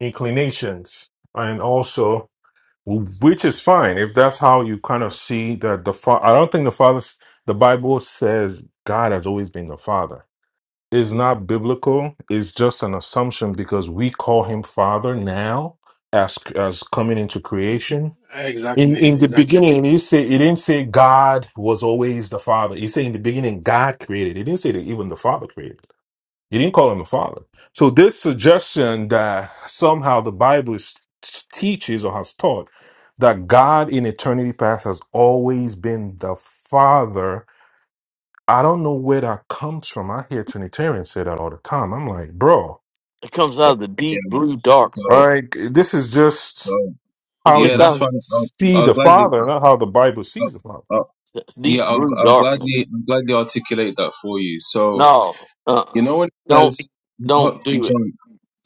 Speaker 5: inclinations. And also which is fine if that's how you kind of see that the father i don't think the father the bible says god has always been the father it's not biblical it's just an assumption because we call him father now as as coming into
Speaker 3: Hmm?
Speaker 5: creation in
Speaker 3: Exactly.
Speaker 5: in the
Speaker 3: Exactly.
Speaker 5: beginning he say he didn't say god was always the father he said in the beginning god created he didn't say that even the father created he didn't call him a father. So this suggestion that somehow the Bible is, teaches or has taught that God in eternity past has always been the father. I don't know where that comes from. I hear Trinitarians say that all the time. I'm like, bro,
Speaker 7: It comes out of the
Speaker 6: Yeah.
Speaker 7: deep blue darkness.
Speaker 6: So
Speaker 5: like this is just
Speaker 6: so
Speaker 7: It's
Speaker 5: how
Speaker 6: yeah,
Speaker 7: just
Speaker 5: you
Speaker 6: that's
Speaker 7: out
Speaker 6: fine.
Speaker 7: of
Speaker 6: I'll,
Speaker 5: see
Speaker 6: I'll
Speaker 5: the
Speaker 6: gladly
Speaker 5: father, not how the Bible
Speaker 6: I'll,
Speaker 5: sees the father.
Speaker 6: I'll,
Speaker 7: the deep
Speaker 6: yeah, I'll,
Speaker 7: blue
Speaker 6: I'll
Speaker 7: darkness.
Speaker 6: gladly I'll gladly articulate that for you. So
Speaker 7: No, uh,
Speaker 6: you
Speaker 7: uh
Speaker 6: know when it
Speaker 7: don't,
Speaker 6: says, oh,
Speaker 7: don't do it.
Speaker 6: John.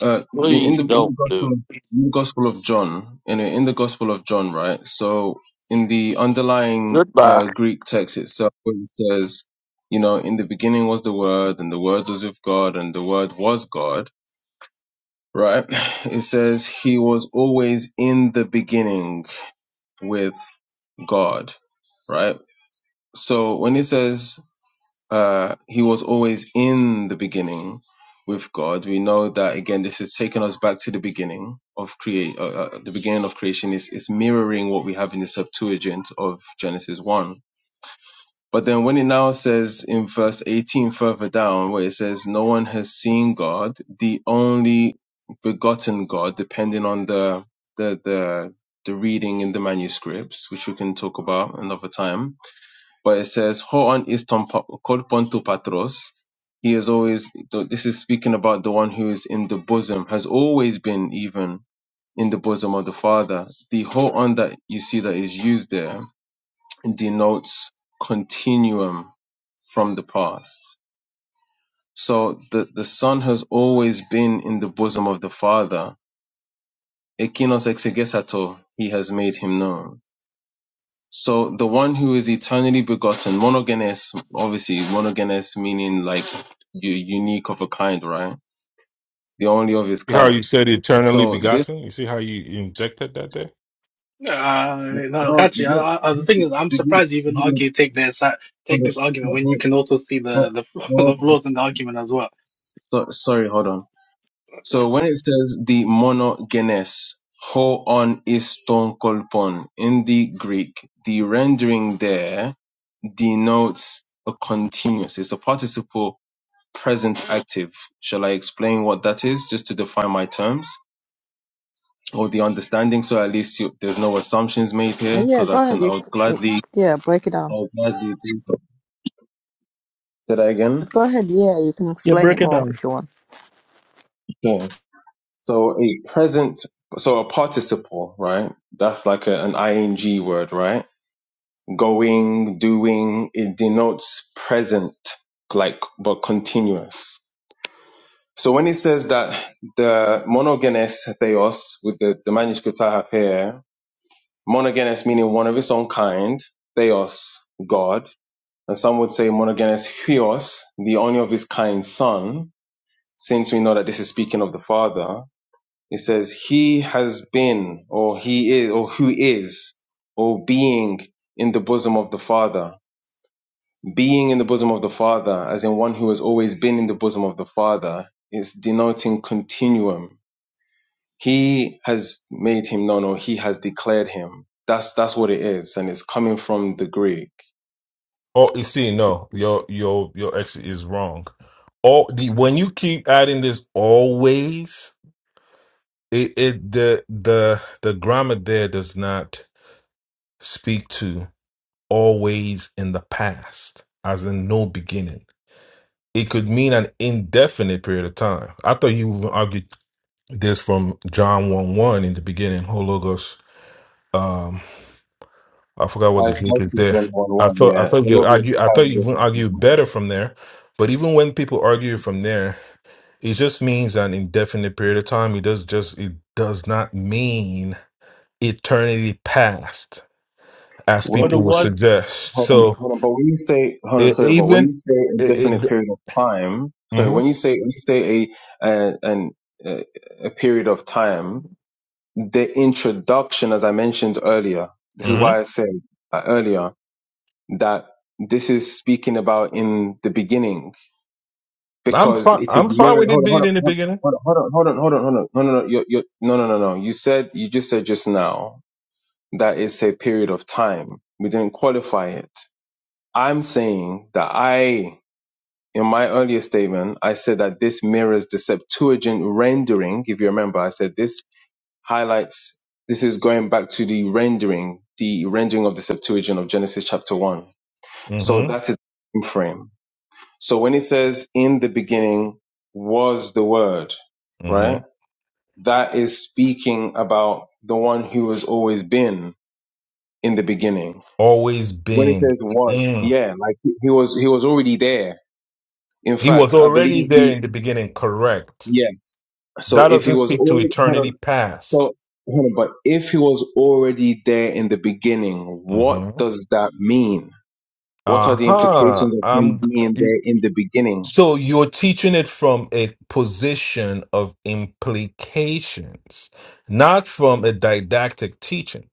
Speaker 6: uh, in, in
Speaker 7: Please
Speaker 6: the in
Speaker 7: don't
Speaker 6: the
Speaker 7: do.
Speaker 6: gospel
Speaker 7: It.
Speaker 6: of, in the gospel of John in in the gospel of John right so in the underlying
Speaker 7: Goodbye.
Speaker 6: uh, Greek text itself it says you know in the beginning was the word and the word was with God and the word was God right [laughs] [sighs] it says he was always in the beginning with God right so when it says uh, he was always in the beginning with God. We know that again. This is taking us back to the beginning of create. Uh, uh, the beginning of creation is is mirroring what we have in the Septuagint of Genesis one. But then when it now says in verse eighteen further down, where it says, "No one has seen God, the only begotten God," depending on the the the the reading in the manuscripts, which we can talk about another time but it says, "Ho on is ton pa- pontu patros." He is always. This is speaking about the one who is in the bosom, has always been even in the bosom of the Father. The ho on that you see that is used there denotes continuum from the past. So the the Son has always been in the bosom of the Father. Ekinos exegesato, he has made him known. So the one who is eternally begotten, monogenes, obviously monogenes meaning like you unique of a kind, right? The only of his
Speaker 5: See How
Speaker 6: kind.
Speaker 5: you said eternally
Speaker 6: So this.
Speaker 5: begotten. You see how you injected that there?
Speaker 3: Yeah, Uh, no,
Speaker 6: No,
Speaker 3: actually, I,
Speaker 6: you-
Speaker 3: I, uh, the thing
Speaker 6: you-
Speaker 3: is, I'm
Speaker 6: did you-
Speaker 3: surprised you even
Speaker 6: you-
Speaker 3: argue take their side,
Speaker 6: hold
Speaker 3: take
Speaker 6: on,
Speaker 3: this argument
Speaker 6: hold
Speaker 3: when you
Speaker 6: on,
Speaker 3: can also see
Speaker 6: hold
Speaker 3: the
Speaker 6: on,
Speaker 3: the, [laughs] the
Speaker 6: hold on.
Speaker 3: flaws in the argument as well.
Speaker 6: So, sorry, hold on. So when it says the monogenes, ho on iston kolpon in the Greek, the rendering there denotes a continuous. It's a participle present active. Shall I explain what that is just to define my terms or the understanding so at least you, there's no assumptions made here
Speaker 1: Oh, yeah,
Speaker 6: because
Speaker 1: go
Speaker 6: I
Speaker 1: ahead.
Speaker 6: can,
Speaker 1: You,
Speaker 6: I'll
Speaker 1: you,
Speaker 6: gladly,
Speaker 1: yeah, break it down.
Speaker 6: I'll gladly do Say that again.
Speaker 1: But Go ahead. Yeah, you can
Speaker 4: Yeah,
Speaker 1: explain it
Speaker 4: break it
Speaker 1: more
Speaker 4: down.
Speaker 1: if you want.
Speaker 6: Sure. So a present, so a participle, right? That's like a, an ing word, right? Going, doing, it denotes present, like, but continuous. So when it says that the monogenes theos with the, the manuscript I have here Monogenes meaning one of its own kind, theos, God. And some would say monogenes huios, the only of his kind son, since we know that this is speaking of the father. It says, he has been, or he is, or who is, or being in the bosom of the father. Being in the bosom of the father, as in one who has always been in the bosom of the father, is denoting continuum he has made him known or he has declared him. That's that's what it is, and it's coming from the Greek.
Speaker 5: Oh, you see, no, your your your ex is wrong. All the when you keep adding this always, it, it the the the grammar there does not speak to always in the past, as in no beginning. It could mean an indefinite period of time. I thought you argued this from John one one in the beginning, Hologos. I forgot what the
Speaker 6: I
Speaker 5: group
Speaker 6: felt
Speaker 5: is
Speaker 6: it
Speaker 5: there.
Speaker 6: John 1
Speaker 5: I
Speaker 6: 1,
Speaker 5: thought I
Speaker 6: yeah.
Speaker 5: thought you argue I thought you even argue
Speaker 6: Mhm.
Speaker 5: better from there. But even when people argue from there, it just means an indefinite period of time. It does just it does not mean eternity past, as
Speaker 4: What it
Speaker 5: people
Speaker 6: When
Speaker 5: would
Speaker 4: was.
Speaker 5: suggest.
Speaker 6: hold on,
Speaker 5: So
Speaker 6: hold on, but when you say hold on,
Speaker 5: it,
Speaker 6: sorry, but when
Speaker 5: even
Speaker 6: you say a
Speaker 5: it,
Speaker 6: definite
Speaker 5: it
Speaker 6: period of time, so
Speaker 5: hmm
Speaker 6: when you say when you say a uh, an uh, a period of time, the introduction, as I mentioned earlier, this is
Speaker 5: hmm
Speaker 6: why I said uh, earlier that this is speaking about in the beginning
Speaker 5: I'm
Speaker 6: because
Speaker 5: fine.
Speaker 6: it is
Speaker 5: I'm fine
Speaker 6: mirrored.
Speaker 5: with it
Speaker 6: Hold on, hold
Speaker 5: being
Speaker 6: on,
Speaker 5: in the beginning.
Speaker 6: hold on, hold on, hold on, hold on, hold on. No, no, no, you're, you're, no, no, no, no. You said you just said just now that it's a period of time. We didn't qualify it. I'm saying that I, in my earlier statement, I said that this mirrors the Septuagint rendering. If you remember, I said this highlights. This is going back to the rendering, the rendering of the Septuagint of Genesis chapter one. So
Speaker 5: hmm
Speaker 6: that is the frame. So when it says in the beginning was the word,
Speaker 5: hmm
Speaker 6: right? That is speaking about the one who has always been in the beginning.
Speaker 5: Always
Speaker 6: When
Speaker 5: been.
Speaker 6: it was,
Speaker 5: Mm.
Speaker 6: yeah, like he was, he was already there. In
Speaker 5: He was
Speaker 6: fact, I believe
Speaker 5: already there
Speaker 6: the,
Speaker 5: in the beginning, correct?
Speaker 6: yes. So
Speaker 5: That
Speaker 6: if he
Speaker 5: doesn't
Speaker 6: was
Speaker 5: speak to
Speaker 6: already, hold on.
Speaker 5: eternity
Speaker 6: So
Speaker 5: past.
Speaker 6: hold on, but if he was already there in the beginning, what
Speaker 5: hmm
Speaker 6: does that mean? What
Speaker 5: Uh
Speaker 6: are the implications
Speaker 5: huh. I'm
Speaker 6: mean there
Speaker 5: you-
Speaker 6: in the beginning?
Speaker 5: so you're teaching it from a position of implications, not from a didactic teaching.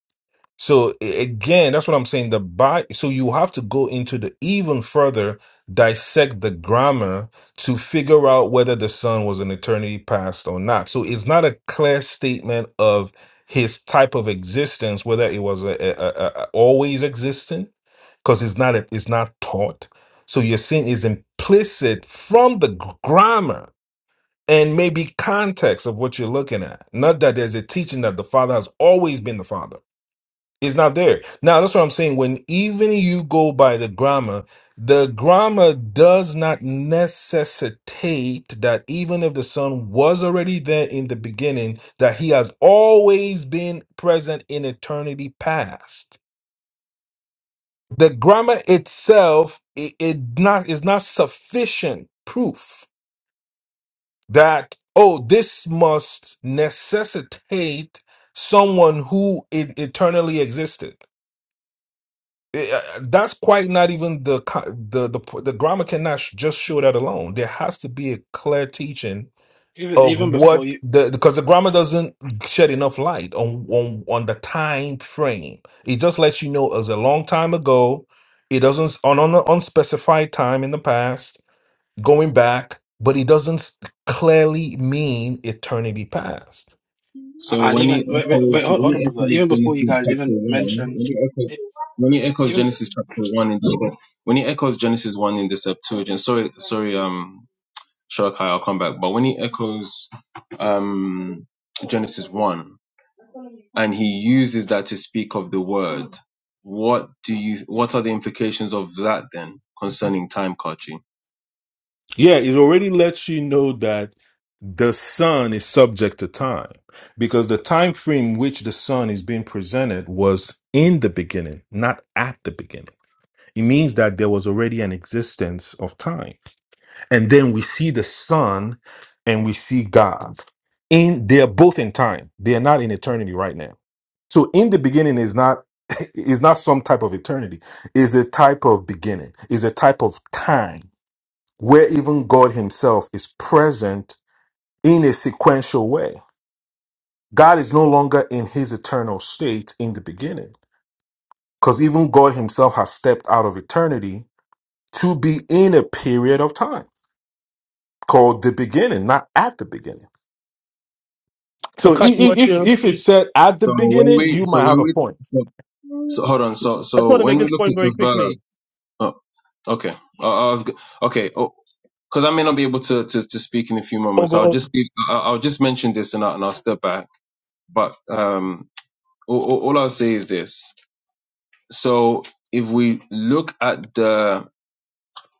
Speaker 5: So a- again, that's what I'm saying. The bi- so you have to go into the even further dissect the grammar to figure out whether the son was an eternity past or not. So it's not a clear statement of his type of existence, whether it was a, a, a, a- always existing, because it's not a, it's not taught. So you're saying is implicit from the gr- grammar and maybe context of what you're looking at. Not that there's a teaching that the father has always been the father it's not there. Now, that's what I'm saying. When even you go by the grammar, the grammar does not necessitate that even if the son was already there in the beginning, that he has always been present in eternity past. The grammar itself it, it not is not sufficient proof that oh this must necessitate someone who it eternally existed. Eh, uh, that's quite not even the co- the the the grammar cannot sh- just show that alone. There has to be a clear teaching
Speaker 3: Even
Speaker 5: of
Speaker 3: even before you
Speaker 5: what the because the grammar doesn't shed enough light on on on the time frame. It just lets you know it was a long time ago. It doesn't on on an unspecified time in the past going back, but it doesn't s- clearly mean eternity past.
Speaker 3: I-
Speaker 6: So
Speaker 3: I'll
Speaker 6: when he
Speaker 3: even wait, wait, wait
Speaker 6: echoes,
Speaker 3: hold,
Speaker 6: when
Speaker 3: hold on,
Speaker 6: he
Speaker 3: brother.
Speaker 6: echoes
Speaker 3: Even before you
Speaker 6: Genesis
Speaker 3: guys
Speaker 6: chapter
Speaker 3: even
Speaker 6: one,
Speaker 3: mention,
Speaker 6: when he echoes,
Speaker 3: e-
Speaker 6: when he echoes
Speaker 3: even
Speaker 6: Genesis chapter one in the when he echoes Genesis one in the Septuagint, sorry, sorry, um, Shalakai, I'll come back. But when he echoes, um, Genesis one, and he uses that to speak of the word, what do you? What are the implications of that then concerning time, Kachi?
Speaker 5: Yeah, it already lets you know that the sun is subject to time because the time frame which the sun is being presented was in the beginning, not at the beginning. It means that there was already an existence of time. And then we see the sun and we see God. In they are both in time. They are not in eternity right now. So in the beginning is not [laughs] is not some type of eternity. Is a type of beginning. Is a type of time where even God Himself is present in a sequential way. God is no longer in His eternal state in the beginning, because even God Himself has stepped out of eternity to be in a period of time called the beginning, not at the beginning.
Speaker 4: So,
Speaker 5: So i-
Speaker 4: Kaki,
Speaker 5: i-
Speaker 4: what
Speaker 5: if
Speaker 4: you? want to?
Speaker 5: if it said at the
Speaker 6: So when
Speaker 5: beginning,
Speaker 6: we,
Speaker 5: you
Speaker 6: so
Speaker 5: might
Speaker 6: when
Speaker 5: have a
Speaker 6: we,
Speaker 5: point.
Speaker 6: so, so hold on, so
Speaker 4: I just
Speaker 6: so
Speaker 4: want to
Speaker 6: when
Speaker 4: make
Speaker 6: we
Speaker 4: this
Speaker 6: look
Speaker 4: point
Speaker 6: at
Speaker 4: very
Speaker 6: the verb,
Speaker 4: quickly.
Speaker 6: oh, okay, I, I was, g- okay. because I may not be able to, to to speak in a few
Speaker 4: Oh,
Speaker 6: moments. I'll
Speaker 4: go.
Speaker 6: just
Speaker 4: Oh.
Speaker 6: leave, I'll, I'll just mention this and, I, and I'll step back. But um, all, all all I'll say is this: so if we look at the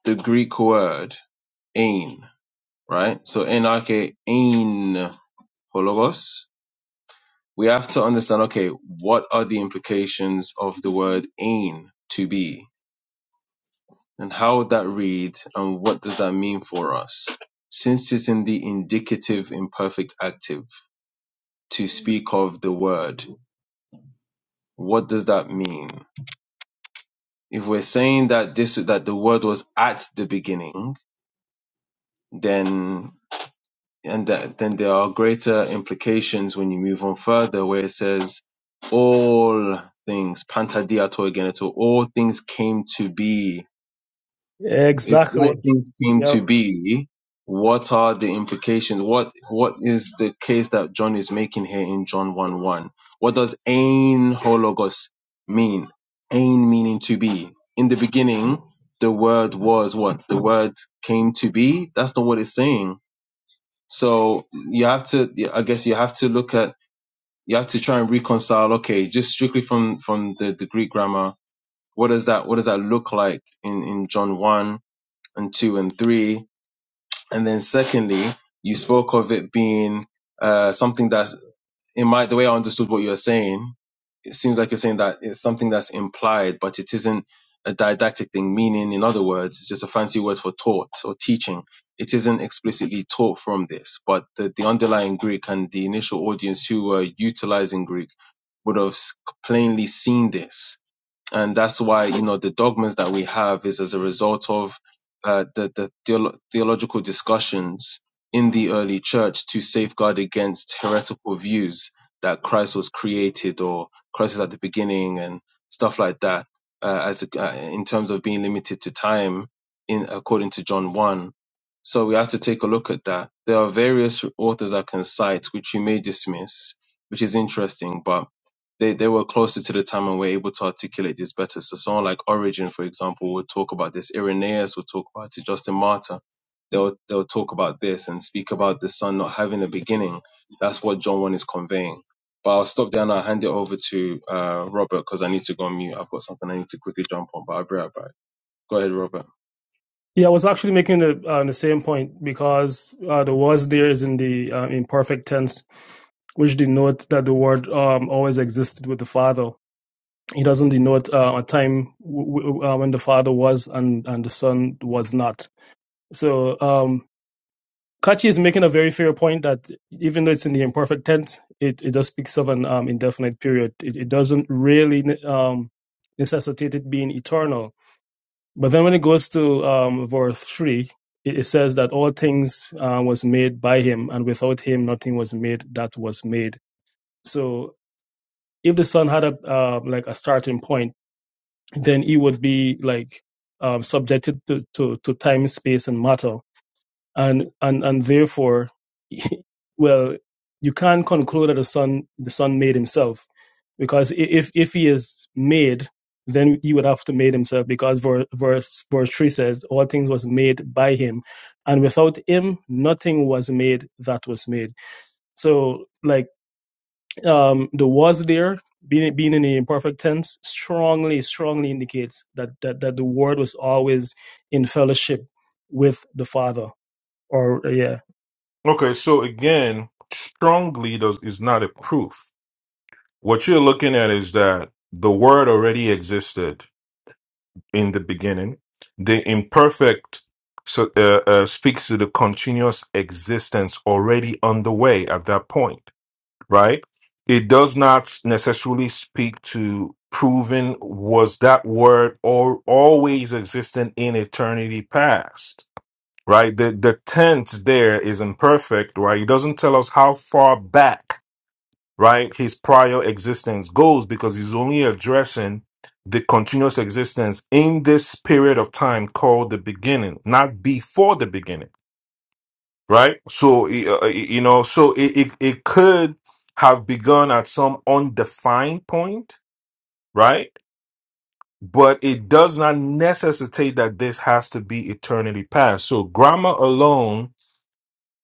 Speaker 6: the Greek word ain, right? So NRK ain hologos, we have to understand. Okay, what are the implications of the word ain to be, and how would that read, and what does that mean for us? Since it's in the indicative imperfect active to speak of the word. What does that mean? If we're saying that this that the word was at the beginning, then and that, then there are greater implications when you move on further, where it says all things pantadiato again, all things came to be if all
Speaker 4: Exactly.
Speaker 6: things came
Speaker 4: Yeah.
Speaker 6: to be, what are the implications? What what is the case that John is making here in John one one? What does ein hologos mean? Ein meaning to be. In the beginning, the word was what? The word came to be. That's not what it's saying. So you have to, I guess, you have to look at, you have to try and reconcile. Okay, just strictly from from the, the Greek grammar, what does that what does that look like in in John one and two and three? And then secondly, you spoke of it being uh, something that's in my the way I understood what you were saying. It seems like you're saying that it's something that's implied, but it isn't a didactic thing. Meaning, in other words, it's just a fancy word for taught or teaching. It isn't explicitly taught from this, but the, the underlying Greek and the initial audience who were utilizing Greek would have s- plainly seen this and that's why you know the dogmas that we have is as a result of uh, the the theolo- theological discussions in the early church to safeguard against heretical views that Christ was created or Christ is at the beginning and stuff like that. Uh, as a, uh, in terms of being limited to time, in according to John one, so we have to take a look at that. There are various authors I can cite which you may dismiss, which is interesting, but they, they were closer to the time and were able to articulate this better. So someone like Origin, for example, would talk about this. Irenaeus would talk about it. Justin Martyr, they'll they'll talk about this and speak about the son not having a beginning. That's what John one is conveying. But I'll stop there and I'll hand it over to uh, Robert because I need to go on mute. I've got something I need to quickly jump on, but I'll be right back. Go ahead, Robert.
Speaker 4: Yeah, I was actually making the uh, the same point because uh, the was there is in the uh, imperfect tense, which denotes that the word um, always existed with the Father. He doesn't denote uh, a time w- w- uh, when the father was and, and the son was not. So um, Kachi is making a very fair point that even though it's in the imperfect tense, it, it does speaks of an um, indefinite period. It, it doesn't really ne- um, necessitate it being eternal. But then when it goes to um, verse 3, it, it says that all things uh, was made by him, and without him nothing was made that was made. So if the son had a uh, like a starting point, then he would be like um, subjected to, to, to time, space, and matter, and and and therefore, [laughs] well, you can't conclude that the son the son made himself because if if he is made, then he would have to made himself because verse verse verse three says all things was made by him, and without him nothing was made that was made. So like um, the was there being being in the imperfect tense strongly strongly indicates that that that the word was always in fellowship with the father or uh, yeah
Speaker 5: Okay, so again, strongly does is not a proof. What you're looking at is that the word already existed in the beginning. The imperfect so, uh, uh, speaks to the continuous existence already underway at that point, right? It does not necessarily speak to proving was that word or always existent in eternity past, right? The the tense there is imperfect, right? It doesn't tell us how far back right? His prior existence goes because he's only addressing the continuous existence in this period of time called the beginning, not before the beginning, right? So, uh, uh, you know, so it, it, it could have begun at some undefined point, right? But it does not necessitate that this has to be eternity past. So, grammar alone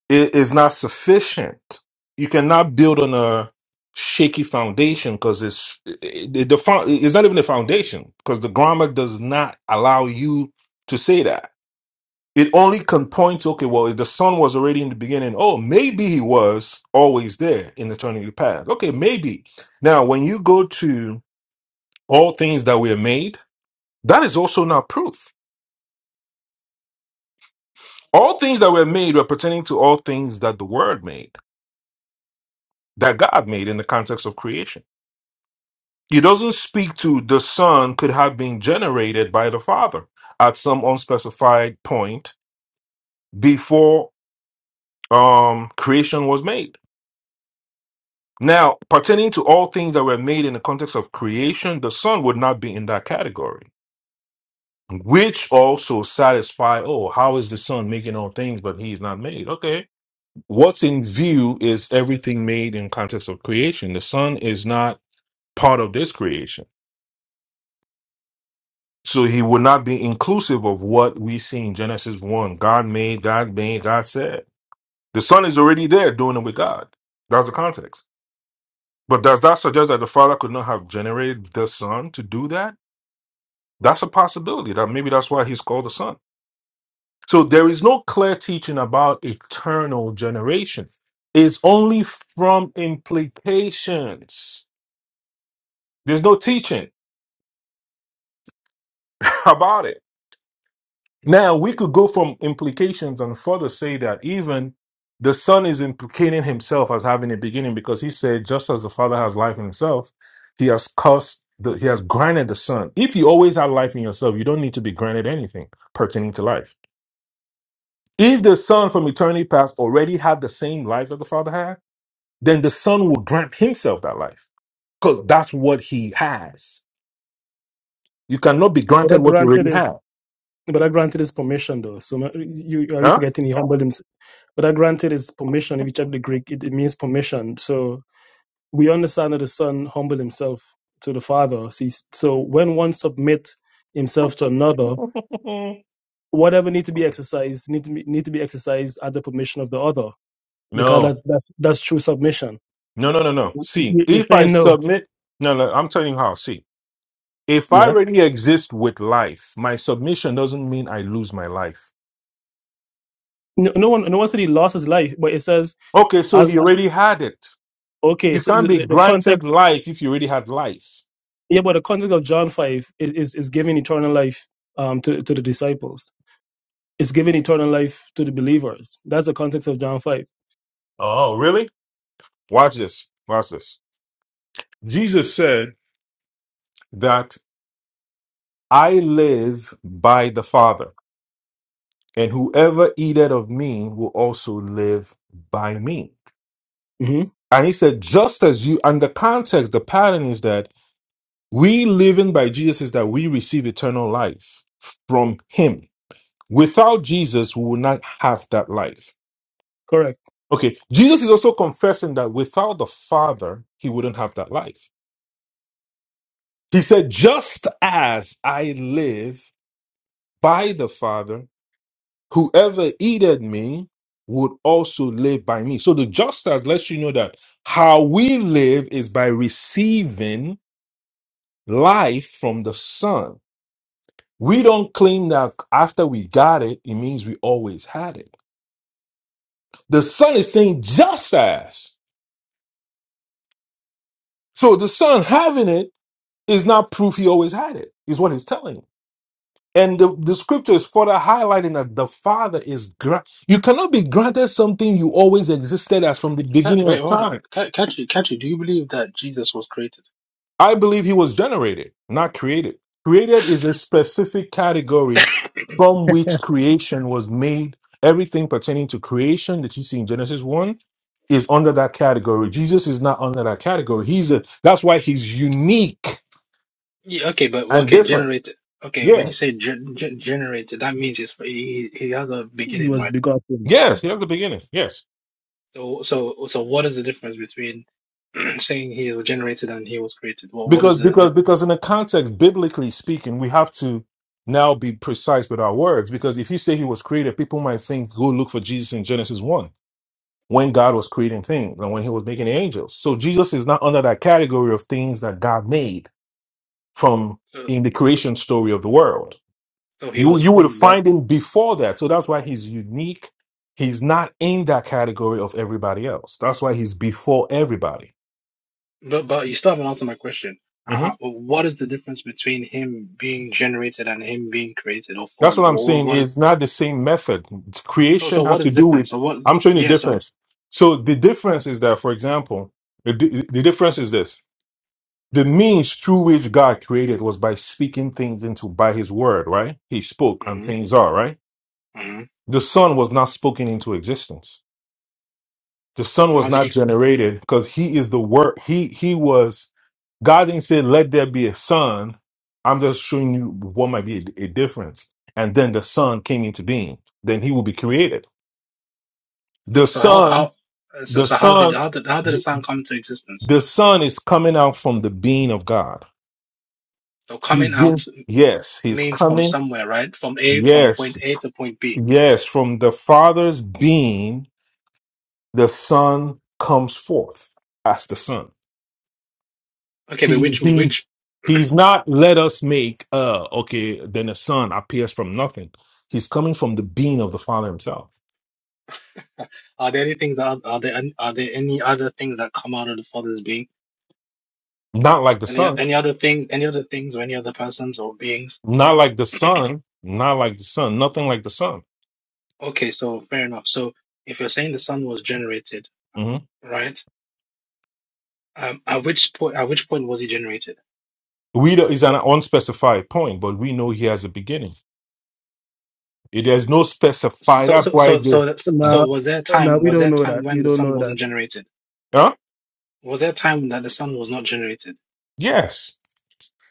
Speaker 5: it is not sufficient. You cannot build on a shaky foundation because it's it, it- the fo- it's not even a foundation because the grammar does not allow you to say that. It only can point to okay, well, if the sun was already in the beginning, oh, maybe he was always there in eternity past. Okay, maybe. Now, when you go to all things that were made, that is also not proof. All things that were made were pertaining to all things that the Word made, that God made in the context of creation He doesn't speak to the Son could have been generated by the Father at some unspecified point before um, creation was made. Now, pertaining to all things that were made in the context of creation, the Son would not be in that category, which also satisfy, oh, how is the Son making all things, but he is not made? Okay. What's in view is everything made in context of creation. The Son is not part of this creation. So he would not be inclusive of what we see in Genesis 1. God made, God made, God said. The son is already there doing it with God. That's the context. But does that suggest that the father could not have generated the son to do that? That's a possibility. That maybe that's why he's called the son. So there is no clear teaching about eternal generation. It's only from implications. There's no teaching [laughs] about it. Now we could go from implications and further say that even the son is implicating himself as having a beginning because he said, just as the father has life in himself, he has cursed the he has granted the son. If you always have life in yourself, you don't need to be granted anything pertaining to life. If the son from eternity past already had the same life that the father had, then the son will grant himself that life because that's what he has. You cannot be
Speaker 4: but i
Speaker 5: granted what you
Speaker 4: granted
Speaker 5: already
Speaker 4: is
Speaker 5: have.
Speaker 4: but I granted his permission though. So ma- you are you
Speaker 5: Huh?
Speaker 4: forgetting he humbled himself? But I granted his permission. If you check the Greek, it, it means permission. So we understand that the son humbled himself to the father. So, he's- so when one submit himself to another,
Speaker 5: Mm.
Speaker 4: whatever need to be exercised need to be, need to be exercised at the permission of the other because
Speaker 5: No,
Speaker 4: that's that's, that's true submission.
Speaker 5: no, no, no, no. See,
Speaker 4: You- You're
Speaker 5: if I
Speaker 4: saying no.
Speaker 5: submit, no, no, I'm telling you how. See, if I
Speaker 4: Yeah.
Speaker 5: already exist with life, my submission doesn't mean I lose my life.
Speaker 4: No, no one no one said he lost his life, but it says
Speaker 5: Okay, so
Speaker 4: uh,
Speaker 5: he already had it.
Speaker 4: okay.
Speaker 5: You
Speaker 4: So
Speaker 5: can't be
Speaker 4: the, the
Speaker 5: granted
Speaker 4: context,
Speaker 5: life if you already had life.
Speaker 4: yeah, but the context of John five is is, is giving eternal life um to to the disciples. It's giving eternal life to the believers. That's the context of John 5
Speaker 5: Oh, really? Watch this. Watch this. Jesus said that I live by the Father, and whoever eateth of me will also live by me.
Speaker 4: hmm
Speaker 5: And he said, just as you, and the context, the pattern is that We living by Jesus is that we receive eternal life from Him. Without Jesus, we will not have that life.
Speaker 4: Correct.
Speaker 5: Okay, Jesus is also confessing that without the Father, He wouldn't have that life. He said, Just as I live by the Father, whoever eateth me would also live by me. So the just as lets you know that how we live is by receiving life from the Son. We don't claim that after we got it, it means we always had it. The son is saying just as. So the son having it is not proof he always had it, is what he's telling. you. And the, the scripture is further highlighting that the father is, gra- you cannot be granted something you always existed as from the
Speaker 3: Ca-
Speaker 5: beginning
Speaker 3: wait,
Speaker 5: of
Speaker 3: hold on,
Speaker 5: time.
Speaker 3: Ca- Catchy, Catchy. Do you believe that Jesus was created?
Speaker 5: I believe he was generated, not created. Created is a specific category from which creation was made. Everything pertaining to creation that you see in Genesis 1 is under that category. Jesus is not under that category. He's a that's why he's unique
Speaker 3: Yeah, okay, but
Speaker 5: and
Speaker 3: okay,
Speaker 5: different.
Speaker 3: generated. Okay, when
Speaker 5: Yeah.
Speaker 3: you say gen- gen- generated, that means it's, he he has a
Speaker 4: He
Speaker 3: beginning,
Speaker 4: was
Speaker 3: right?
Speaker 4: begotten.
Speaker 5: Yes, you have the beginning. Yes.
Speaker 3: So, so, so, what is the difference between [clears throat] saying he was generated and he was created? Well, what is
Speaker 5: Because
Speaker 3: the
Speaker 5: because
Speaker 3: difference?
Speaker 5: because in the context, biblically speaking, we have to now be precise with our words. Because if you say he was created, people might think go look for Jesus in Genesis 1 when God was creating things and when he was making the angels. So Jesus is not under that category of things that God made from
Speaker 3: So,
Speaker 5: in the creation story of the world.
Speaker 3: so he
Speaker 5: You
Speaker 3: was
Speaker 5: you would
Speaker 3: formed, but,
Speaker 5: find him before that. So that's why he's unique. He's not in that category of everybody else. That's why he's before everybody.
Speaker 3: but, but you still haven't answered my question. Uh,
Speaker 5: Mhm.
Speaker 3: uh, what is the difference between him being generated and him being created or
Speaker 5: That's
Speaker 3: formed?
Speaker 5: what I'm
Speaker 3: Well, what,
Speaker 5: saying.
Speaker 3: what is
Speaker 5: It's not the same method.
Speaker 3: so?
Speaker 5: Creation
Speaker 3: So,
Speaker 5: has
Speaker 3: what is
Speaker 5: to
Speaker 3: the
Speaker 5: do with.
Speaker 3: difference? So, what?
Speaker 5: I'm showing the
Speaker 3: Yeah. So,
Speaker 5: difference. So the difference is that, for example, the, the difference is this. the means through which God created was by speaking things into by his word, right? He spoke and
Speaker 3: hmm
Speaker 5: things are, right?
Speaker 3: hmm
Speaker 5: The son was not spoken into existence. The son
Speaker 3: so
Speaker 5: was
Speaker 3: how did
Speaker 5: not
Speaker 3: he?
Speaker 5: generated because he is the word. He he was God didn't say, let there be a son. I'm just showing you what might be a, a difference. And then the son came into being. Then he will be created.
Speaker 3: So,
Speaker 5: The
Speaker 3: so how
Speaker 5: son,
Speaker 3: how? uh, So,
Speaker 5: the
Speaker 3: so how did
Speaker 5: son,
Speaker 3: how did how did the
Speaker 5: the,
Speaker 3: sound come into existence?
Speaker 5: the son is coming out from the being of God.
Speaker 3: So, coming
Speaker 5: He's
Speaker 3: out
Speaker 5: been,
Speaker 3: m-
Speaker 5: yes, he's
Speaker 3: means from
Speaker 5: coming
Speaker 3: somewhere, right? From A, from point
Speaker 5: Yes,
Speaker 3: A to point B.
Speaker 5: yes. From the Father's being, the Son comes forth. As the Son.
Speaker 3: Okay, but
Speaker 5: He
Speaker 3: which
Speaker 5: he
Speaker 3: which [clears throat]
Speaker 5: he's not let us make uh okay, then the Son appears from nothing. He's coming from the being of the Father himself.
Speaker 3: are there any things that are, are there are there any other things that come out of the Father's being?
Speaker 5: Not like the
Speaker 3: Any
Speaker 5: Son.
Speaker 3: any other things? Any other things or any other persons or beings?
Speaker 5: Not like the Son. Not like the Son. Nothing like the Son.
Speaker 3: Okay, so fair enough. So if you're saying the Son was generated,
Speaker 5: hmm
Speaker 3: right? Um, at which point at which point was he generated?
Speaker 5: We do, is an unspecified point, but we know he has a beginning. It has no specified.
Speaker 3: So
Speaker 5: That's
Speaker 3: so
Speaker 5: why
Speaker 3: so
Speaker 5: the.
Speaker 3: so that's- so
Speaker 4: Now,
Speaker 5: Mhm.
Speaker 3: was there a
Speaker 4: now
Speaker 3: time
Speaker 4: we
Speaker 3: was
Speaker 4: don't
Speaker 3: there a
Speaker 4: know
Speaker 3: time
Speaker 4: that.
Speaker 3: when
Speaker 4: We
Speaker 3: the
Speaker 4: don't
Speaker 3: Son
Speaker 4: know
Speaker 3: wasn't
Speaker 4: that.
Speaker 3: generated?
Speaker 5: Huh?
Speaker 3: Was there a time that the Son was not generated?
Speaker 5: Yes.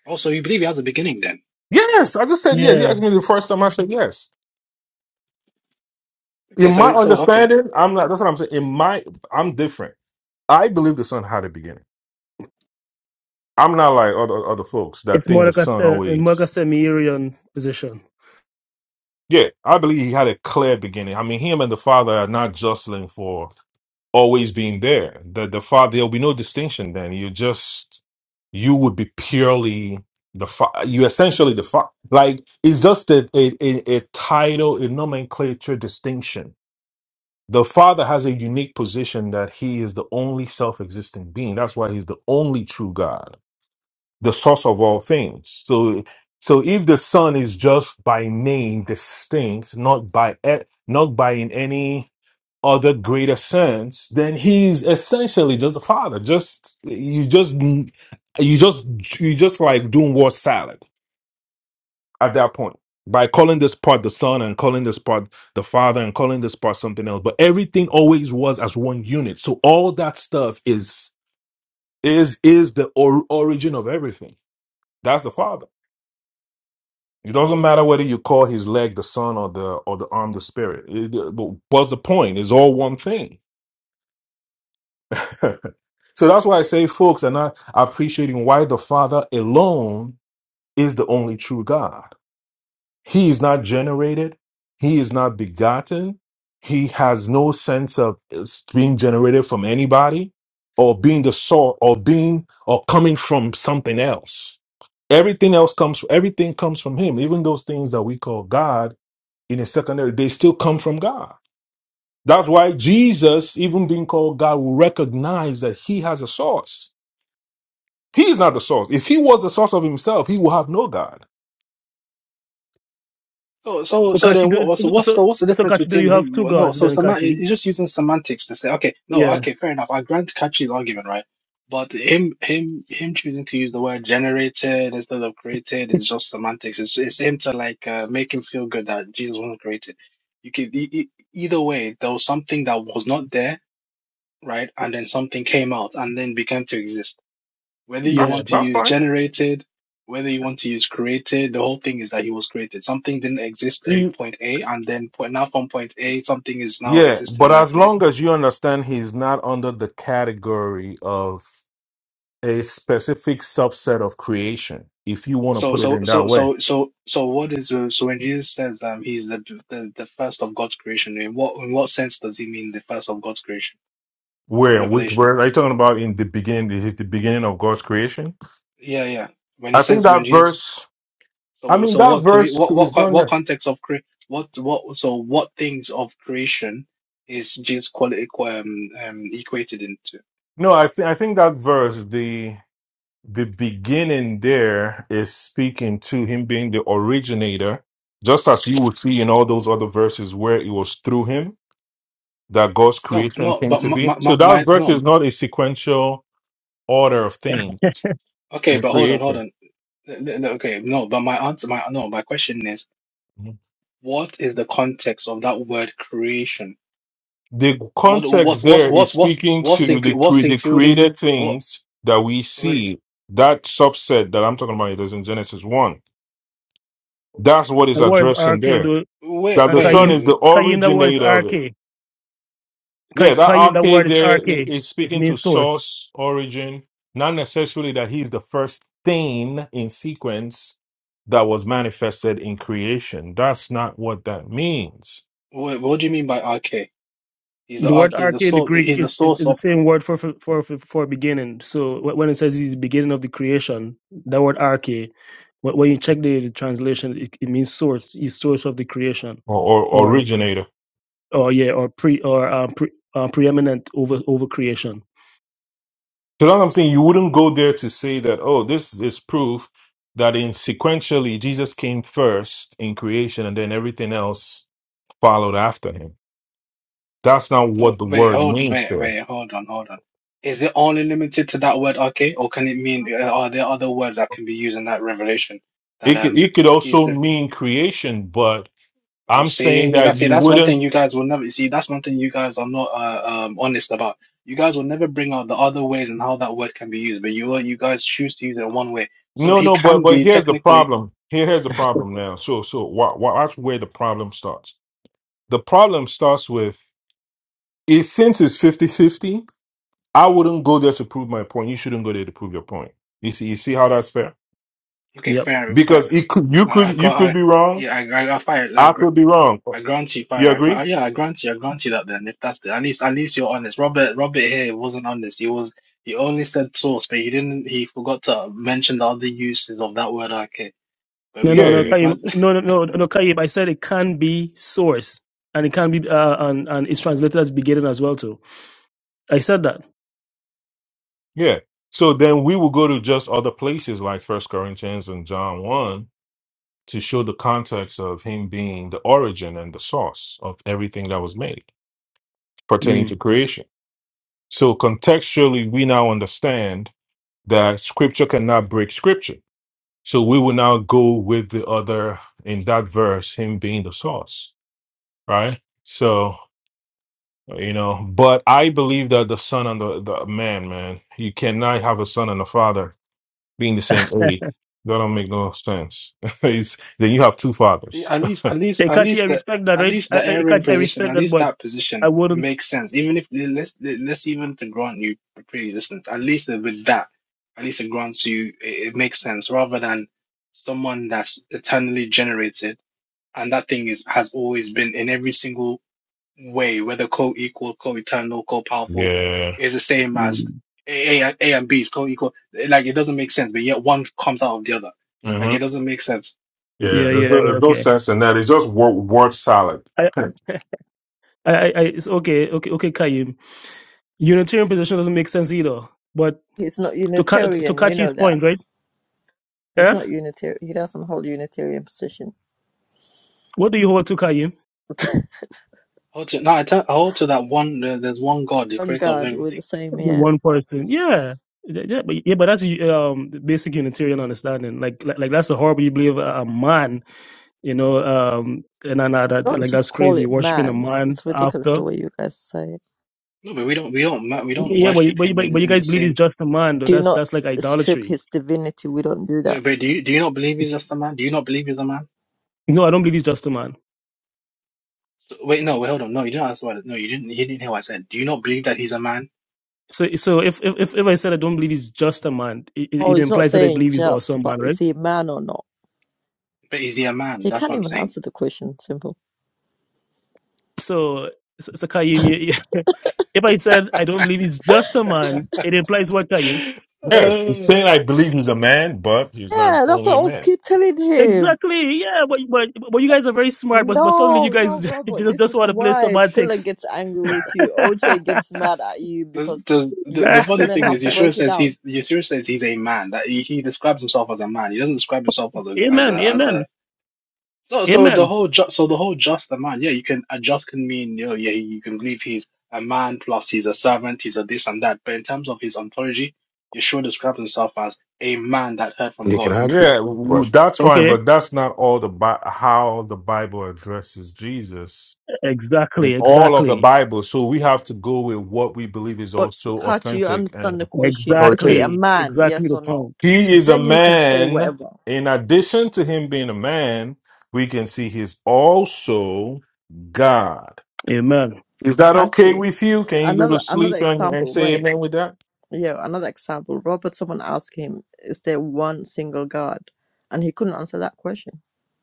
Speaker 3: Also, you believe he has a beginning then?
Speaker 5: Yes, I just said yes. You
Speaker 4: Yeah,
Speaker 5: asked me the first time. I said yes.
Speaker 3: Okay,
Speaker 5: In my
Speaker 3: so so okay.
Speaker 5: understanding, I'm not. That's what I'm saying. In my, I'm different. I believe the son had a beginning. I'm not like other other folks
Speaker 4: it's
Speaker 5: that
Speaker 4: more
Speaker 5: think the
Speaker 4: like a,
Speaker 5: son
Speaker 4: se- a more like a
Speaker 5: always.
Speaker 4: semi-Aryan position.
Speaker 5: Yeah, I believe he had a clear beginning. I mean, him and the father are not jostling for always being there. The the father, there'll be no distinction. Then you just you would be purely the fa- you essentially the fa- like it's just a a, a a title, a nomenclature distinction The Father has a unique position that He is the only self existing being. That's why He's the only true God, the source of all things. So, so if the Son is just by name distinct, not by e- not by in any other greater sense, then He's essentially just the Father. Just you just you just you just like doing word salad at that point by calling this part the son and calling this part the father and calling this part something else but everything always was as one unit so all that stuff is is is the or- origin of everything that's the father it doesn't matter whether you call his leg the son or the or the arm the spirit It- but what's the point it's all one thing [laughs] so that's why i say folks are not appreciating why the father alone is the only true god He is not generated. He is not begotten. He has no sense of is being generated from anybody or being the source or being or coming from something else. Everything else comes, everything comes from him. Even those things that we call God in a secondary, they still come from God. That's why Jesus, even being called God, will recognize that he has a source. He's not the source. If he was the source of himself, he will have no God.
Speaker 3: So, so,
Speaker 4: So
Speaker 3: so
Speaker 4: Kachi,
Speaker 3: then, what,
Speaker 4: do
Speaker 3: what's what's
Speaker 4: so so
Speaker 3: the what's the
Speaker 4: so,
Speaker 3: difference
Speaker 4: Kachi, do
Speaker 3: between
Speaker 4: you have
Speaker 3: him?
Speaker 4: two
Speaker 3: Well, no,
Speaker 4: gods
Speaker 3: so
Speaker 4: then,
Speaker 3: semantic,
Speaker 4: Kachi?
Speaker 3: He's just using semantics to say, okay, no,
Speaker 4: Yeah,
Speaker 3: okay, fair enough. I grant Kachi's argument, right? But him, him, him choosing to use the word generated instead of created is just semantics. It's it's him to like uh, make him feel good that Jesus wasn't created. You could e- e- either way, there was something that was not there right? And then something came out and then began to exist. Whether you
Speaker 4: yeah.
Speaker 5: That's,
Speaker 3: want to
Speaker 5: that's
Speaker 3: use
Speaker 5: fine.
Speaker 3: generated, whether you want to use created, the whole thing is that he was created. Something didn't exist in point A, and then point, now from point A, something is now
Speaker 5: Yeah,
Speaker 3: existing
Speaker 5: but
Speaker 3: in that
Speaker 5: as
Speaker 3: place.
Speaker 5: long as you understand he's not under the category of a specific subset of creation, if you want to
Speaker 3: So,
Speaker 5: put it
Speaker 3: so,
Speaker 5: in that
Speaker 3: so,
Speaker 5: way.
Speaker 3: so, so, so, what is uh, so when Jesus says um he's the the, the first of God's creation? In what in what sense does he mean the first of God's creation in
Speaker 5: Where, which
Speaker 3: Revelation?
Speaker 5: verse are you talking about in the beginning? this Is the beginning of God's creation?
Speaker 3: Yeah, yeah. When he
Speaker 5: I think
Speaker 3: says when
Speaker 5: that
Speaker 3: Jesus
Speaker 5: verse, I
Speaker 3: So,
Speaker 5: mean,
Speaker 3: so
Speaker 5: that
Speaker 3: what create
Speaker 5: verse
Speaker 3: what what
Speaker 5: is
Speaker 3: co-
Speaker 5: not,
Speaker 3: what
Speaker 5: ne-
Speaker 3: context of cre what what so what things of creation is Jesus quality um um equated into?
Speaker 5: no, I think, I think that verse, the, the beginning there is speaking to him being the originator, just as you would see in all those other verses where it was through him that God's
Speaker 3: No,
Speaker 5: creation
Speaker 3: no,
Speaker 5: came
Speaker 3: but
Speaker 5: to
Speaker 3: my
Speaker 5: be.
Speaker 3: my
Speaker 5: So
Speaker 3: my,
Speaker 5: that
Speaker 3: my
Speaker 5: verse
Speaker 3: no.
Speaker 5: is not a sequential order of things
Speaker 3: Okay,
Speaker 5: in
Speaker 3: but hold on, hold
Speaker 5: creation.
Speaker 3: on. N- n- Okay, no, but my answer, my no, my question is,
Speaker 5: Mhm.
Speaker 3: what is the context of that word creation?
Speaker 5: The
Speaker 3: What
Speaker 5: context
Speaker 3: what what
Speaker 5: there is
Speaker 3: what's what's
Speaker 5: speaking
Speaker 3: what's
Speaker 5: to the
Speaker 3: inclu
Speaker 5: cre-
Speaker 3: what's
Speaker 5: the
Speaker 3: included?
Speaker 5: created
Speaker 3: What
Speaker 5: things that we
Speaker 3: wait
Speaker 5: see. That subset that I'm talking about it is in Genesis one. That's what is
Speaker 4: The word is
Speaker 5: addressing
Speaker 4: RK,
Speaker 5: there.
Speaker 4: though.
Speaker 3: wait wait
Speaker 5: That
Speaker 4: Uh,
Speaker 5: the
Speaker 3: wait
Speaker 5: Son
Speaker 4: Kayim,
Speaker 5: is the
Speaker 3: wait.
Speaker 4: Kayim, the word is
Speaker 5: originator of it.
Speaker 4: RK. Kay,
Speaker 5: Yeah, that
Speaker 4: Kayim, the word
Speaker 5: arcade
Speaker 4: is
Speaker 5: there i-
Speaker 4: RK.
Speaker 5: is
Speaker 4: It
Speaker 5: speaking to
Speaker 4: means source.
Speaker 5: source origin, not necessarily that he's the first thing in sequence that was manifested in creation. That's not what that means,
Speaker 3: What, what do you mean by RK? He's the
Speaker 4: The
Speaker 3: arc.
Speaker 4: word
Speaker 3: He's
Speaker 4: RK
Speaker 3: the
Speaker 4: in the
Speaker 3: source.
Speaker 4: Greek
Speaker 3: He's the
Speaker 4: is, is,
Speaker 3: source
Speaker 4: is the
Speaker 3: of.
Speaker 4: same word for, for, for, for beginning. So wh- when it says it's the beginning of the creation, that word RK, wh- when when you check the, the translation, it, it means source, is source of the creation.
Speaker 5: or, or
Speaker 4: Or,
Speaker 5: originator.
Speaker 4: or yeah, or pre, or um, pre, uh, preeminent over, over creation.
Speaker 5: So that's what I'm saying. You wouldn't go there to say that, oh, this is proof that in sequentially Jesus came first in creation and then everything else followed after him. That's not
Speaker 3: Oh,
Speaker 5: what the
Speaker 3: wait,
Speaker 5: word
Speaker 3: hold,
Speaker 5: means
Speaker 3: wait,
Speaker 5: there.
Speaker 3: wait, hold on, hold on. Is it only limited to that word arche, or can it mean? uh, Are there other words that can be used in that revelation? That
Speaker 5: It could,
Speaker 3: um,
Speaker 5: it could
Speaker 3: he's
Speaker 5: also
Speaker 3: the.
Speaker 5: mean creation, but
Speaker 3: Oh,
Speaker 5: I'm saying
Speaker 3: see,
Speaker 5: that
Speaker 3: that's it.
Speaker 5: you
Speaker 3: That's one
Speaker 5: wouldn't.
Speaker 3: thing you guys will never see. That's one thing you guys are not uh, um honest about. You guys will never bring out the other ways and how that word can be used, but you you guys choose to use it one way. So
Speaker 5: No,
Speaker 3: he
Speaker 5: no, but
Speaker 3: can
Speaker 5: but
Speaker 3: be
Speaker 5: here's the
Speaker 3: technically
Speaker 5: problem. Here, here's the problem now. So so wa- wa- watch where the problem starts. The problem starts with it since it's fifty-fifty. I wouldn't go there to prove my point. You shouldn't go there to prove your point. You see, you see how that's fair?
Speaker 3: okay.
Speaker 4: Yep.
Speaker 3: Fair, fair.
Speaker 5: Because it could you
Speaker 3: I, I
Speaker 5: could you
Speaker 3: got.
Speaker 5: could
Speaker 3: I,
Speaker 5: be wrong.
Speaker 3: yeah, I, I, I, fair, I,
Speaker 5: I
Speaker 3: agree.
Speaker 5: could be wrong.
Speaker 3: I grant you, fine.
Speaker 5: You
Speaker 3: I
Speaker 5: agree?
Speaker 3: grant, yeah, I grant you, I grant you that. Then, if that's the at least, at least you're honest. Robert, Robert here wasn't honest. He was, he only said source, but he didn't. He forgot to mention the other uses of that word. Okay, but
Speaker 4: No,
Speaker 5: Yeah,
Speaker 3: we,
Speaker 4: no, no,
Speaker 3: but
Speaker 5: yeah,
Speaker 3: we
Speaker 4: Kaib.
Speaker 3: grant.
Speaker 4: No, no, no, no, Kaib. I said it can be source, and it can be, uh, and and it's translated as beginning as well too. I said that.
Speaker 5: yeah. So then we will go to just other places like First Corinthians and John 1 to show the context of him being the origin and the source of everything that was made pertaining
Speaker 4: Mm.
Speaker 5: to creation. So contextually, we now understand that scripture cannot break scripture. So we will now go with the other in that verse, him being the source, right? So, you know, but I believe that the son and the, the man, man, you cannot have a son and a father being the same age. That don't make no sense. [laughs] It's- then you have two
Speaker 3: [laughs] See,
Speaker 5: fathers.
Speaker 3: at
Speaker 5: [laughs]
Speaker 3: least, at least, at
Speaker 4: Ekachi, I
Speaker 3: least the,
Speaker 4: respect that,
Speaker 3: at
Speaker 4: right?
Speaker 3: least
Speaker 4: I,
Speaker 3: the
Speaker 4: I,
Speaker 3: Aaron
Speaker 4: Ekachi, I
Speaker 3: position,
Speaker 4: respect
Speaker 3: at
Speaker 4: that,
Speaker 3: least
Speaker 4: but
Speaker 3: that
Speaker 4: I
Speaker 3: position
Speaker 4: wouldn't.
Speaker 3: makes sense. Even if let's let's even to grant you pre-existence, at least with that, at least it grants you it, it makes sense rather than someone that's eternally generated and that thing is has always been in every single way, whether co-equal, co-eternal, co-powerful,
Speaker 5: yeah.
Speaker 3: is the same as
Speaker 4: Mm.
Speaker 3: A, A, A and B is co-equal. Like it doesn't make sense, but yet one comes out of the other.
Speaker 5: Mm-hmm.
Speaker 3: Like it doesn't make sense.
Speaker 5: Yeah,
Speaker 4: Yeah,
Speaker 5: there's
Speaker 4: yeah,
Speaker 5: no,
Speaker 4: yeah.
Speaker 5: there's no
Speaker 4: Okay.
Speaker 5: sense in that. It's just word, word salad.
Speaker 4: I, [laughs] I, I, I- it's okay, okay, okay, Kaib. Unitarian position doesn't make sense either. But
Speaker 1: He's not
Speaker 4: to Ka- to
Speaker 1: Unitarian. You
Speaker 4: Kachi's
Speaker 1: know that.
Speaker 4: point, right? Yeah.
Speaker 1: He's not Unitarian. He doesn't hold Unitarian position.
Speaker 4: What do you hold to Kaib?
Speaker 3: Hold to no, I tell, I hold to that one. there- There's one God, the
Speaker 1: On
Speaker 3: creator of
Speaker 1: God, we're the
Speaker 3: everything.
Speaker 1: same, yeah.
Speaker 4: One person, yeah, yeah, yeah, but, yeah, but that's um the basic Unitarian understanding. Like, like, like that's a horrible. You believe a a man, you know, um, and I know that
Speaker 1: Don't
Speaker 4: like
Speaker 1: just
Speaker 4: that's
Speaker 1: call
Speaker 4: crazy
Speaker 1: it
Speaker 4: worshiping a
Speaker 1: man.
Speaker 4: man
Speaker 1: It's ridiculous
Speaker 4: after.
Speaker 1: the way you guys say it.
Speaker 3: No, but we don't, we don't, ma- we don't
Speaker 4: Yeah, yeah, but
Speaker 3: worship
Speaker 4: but
Speaker 3: him
Speaker 4: but but
Speaker 3: in
Speaker 4: you
Speaker 3: in
Speaker 4: guys
Speaker 3: the
Speaker 4: believe he's
Speaker 3: same.
Speaker 4: just a man, though.
Speaker 1: Do
Speaker 4: That's
Speaker 1: not
Speaker 4: that's like
Speaker 1: strip
Speaker 4: idolatry.
Speaker 1: his divinity. We don't do that.
Speaker 3: No, but do you do you not believe he's just a man? Do you not believe he's a man?
Speaker 4: No, I don't believe he's just a man.
Speaker 3: So- Wait, no, wait, hold on. No, you didn't ask what. No, you didn't. You didn't hear what I said. Do you not believe that he's a man?
Speaker 4: So so if if if if I said I don't believe he's just a man, it, it
Speaker 1: Oh,
Speaker 4: it
Speaker 1: he's not
Speaker 4: implies that I
Speaker 1: saying
Speaker 4: believe he's also
Speaker 1: just,
Speaker 4: a
Speaker 1: but
Speaker 4: man,
Speaker 1: is
Speaker 4: right?
Speaker 1: he a man or not?
Speaker 3: But is he a man?
Speaker 1: He
Speaker 3: That's
Speaker 1: can't
Speaker 3: what I'm
Speaker 1: even
Speaker 3: saying.
Speaker 1: answer the question. Simple.
Speaker 4: So so, so Kaim, you- [laughs] if I said I don't believe he's just a man, it implies what Kaim?
Speaker 5: Yeah, he's
Speaker 3: Uh,
Speaker 5: saying I believe he's a man, but he's not
Speaker 1: Yeah, that's
Speaker 5: only
Speaker 1: what
Speaker 5: a
Speaker 1: I was
Speaker 5: man.
Speaker 1: keep telling him.
Speaker 4: Exactly. Yeah, but, but but you guys are very smart, but but suddenly you
Speaker 1: No,
Speaker 4: guys [laughs]
Speaker 1: no,
Speaker 4: just,
Speaker 1: Robert. This
Speaker 4: just
Speaker 1: is
Speaker 4: want to play
Speaker 1: why Triller
Speaker 4: semantics.
Speaker 1: gets angry with you.
Speaker 4: [laughs]
Speaker 1: OJ gets mad at you
Speaker 3: does,
Speaker 1: because
Speaker 3: does, the,
Speaker 1: you
Speaker 3: the
Speaker 1: have to
Speaker 3: funny
Speaker 1: learn
Speaker 3: thing
Speaker 1: how
Speaker 3: is,
Speaker 1: to
Speaker 3: Yeshua
Speaker 1: break it
Speaker 3: says
Speaker 1: down.
Speaker 3: he's Yeshua says he's a man. That he, he describes himself as a man. He doesn't describe himself as a as
Speaker 4: amen.
Speaker 3: a as a.
Speaker 4: Amen.
Speaker 3: So so the
Speaker 4: Amen.
Speaker 3: whole ju so the whole just a man. Yeah, you can a just can mean you know yeah you can believe he's a man plus he's a servant. He's a this and that. But in terms of his ontology, Yeshua describes himself as a man that heard from
Speaker 8: Yeah, can
Speaker 3: God.
Speaker 8: I ask you
Speaker 5: Yeah,
Speaker 8: a
Speaker 5: w- w-
Speaker 8: question?
Speaker 5: that's fine,
Speaker 4: Okay.
Speaker 5: but that's not all the Bi- how the Bible addresses Jesus in
Speaker 4: Exactly.
Speaker 5: all of the
Speaker 4: Exactly.
Speaker 5: Bible. So we have to go with what we believe is
Speaker 1: But
Speaker 5: also
Speaker 1: can't you
Speaker 5: authentic
Speaker 1: understand the
Speaker 5: and
Speaker 1: question? Is it
Speaker 5: authoritative.
Speaker 1: a
Speaker 4: Exactly.
Speaker 1: man?
Speaker 4: Exactly
Speaker 1: Yes
Speaker 4: the
Speaker 1: or no?
Speaker 4: point.
Speaker 5: He is a
Speaker 1: Then you can say
Speaker 5: man.
Speaker 1: whatever.
Speaker 5: In addition to him being a man, we can see he's also God.
Speaker 4: Amen.
Speaker 5: Is that okay
Speaker 1: Kachi.
Speaker 5: with you? Can you go to
Speaker 1: Another another
Speaker 5: sleep and, and
Speaker 1: example.
Speaker 5: say
Speaker 1: Wait,
Speaker 5: amen with that?
Speaker 1: yeah, another example. Robert, someone asked him, "Is there one single God?" And he couldn't answer that question.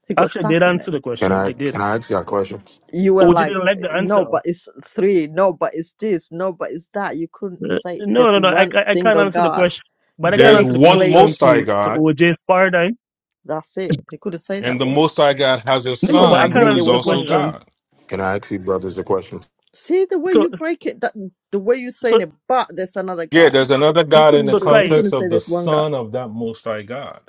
Speaker 1: He got
Speaker 4: Actually, I
Speaker 1: stuck
Speaker 4: did
Speaker 1: on
Speaker 4: answer
Speaker 1: it.
Speaker 4: the
Speaker 8: Can
Speaker 4: question.
Speaker 8: I
Speaker 4: I did.
Speaker 8: can I ask you a question?
Speaker 1: You were
Speaker 4: Oh, you
Speaker 1: like,
Speaker 4: didn't like the answer?
Speaker 1: "No, but it's three. No, but it's this. No, but it's that." You couldn't
Speaker 4: Uh,
Speaker 1: say
Speaker 4: no,
Speaker 1: there's
Speaker 4: no, no. I,
Speaker 1: one
Speaker 4: I I can't
Speaker 1: single
Speaker 4: answer the
Speaker 1: God.
Speaker 4: question, but I can't
Speaker 1: Then
Speaker 5: There's
Speaker 4: answer the
Speaker 5: one
Speaker 1: explain
Speaker 4: question
Speaker 1: it.
Speaker 5: Most High
Speaker 4: to to
Speaker 5: God,
Speaker 4: OJ's paradigm.
Speaker 1: That's it. He couldn't say
Speaker 5: and
Speaker 1: that
Speaker 5: the
Speaker 1: word.
Speaker 5: Most High God has a
Speaker 4: No,
Speaker 1: He
Speaker 4: no,
Speaker 1: couldn't
Speaker 4: but I
Speaker 5: Son
Speaker 4: can't
Speaker 1: admit
Speaker 5: who
Speaker 1: there
Speaker 5: is
Speaker 4: answer the
Speaker 1: was
Speaker 5: also
Speaker 1: one God.
Speaker 4: question.
Speaker 5: God.
Speaker 8: Can I ask you brothers a question?
Speaker 1: See the way
Speaker 4: So
Speaker 1: you break it, that the way you're saying
Speaker 4: so
Speaker 1: it, but there's another
Speaker 5: Yeah,
Speaker 1: God.
Speaker 5: there's another
Speaker 1: He
Speaker 5: God in
Speaker 1: couldn't
Speaker 5: the
Speaker 4: so
Speaker 1: do it. He
Speaker 4: Sky,
Speaker 1: couldn't
Speaker 5: context
Speaker 1: say
Speaker 5: of the
Speaker 1: there's one God.
Speaker 5: Son of that Most High God.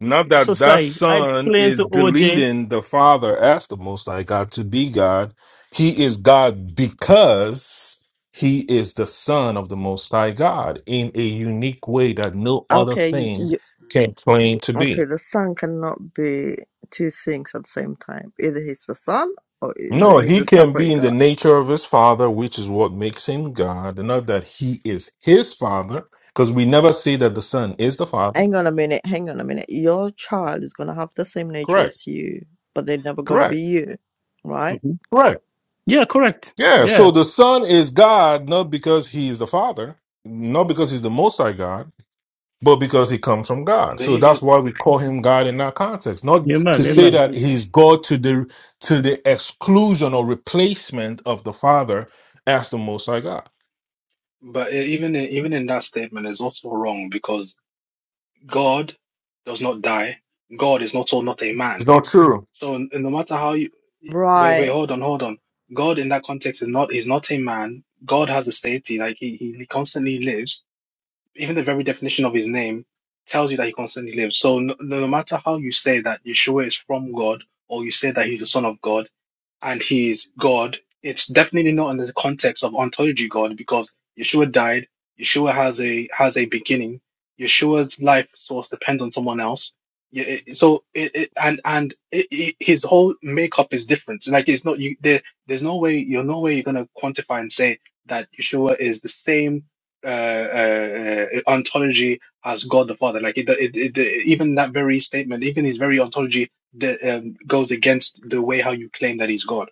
Speaker 5: Not
Speaker 4: so
Speaker 5: that that
Speaker 4: Sky, I
Speaker 5: Son
Speaker 4: explained to
Speaker 5: is
Speaker 4: OJ.
Speaker 5: deleting the Father as the Most High God to be God. He is God because he is the Son of the Most High God in a unique way that no other
Speaker 1: Okay,
Speaker 5: thing
Speaker 1: you,
Speaker 5: can claim to be.
Speaker 1: okay, the Son cannot be two things at the same time. Either he's the Son or either
Speaker 5: No,
Speaker 1: he's
Speaker 5: he
Speaker 1: a
Speaker 5: can
Speaker 1: separate
Speaker 5: be in the
Speaker 1: God.
Speaker 5: nature of his father, which is what makes him God. Not that he is his father, because we never say that the son is the father.
Speaker 1: Hang on a minute, hang on a minute. Your child is gonna have the same nature
Speaker 5: Correct.
Speaker 1: as you, but they're never gonna be
Speaker 5: Correct.
Speaker 1: you, right?
Speaker 5: Correct.
Speaker 4: Yeah, correct.
Speaker 5: Yeah.
Speaker 4: Yeah.
Speaker 5: So the son is God, not because he is the father, not because he's the most high God, but because he comes from God.
Speaker 3: But
Speaker 5: So that's
Speaker 3: even
Speaker 5: why we call him God in that context. Not
Speaker 4: Amen.
Speaker 5: to say
Speaker 4: Amen.
Speaker 5: that he's God to the to the exclusion or replacement of the father as the most high God.
Speaker 3: but even even in that statement is also wrong because. God does not die. God is not all not a
Speaker 5: It's
Speaker 3: man.
Speaker 5: not true.
Speaker 3: So n- no matter how you wait, wait,
Speaker 1: Right.
Speaker 3: hold on, hold on. God in that context is not is not a man. God has a deity, like he, he he constantly lives. Even the very definition of his name tells you that he constantly lives. So no, no no matter how you say that Yeshua is from God, or you say that he's the son of God, and he is God, it's definitely not in the context of ontology God because Yeshua died. Yeshua has a has a beginning. Yeshua's life source depends on someone else. Yeah, it- So it, it and and it, it, his whole makeup is different. Like it's not you. There, there's no way you're no way you're gonna quantify and say that Yeshua is the same uh, uh, uh, ontology as God the Father. Like it, it, it, it- even that very statement, even his very ontology that um, goes against the way how you claim that he's God.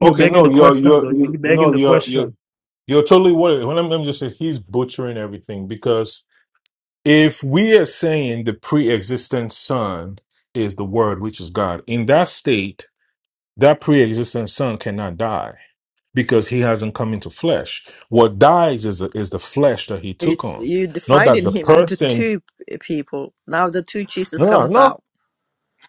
Speaker 4: You're
Speaker 5: Okay,
Speaker 4: begging
Speaker 5: no,
Speaker 4: the
Speaker 5: you're
Speaker 4: question though.
Speaker 5: you're
Speaker 4: You're
Speaker 5: you
Speaker 4: begging
Speaker 5: no,
Speaker 4: the
Speaker 5: you're you're
Speaker 4: question.
Speaker 5: you're totally worried. What I'm, I'm just saying, he's butchering everything because if we are saying the pre-existent son is the word, which is God, in that state, that pre-existent son cannot die because he hasn't come into flesh. What dies is the, is the flesh that he took
Speaker 1: It's
Speaker 5: on,
Speaker 1: you
Speaker 5: not that
Speaker 1: dividing
Speaker 5: the
Speaker 1: him into
Speaker 5: person.
Speaker 1: two p- people. Now the two Jesus
Speaker 5: No,
Speaker 1: comes
Speaker 5: no,
Speaker 1: out.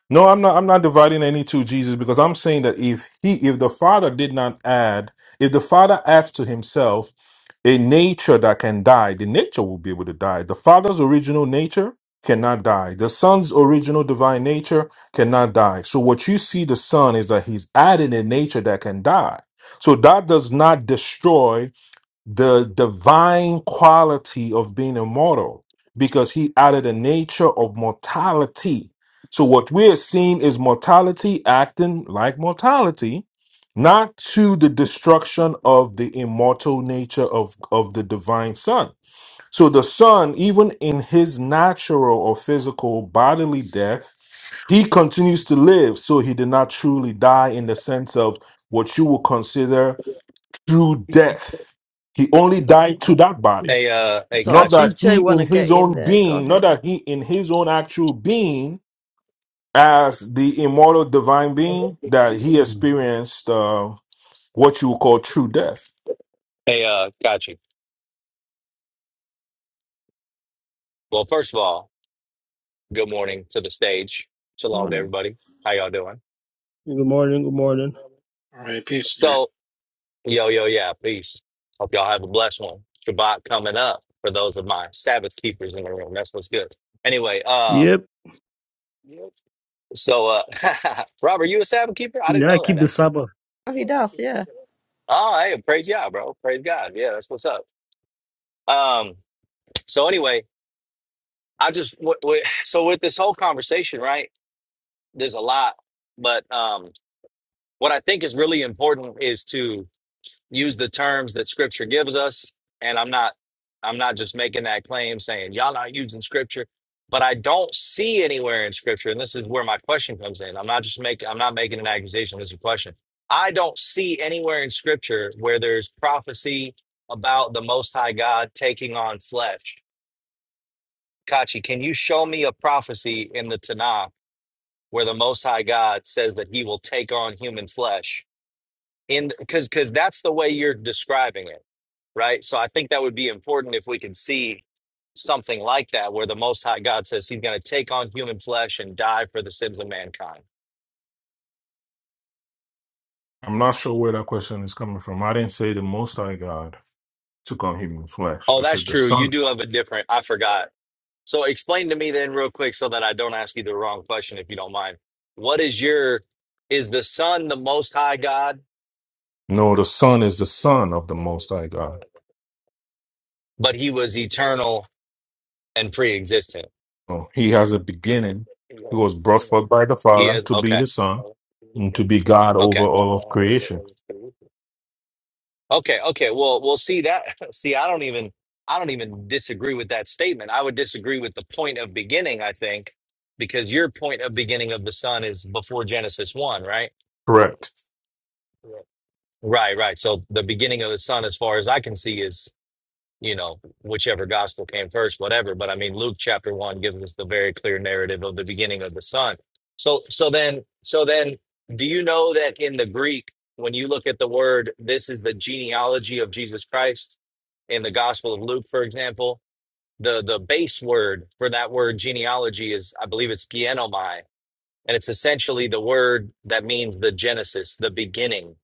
Speaker 5: No, I'm not. I'm not dividing any two Jesus because I'm saying that if he, if the Father did not add, if the Father adds to Himself a nature that can die, the nature will be able to die. The Father's original nature cannot die. The Son's original divine nature cannot die. So what you see the Son is that He's adding a nature that can die. So that does not destroy the divine quality of being immortal because he added a nature of mortality. So what we are seeing is mortality acting like mortality, not to the destruction of the immortal nature of, of the divine son. So the son, even in his natural or physical bodily death, he continues to live. So he did not truly die in the sense of what you would consider through death. He only
Speaker 1: So.
Speaker 5: died to that body.
Speaker 9: Hey, uh, hey,
Speaker 1: So I
Speaker 5: Not
Speaker 9: Kachi.
Speaker 1: see
Speaker 5: that he
Speaker 1: Jay want
Speaker 5: in
Speaker 1: to
Speaker 5: his
Speaker 1: get in
Speaker 5: own
Speaker 1: there. Go
Speaker 5: being, not
Speaker 1: ahead.
Speaker 5: that he in his own actual being, as the immortal divine being, that he experienced uh, what you would call true death.
Speaker 9: Hey, uh, Kachi. Well, first of all, good morning to the stage. Shalom to
Speaker 1: Morning.
Speaker 9: everybody. How y'all doing?
Speaker 4: Good morning, good morning.
Speaker 3: All right, peace, Jerry.
Speaker 9: So, yo, yo, yeah, peace. Hope y'all have a blessed one. Shabbat coming up for those of my Sabbath keepers in the room. That's what's good. Anyway, um,
Speaker 4: Yep.
Speaker 9: so, uh, [laughs] Robert, you a Sabbath keeper? I didn't
Speaker 4: Yeah,
Speaker 9: know
Speaker 4: keep
Speaker 9: that
Speaker 4: the
Speaker 9: actually.
Speaker 4: Sabbath.
Speaker 1: Oh, he does, yeah.
Speaker 9: Oh, hey, praise God, bro. Praise God. Yeah, that's what's up. Um, so anyway, I just what, what so with this whole conversation, right? There's a lot, but um, what I think is really important is to use the terms that Scripture gives us, and I'm not I'm not just making that claim saying y'all not using Scripture, but I don't see anywhere in Scripture, and this is where my question comes in. I'm not just making I'm not making an accusation. This is a question. I don't see anywhere in Scripture where there's prophecy about the Most High God taking on flesh. Kachi, can you show me a prophecy in the Tanakh? where the Most High God says that He will take on human flesh, in because because that's the way you're describing it, right? So I think that would be important if we could see something like that, where the Most High God says He's going to take on human flesh and die for the sins of mankind.
Speaker 5: I'm not sure where that question is coming from. I didn't say the Most High God took on human flesh. I
Speaker 9: Oh, that's
Speaker 5: said the
Speaker 9: true. You
Speaker 5: Son.
Speaker 9: do have a different. I forgot. So explain to me then, real quick, so that I don't ask you the wrong question, if you don't mind. What is your is the Son the Most High God,
Speaker 5: No, the Son is the Son of the Most High God.
Speaker 9: but He was eternal and pre-existent?
Speaker 5: Oh, he has a beginning. He was brought forth by the
Speaker 9: He
Speaker 5: Father
Speaker 9: is
Speaker 5: to be
Speaker 9: okay.
Speaker 5: the Son and to be God
Speaker 9: Okay.
Speaker 5: over all of creation.
Speaker 9: Okay, okay. Well, we'll see that. [laughs] See, I don't even I don't even disagree with that statement. I would disagree with the point of beginning, I think, because your point of beginning of the sun is before Genesis 1, right?
Speaker 5: Correct.
Speaker 9: Right, right. So the beginning of the sun as far as I can see is. you know, whichever gospel came first, whatever. But I mean, Luke chapter one gives us the very clear narrative of the beginning of the Son. So, so then, so then, do you know that in the Greek, when you look at the word, this is the genealogy of Jesus Christ in the Gospel of Luke, for example, the the base word for that word genealogy is, I believe, it's genomai, and it's essentially the word that means the genesis, the beginning,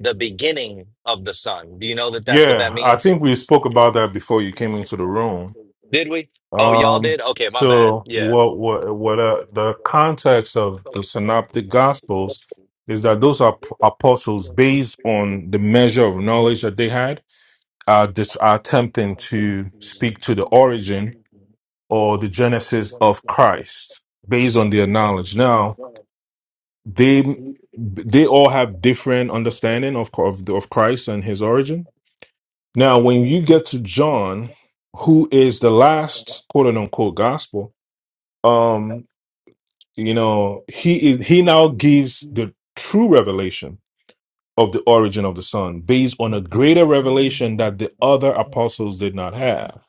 Speaker 9: the beginning of the Son. Do you know that that's what that
Speaker 5: Yeah, I
Speaker 9: means?
Speaker 5: think we spoke about that before you came into the room.
Speaker 9: Did we? Oh, y'all
Speaker 5: Um,
Speaker 9: did? Okay, my bad.
Speaker 5: so
Speaker 9: Yeah.
Speaker 5: what what what uh, the context of the synoptic gospels is that those are p- apostles based on the measure of knowledge that they had are dis- are attempting to speak to the origin or the genesis of Christ based on their knowledge. Now, they they all have different understanding of of, of Christ and his origin Now, when you get to John, who is the last quote unquote gospel, um, you know, he is he now gives the true revelation of the origin of the Son based on a greater revelation that the other apostles did not have.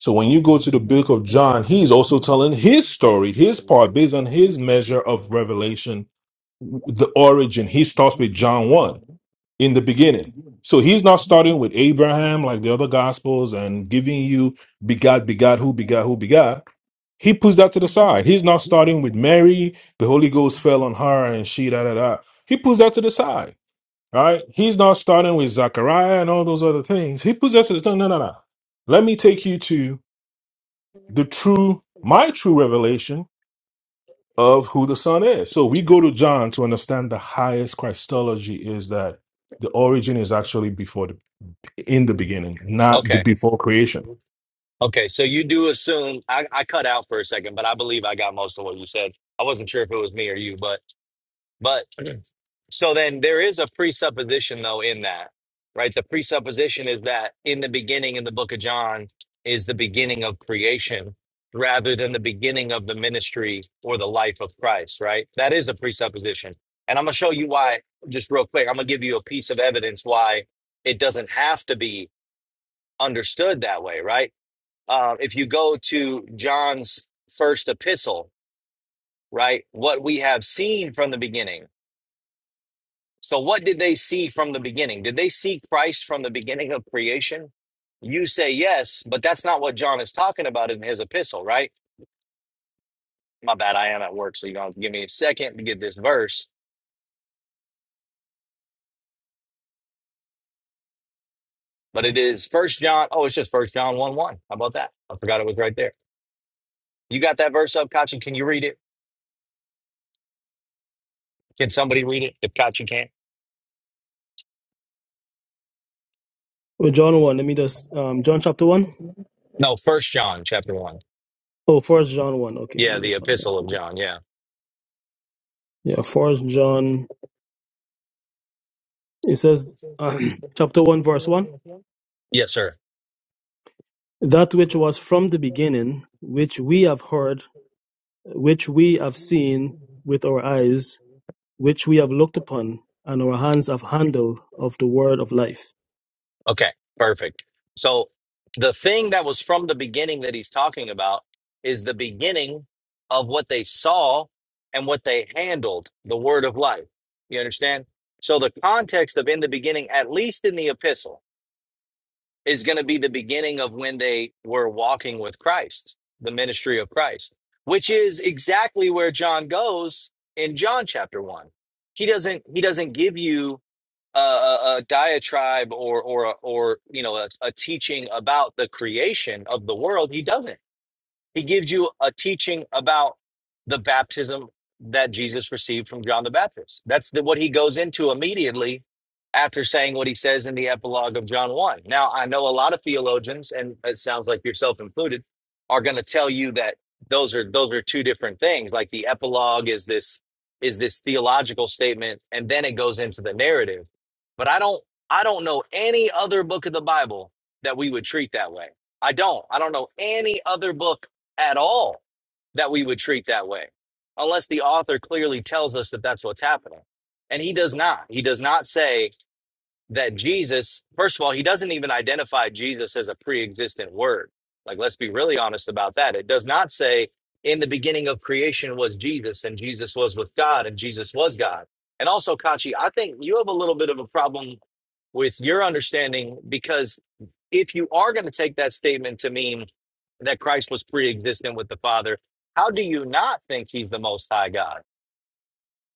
Speaker 5: So when you go to the book of John, he's also telling his story, his part based on his measure of revelation, the origin. He starts with John 1 in the beginning. So he's not starting with Abraham like the other gospels and giving you begat, begat, who begat, who begat. He puts that to the side. He's not starting with Mary, the Holy Ghost fell on her and she da da da. He puts that to the side. All right. He's not starting with Zachariah and all those other things. He puts that to the side. No, no, no. Let me take you to the true, my true revelation of who the Son is. So we go to John to understand the highest Christology is that the origin is actually before the in the beginning, not be-
Speaker 9: Okay.
Speaker 5: before creation.
Speaker 9: Okay. So you do assume I, I cut out for a second, but I believe I got most of what you said. I wasn't sure if it was me or you, but but So then there is a presupposition though in that, right? The presupposition is that in the beginning in the book of John is the beginning of creation rather than the beginning of the ministry or the life of Christ, right? That is a presupposition. And I'm going to show you why just real quick. I'm going to give you a piece of evidence why it doesn't have to be understood that way, right? Uh, if you go to John's first epistle, right? What we have seen from the beginning So, what did they see from the beginning? Did they see Christ from the beginning of creation? You say yes, but that's not what John is talking about in his epistle, right? My bad, I am at work, so you're gonna give me a second to get this verse. But it is First John. Oh, it's just First John one one. How about that? I forgot it was right there. You got that verse up, Kachi? Can you read it? Can somebody read it? If Kachi can't,
Speaker 4: Well, John 1, let me just, um, John chapter 1?
Speaker 9: no. First John chapter one.
Speaker 4: Oh, first John 1. Okay, let
Speaker 9: Yeah,
Speaker 4: me
Speaker 9: the
Speaker 4: just find that.
Speaker 9: epistle of John. Yeah.
Speaker 4: Yeah, first John, it says, um, [clears throat] chapter 1, verse 1.
Speaker 9: Yes, sir.
Speaker 4: That which was from the beginning, which we have heard, which we have seen with our eyes, which we have looked upon, and our hands have handled of the word of life.
Speaker 9: Okay, perfect. So the thing that was from the beginning that he's talking about is the beginning of what they saw and what they handled, the word of life. You understand? So the context of in the beginning, at least in the epistle, is going to be the beginning of when they were walking with Christ, the ministry of Christ, which is exactly where John goes in John chapter 1. He doesn't he doesn't give you a, a, a diatribe or or or you know a, a teaching about the creation of the world he doesn't he gives you a teaching about the baptism that Jesus received from John the Baptist. That's the, what he goes into immediately after saying what he says in the epilogue of John 1. Now, I know a lot of theologians, and it sounds like yourself included, are going to tell you that those are those are two different things. Like the epilogue is this is this theological statement, and then it goes into the narrative. But I don't I don't know any other book of the Bible that we would treat that way. I don't. I don't know any other book at all that we would treat that way unless the author clearly tells us that that's what's happening. And he does not. He does not say that Jesus, first of all, he doesn't even identify Jesus as a pre existent word. Like, let's be really honest about that. It does not say, in the beginning of creation was Jesus, and Jesus was with God, and Jesus was God. And also, Kachi, I think you have a little bit of a problem with your understanding because if you are going to take that statement to mean that Christ was pre existent with the Father, how do you not think he's the most high God?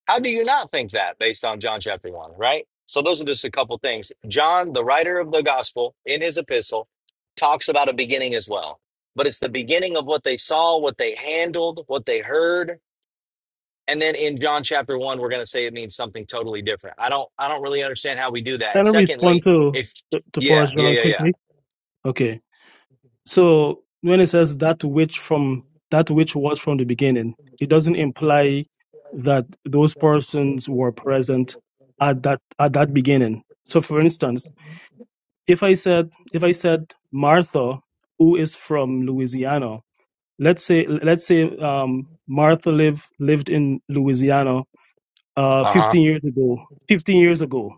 Speaker 9: How do you not think that based on John chapter 1, right? So those are just a couple things. John, the writer of the gospel, in his epistle, talks about a beginning as well. But it's the beginning of what they saw, what they handled, what they heard. And then in John chapter 1, we're going to say it means something totally different. I don't I don't really understand how we do that.
Speaker 4: Can
Speaker 9: And
Speaker 4: I respond
Speaker 9: secondly,
Speaker 4: to
Speaker 9: if
Speaker 4: to
Speaker 9: yeah,
Speaker 4: Forrest
Speaker 9: yeah,
Speaker 4: Brown
Speaker 9: yeah, yeah.
Speaker 4: quickly? Okay. So when it says that which from that which was from the beginning, it doesn't imply that those persons were present at that at that beginning. So for instance, if I said if I said Martha, who is from Louisiana, let's say let's say um, Martha lived lived in Louisiana uh,
Speaker 9: Uh-huh.
Speaker 4: 15 years ago. 15 years ago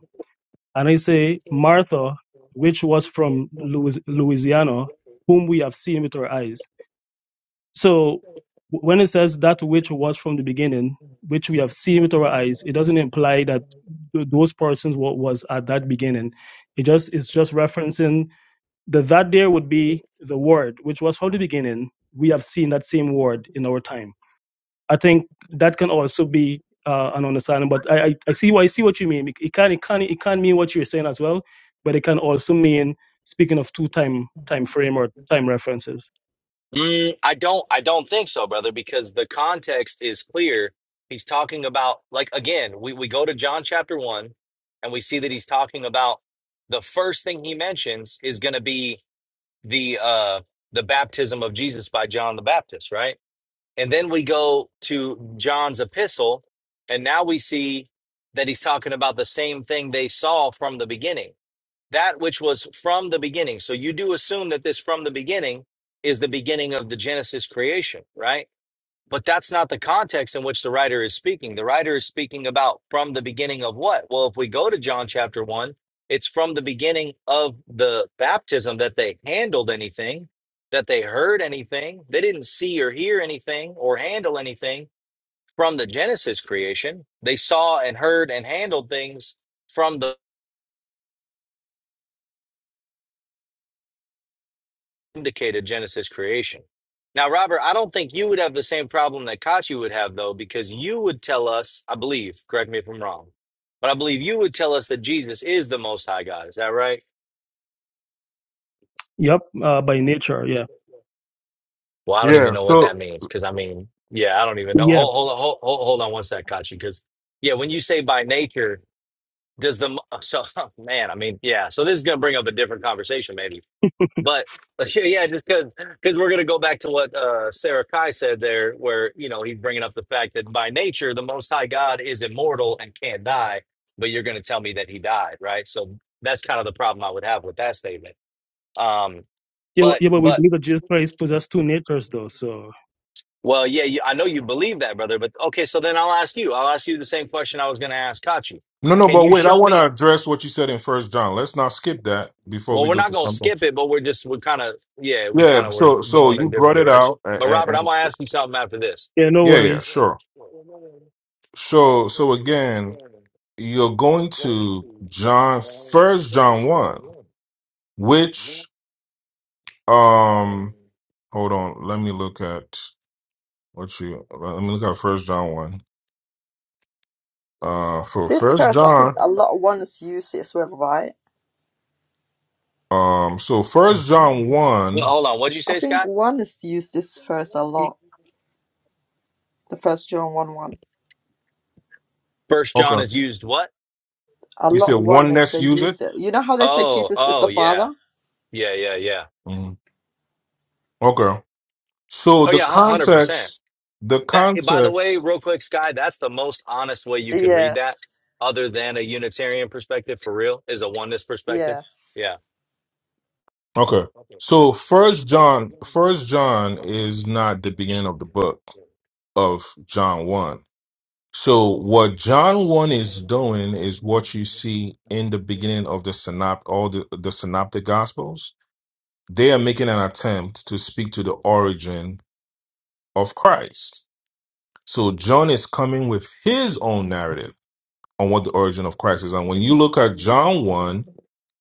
Speaker 4: And I say, Martha, which was from Louis- Louisiana, whom we have seen with our eyes. So w- when it says that which was from the beginning, which we have seen with our eyes, it doesn't imply that th- those persons wa- was at that beginning. It just it's just referencing the that there would be the word which was from the beginning. We have seen that same word in our time. I think that can also be uh, an understanding. But I, I, I see what I see what you mean. It, can it can it can mean what you're saying as well, but it can also mean speaking of two time time frame or time references.
Speaker 9: Mm, I don't I don't think so, brother, because the context is clear. He's talking about like again, we, we go to John chapter one and we see that he's talking about the first thing he mentions is gonna be the uh the baptism of Jesus by John the Baptist, right? And then we go to John's epistle, and now we see that he's talking about the same thing they saw from the beginning that which was from the beginning. So you do assume that this from the beginning is the beginning of the Genesis creation, right? But that's not the context in which the writer is speaking. The writer is speaking about from the beginning of what? Well, if we go to John chapter 1, it's from the beginning of the baptism that they handled anything, that they heard anything. They didn't see or hear anything or handle anything from the Genesis creation. They saw and heard and handled things from the indicated Genesis creation. Now, Robert, I don't think you would have the same problem that Kachi would have, though, because you would tell us, I believe, correct me if I'm wrong, but I believe you would tell us that Jesus is the Most High God. Is that right?
Speaker 4: Yep, uh, by nature, yeah.
Speaker 9: Well, I don't even know what that means because I mean, yeah, I don't even know. Hold,
Speaker 4: Yes.
Speaker 9: hold, hold, hold hold on one sec, Kachi, because yeah, when you say by nature, does the mo- so [laughs] man? I mean, yeah. So this is gonna bring up a different conversation, maybe. But [laughs] uh, sure, yeah, just because because we're gonna go back to what uh, Sarah Kai said there, where you know he's bringing up the fact that by nature the Most High God is immortal and can't die, but you're gonna tell me that he died, right? So that's kind of the problem I would have with that statement. Um,
Speaker 4: Yeah, but-
Speaker 9: but
Speaker 4: yeah, but we
Speaker 9: but
Speaker 4: believe that Jesus Christ possessed two natures, though. So
Speaker 9: well, yeah, you, I know you believe that, brother. But okay, so then I'll ask you. I'll ask you the same question I was gonna ask Kachi.
Speaker 5: No, no,
Speaker 9: Can
Speaker 5: but
Speaker 9: you
Speaker 5: wait, I
Speaker 9: show
Speaker 5: want
Speaker 9: me?
Speaker 5: to address what you said in First John. Let's not skip that before
Speaker 9: Well,
Speaker 5: we
Speaker 9: we're
Speaker 5: go to
Speaker 9: not gonna
Speaker 5: something.
Speaker 9: skip it, but we're just we're kind of yeah, we
Speaker 5: Yeah,
Speaker 9: kind of were
Speaker 5: so so
Speaker 9: going a
Speaker 5: you brought
Speaker 9: different
Speaker 5: it
Speaker 9: direction.
Speaker 5: out,
Speaker 9: But
Speaker 5: and,
Speaker 9: Robert, I'm
Speaker 5: and
Speaker 9: gonna ask you something after this.
Speaker 4: yeah, no
Speaker 5: yeah, yeah,
Speaker 4: worries.
Speaker 5: sure. So so again, you're going to John First John one, which um, hold on, let me look at what you uh, let me look at First John one. Uh, for
Speaker 1: This
Speaker 5: First
Speaker 1: verse, I think
Speaker 5: John,
Speaker 1: a lot of one is used as well, right?
Speaker 5: um, so First John
Speaker 9: Well,
Speaker 5: one.
Speaker 9: Hold on. What'd you
Speaker 1: I
Speaker 9: say,
Speaker 1: think
Speaker 9: Scott?
Speaker 1: one is used this verse a lot. The first John 1 1.
Speaker 9: First John
Speaker 5: Okay,
Speaker 9: is used what?
Speaker 1: A
Speaker 5: you
Speaker 1: lot
Speaker 5: said
Speaker 1: one is
Speaker 5: oneness
Speaker 1: they
Speaker 5: user.
Speaker 1: use it. You know how they say
Speaker 9: Oh,
Speaker 1: Jesus is
Speaker 9: oh
Speaker 1: the
Speaker 9: yeah.
Speaker 1: Father?
Speaker 9: Yeah, yeah, yeah.
Speaker 5: Mhm. Okay. So
Speaker 9: Oh
Speaker 5: the
Speaker 9: yeah, hu- 100%.
Speaker 5: context, the
Speaker 9: That eh, by the way,
Speaker 5: context.
Speaker 9: real quick, Sky. that's the most honest way you could read
Speaker 1: Yeah,
Speaker 9: that other than a unitarian perspective for real is a oneness perspective.
Speaker 1: yeah.
Speaker 9: Yeah.
Speaker 5: Okay. So First John, First John is not the beginning of the book of John one. So what John one is doing is what you see in the beginning of the synop, all the the synoptic gospels. They are making an attempt to speak to the origin of Christ. So John is coming with his own narrative on what the origin of Christ is, and when you look at John one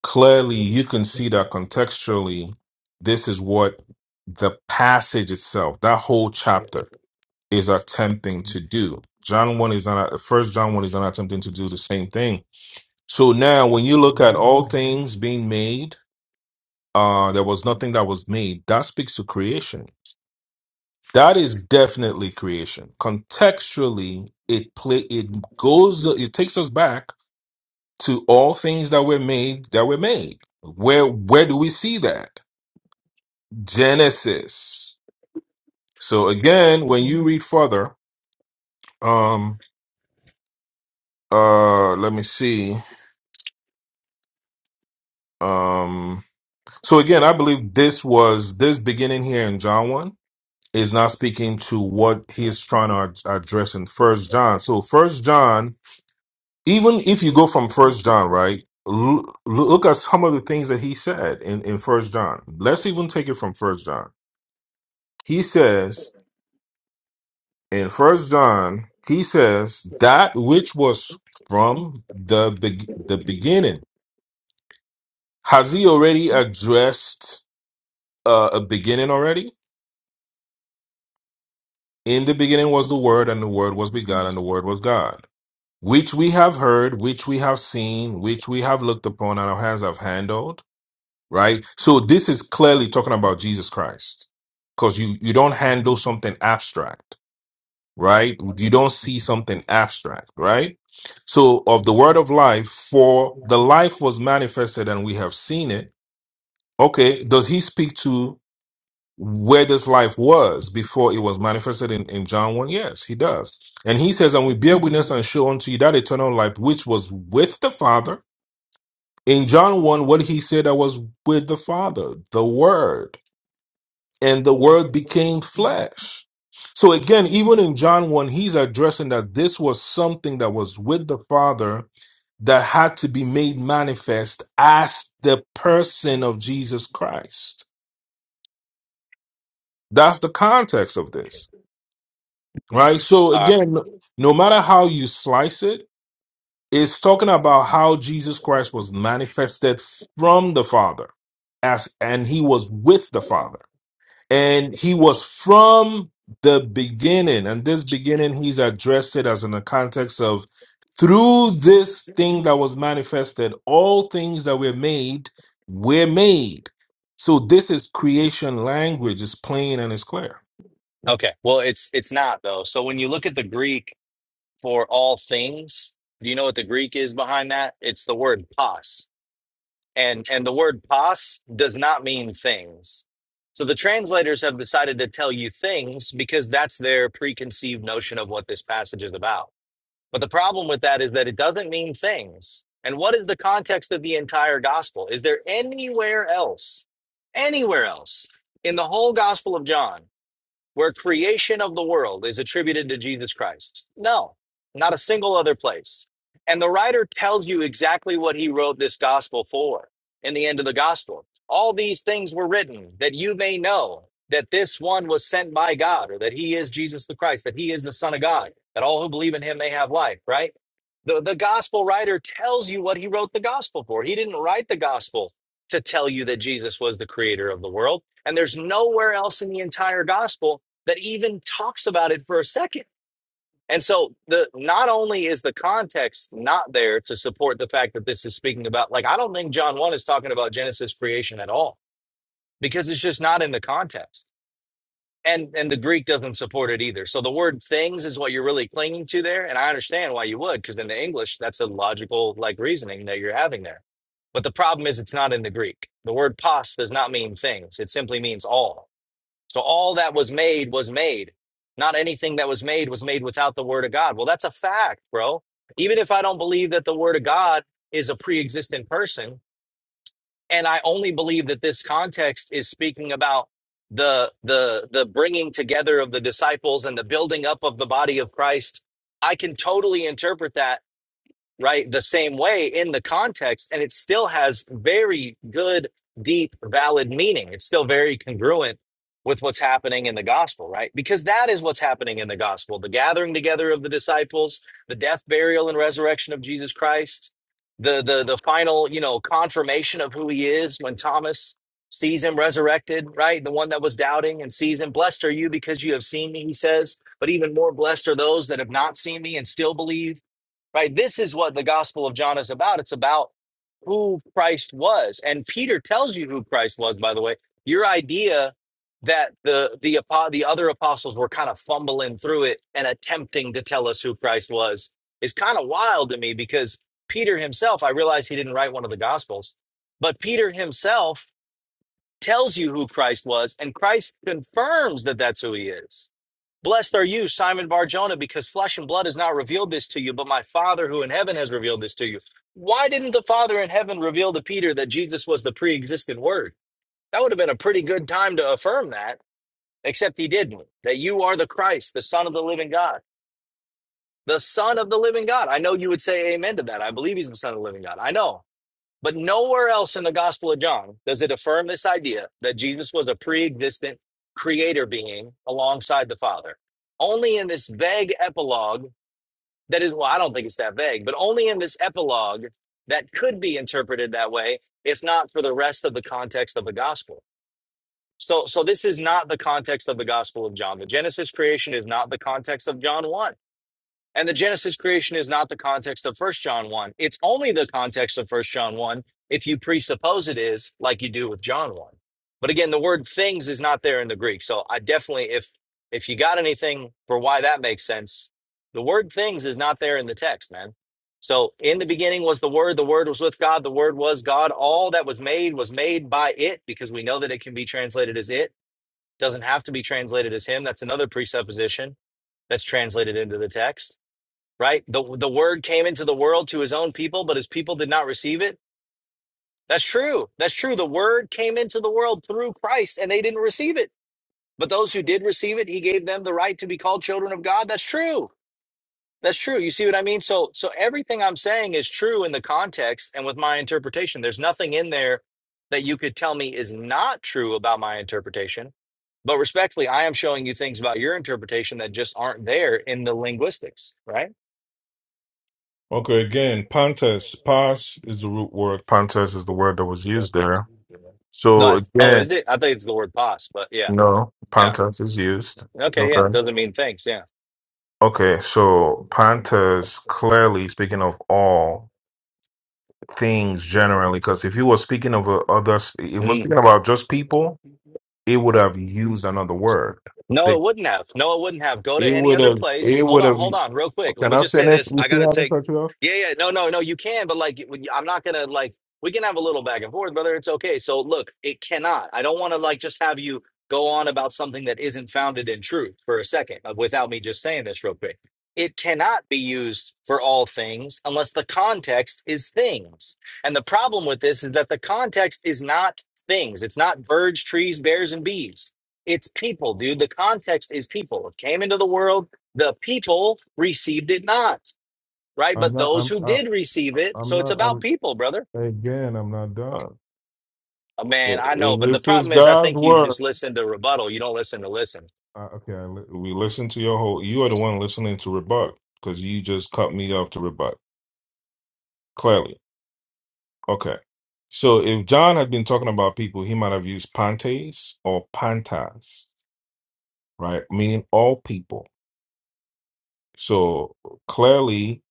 Speaker 5: clearly you can see that contextually this is what the passage itself that whole chapter is attempting to do john 1 is not first john 1 is not attempting to do the same thing so now when you look at all things being made uh there was nothing that was made that speaks to creation that is definitely creation contextually it play it goes it takes us back to all things that were made that were made where where do we see that Genesis. So again, when you read further, um, uh, let me see. Um, so again, I believe this was this beginning here in John one is not speaking to what he's trying to ad- address in First John. So First John, even if you go from First John, right? l- Look at some of the things that he said in in First John. Let's even take it from First John. He says. in First John, he says that which was from the be- the beginning. Has he already addressed uh, a beginning already? In the beginning was the Word, and the Word was begotten, and the Word was God. Which we have heard, which we have seen, which we have looked upon, and our hands have handled. Right. So this is clearly talking about Jesus Christ, because you you don't handle something abstract. right? You don't see something abstract, right? So, of the word of life, for the life was manifested and we have seen it. Okay, does he speak to where this life was before it was manifested in, in John 1? Yes, he does. And he says, And we bear witness and show unto you that eternal life which was with the Father. In John 1, what he said that was with the Father, the Word and the word became flesh. So again, even in John 1, he's addressing that this was something that was with the Father that had to be made manifest as the person of Jesus Christ. That's the context of this, right? So
Speaker 9: All right.
Speaker 5: again, no no matter how you slice it, it's talking about how Jesus Christ was manifested from the Father as, and he was with the Father. and he was from the beginning and this beginning he's addressed it as in the context of through this thing that was manifested all things that were made were made so this is creation language it's plain and it's clear
Speaker 9: Okay. Well, it's it's not though. So when you look at the Greek for all things, do you know what the Greek is behind that? It's the word pos. and and the word pas does not mean things so the translators have decided to tell you things because that's their preconceived notion of what this passage is about but the problem with that is that it doesn't mean things and what is the context of the entire gospel is there anywhere else anywhere else in the whole gospel of john where creation of the world is attributed to Jesus Christ? No, not a single other place. And the writer tells you exactly what he wrote this gospel for in the end of the gospel. All these things were written that you may know that this one was sent by God, or that he is Jesus the Christ, that he is the Son of God, that all who believe in him may have life, right? The, the gospel writer tells you what he wrote the gospel for. He didn't write the gospel to tell you that Jesus was the creator of the world. And there's nowhere else in the entire gospel that even talks about it for a second. And so the not only is the context not there to support the fact that this is speaking about like I don't think John 1 is talking about Genesis creation at all because it's just not in the context. And and the Greek doesn't support it either. So the word things is what you're really clinging to there and I understand why you would because in the English that's a logical like reasoning that you're having there. But the problem is it's not in the Greek. The word pos does not mean things. It simply means all. So all that was made was made. Not anything that was made was made without the word of God. Well, that's a fact, bro. Even if I don't believe that the word of God is a pre-existent person, and I only believe that this context is speaking about the the the bringing together of the disciples and the building up of the body of Christ, I can totally interpret that right? The same way in the context, and it still has very good, deep, valid meaning. It's still very congruent with what's happening in the gospel, right? Because that is what's happening in the gospel the gathering together of the disciples, the death, burial, and resurrection of Jesus Christ, the, the, the final, you know, confirmation of who he is when Thomas sees him resurrected, right? The one that was doubting and sees him. Blessed are you because you have seen me, he says, but even more blessed are those that have not seen me and still believe right? This is what the Gospel of John is about. It's about who Christ was. And Peter tells you who Christ was, by the way. Your idea that the the apo- the other apostles were kind of fumbling through it and attempting to tell us who Christ was is kind of wild to me because Peter himself, I realize he didn't write one of the gospels, but Peter himself tells you who Christ was and Christ confirms that that's who he is Blessed are you, Simon Barjona, because flesh and blood has not revealed this to you, but my Father who in heaven has revealed this to you. Why didn't the Father in heaven reveal to Peter that Jesus was the pre existent Word? That would have been a pretty good time to affirm that, except he didn't. That you are the Christ, the Son of the living God. The Son of the living God. I know you would say amen to that. I believe he's the Son of the living God. I know. But nowhere else in the Gospel of John does it affirm this idea that Jesus was a pre existent creator being alongside the Father. Only in this vague epilogue, that is, well, I don't think it's that vague, but only in this epilogue that could be interpreted that way, if not for the rest of the context of the Gospel. So, so this is not the context of the Gospel of John. The Genesis creation is not the context of John 1. And the Genesis creation is not the context of First John 1. It's only the context of First John 1 if you presuppose it is like you do with John 1. But again, the word things is not there in the Greek. So I definitely if if you got anything for why that makes sense, the word things is not there in the text, man. So in the beginning was the word, the word was with God, the word was God. All that was made was made by it because we know that it can be translated as it. Doesn't have to be translated as him. That's another presupposition that's translated into the text right? The the word came into the world to his own people, but his people did not receive it. That's true. That's true. The word came into the world through Christ and they didn't receive it. But those who did receive it, he gave them the right to be called children of God. That's true. That's true. You see what I mean? So so everything I'm saying is true in the context and with my interpretation. There's nothing in there that you could tell me is not true about my interpretation. But respectfully, I am showing you things about your interpretation that just aren't there in the linguistics, right?
Speaker 5: okay again pantes pas is the root word pantes is the word that was used there
Speaker 9: No,
Speaker 5: so
Speaker 9: it's, oh,
Speaker 5: again
Speaker 9: is it? I think it's the word pos, but yeah,
Speaker 5: no
Speaker 9: yeah.
Speaker 5: pantes is used it's
Speaker 9: Okay, yeah. It
Speaker 5: okay
Speaker 9: doesn't mean thanks. Yeah.
Speaker 5: okay so pantes clearly speaking of all things generally because if you were speaking of a, other s- if we're
Speaker 9: Mm-hmm.
Speaker 5: speaking about just people it would have used another word
Speaker 9: No,
Speaker 5: the,
Speaker 9: it wouldn't have. No, it wouldn't have. Go to
Speaker 5: it
Speaker 9: any
Speaker 5: would
Speaker 9: other
Speaker 5: have
Speaker 9: place.
Speaker 5: it
Speaker 9: Hold
Speaker 5: would
Speaker 9: on,
Speaker 5: have
Speaker 9: hold on, real quick. Let
Speaker 5: can
Speaker 9: me
Speaker 5: i
Speaker 9: just say
Speaker 5: finish
Speaker 9: this.
Speaker 5: you
Speaker 9: I
Speaker 5: see
Speaker 9: gotta
Speaker 5: how this
Speaker 9: take.
Speaker 5: cut you off
Speaker 9: Yeah, yeah. No, no, no. You can, but like, when- I'm not gonna like. We can have a little back and forth, brother. It's okay. So look, it cannot. I don't want to like just have you go on about something that isn't founded in truth for a second uh, without me just saying this real quick. It cannot be used for all things unless the context is things. And the problem with this is that the context is not things. It's not birds, trees, bears, and bees it's people, dude. The context is people. It came into the world, the people received it not, right?
Speaker 5: i'm
Speaker 9: But
Speaker 5: not i'm
Speaker 9: those who
Speaker 5: I,
Speaker 9: did receive it,
Speaker 5: i'm
Speaker 9: so it's
Speaker 5: not
Speaker 9: about
Speaker 5: i'm
Speaker 9: people, brother.
Speaker 5: again i'm not done
Speaker 9: Oh, man,
Speaker 5: I-
Speaker 9: I know, but the
Speaker 5: if it's
Speaker 9: problem is, I
Speaker 5: god's
Speaker 9: think you
Speaker 5: word
Speaker 9: just listen to rebuttal. You don't listen to listen.
Speaker 5: uh, okay I, li- we listen to your whole you are the one listening to rebut because you just cut me off to rebut Clearly. Okay. So if John had been talking about people, he might have used pantes or pantas, right? Meaning all people. So clearly,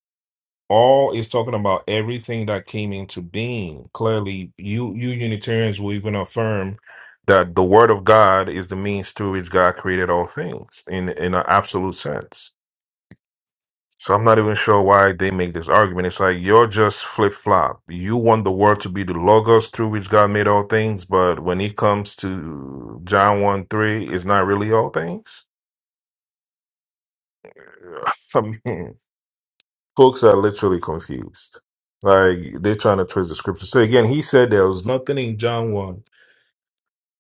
Speaker 5: all is talking about everything that came into being. Clearly, you you Unitarians will even affirm that the Word of God is the means through which God created all things in in an absolute sense. So I'm not even sure why they make this argument. It's like you're just flip flop. You want the world to be the logos through which God made all things, but when it comes to John 1 3, it's not really all things. [laughs] I mean, folks are literally confused. Like they're trying to twist the scripture. So again, he said there was nothing in John 1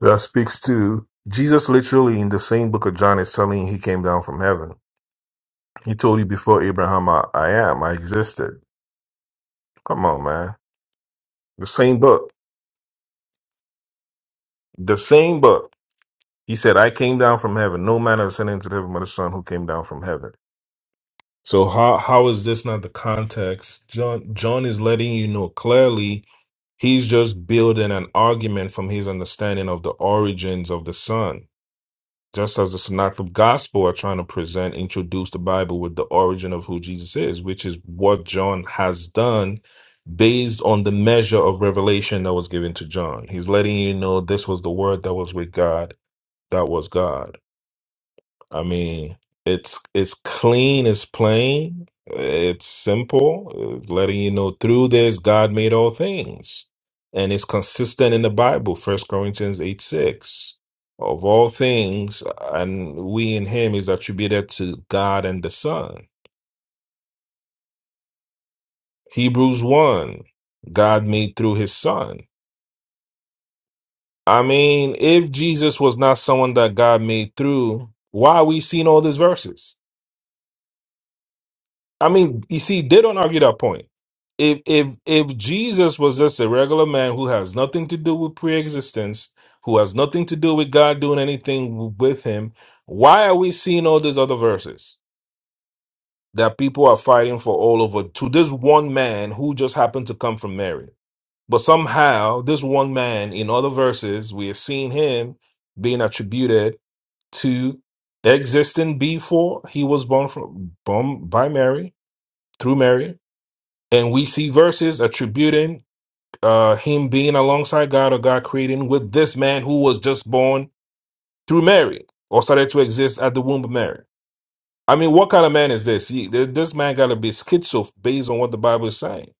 Speaker 5: that speaks to Jesus literally in the same book of John is telling you he came down from heaven. He told you before Abraham, I, I am, I existed. Come on, man. The same book. The same book. He said, I came down from heaven. No man has ascended into the heaven but the Son who came down from heaven. So how how is this not the context? John John is letting you know clearly he's just building an argument from his understanding of the origins of the Son. Just as the Synoptic Gospel are trying to present, introduce the Bible with the origin of who Jesus is, which is what John has done based on the measure of revelation that was given to John. He's letting you know this was the word that was with God that was God. I mean, it's it's clean, it's plain, it's simple, it's letting you know through this God made all things. And it's consistent in the Bible, First Corinthians 8 6. Of all things, and we in him is attributed to God and the Son. Hebrews 1, God made through his Son. I mean, if Jesus was not someone that God made through, why are we seeing all these verses? I mean, you see, they don't argue that point. If if if Jesus was just a regular man who has nothing to do with pre-existence, who has nothing to do with God doing anything with him, why are we seeing all these other verses that people are fighting for all over to this one man who just happened to come from Mary? But somehow, this one man in other verses, we are seeing him being attributed to existing before he was born from born by Mary through Mary and we see verses attributing uh, him being alongside God or God creating with this man who was just born through Mary or started to exist at the womb of Mary. I mean, what kind of man is this? He, th- this man got to be schizo based on what the Bible is saying.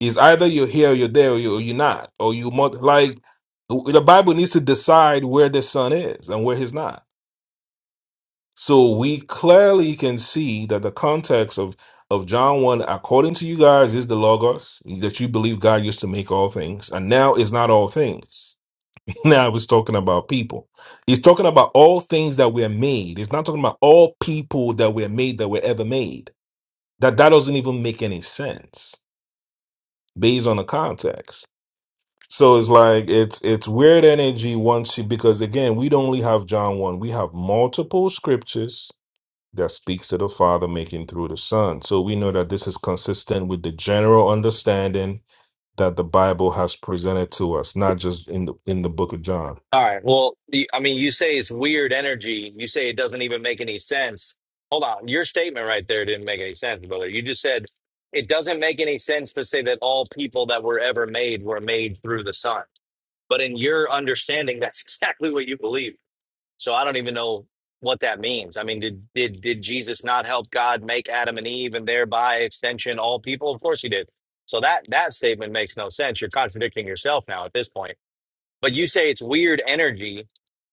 Speaker 5: Is either you're here, or you're there, or you- or you're not, or you must like the Bible needs to decide where the son is and where he's not. So we clearly can see that the context of of John 1, according to you guys, is the Logos, that you believe God used to make all things. And now it's not all things. [laughs] Now he's talking about people. He's talking about all things that were made. He's not talking about all people that were made that were ever made. That that doesn't even make any sense based on the context. So it's like it's it's weird energy once you because again, we don't only have John 1, we have multiple scriptures that speaks to the Father making through the Son. So we know that this is consistent with the general understanding that the Bible has presented to us, not just in the in the book of John.
Speaker 9: All right. Well, you- I mean, you say it's weird energy. You say it doesn't even make any sense. Hold on. Your statement right there didn't make any sense, brother. You just said it doesn't make any sense to say that all people that were ever made were made through the sun. But in your understanding, that's [laughs] exactly what you believe. So I don't even know what that means. I mean, did did did Jesus not help God make Adam and Eve and thereby extension all people? Of course he did. So that that statement makes no sense. You're contradicting yourself now at this point. But you say it's weird energy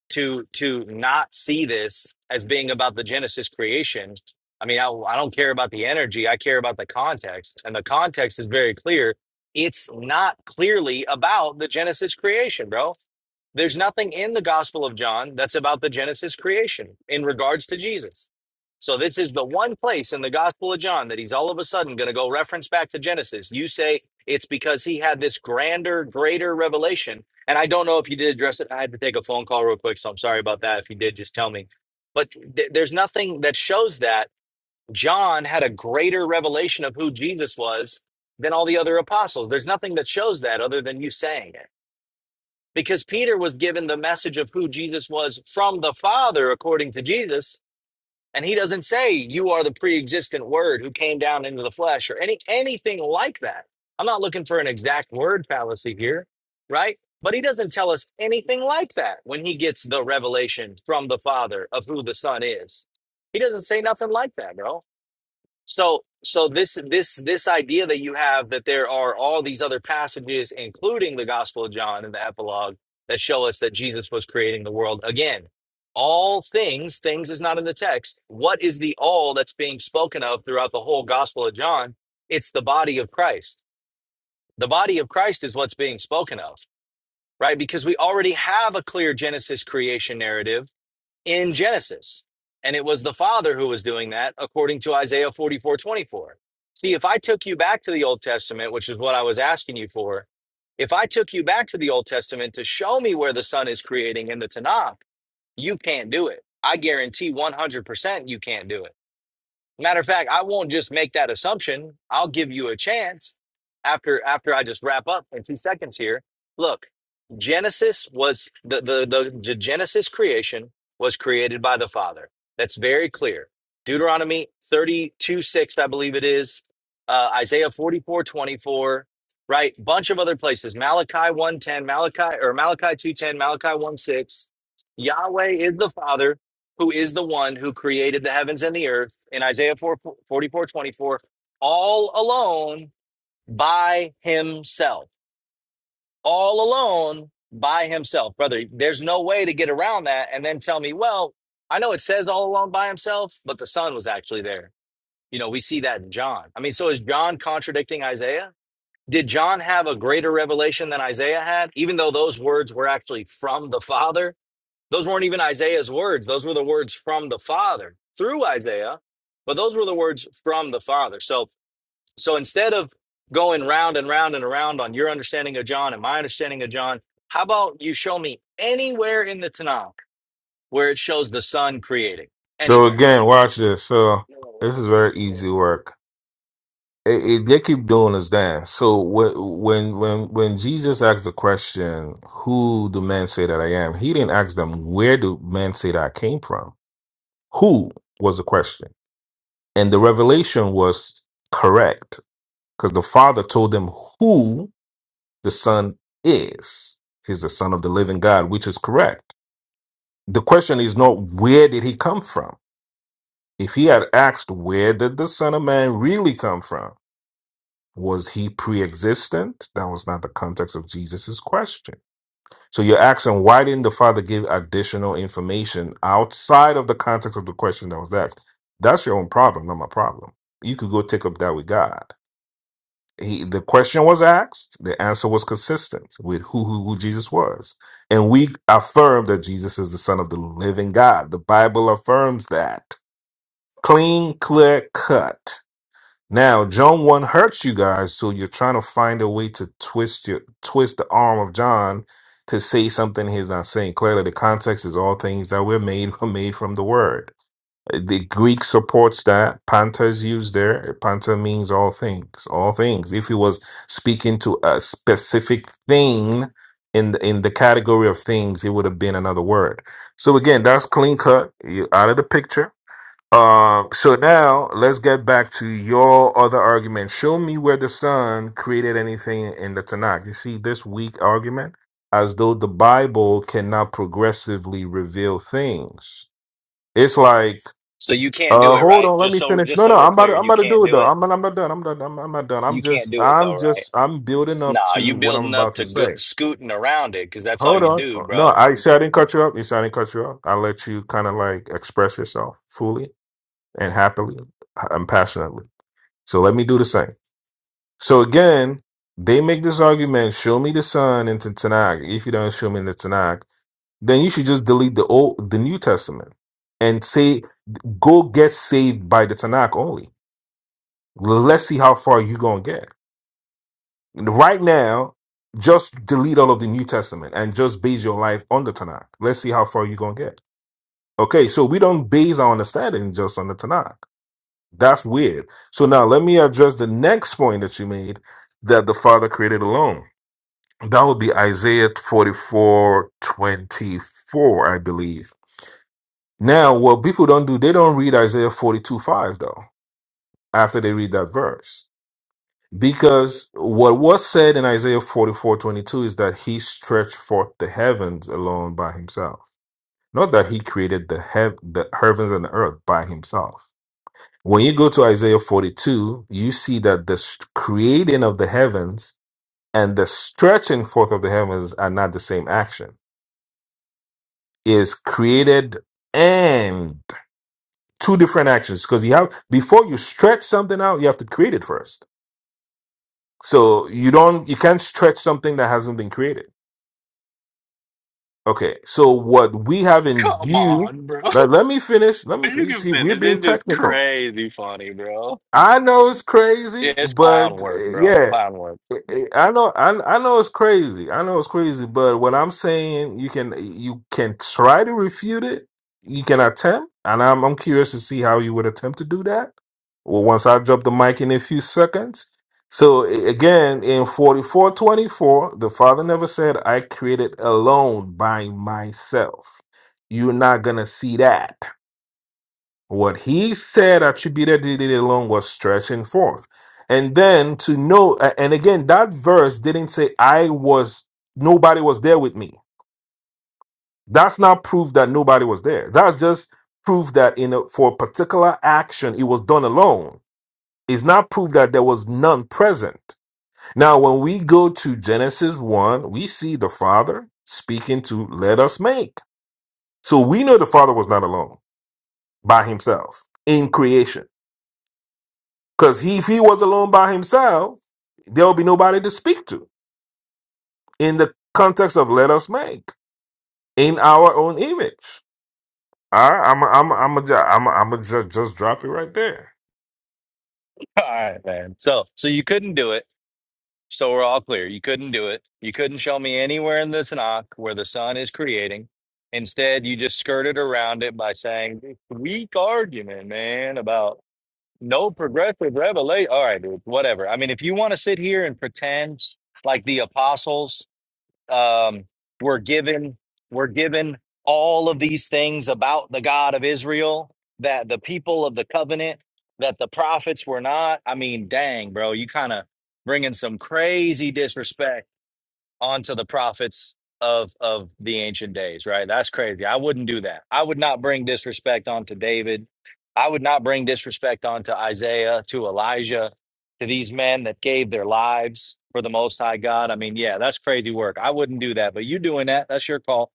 Speaker 9: to to not see this as being about the Genesis creation. I mean, I, I don't care about the energy. I care about the context, and the context is very clear. It's not clearly about the Genesis creation, bro. There's nothing in the Gospel of John that's about the Genesis creation in regards to Jesus. So this is the one place in the Gospel of John that he's all of a sudden going to go reference back to Genesis. You say it's because he had this grander, greater revelation and I don't know if you did address it. I had to take a phone call real quick, so I'm sorry about that. If you did, just tell me. But th- there's nothing that shows that John had a greater revelation of who Jesus was than all the other apostles. There's nothing that shows that other than you saying it. Because Peter was given the message of who Jesus was from the Father, according to Jesus, and he doesn't say you are the pre-existent word who came down into the flesh or any anything like that. I'm not looking for an exact word fallacy here, right? But he doesn't tell us anything like that when he gets the revelation from the Father of who the Son is. He doesn't say nothing like that, bro. So so this this this idea that you have that there are all these other passages, including the Gospel of John and the epilogue, that show us that Jesus was creating the world again. All things, things is not in the text. What is the all that's being spoken of throughout the whole Gospel of John? It's the body of Christ. The body of Christ is what's being spoken of, right? Because we already have a clear Genesis creation narrative in Genesis. And it was the Father who was doing that, according to Isaiah 44 24. See, if I took you back to the Old Testament, which is what I was asking you for, if I took you back to the Old Testament to show me where the Son is creating in the Tanakh, you can't do it. I guarantee 100% you can't do it Matter of fact, I won't just make that assumption. I'll give you a chance after after I just wrap up in two seconds here. Look, Genesis was the the the, the Genesis creation was created by the Father. That's very clear. Deuteronomy 32, 6, I believe it is. Uh, Isaiah 44 24, right? Bunch of other places. Malachi 110, Malachi or Malachi 210, Malachi 1 6. Yahweh is the Father who is the one who created the heavens and the earth in Isaiah 4, all alone by himself. All alone by himself. Brother, there's no way to get around that and then tell me, well, I know it says all alone by himself, but the son was actually there. You know, we see that in John. I mean, so is John contradicting Isaiah? Did John have a greater revelation than Isaiah had, even though those words were actually from the Father? Those weren't even Isaiah's words. Those were the words from the Father through Isaiah, but those were the words from the Father. So, so instead of going round and round and around on your understanding of John and my understanding of John, how about you show me anywhere in the Tanakh where it shows the Son creating
Speaker 5: So
Speaker 9: anywhere?
Speaker 5: again, watch this. So this is very easy work. It, it- they keep doing this dance. So when when when when Jesus asked the question, "Who do men say that I am?" He didn't ask them, "Where do men say that I came from?" Who was the question, and the revelation was correct because the Father told them who the Son is. He's the Son of the living God, which is correct. The question is not where did he come from? If he had asked where did the Son of Man really come from, was he pre existent? That was not the context of Jesus' question. So you're asking why didn't the Father give additional information outside of the context of the question that was asked? That's your own problem, not my problem. You could go take up that with God. he the question was asked the answer was consistent with who, who who jesus was and we affirm that jesus is the son of the living god the bible affirms that clean clear cut now john 1 hurts you guys so you're trying to find a way to twist your twist the arm of john to say something he's not saying clearly the context is all things that were made [laughs] were made from the word the Greek supports that. Panta is used there. Panta means all things, all things. If he was speaking to a specific thing in the, in the category of things, it would have been another word. So again, that's clean cut you out of the picture. Uh, so now let's get back to your other argument. Show me where the sun created anything in the Tanakh. You see this weak argument as though the Bible cannot progressively reveal things. It's like
Speaker 9: So you can't
Speaker 5: uh,
Speaker 9: do it,
Speaker 5: hold
Speaker 9: right?
Speaker 5: on, let
Speaker 9: Just
Speaker 5: me
Speaker 9: so
Speaker 5: finish.
Speaker 9: just
Speaker 5: No,
Speaker 9: so
Speaker 5: no,
Speaker 9: we're
Speaker 5: I'm about
Speaker 9: clear,
Speaker 5: to, I'm
Speaker 9: you
Speaker 5: about to
Speaker 9: can't
Speaker 5: do it
Speaker 9: do
Speaker 5: though.
Speaker 9: it.
Speaker 5: I'm not, I'm not done. I'm done. I'm, I'm not done.
Speaker 9: You
Speaker 5: I'm
Speaker 9: can't
Speaker 5: just,
Speaker 9: do it though,
Speaker 5: I'm
Speaker 9: right?
Speaker 5: just, I'm building up
Speaker 9: Nah, you
Speaker 5: to what I'm
Speaker 9: building up
Speaker 5: about to
Speaker 9: to good,
Speaker 5: say.
Speaker 9: scooting around it because that's all
Speaker 5: Hold
Speaker 9: you
Speaker 5: on.
Speaker 9: do,
Speaker 5: Oh, No,
Speaker 9: bro.
Speaker 5: I said I didn't cut you up. You said I didn't cut you up. I let you kind of like express yourself fully and happily uh, and passionately. So let me do the same. So again, they make this argument: show me the sun into Tanakh. If you don't show me the Tanakh, then you should just delete the old, the New Testament, and say, go get saved by the Tanakh only Let's see how far you gonna get. Right now, just delete all of the New Testament and just base your life on the Tanakh. Let's see how far you gonna get. Okay, so we don't base our understanding just on the Tanakh. That's weird. So now let me address the next point that you made that the Father created alone. That would be Isaiah forty-four twenty-four, I believe. Now, what people don't do, they don't read Isaiah 42 5 though, after they read that verse Because what was said in Isaiah forty four twenty two is that he stretched forth the heavens alone by himself. Not that he created the, heav- the heavens and the earth by himself. When you go to Isaiah 42, you see that the st- creating of the heavens and the stretching forth of the heavens are not the same action. It Is created and two different actions because you have before you stretch something out, you have to create it first. So you don't you can't stretch something that hasn't been created Okay, so what we have in
Speaker 9: Come
Speaker 5: view,
Speaker 9: on, bro. [laughs]
Speaker 5: but let me finish. Let me
Speaker 9: You
Speaker 5: finish.
Speaker 9: can
Speaker 5: See, we're
Speaker 9: finish.
Speaker 5: being
Speaker 9: It's just
Speaker 5: technical.
Speaker 9: crazy funny, bro.
Speaker 5: I know it's
Speaker 9: Yeah,
Speaker 5: crazy,
Speaker 9: It's clown
Speaker 5: but
Speaker 9: work,
Speaker 5: uh,
Speaker 9: bro.
Speaker 5: yeah.
Speaker 9: Clown work.
Speaker 5: I know, I, I know it's crazy. I know it's crazy, but what I'm saying, you can you can try to refute it. You can attempt, and I'm I'm curious to see how you would attempt to do that. Well, once I drop the mic in a few seconds. So a- again, in 44:24, the Father never said, "I created alone by myself." You're not gonna see that. What he said attributed to it alone was stretching forth. And then to know, a- and again, that verse didn't say, I was, nobody was there with me. That's not proof that nobody was there. That's just proof that in a, for a particular action, it was done alone. It's not proof that there was none present. Now, when we go to Genesis 1, we see the Father speaking to let us make. So we know the Father was not alone by himself in creation. Because he, if he was alone by himself, there would be nobody to speak to in the context of let us make in our own image. All right, I'm a, I'm a, I'm a, ju- I'm a, I'm a ju- just drop it right there.
Speaker 9: [laughs] All right, man. So, so you couldn't do it. So we're all clear. You couldn't do it. You couldn't show me anywhere in the Tanakh where the sun is creating. Instead, you just skirted around it by saying this weak argument, man, about no progressive revelation. All right, dude. Whatever. I mean, if you want to sit here and pretend like the apostles um, we're given we're given all of these things about the God of Israel that the people of the covenant that the prophets were not. I mean, dang, bro, you kind of bringing some crazy disrespect onto the prophets of of the ancient days right that's crazy i wouldn't do that i would not bring disrespect onto david i would not bring disrespect onto isaiah to elijah to these men that gave their lives for the most high god i mean yeah that's crazy work i wouldn't do that but you doing that that's your call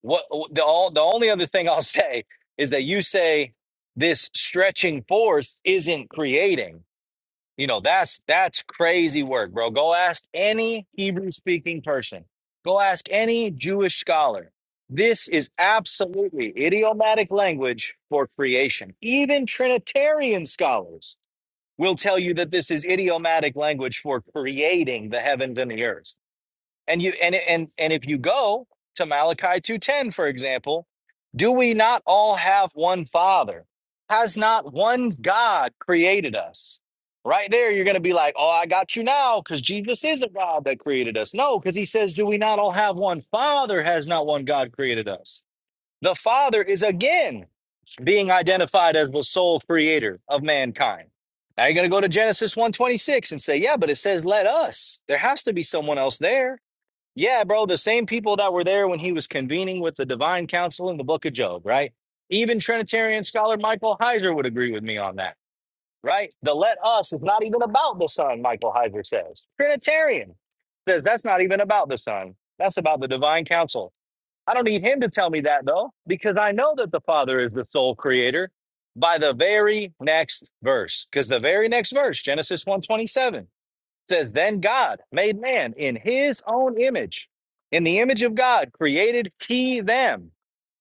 Speaker 9: what the all the only other thing [laughs] i'll say is that you say this stretching forth isn't creating you know, that's that's crazy work, bro. Go ask any Hebrew speaking person. Go ask any Jewish scholar. This is absolutely idiomatic language for creation. Even Trinitarian scholars will tell you that this is idiomatic language for creating the heavens and the earth. And you and and and if you go to Malachi 2:10 for example, do we not all have one father? Has not one God created us? Right there you're going to be like, "Oh, I got you now cuz Jesus is a God that created us." No, cuz he says, "Do we not all have one father? Has not one God created us?" The father is again being identified as the sole creator of mankind. Now you're going to go to Genesis one twenty six and say, "Yeah, but it says let us." There has to be someone else there yeah, bro, the same people that were there when he was convening with the divine council in the book of Job, right? Even Trinitarian scholar Michael Heiser would agree with me on that, right? The let us is not even about the Son, Michael Heiser says. Trinitarian says that's not even about the Son, that's about the divine council. I don't need him to tell me that, though, because I know that the Father is the sole creator by the very next verse, because the very next verse, Genesis one twenty-seven says, Then God made man in his own image. In the image of God created he them.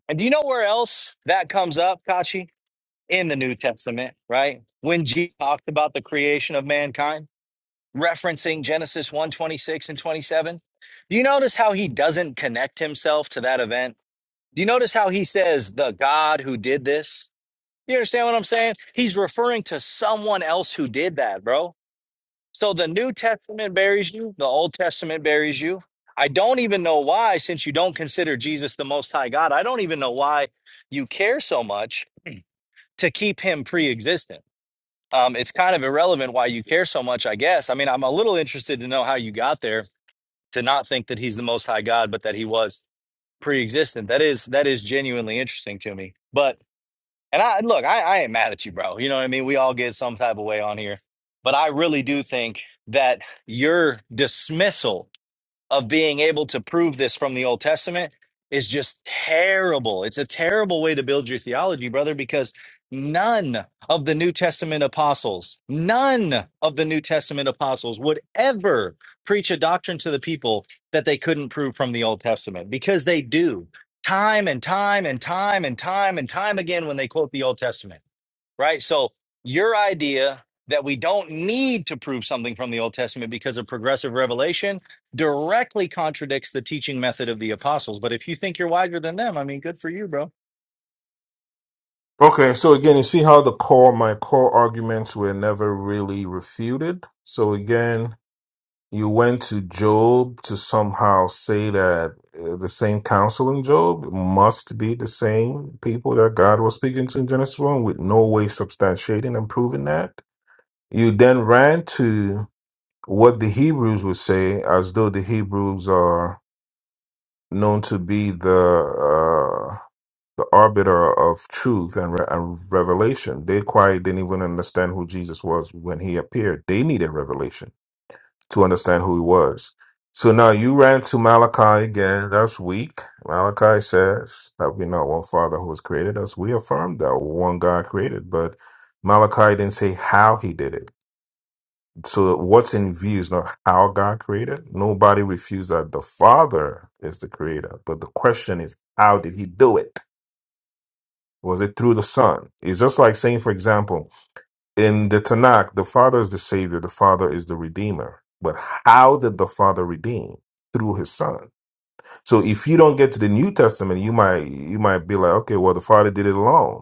Speaker 9: And do you know where else that comes up, Kachi? In the New Testament, right? When Jesus talked about the creation of mankind, referencing Genesis one 26 and 27. Do you notice how he doesn't connect himself to that event? Do you notice how he says, the God who did this? You understand what I'm saying? He's referring to someone else who did that, bro so the New Testament buries you, the Old Testament buries you. I don't even know why, since you don't consider Jesus the Most High God, I don't even know why you care so much to keep him pre existent. Um, it's kind of irrelevant why you care so much, I guess. I mean, I'm a little interested to know how you got there to not think that he's the Most High God, but that he was pre existent. That is, that is genuinely interesting to me. But and I look, I, I ain't mad at you, bro. You know what I mean? We all get some type of way on here. But I really do think that your dismissal of being able to prove this from the Old Testament is just terrible. It's a terrible way to build your theology, brother, because none of the New Testament apostles, none of the New Testament apostles would ever preach a doctrine to the people that they couldn't prove from the Old Testament because they do time and time and time and time and time again when they quote the Old Testament right? So your idea that we don't need to prove something from the Old Testament because of progressive revelation directly contradicts the teaching method of the apostles. But if you think you're wiser than them, I mean, good for you, bro.
Speaker 5: Okay, so again, you see how the core my core arguments were never really refuted. So again, you went to Job to somehow say that uh, the same counsel in Job must be the same people that God was speaking to in Genesis 1 with no way substantiating and proving that. You then ran to what the Hebrews would say, as though the Hebrews are known to be the uh, the arbiter of truth and, re- and revelation. They quite didn't even understand who Jesus was when he appeared. They needed revelation to understand who he was. So now you ran to Malachi again. That's weak. Malachi says that we know one Father who has created us. We affirm that one God created, but Malachi didn't say how he did it. So what's in view is not how God created. Nobody refused that the Father is the creator. But the question is, how did he do it? Was it through the Son? It's just like saying, for example, in the Tanakh, the Father is the Savior, the Father is the Redeemer. But how did the Father redeem? Through his son. So if you don't get to the New Testament, you might you might be like, okay, well the Father did it alone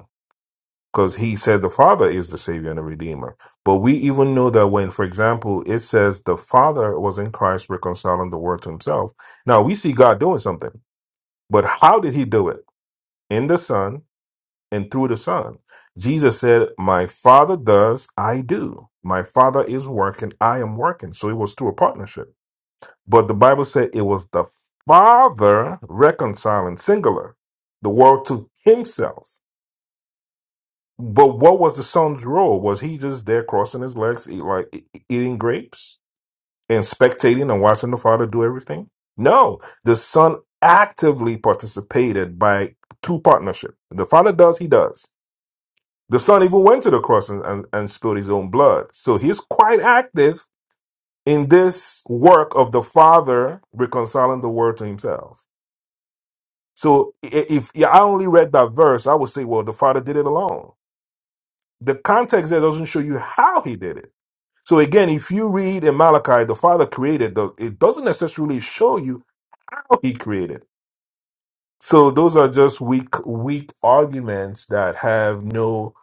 Speaker 5: because he said the Father is the Savior and the Redeemer. But we even know that when, for example, it says the Father was in Christ reconciling the world to himself. Now we see God doing something, but how did he do it? In the Son and through the Son. Jesus said, My Father does, I do. My Father is working, I am working. So it was through a partnership. But the Bible said it was the Father reconciling, singular, the world to himself. But what was the son's role? Was he just there crossing his legs, eat, like e- e, eating grapes and spectating and watching the father do everything? No, the son actively participated by through partnership. The father does, he does. The son even went to the cross and, and, and spilled his own blood. So he's quite active in this work of the father reconciling the world to himself. So i- if yeah, I only read that verse, I would say, well, the father did it alone. The context there doesn't show you how he did it So again, if you read in Malachi, the Father created, the, it doesn't necessarily show you how He created. So those are just weak, weak arguments that have no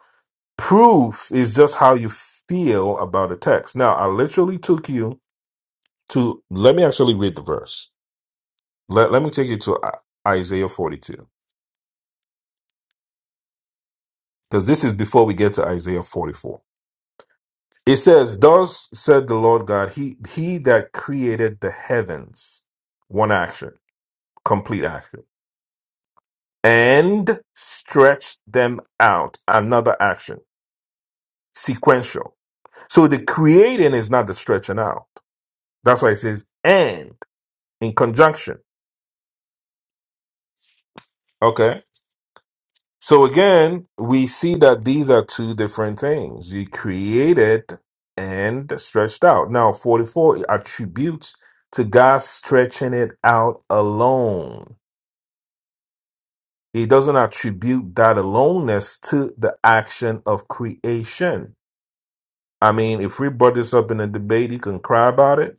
Speaker 5: proof. It's just how you feel about a text. Now, I literally took you to, let me actually read the verse. Let, let me take you to I- Isaiah 42, because this is before we get to Isaiah 44. It says, Thus said the Lord God, He, he that created the heavens, one action, complete action and stretch them out. Another action, sequential. So the creating is not the stretching out. That's why it says and in conjunction. Okay. So again, we see that these are two different things. You created and stretched out. Now, 44 attributes to God stretching it out alone. He doesn't attribute that aloneness to the action of creation I mean, if we brought this up in a debate, you can cry about it.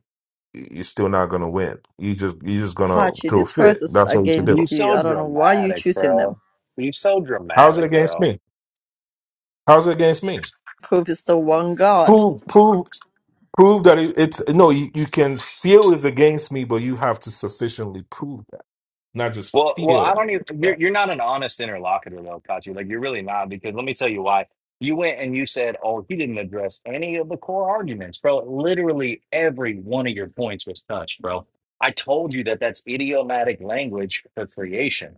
Speaker 5: You're still not gonna win. You just you're just gonna
Speaker 1: Hachi,
Speaker 5: throw a
Speaker 1: this verse
Speaker 5: fit.
Speaker 1: is
Speaker 5: That's what you can
Speaker 9: You
Speaker 5: do.
Speaker 1: against you.
Speaker 9: so
Speaker 1: I don't know why you
Speaker 9: dramatic,
Speaker 1: choosing them.
Speaker 9: bro. You so
Speaker 5: How's it
Speaker 9: dramatic,
Speaker 5: against
Speaker 9: bro.
Speaker 5: me? How's it against me?
Speaker 1: Proof is the one God.
Speaker 5: Prove prove prove that it, it's no. You, you can feel it's against me, but you have to sufficiently prove that, not just
Speaker 9: Well, well,
Speaker 5: feel
Speaker 9: I don't even. You're
Speaker 5: that.
Speaker 9: you're not an honest interlocutor though, Kachi. Like you're really not, because let me tell you why. You went and you said, "Oh, he didn't address any of the core arguments, bro." Literally every one of your points was touched, bro. I told you that that's idiomatic language for creation.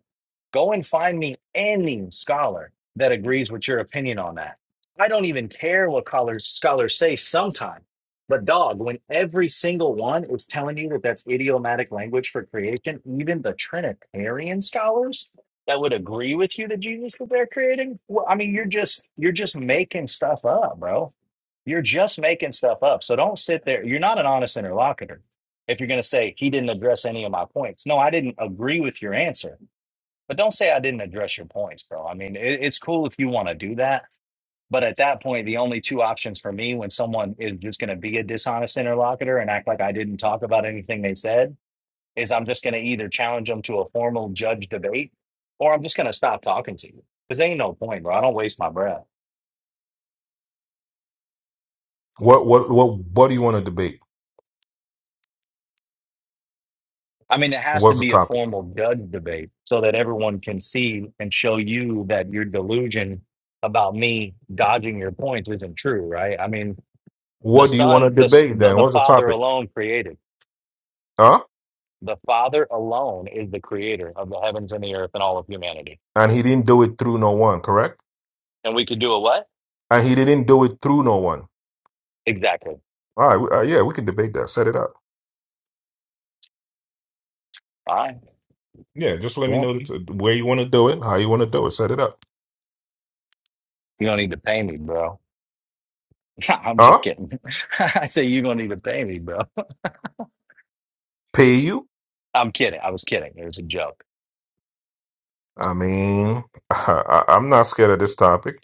Speaker 9: Go and find me any scholar that agrees with your opinion on that. I don't even care what scholars scholars say sometimes. But dog, when every single one is telling you that that's idiomatic language for creation, even the Trinitarian scholars that would agree with you that Jesus was there creating, well, I mean, you're just you're just making stuff up, bro. You're just making stuff up. So don't sit there. You're not an honest interlocutor. If you're going to say he didn't address any of my points, no, I didn't agree with your answer. But don't say I didn't address your points, bro. I mean, it, it's cool if you want to do that. But at that point, the only two options for me when someone is just going to be a dishonest interlocutor and act like I didn't talk about anything they said is I'm just going to either challenge them to a formal judge debate or I'm just going to stop talking to you because there ain't no point, bro. I don't waste my breath.
Speaker 5: What what what what do you want to debate?
Speaker 9: I mean, it has to
Speaker 5: What's the
Speaker 9: be a
Speaker 5: topic?
Speaker 9: formal judge debate so that everyone can see and show you that your delusion about me dodging your points isn't true, right? I mean, the
Speaker 5: What do you want to
Speaker 9: son, the, s-
Speaker 5: debate
Speaker 9: the,
Speaker 5: then?
Speaker 9: the
Speaker 5: What's the
Speaker 9: father
Speaker 5: topic?
Speaker 9: alone created.
Speaker 5: Huh?
Speaker 9: The Father alone is the creator of the heavens and the earth and all of humanity.
Speaker 5: And he didn't do it through no one, correct?
Speaker 9: And we could do a what?
Speaker 5: And he didn't do it through no one.
Speaker 9: Exactly.
Speaker 5: All right, we- uh, yeah, we can debate that. Set it up.
Speaker 9: All right.
Speaker 5: Yeah, just let me
Speaker 9: Well,
Speaker 5: know the- where you want to do it, how you want to do it, set it up.
Speaker 9: you don't need to pay me, bro. [laughs] I'm just
Speaker 5: Huh?
Speaker 9: kidding. [laughs] I say you don't need to pay me, bro.
Speaker 5: Pay you?
Speaker 9: [laughs] I'm kidding. I was kidding. It was a joke.
Speaker 5: I mean, [laughs] I, I'm not scared of this topic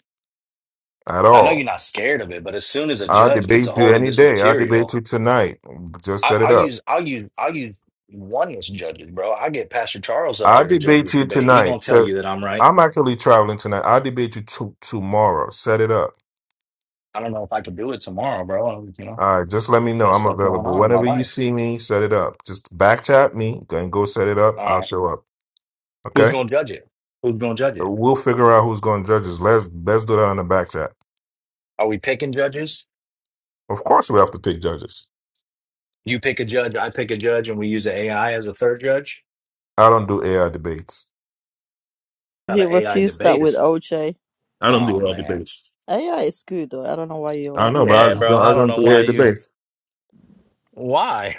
Speaker 5: at
Speaker 9: And I know you're
Speaker 5: all.
Speaker 9: not scared of it, but as soon as a
Speaker 5: I'll
Speaker 9: judge gets a
Speaker 5: debate you
Speaker 9: hold of
Speaker 5: any
Speaker 9: this
Speaker 5: day. I'll debate
Speaker 9: material,
Speaker 5: you tonight. Just
Speaker 9: I,
Speaker 5: set it
Speaker 9: I'll
Speaker 5: up.
Speaker 9: use I'll use I'll use oneness judges, bro. I get Pastor Charles up
Speaker 5: I'll
Speaker 9: there to judge
Speaker 5: debate
Speaker 9: this
Speaker 5: you
Speaker 9: debate. He gonna
Speaker 5: tonight.
Speaker 9: tell
Speaker 5: So
Speaker 9: you that I'm right.
Speaker 5: I'm actually traveling tonight. I'll debate you to tomorrow. Set it up.
Speaker 9: I don't know if I could do it tomorrow, bro. You know,
Speaker 5: All right, just let me know.
Speaker 9: got
Speaker 5: I'm
Speaker 9: stuff going
Speaker 5: available.
Speaker 9: on in my
Speaker 5: Whenever you
Speaker 9: life.
Speaker 5: see me, set it up. Just back chat me and go set it up.
Speaker 9: All
Speaker 5: I'll
Speaker 9: right.
Speaker 5: show up.
Speaker 9: Who's
Speaker 5: Okay?
Speaker 9: going to judge it? Who's going to judge it?
Speaker 5: We'll figure out who's going to judge us. Let's let's do that on the back chat.
Speaker 9: Are we picking judges?
Speaker 5: Of course, we have to pick judges.
Speaker 9: You pick a judge, I pick a judge, and we use an AI as a third judge?
Speaker 5: I don't do AI debates.
Speaker 9: Not
Speaker 1: He
Speaker 9: an AI
Speaker 1: refused that
Speaker 9: debate.
Speaker 1: with
Speaker 9: It's,
Speaker 1: OJ.
Speaker 5: I don't
Speaker 9: oh,
Speaker 5: do AI
Speaker 9: man.
Speaker 5: debates.
Speaker 1: AI is good though. I don't know why you're
Speaker 5: I know,
Speaker 1: running
Speaker 5: but
Speaker 1: away
Speaker 5: I
Speaker 9: Yeah,
Speaker 5: just
Speaker 1: from it.
Speaker 5: don't,
Speaker 9: bro.
Speaker 5: I
Speaker 9: I don't
Speaker 5: don't
Speaker 9: know
Speaker 5: do
Speaker 9: why
Speaker 5: AI
Speaker 9: you.
Speaker 5: debates.
Speaker 9: Why?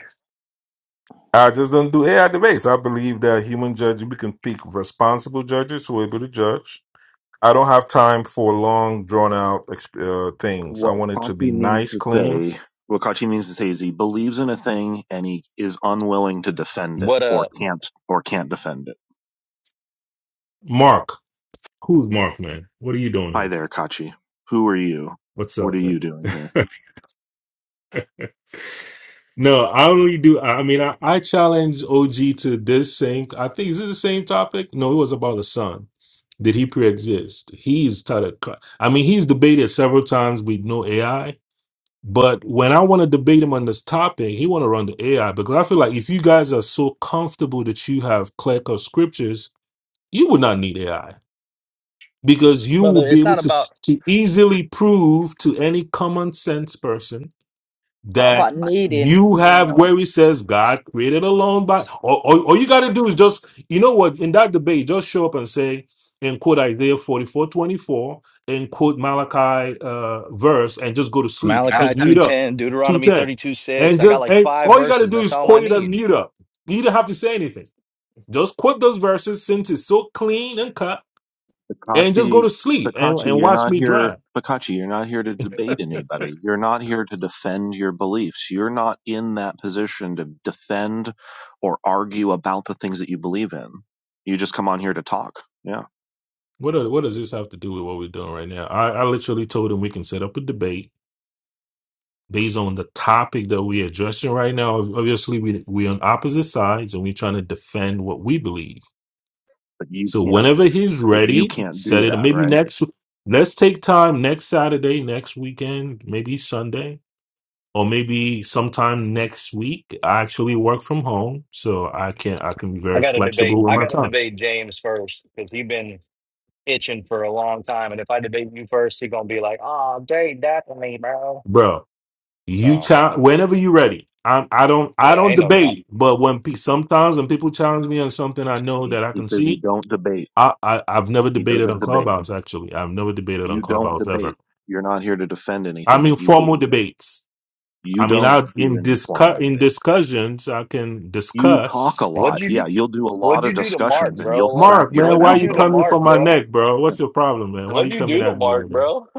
Speaker 5: I just don't do AI debates. I believe that human judges, we can pick responsible judges who are able to judge. I don't have time for long, drawn out uh, things. I
Speaker 10: what
Speaker 5: want it to be
Speaker 10: Kachi means
Speaker 5: nice,
Speaker 10: to
Speaker 5: clean.
Speaker 10: say, what Kachi means to say is he believes in a thing and he is unwilling to defend it
Speaker 9: What
Speaker 10: or
Speaker 9: uh,
Speaker 10: can't or can't defend it.
Speaker 5: Mark, who's Mark, man? What are you doing
Speaker 10: Hi
Speaker 5: here?
Speaker 10: there, Kachi. Who are you?
Speaker 5: What's
Speaker 10: What are
Speaker 5: up,
Speaker 10: you
Speaker 5: man?
Speaker 10: doing here?
Speaker 5: [laughs] No, I only do. I I mean, I, I challenge OG to this same. I think is it the same topic? No, it was about the sun. Did he pre-exist? He's tried to. cut- I mean, he's debated several times with no AI. But when I want to debate him on this topic, he want to run the AI because I feel like if you guys are so comfortable that you have clerical scriptures, you would not need AI because you will
Speaker 9: brother?
Speaker 5: be
Speaker 9: It's
Speaker 5: able
Speaker 9: not
Speaker 5: to s-
Speaker 9: about
Speaker 5: to easily prove to any common sense person
Speaker 1: Not
Speaker 5: that
Speaker 1: about needing,
Speaker 5: you have
Speaker 1: no.
Speaker 5: where he says God created alone by all, all, all you gotta do is just you know what in that debate just show up and say and quote Isaiah 44 24 and quote Malachi uh verse and just go to sleep. Just
Speaker 9: Malachi two
Speaker 5: mute up.
Speaker 9: ten, Deuteronomy
Speaker 5: 210.
Speaker 9: thirty two
Speaker 5: And
Speaker 9: six. I got
Speaker 5: just
Speaker 9: like
Speaker 5: and
Speaker 9: five
Speaker 5: all you gotta
Speaker 9: verses.
Speaker 5: do
Speaker 9: That's
Speaker 5: is
Speaker 9: all I
Speaker 5: quote it and
Speaker 9: need.
Speaker 5: mute up. You don't have to say anything. Just quote those verses since it's so clean and cut and just go
Speaker 10: Pikachi,
Speaker 5: to sleep and,
Speaker 10: Pikachi,
Speaker 5: and
Speaker 10: you're
Speaker 5: watch
Speaker 10: not
Speaker 5: me
Speaker 10: here.
Speaker 5: drown.
Speaker 10: Pikachi, you're not here to debate anybody. You're not here to defend your beliefs. You're not in that position to defend or argue about the things that you believe in. You just come on here to talk. Yeah,
Speaker 5: What, do- what does this have to do with what we're doing right now? I, I literally told him we can set up a debate based on the topic that we're addressing right now, obviously we we're on opposite sides and we're trying to defend what we believe.
Speaker 10: but you
Speaker 5: So
Speaker 10: can't.
Speaker 5: whenever he's
Speaker 10: But you
Speaker 5: ready,
Speaker 10: can't
Speaker 5: set
Speaker 10: do
Speaker 5: it.
Speaker 10: that,
Speaker 5: Maybe
Speaker 10: right?
Speaker 5: next. Let's take time next Saturday, next weekend, maybe Sunday, or maybe sometime next week. I actually work from home, so I can I can be
Speaker 9: I
Speaker 5: very
Speaker 9: got to debate.
Speaker 5: flexible with
Speaker 9: I
Speaker 5: my
Speaker 9: got to
Speaker 5: time,
Speaker 9: debate James first because he's been itching for a long time. And if I debate you first, he's gonna be like, "Oh, Jay, that for me, bro."
Speaker 5: bro. You
Speaker 9: So
Speaker 5: challenge whenever you're ready. I I don't I
Speaker 9: yeah,
Speaker 5: don't
Speaker 9: ain't no doubt.
Speaker 5: debate, but when pe- sometimes when people challenge me on something, I know
Speaker 10: He,
Speaker 5: that I
Speaker 10: he
Speaker 5: can
Speaker 10: says he
Speaker 5: see.
Speaker 10: don't debate.
Speaker 5: I, I I've never
Speaker 10: He
Speaker 5: debated on
Speaker 10: doesn't debate.
Speaker 5: Clubhouse actually. I've never debated on
Speaker 10: You don't
Speaker 5: Clubhouse ever.
Speaker 10: debate. You're not here to defend
Speaker 5: I
Speaker 10: anything
Speaker 5: mean
Speaker 10: that you
Speaker 5: formal
Speaker 10: believe in.
Speaker 5: debates.
Speaker 10: You
Speaker 5: I mean I
Speaker 10: don't do
Speaker 5: in
Speaker 10: any
Speaker 5: discu-
Speaker 10: formal
Speaker 5: in
Speaker 10: debate.
Speaker 5: discussions I can
Speaker 10: You talk a
Speaker 5: discuss.
Speaker 9: What'd
Speaker 10: lot.
Speaker 9: you do?
Speaker 10: Yeah, you'll do a lot
Speaker 9: What'd you
Speaker 10: of
Speaker 9: do to Mark,
Speaker 10: discussions and
Speaker 9: bro?
Speaker 10: you'll
Speaker 9: What-
Speaker 10: flap
Speaker 5: Mark,
Speaker 10: your
Speaker 5: man,
Speaker 9: would
Speaker 5: why
Speaker 9: you
Speaker 10: mouth
Speaker 5: you
Speaker 9: do to
Speaker 5: coming
Speaker 10: open.
Speaker 5: for
Speaker 9: Mark,
Speaker 5: my
Speaker 9: bro?
Speaker 5: neck, bro? What's your problem, man? Why you
Speaker 9: What'd you
Speaker 5: coming
Speaker 9: do to
Speaker 5: at me right
Speaker 9: Mark,
Speaker 5: there?
Speaker 9: bro? [laughs]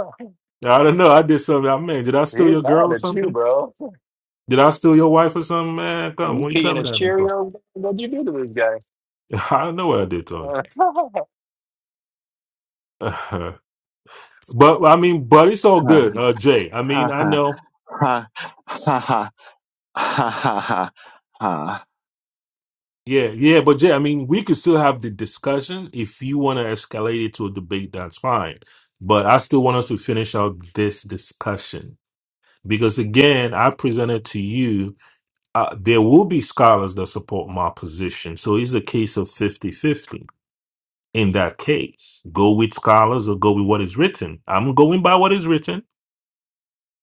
Speaker 5: I don't know. I did something. I man, did I steal your
Speaker 9: He's
Speaker 5: girl
Speaker 9: mad
Speaker 5: or
Speaker 9: at you,
Speaker 5: something?
Speaker 9: bro.
Speaker 5: Did I steal your wife or something, man?
Speaker 9: Are
Speaker 5: Come,
Speaker 9: you
Speaker 5: what you
Speaker 9: peeing
Speaker 5: coming
Speaker 9: his
Speaker 5: at me for?
Speaker 9: Cheerios? What'd you do to this guy?
Speaker 5: [laughs] I don't know what I did to him.
Speaker 9: Uh, [laughs]
Speaker 5: [laughs] but I mean, but it's all
Speaker 10: [laughs]
Speaker 5: good, uh, Jay. I mean, I
Speaker 10: Ha
Speaker 5: know.
Speaker 10: ha ha ha ha ha ha ha ha. ha.
Speaker 5: Yeah, yeah, but Jay, I mean, we could still have the discussion. If you want to escalate it to a debate, that's fine. But I still want us to finish out this discussion because, again, I presented to you, uh, there will be scholars that support my position. So it's a case of fifty-fifty. in that case. Go with scholars or go with what is written. I'm going by what is written.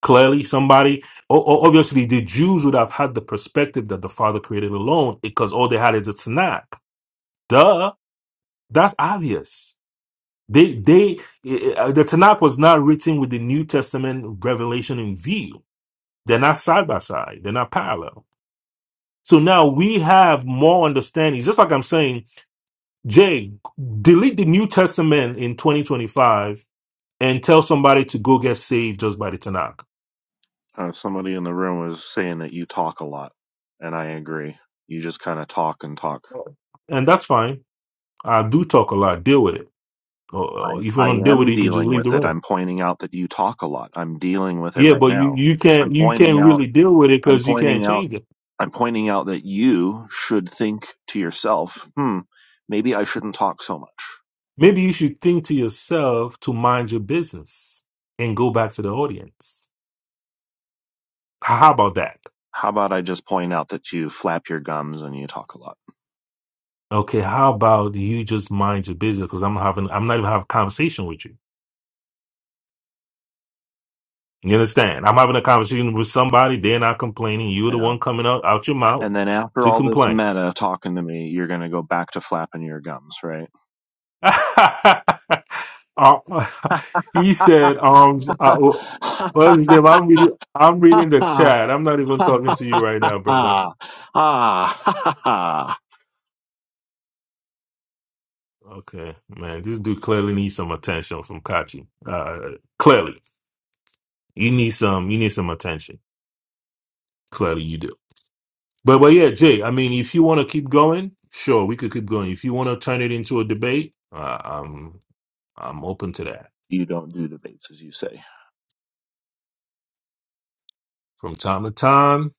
Speaker 5: Clearly, somebody, o- o- obviously, the Jews would have had the perspective that the Father created alone because all they had is a Tanakh. Duh That's obvious. They they eh, eh, uh, the Tanakh was not written with the New Testament revelation in view. They're not side by side. They're not parallel. So now we have more understandings. Just like I'm saying, Jay, delete the New Testament in 2025 and tell somebody to go get saved just by the Tanakh,
Speaker 10: Uh, somebody in the room was saying that you talk a lot, and I agree. You just kind of talk and talk
Speaker 5: and that's fine. I do talk a lot. Deal with it. Or,
Speaker 10: I
Speaker 5: or if you
Speaker 10: I
Speaker 5: want to deal with
Speaker 10: am
Speaker 5: it, you can just
Speaker 10: dealing
Speaker 5: leave the
Speaker 10: with it.
Speaker 5: room.
Speaker 10: I'm pointing out that you talk a lot. I'm dealing with it
Speaker 5: Yeah,
Speaker 10: right
Speaker 5: but you
Speaker 10: now.
Speaker 5: you
Speaker 10: I'm
Speaker 5: can't you
Speaker 10: pointing
Speaker 5: can't
Speaker 10: out
Speaker 5: really deal with it
Speaker 10: I'm
Speaker 5: because you can't
Speaker 10: pointing out
Speaker 5: change it.
Speaker 10: I'm pointing out that you should think to yourself, hmm, maybe I shouldn't talk so much.
Speaker 5: Maybe you should think to yourself to mind your business and go back to the audience. How about that?
Speaker 10: How about I just point out that you flap your gums and you talk a lot,
Speaker 5: Okay, how about you just mind your business? Because I'm having, I'm not even having a conversation with you. You understand? I'm having a conversation with somebody. They're not complaining. You're
Speaker 10: you
Speaker 5: the one
Speaker 10: know?
Speaker 5: coming out out your mouth
Speaker 10: And then after
Speaker 5: to
Speaker 10: all this
Speaker 5: complain.
Speaker 10: meta talking to me, you're going to go back to flapping your gums, right?
Speaker 5: [laughs] Uh, [laughs] he said, "Um,
Speaker 10: [laughs] [laughs]
Speaker 5: I, what is his name? I'm reading. I'm reading the chat. I'm not even talking to you right now, brother."
Speaker 10: ah,
Speaker 5: Okay, man, this dude clearly needs some attention from Kachi. Uh, clearly, you need some, you need some attention. Clearly, you do. But but yeah, Jay. I mean, if you want to keep going, sure, we could keep going. If you want to turn it into a debate, uh, I'm I'm open to that.
Speaker 10: you don't do debates as you say.
Speaker 5: From time to time,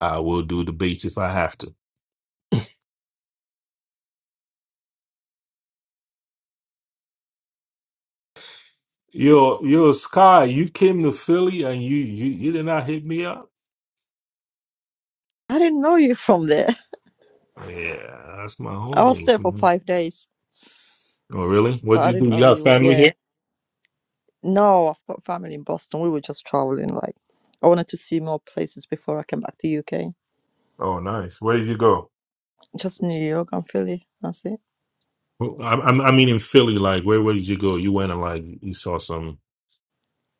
Speaker 5: I will do debates if I have to. Yo yo, Sky, you came to Philly and you you you did not hit me up.
Speaker 1: I didn't know you from there. [laughs]
Speaker 5: Yeah, that's my
Speaker 1: I
Speaker 5: home
Speaker 1: was
Speaker 5: base,
Speaker 1: there for
Speaker 5: man.
Speaker 1: five days,
Speaker 5: Oh really? What'd
Speaker 1: but I
Speaker 5: you do?
Speaker 1: didn't
Speaker 5: You
Speaker 1: know
Speaker 5: got
Speaker 1: you were.
Speaker 5: family
Speaker 1: Yeah.
Speaker 5: here?
Speaker 1: No, I've got family in Boston. We were just traveling. Like, I wanted to see more places before I came back to UK.
Speaker 5: Oh nice. Where did you go?
Speaker 1: Just New York and Philly. That's it.
Speaker 5: Well, I, i I mean, in Philly, like, where, where did you go? You went and like, you saw some,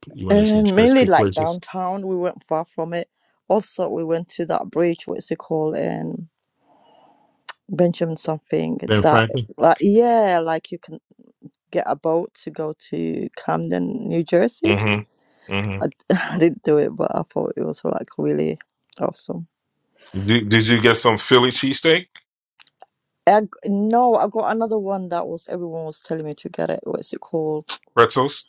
Speaker 5: you went to some
Speaker 1: And mainly
Speaker 5: specific
Speaker 1: like
Speaker 5: places.
Speaker 1: downtown. We weren't far from it. Also, we went to that bridge. What's it called? And Benjamin something.
Speaker 5: Ben
Speaker 1: That
Speaker 5: Franklin.
Speaker 1: like yeah, like you can get a boat to go to Camden, New Jersey.
Speaker 5: Mm-hmm.
Speaker 1: I,
Speaker 5: Mm-hmm.
Speaker 1: [laughs] I didn't do it, but I thought it was like really awesome.
Speaker 5: Did, did you get some Philly cheesesteak,
Speaker 1: I, g- no, I got another one that was everyone was telling me to get it. What's it called?
Speaker 5: pretzels,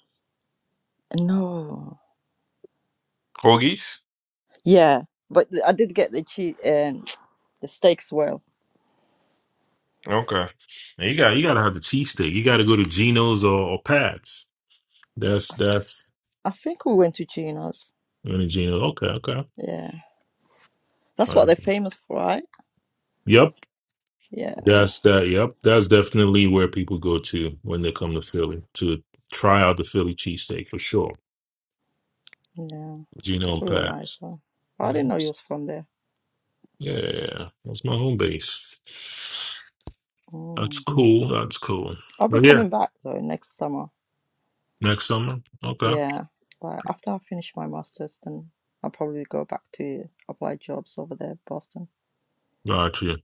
Speaker 1: No,
Speaker 5: hoagies?
Speaker 1: yeah, but th- I did get the cheat and the steaks. Well,
Speaker 5: Okay. And you got, you gotta have the cheesesteak. You gotta go to Geno's or, or Pat's. That's
Speaker 1: I, f-
Speaker 5: that's
Speaker 1: I think we went to Gina's.
Speaker 5: you know, Geno's. Okay, okay.
Speaker 1: Yeah,
Speaker 5: All
Speaker 1: that's what
Speaker 5: right.
Speaker 1: they're famous for, right?
Speaker 5: Yep,
Speaker 1: Yeah,
Speaker 5: that's that. Yep, that's definitely where people go to when they come to Philly to try out the Philly cheesesteak for sure.
Speaker 1: yeah,
Speaker 5: Geno
Speaker 1: that's
Speaker 5: and
Speaker 1: really nice.
Speaker 5: Pat's.
Speaker 1: Huh? I didn't know
Speaker 5: Yeah.
Speaker 1: you was from there.
Speaker 5: Yeah, yeah, yeah. that's my home base. That's
Speaker 1: Mm.
Speaker 5: cool. That's cool.
Speaker 1: I'll be
Speaker 5: But yeah,
Speaker 1: coming back though next summer.
Speaker 5: next summer. Okay.
Speaker 1: Yeah, like after I finish my masters, then I'll probably go back to apply jobs over there, Boston.
Speaker 5: Got you.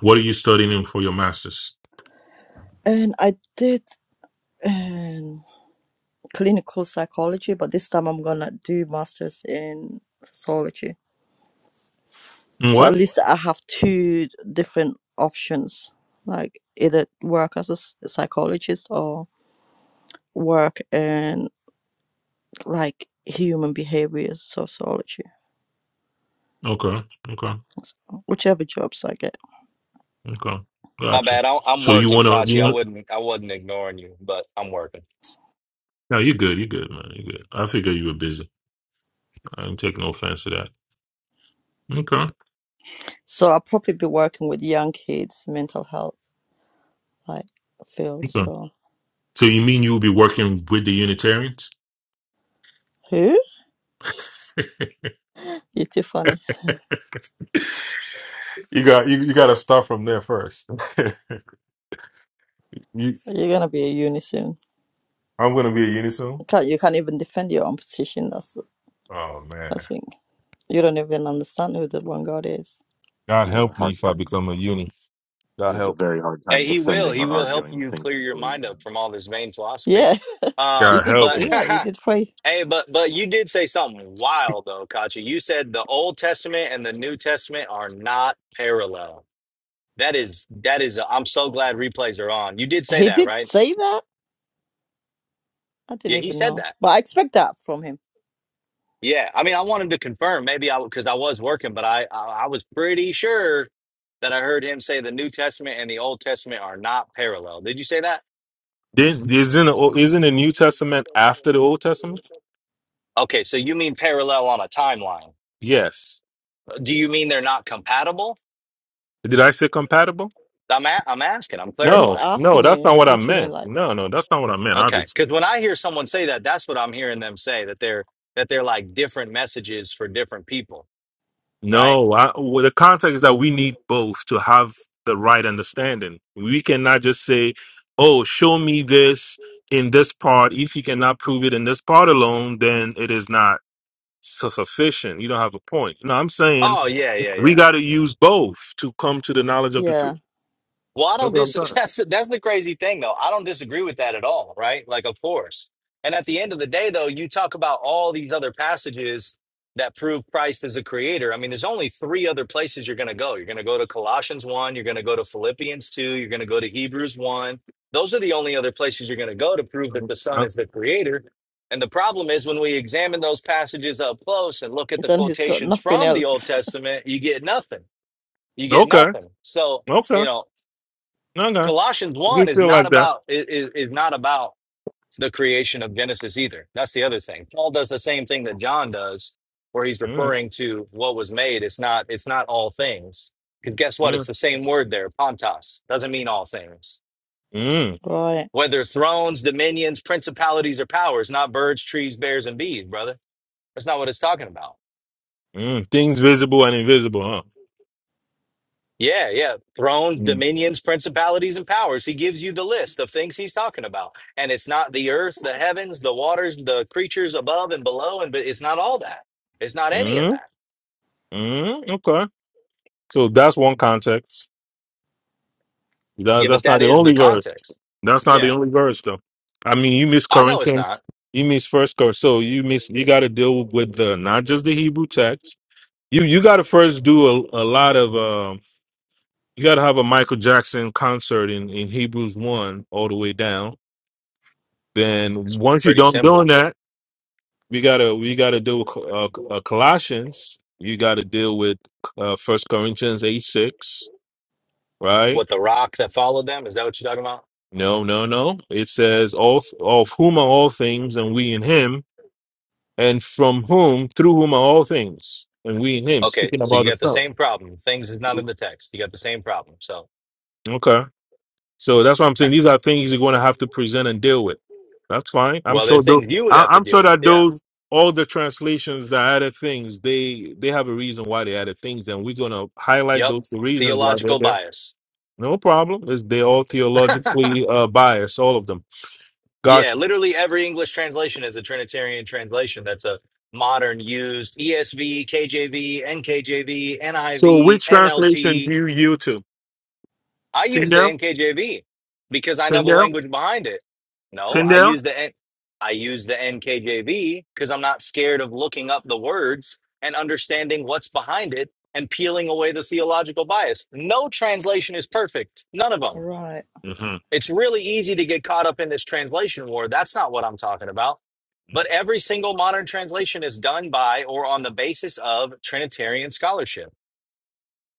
Speaker 5: What are you studying in for your master's?
Speaker 1: And I did. um, clinical psychology, but this time I'm gonna do masters in sociology. So at
Speaker 5: What?
Speaker 1: least I have two different options, like either work as a s- psychologist or work in like human behavior sociology,
Speaker 5: Okay. Okay.
Speaker 1: whichever jobs I get.
Speaker 5: Okay.
Speaker 9: My
Speaker 5: Got you.
Speaker 9: bad. I, I'm
Speaker 5: So you
Speaker 9: working,
Speaker 5: wanna you
Speaker 9: Kachi. I
Speaker 5: want
Speaker 9: wouldn't. I wasn't ignoring you, but I'm working.
Speaker 5: no, you're good, you're good, man. You're good. I figure you were busy. I didn't take no offense to that. Okay.
Speaker 1: So I'll probably be working with young kids, mental health like field.
Speaker 5: Okay.
Speaker 1: So
Speaker 5: So you mean you'll be working with the Unitarians?
Speaker 1: who?
Speaker 5: [laughs] you
Speaker 1: You're too funny.
Speaker 5: got you, you gotta start from there first. [laughs] you,
Speaker 1: You're gonna be a uni soon.
Speaker 5: I'm gonna be a unison.
Speaker 1: Can't you can't even defend your own position. That's the
Speaker 5: Oh man.
Speaker 1: first thing. You don't even understand who the one God is.
Speaker 5: God
Speaker 10: He has a
Speaker 5: help me
Speaker 10: hard
Speaker 5: if I
Speaker 10: time
Speaker 5: become a uni. God
Speaker 10: he has a
Speaker 5: help.
Speaker 10: very hard time
Speaker 9: Hey, he will.
Speaker 10: defending
Speaker 9: He
Speaker 10: or
Speaker 9: will help
Speaker 10: arguing the
Speaker 9: you
Speaker 10: things that
Speaker 9: clear
Speaker 10: he
Speaker 9: your
Speaker 10: believes
Speaker 9: mind up
Speaker 10: in.
Speaker 9: from all this vain philosophy.
Speaker 1: Yeah, [laughs] you
Speaker 5: God
Speaker 9: Um,
Speaker 1: did.
Speaker 5: help
Speaker 9: but
Speaker 5: me.
Speaker 1: Yeah, you did
Speaker 9: [laughs]
Speaker 1: pray.
Speaker 9: hey, but but you did say something wild though, Kachi. You said the Old Testament and the New Testament are not parallel. That is that is. uh, I'm so glad replays are on. You did say
Speaker 1: He
Speaker 9: that,
Speaker 1: did
Speaker 9: right?
Speaker 1: say that. I didn't
Speaker 9: Yeah, he
Speaker 1: even
Speaker 9: said
Speaker 1: know,
Speaker 9: that.
Speaker 1: but I expect that from him.
Speaker 9: Yeah, I mean, I wanted to confirm. Maybe I because I was working, but I, I I was pretty sure that I heard him say the New Testament and the Old Testament are not parallel. Did you say that?
Speaker 5: Didn't isn't the, O- isn't the New Testament after the Old Testament?
Speaker 9: Okay, so you mean parallel on a timeline?
Speaker 5: Yes.
Speaker 9: Do you mean they're not compatible?
Speaker 5: Did I say compatible?
Speaker 9: I'm a, I'm asking. I'm
Speaker 1: He's
Speaker 5: No,
Speaker 9: clarifying.
Speaker 5: no,
Speaker 1: asking
Speaker 5: that's
Speaker 1: you
Speaker 5: not what I
Speaker 1: what you mean,
Speaker 5: meant.
Speaker 1: like
Speaker 5: No, no, that's not what I meant.
Speaker 9: Okay,
Speaker 5: Obviously,
Speaker 9: because when I hear someone say that, that's what I'm hearing them say that they're that they're like different messages for different people, right?
Speaker 5: no. I, well, the context is that we need both to have the right understanding. We cannot just say, "Oh, show me this in this part." If you cannot prove it in this part alone, then it is not su- sufficient. You don't have a point. No, I'm saying
Speaker 9: Oh yeah, yeah,
Speaker 5: We
Speaker 9: yeah.
Speaker 5: got to use both to come to the knowledge of the
Speaker 1: yeah.
Speaker 5: truth.
Speaker 9: Well, I
Speaker 5: That's
Speaker 9: don't
Speaker 5: what I'm
Speaker 9: dis [laughs]
Speaker 5: saying.
Speaker 9: that's that's the crazy thing though. I don't disagree with that at all, right? Like of course. And at the end of the day though, you talk about all these other passages that prove Christ is the creator. I mean, there's only three other places you're going to go. You're going to go to Colossians 1, you're going to go to Philippians 2, you're going to go to Hebrews 1. Those are the only other places you're going to go to prove that
Speaker 5: Um,
Speaker 9: the son
Speaker 5: uh,
Speaker 9: is the creator. And the problem is when we examine those passages up close and look at the
Speaker 1: Then he's got
Speaker 9: quotations
Speaker 1: nothing
Speaker 9: from the Old
Speaker 1: else. [laughs]
Speaker 9: Testament, you get nothing. You get
Speaker 5: Okay.
Speaker 9: nothing. So,
Speaker 5: Okay.
Speaker 9: you know,
Speaker 5: No, no.
Speaker 9: Colossians
Speaker 5: You
Speaker 9: one is
Speaker 5: feel
Speaker 9: not
Speaker 5: like that.
Speaker 9: about is is not about the creation of Genesis either. That's the other thing. Paul does the same thing that John does, where he's
Speaker 5: Mm,
Speaker 9: referring to what was made. It's not it's not all things. Because guess what? It's
Speaker 5: mm,
Speaker 9: the same word there. Pontos doesn't mean all things.
Speaker 5: mm,
Speaker 1: Right,
Speaker 9: Whether thrones, dominions, principalities, or powers, not birds, trees, bears, and bees, brother. That's not what it's talking about.
Speaker 5: mm. Things visible and invisible, huh?
Speaker 9: Yeah, yeah. Thrones,
Speaker 5: Mm.
Speaker 9: dominions, principalities, and powers. He gives you the list of things he's talking about. And it's not the earth, the heavens, the waters, the creatures above and below, and but it's not all that. It's not any of
Speaker 5: Mm,
Speaker 9: that.
Speaker 5: mm, okay. So that's one context. That,
Speaker 9: Yeah, but
Speaker 5: that's not
Speaker 9: that
Speaker 5: the
Speaker 9: is the
Speaker 5: only verse.
Speaker 9: context.
Speaker 5: That's not the
Speaker 9: Yeah.
Speaker 5: only verse, though. I mean, you miss
Speaker 9: I know it's
Speaker 5: Corinthians.
Speaker 9: not.
Speaker 5: You miss First Cor. So you miss. You got to deal with the not just the Hebrew text. You you got to first do a, a lot of. um, you got to have a Michael Jackson concert in, in Hebrews one all the way down. Then
Speaker 9: It's
Speaker 5: once you
Speaker 9: pretty
Speaker 5: don't doing
Speaker 9: simple.
Speaker 5: that, we gotta we gotta do uh, uh, Colossians. You got to deal with uh, First Corinthians eight six, right?
Speaker 9: What the rock that followed them, is that what you're talking about?
Speaker 5: No, no, no. It says all of whom are all things, and we in Him, and from whom through whom are all things, and we in Him.
Speaker 9: Okay,
Speaker 5: Speaking
Speaker 9: so
Speaker 5: about
Speaker 9: you
Speaker 5: the
Speaker 9: got the
Speaker 5: self.
Speaker 9: same problem. Things is not in the text. You got the same problem. So
Speaker 5: Okay. So that's why I'm saying these are things you're going to have to present and deal with. That's fine. I'm
Speaker 9: well, there are
Speaker 5: sure. Though,
Speaker 9: things you would
Speaker 5: I,
Speaker 9: have to
Speaker 5: I'm sure
Speaker 9: deal with.
Speaker 5: that
Speaker 9: Yeah.
Speaker 5: those all the translations that added things, they they have a reason why they added things, and we're going to highlight
Speaker 9: Yep.
Speaker 5: those the reasons why they're
Speaker 9: Theological
Speaker 5: there.
Speaker 9: bias.
Speaker 5: No problem. Is they all
Speaker 9: [laughs]
Speaker 5: theologically uh, biased, all of them.
Speaker 9: Yeah,
Speaker 5: Gotcha.
Speaker 9: literally every English translation is a Trinitarian translation. That's a modern used ESV, KJV, NKJV, NIV,
Speaker 5: So
Speaker 9: NLT. I V,
Speaker 5: which
Speaker 9: N L
Speaker 5: translation do
Speaker 9: T.
Speaker 5: you yield to?
Speaker 9: I use the
Speaker 5: Tyndale,
Speaker 9: NKJV because I know the
Speaker 5: Tyndale,
Speaker 9: language behind it. No, I
Speaker 5: Tyndale.
Speaker 9: use the N- I use the NKJV because I'm not scared of looking up the words and understanding what's behind it and peeling away the theological bias. No translation is perfect. None of them.
Speaker 1: right.
Speaker 5: hmm
Speaker 9: It's really easy to get caught up in this translation war. That's not what I'm talking about. But every single modern translation is done by or on the basis of Trinitarian scholarship.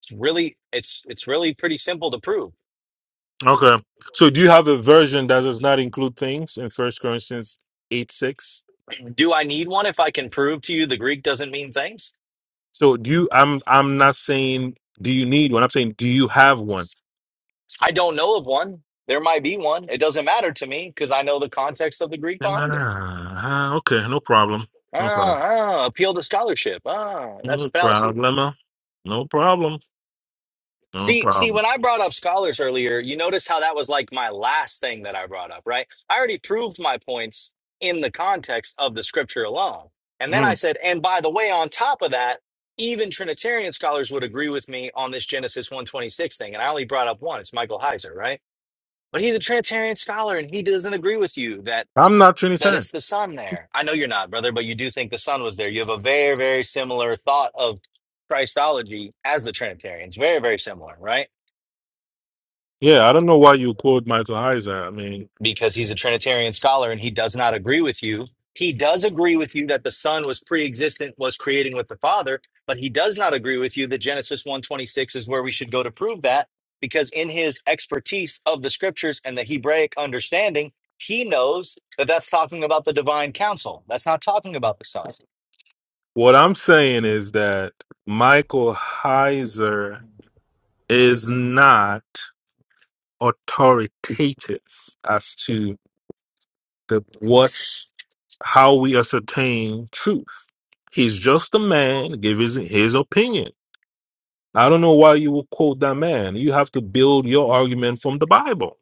Speaker 9: It's really it's it's really pretty simple to prove.
Speaker 5: Okay. So do you have a version that does not include things in First Corinthians eight six?
Speaker 9: Do I need one if I can prove to you the Greek doesn't mean things?
Speaker 5: So do you? I'm I'm not saying do you need one. I'm saying do you have one?
Speaker 9: I don't know of one. There might be one. It doesn't matter to me because I know the context of the Greek behind it.
Speaker 5: Ah, okay, no problem,
Speaker 9: Ah,
Speaker 5: no problem,
Speaker 9: ah, appeal to scholarship. Ah, that's a
Speaker 5: no
Speaker 9: fallacy.
Speaker 5: problem, no problem, no
Speaker 9: See, see,
Speaker 5: problem.
Speaker 9: when I brought up scholars earlier, you notice how that was like my last thing that I brought up, right? I already proved my points in the context of the scripture alone. And then I
Speaker 5: Mm.
Speaker 9: said, and by the way, on top of that, even Trinitarian scholars would agree with me on this Genesis 126 thing. And I only brought up one, it's Michael Heiser, right? But he's a Trinitarian scholar and he doesn't agree with you that
Speaker 5: I'm not
Speaker 9: that
Speaker 5: Trinitarian.
Speaker 9: it's the sun there. I know you're not, brother, but you do think the sun was there. You have a very, very similar thought of Christology as the Trinitarians. Very, very similar, right?
Speaker 5: Yeah, I don't know why you quote Michael Heiser. I mean,
Speaker 9: because he's a Trinitarian scholar and he does not agree with you. He does agree with you that the Son was pre-existent, was creating with the Father, but he does not agree with you that Genesis one twenty six is where we should go to prove that, because in his expertise of the Scriptures and the Hebraic understanding, he knows that that's talking about the divine counsel. That's not talking about the Son.
Speaker 5: what I'm saying is that Michael Heiser is not authoritative as to. The what's how we ascertain truth. He's just a man, give his his opinion. I don't know why you will quote that man. You have to build your argument from the Bible.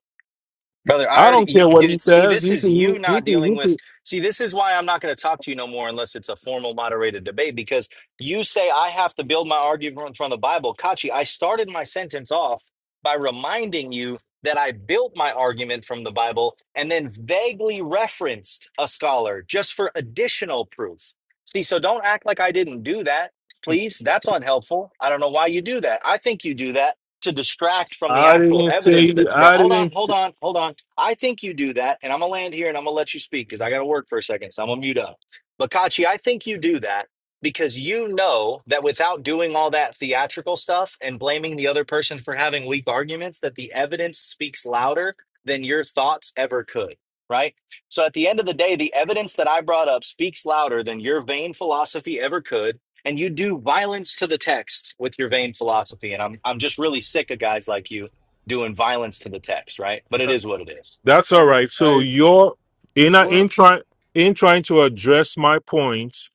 Speaker 9: Brother, I
Speaker 5: I
Speaker 9: already
Speaker 5: don't
Speaker 9: you,
Speaker 5: care what he
Speaker 9: dude, see.
Speaker 5: says.
Speaker 9: This
Speaker 5: You
Speaker 9: is
Speaker 5: can
Speaker 9: you
Speaker 5: you
Speaker 9: not
Speaker 5: can
Speaker 9: dealing
Speaker 5: you
Speaker 9: with.
Speaker 5: can
Speaker 9: See, this is why I'm not going to talk to you no more unless it's a formal moderated debate. Because you say I have to build my argument from the Bible, Kachi. I started my sentence off by reminding you that I built my argument from the Bible and then vaguely referenced a scholar just for additional proof. See, so don't act like I didn't do that, please. That's unhelpful. I don't know why you do that. I think you do that to distract from the
Speaker 5: I
Speaker 9: actual
Speaker 5: didn't say
Speaker 9: evidence that's brought.
Speaker 5: I
Speaker 9: Hold on,
Speaker 5: didn't.
Speaker 9: hold
Speaker 5: Say,
Speaker 9: on, hold on. I think you do that, and I'm gonna land here and I'm gonna let you speak because I gotta work for a second, so I'm gonna mute up. But Kachi, I think you do that because you know that without doing all that theatrical stuff and blaming the other person for having weak arguments, that the evidence speaks louder than your thoughts ever could. Right. So at the end of the day, the evidence that I brought up speaks louder than your vain philosophy ever could. And you do violence to the text with your vain philosophy. And I'm I'm just really sick of guys like you doing violence to the text, right? But it is what it is.
Speaker 5: That's all
Speaker 11: Hey,
Speaker 5: right. So
Speaker 11: hey,
Speaker 5: you're in a, in
Speaker 11: what?
Speaker 5: trying in trying to address my points,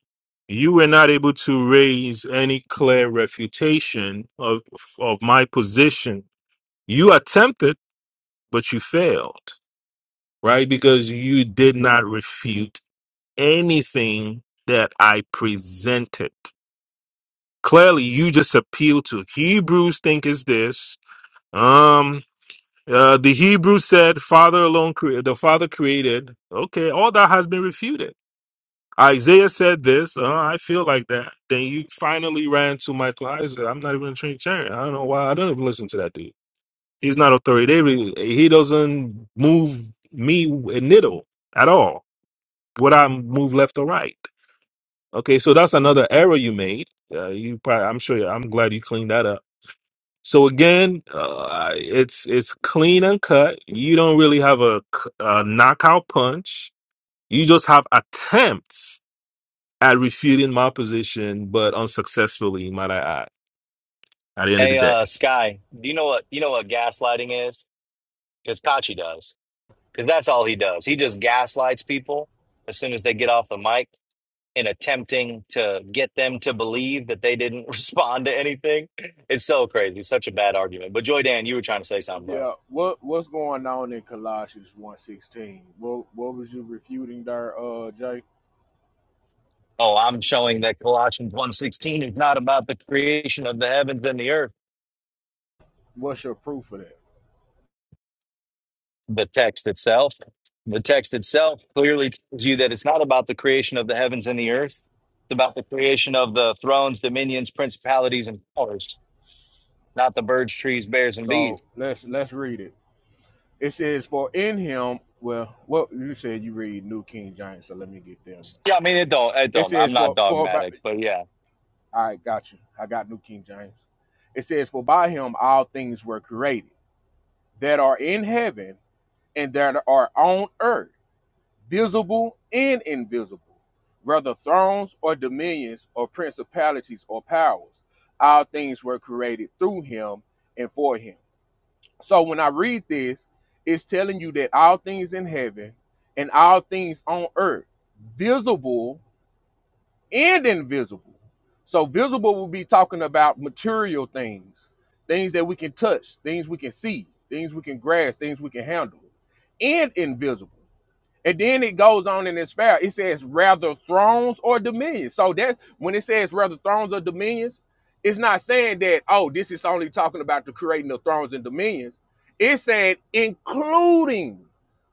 Speaker 5: you were not able to raise any clear refutation of of my position. You attempted, but you failed, right? Because you did not refute anything that I presented. Clearly, you just appeal to Hebrews think is this. um. Uh, the Hebrew said, "Father alone, cre- the Father created." Okay, all that has been refuted. Isaiah said this. Uh, I feel like that. Then you finally ran to Michael Isaac. I'm not even a Trinitarian. I don't know why. I don't even listen to that dude. He's not authoritative. He doesn't move me a needle at all. Would I move left or right? Okay, so that's another error you made. Uh, you, probably, I'm sure. I'm glad you cleaned that up. So again, uh, it's it's clean and cut. You don't really have a, c- a knockout punch. You just have attempts at refuting my position, but unsuccessfully, might I add. At the end of the
Speaker 9: Hey,
Speaker 5: day,
Speaker 9: uh, Sky, do you know what you know what gaslighting is? Because Kachi does. Because that's all he does. He just gaslights people as soon as they get off the mic in attempting to get them to believe that they didn't [laughs] respond to anything. It's so crazy. such a bad argument. But Joy Dan, you were trying to say something, bro.
Speaker 11: Yeah, what? What's going on in Colossians one sixteen? What? What was you refuting there, uh, Jay?
Speaker 9: Oh, I'm showing that Colossians one sixteen is not about the creation of the heavens and the earth.
Speaker 11: What's your proof for that?
Speaker 9: the text itself. The text itself clearly tells you that it's not about the creation of the heavens and the earth. It's about the creation of the thrones, dominions, principalities, and powers,
Speaker 11: S-
Speaker 9: not the birds, trees, bears, and bees.
Speaker 11: So let's let's read it. It says, "For in him, well, what you said you read New King James, so let me get them.
Speaker 9: Yeah, I mean it don't it
Speaker 11: It
Speaker 9: don't. I'm
Speaker 11: says,
Speaker 9: not
Speaker 11: "For for by,
Speaker 9: dogmatic, but yeah.
Speaker 11: I got you. I got New King James. It says, "For by him all things were created that are in heaven and that are on earth." visible and invisible, whether thrones or dominions or principalities or powers. All things were created through him and for him. So when I read this, it's telling you that all things in heaven and all things on earth, visible and invisible. So visible will be talking about material things, things that we can touch, things we can see, things we can grasp, things we can handle, and invisible. And then it goes on in its fair. It says rather thrones or dominions. So that when it says rather thrones or dominions, it's not saying that, oh, this is only talking about the creating of thrones and dominions. It said including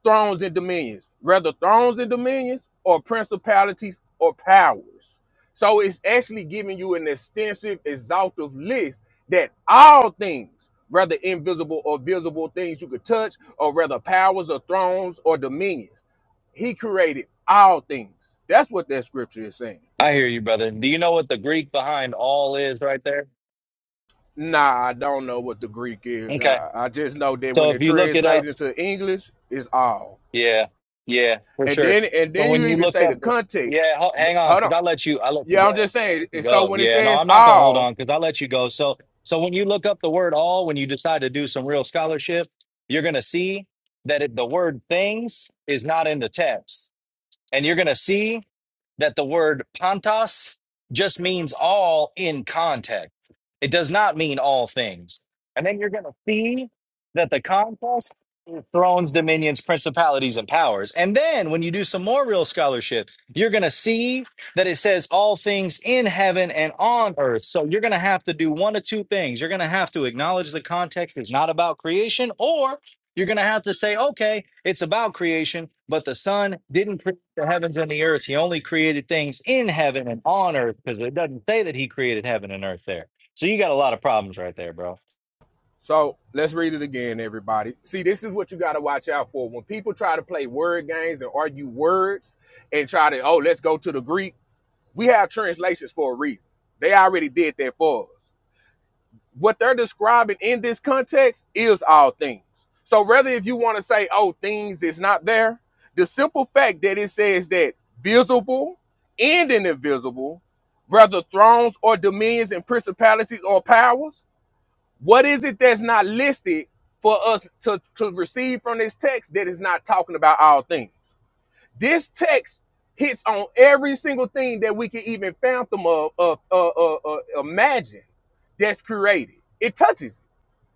Speaker 11: thrones and dominions, rather thrones and dominions or principalities or powers. So it's actually giving you an extensive, exhaustive list that all things, whether invisible or visible things you could touch, or rather powers or thrones or dominions. He created all things. That's what that scripture is saying.
Speaker 9: I hear you, brother. Do you know what the Greek behind all is right there?
Speaker 11: Nah, I don't know what the Greek is.
Speaker 9: Okay.
Speaker 11: I, I just know that
Speaker 9: So
Speaker 11: when
Speaker 9: if
Speaker 11: it
Speaker 9: you look it up.
Speaker 11: translates into English, it's all.
Speaker 9: Yeah, yeah, for
Speaker 11: And
Speaker 9: sure.
Speaker 11: then and
Speaker 9: So
Speaker 11: then
Speaker 9: when
Speaker 11: you
Speaker 9: you
Speaker 11: even
Speaker 9: look
Speaker 11: say the
Speaker 9: up,
Speaker 11: context.
Speaker 9: yeah, ho- hang on,
Speaker 11: Hold
Speaker 9: because
Speaker 11: on.
Speaker 9: I let you, I let you
Speaker 11: Yeah,
Speaker 9: go,
Speaker 11: I'm just
Speaker 9: I
Speaker 11: saying.
Speaker 9: let you
Speaker 11: And so
Speaker 9: go.
Speaker 11: when it
Speaker 9: Yeah, no,
Speaker 11: says
Speaker 9: I'm not gonna hold on
Speaker 11: all,
Speaker 9: because I let you go. So, so when you look up the word all, when you decide to do some real scholarship, you're gonna see that it, the word things is not in the text, and you're gonna see that the word pantos just means all in context. It does not mean all things. And then you're going to see that the context is thrones, dominions, principalities, and powers. And then when you do some more real scholarship, you're going to see that it says all things in heaven and on earth. So you're going to have to do one of two things. You're going to have to acknowledge the context is not about creation, or you're going to have to say, okay, it's about creation, but the Son didn't. create the heavens and the earth. He only created things in heaven and on earth because it doesn't say that he created heaven and earth there. So you got a lot of problems right there, bro.
Speaker 11: so let's read it again, everybody. See, this is what you gotta watch out for. When people try to play word games and argue words and try to, oh, let's go to the Greek. We have translations for a reason. They already did that for us. what they're describing in this context is all things. So rather if you want to say, oh, things is not there, the simple fact that it says that visible and an invisible, whether thrones or dominions and principalities or powers, what is it that's not listed for us to, to receive from this text that is not talking about all things? This text hits on every single thing that we can even fathom of, of, of, of- of- imagine that's created. It touches it.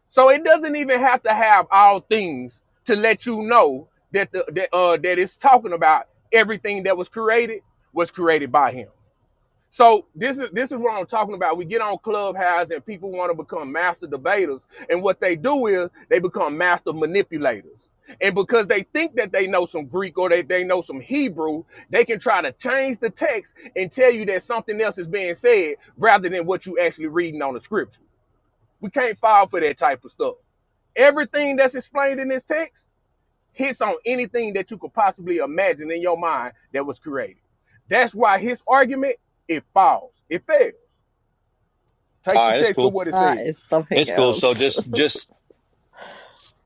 Speaker 11: So it doesn't even have to have all things to let you know that the that, uh, that it's talking about everything that was created was created by him. So this is this is what I'm talking about. We get on Clubhouse and people want to become master debaters, and what they do is they become master manipulators. And because they think that they know some Greek or they, they know some Hebrew, they can try to change the text and tell you that something else is being said rather than what you actually reading on the scripture. We can't fall for that type of stuff. Everything that's explained in this text hits on anything that you could possibly imagine in your mind that was created. That's why his argument it falls. It fails. Take
Speaker 9: All
Speaker 11: the
Speaker 9: right, it's
Speaker 11: text for
Speaker 9: cool.
Speaker 11: what it
Speaker 1: That
Speaker 11: says.
Speaker 1: is something
Speaker 9: It's cool. So
Speaker 1: else.
Speaker 9: just, just,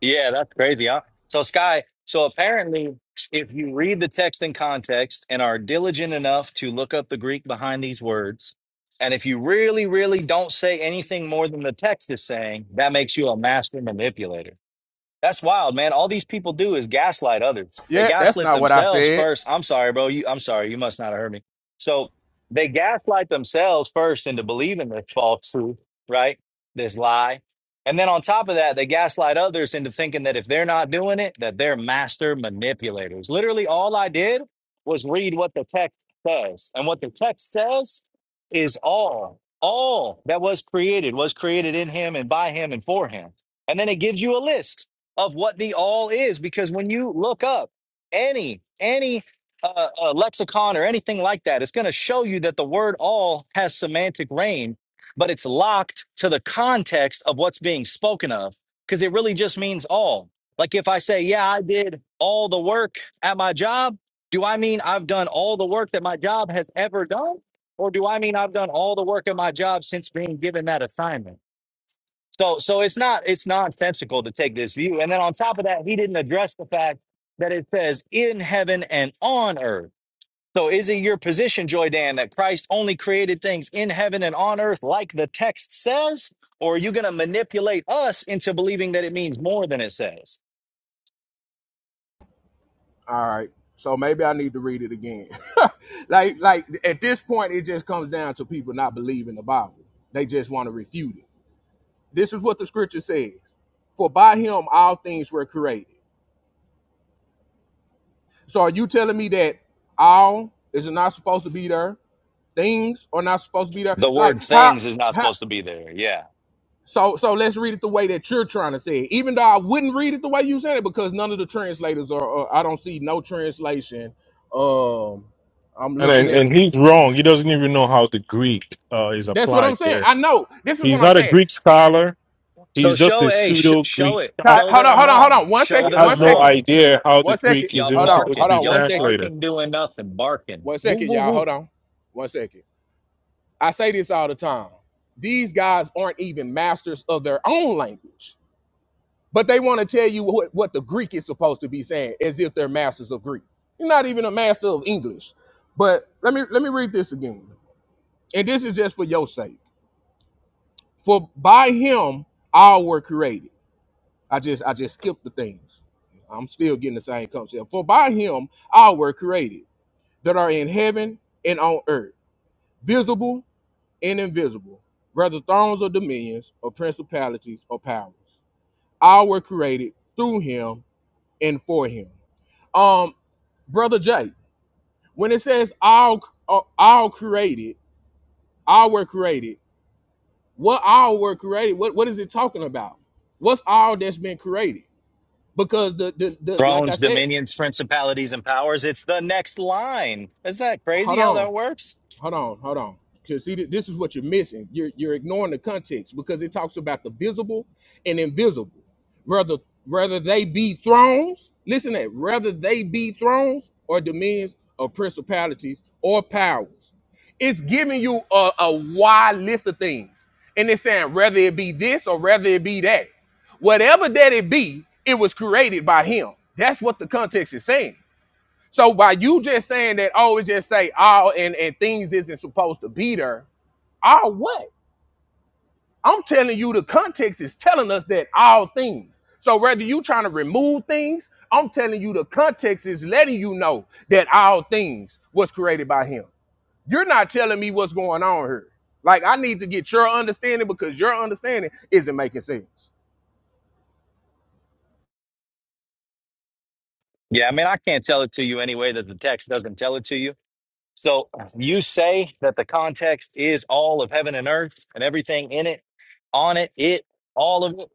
Speaker 9: yeah, that's crazy, huh? So, Sky, so apparently, if you read the text in context and are diligent enough to look up the Greek behind these words, and if you really, really don't say anything more than the text is saying, that makes you a master manipulator. That's wild, man. All these people do is gaslight others. They
Speaker 11: Yeah, that's
Speaker 9: gaslit
Speaker 11: not what I
Speaker 9: themselves
Speaker 11: said.
Speaker 9: first. I'm sorry, bro. You, I'm sorry. You must not have heard me. So they gaslight themselves first into believing this false truth, right? This lie. And then on top of that, they gaslight others into thinking that if they're not doing it, that they're master manipulators. Literally, all I did was read what the text says. And what the text says is all, all that was created was created in him and by him and for him. And then it gives you a list of what the all is because when you look up any any uh, uh, lexicon or anything like that it's going to show you that the word all has semantic range but it's locked to the context of what's being spoken of because it really just means all like if i say yeah i did all the work at my job do i mean i've done all the work that my job has ever done or do i mean i've done all the work at my job since being given that assignment so so it's not it's nonsensical to take this view. And then on top of that, he didn't address the fact that it says in heaven and on earth. So is it your position, Joy Dan, that Christ only created things in heaven and on earth like the text says? Or are you gonna manipulate us into believing that it means more than it says?
Speaker 11: All right. So maybe I need to read it again. [laughs] like like at this point it just comes down to people not believing the Bible. They just want to refute it. This is what the scripture says. For by him all things were created. So are you telling me that all is not supposed to be there? Things are not supposed to be there.
Speaker 9: The
Speaker 11: Like
Speaker 9: word
Speaker 11: how
Speaker 9: things is not
Speaker 11: how
Speaker 9: supposed to be there. Yeah.
Speaker 11: so so let's read it the way that you're trying to say it. Even though I wouldn't read it the way you said it because none of the translators are uh, I don't see no translation. Um I'm
Speaker 5: And, and
Speaker 11: looking at
Speaker 5: and
Speaker 11: the,
Speaker 5: he's wrong. He doesn't even know how the Greek uh, is
Speaker 11: that's what I'm
Speaker 5: applied
Speaker 11: saying.
Speaker 5: there.
Speaker 11: I know. This is
Speaker 5: He's
Speaker 11: what I'm
Speaker 5: not a
Speaker 11: saying.
Speaker 5: Greek scholar.
Speaker 9: So
Speaker 5: He's just
Speaker 9: show
Speaker 5: a
Speaker 9: a sh-
Speaker 5: pseudo
Speaker 9: show
Speaker 5: Greek
Speaker 9: it.
Speaker 5: scholar.
Speaker 11: Ty-
Speaker 9: Show
Speaker 11: Hold
Speaker 9: that
Speaker 11: on,
Speaker 9: I'm
Speaker 11: hold on, hold
Speaker 9: wrong.
Speaker 11: on. One
Speaker 9: Show
Speaker 11: second,
Speaker 9: that
Speaker 11: one
Speaker 5: Has
Speaker 9: I'm
Speaker 5: no
Speaker 11: second,
Speaker 9: wrong.
Speaker 5: idea how the
Speaker 11: one second.
Speaker 5: Greek is
Speaker 9: Y'all
Speaker 5: even
Speaker 11: Hold on,
Speaker 5: supposed to
Speaker 11: hold
Speaker 9: barking.
Speaker 5: be
Speaker 11: on,
Speaker 9: Y'all
Speaker 11: one second,
Speaker 5: translated.
Speaker 9: barking doing nothing. Barking.
Speaker 11: one
Speaker 9: Woo
Speaker 11: second,
Speaker 9: woo
Speaker 11: y'all.
Speaker 9: woo.
Speaker 11: Hold on, one second. I say this all the time. These guys aren't even masters of their own language. But they want to tell you what, what the Greek is supposed to be saying, as if they're masters of Greek. You're not even a master of English. But let me let me read this again. And this is just for your sake. For by him all were created. I just I just skipped the things. I'm still getting the same concept. For by him all were created that are in heaven and on earth, visible and invisible, whether thrones or dominions or principalities or powers. All were created through him and for him Um, brother Jay, when it says all uh, all created, all were created, what all were created? What what is it talking about? What's all that's been created? Because the the, the like I
Speaker 9: Thrones,
Speaker 11: said,
Speaker 9: dominions, principalities, and powers. It's the next line. Isn't that crazy
Speaker 11: hold
Speaker 9: how
Speaker 11: on.
Speaker 9: that works?
Speaker 11: hold on, hold on. Because see, th- this is what you're missing. You're you're ignoring the context because it talks about the visible and invisible, whether whether they be thrones. Listen to that. Whether they be thrones or dominions or principalities or powers, it's giving you a, a wide list of things, and it's saying whether it be this or whether it be that, whatever that it be, it was created by Him. That's what the context is saying. So by you just saying that, oh, it just say all and, and things isn't supposed to be there, all what? I'm telling you the context is telling us that all things. So whether you trying to remove things, I'm telling you the context is letting you know that all things was created by him. You're not telling me what's going on here. Like I need to get your understanding because your understanding isn't making sense.
Speaker 9: Yeah, I mean, I can't tell it to you anyway that the text doesn't tell it to you. So you say that the context is all of heaven and earth and everything in it, on it, it, all of it,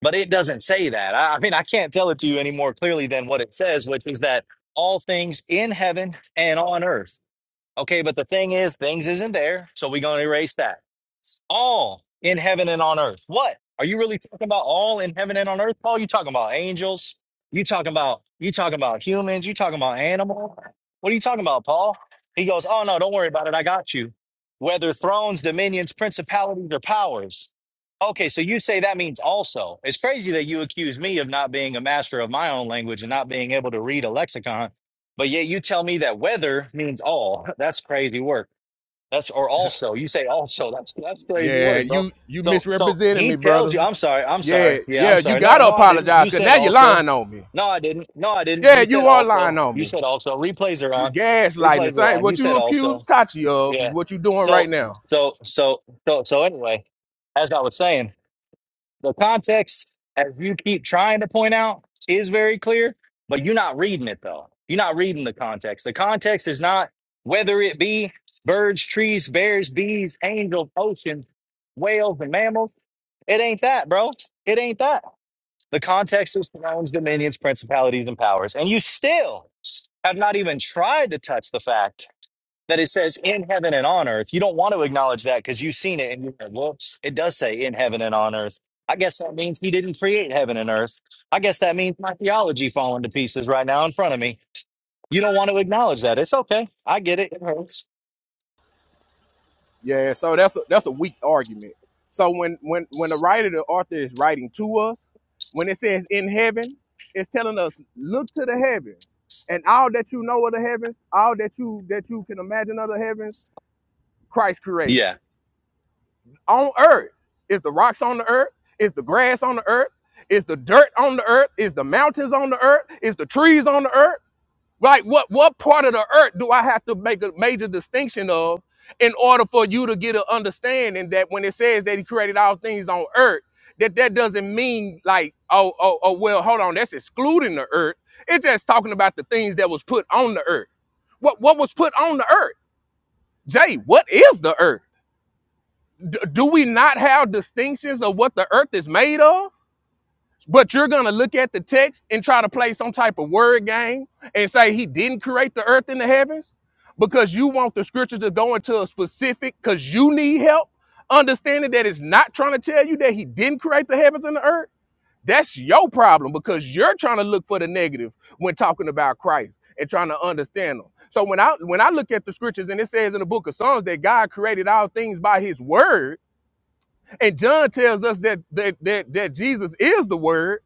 Speaker 9: but it doesn't say that. I, I mean, I can't tell it to you any more clearly than what it says, which is that all things in heaven and on earth. Okay, but the thing is, things isn't there, so we're going to erase that. us all in heaven and on earth. What? Are you really talking about all in heaven and on earth, Paul? You talking about angels? You talking about you talking about humans? You talking about animals? What are you talking about, Paul? He goes, Oh no, don't worry about it. I got you. Whether thrones, dominions, principalities, or powers. Okay, so you say that means also. It's crazy that you accuse me of not being a master of my own language and not being able to read a lexicon, but yet you tell me that whether means all. [laughs] That's crazy work. That's or also you say also. That's that's crazy
Speaker 11: Yeah,
Speaker 9: word, bro.
Speaker 11: you you
Speaker 9: So so
Speaker 11: misrepresented
Speaker 9: he
Speaker 11: me,
Speaker 9: tells you.
Speaker 11: brother.
Speaker 9: I'm sorry. I'm sorry.
Speaker 11: Yeah,
Speaker 9: Yeah,
Speaker 11: yeah,
Speaker 9: I'm
Speaker 11: you
Speaker 9: sorry. No,
Speaker 11: gotta
Speaker 9: no, I didn't.
Speaker 11: apologize
Speaker 9: You
Speaker 11: because
Speaker 9: said
Speaker 11: now you're
Speaker 9: also.
Speaker 11: lying on me.
Speaker 9: No, I didn't. No, I didn't.
Speaker 11: Yeah,
Speaker 9: You said
Speaker 11: you are lying
Speaker 9: also.
Speaker 11: on
Speaker 9: You
Speaker 11: me.
Speaker 9: said also. Replays are
Speaker 11: You
Speaker 9: on.
Speaker 11: gaslighting the
Speaker 9: Replays are
Speaker 11: same.
Speaker 9: on. You
Speaker 11: What you
Speaker 9: said
Speaker 11: accuse
Speaker 9: also.
Speaker 11: Kachi of is
Speaker 9: Yeah.
Speaker 11: what you doing
Speaker 9: So
Speaker 11: right now.
Speaker 9: so so so so anyway, as I was saying. The context, as you keep trying to point out, is very clear, but you're not reading it though. You're not reading the context. The context is not whether it be birds, trees, bears, bees, angels, oceans, whales, and mammals. It ain't that, bro. It ain't that. The context is thrones, dominions, principalities, and powers. And you still have not even tried to touch the fact that it says in heaven and on earth. You don't want to acknowledge that because you've seen it and you're like, whoops, it does say in heaven and on earth. I guess that means he didn't create heaven and earth. I guess that means my theology falling to pieces right now in front of me. You don't want to acknowledge that. It's okay. I get it. It hurts.
Speaker 11: Yeah, so that's a, that's a weak argument. So when when when the writer, the author is writing to us, when it says in heaven, it's telling us look to the heavens and all that you know of the heavens, all that you that you can imagine of the heavens, Christ created
Speaker 9: Yeah.
Speaker 11: it. On earth, is the rocks on the earth? Is the grass on the earth? Is the dirt on the earth? Is the mountains on the earth? Is the trees on the earth? Right? What what part of the earth do I have to make a major distinction of in order for you to get an understanding that when it says that he created all things on earth, that that doesn't mean like oh oh oh well hold on that's excluding the earth. It's just talking about the things that was put on the earth. What what was put on the earth? Jay, what is the earth? D- do we not have distinctions of what the earth is made of? But you're going to look at the text and try to play some type of word game and say he didn't create the earth and the heavens because you want the scriptures to go into a specific, because you need help understanding that it's not trying to tell you that he didn't create the heavens and the earth. That's your problem because you're trying to look for the negative when talking about Christ and trying to understand them. So when I when I look at the scriptures and it says in the book of Psalms that God created all things by his word, and John tells us that that that, that Jesus is the word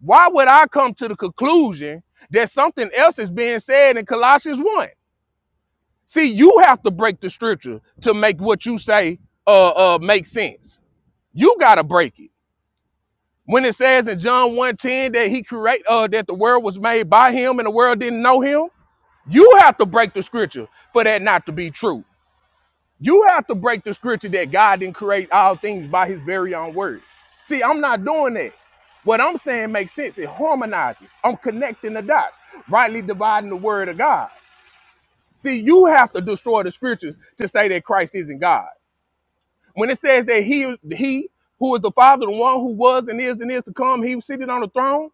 Speaker 11: why would I come to the conclusion that something else is being said in Colossians 1? See, you have to break the scripture to make what you say uh, uh make sense. You gotta break it. When it says in John one ten that he create uh that the world was made by him and the world didn't know him, you have to break the scripture for that not to be true. You have to break the scripture that God didn't create all things by his very own word. See, I'm not doing that. What I'm saying makes sense. It harmonizes. I'm connecting the dots, rightly dividing the word of God. See, you have to destroy the scriptures to say that Christ isn't God. When it says that he, he who is the Father, the one who was and is and is to come, he was seated on the throne,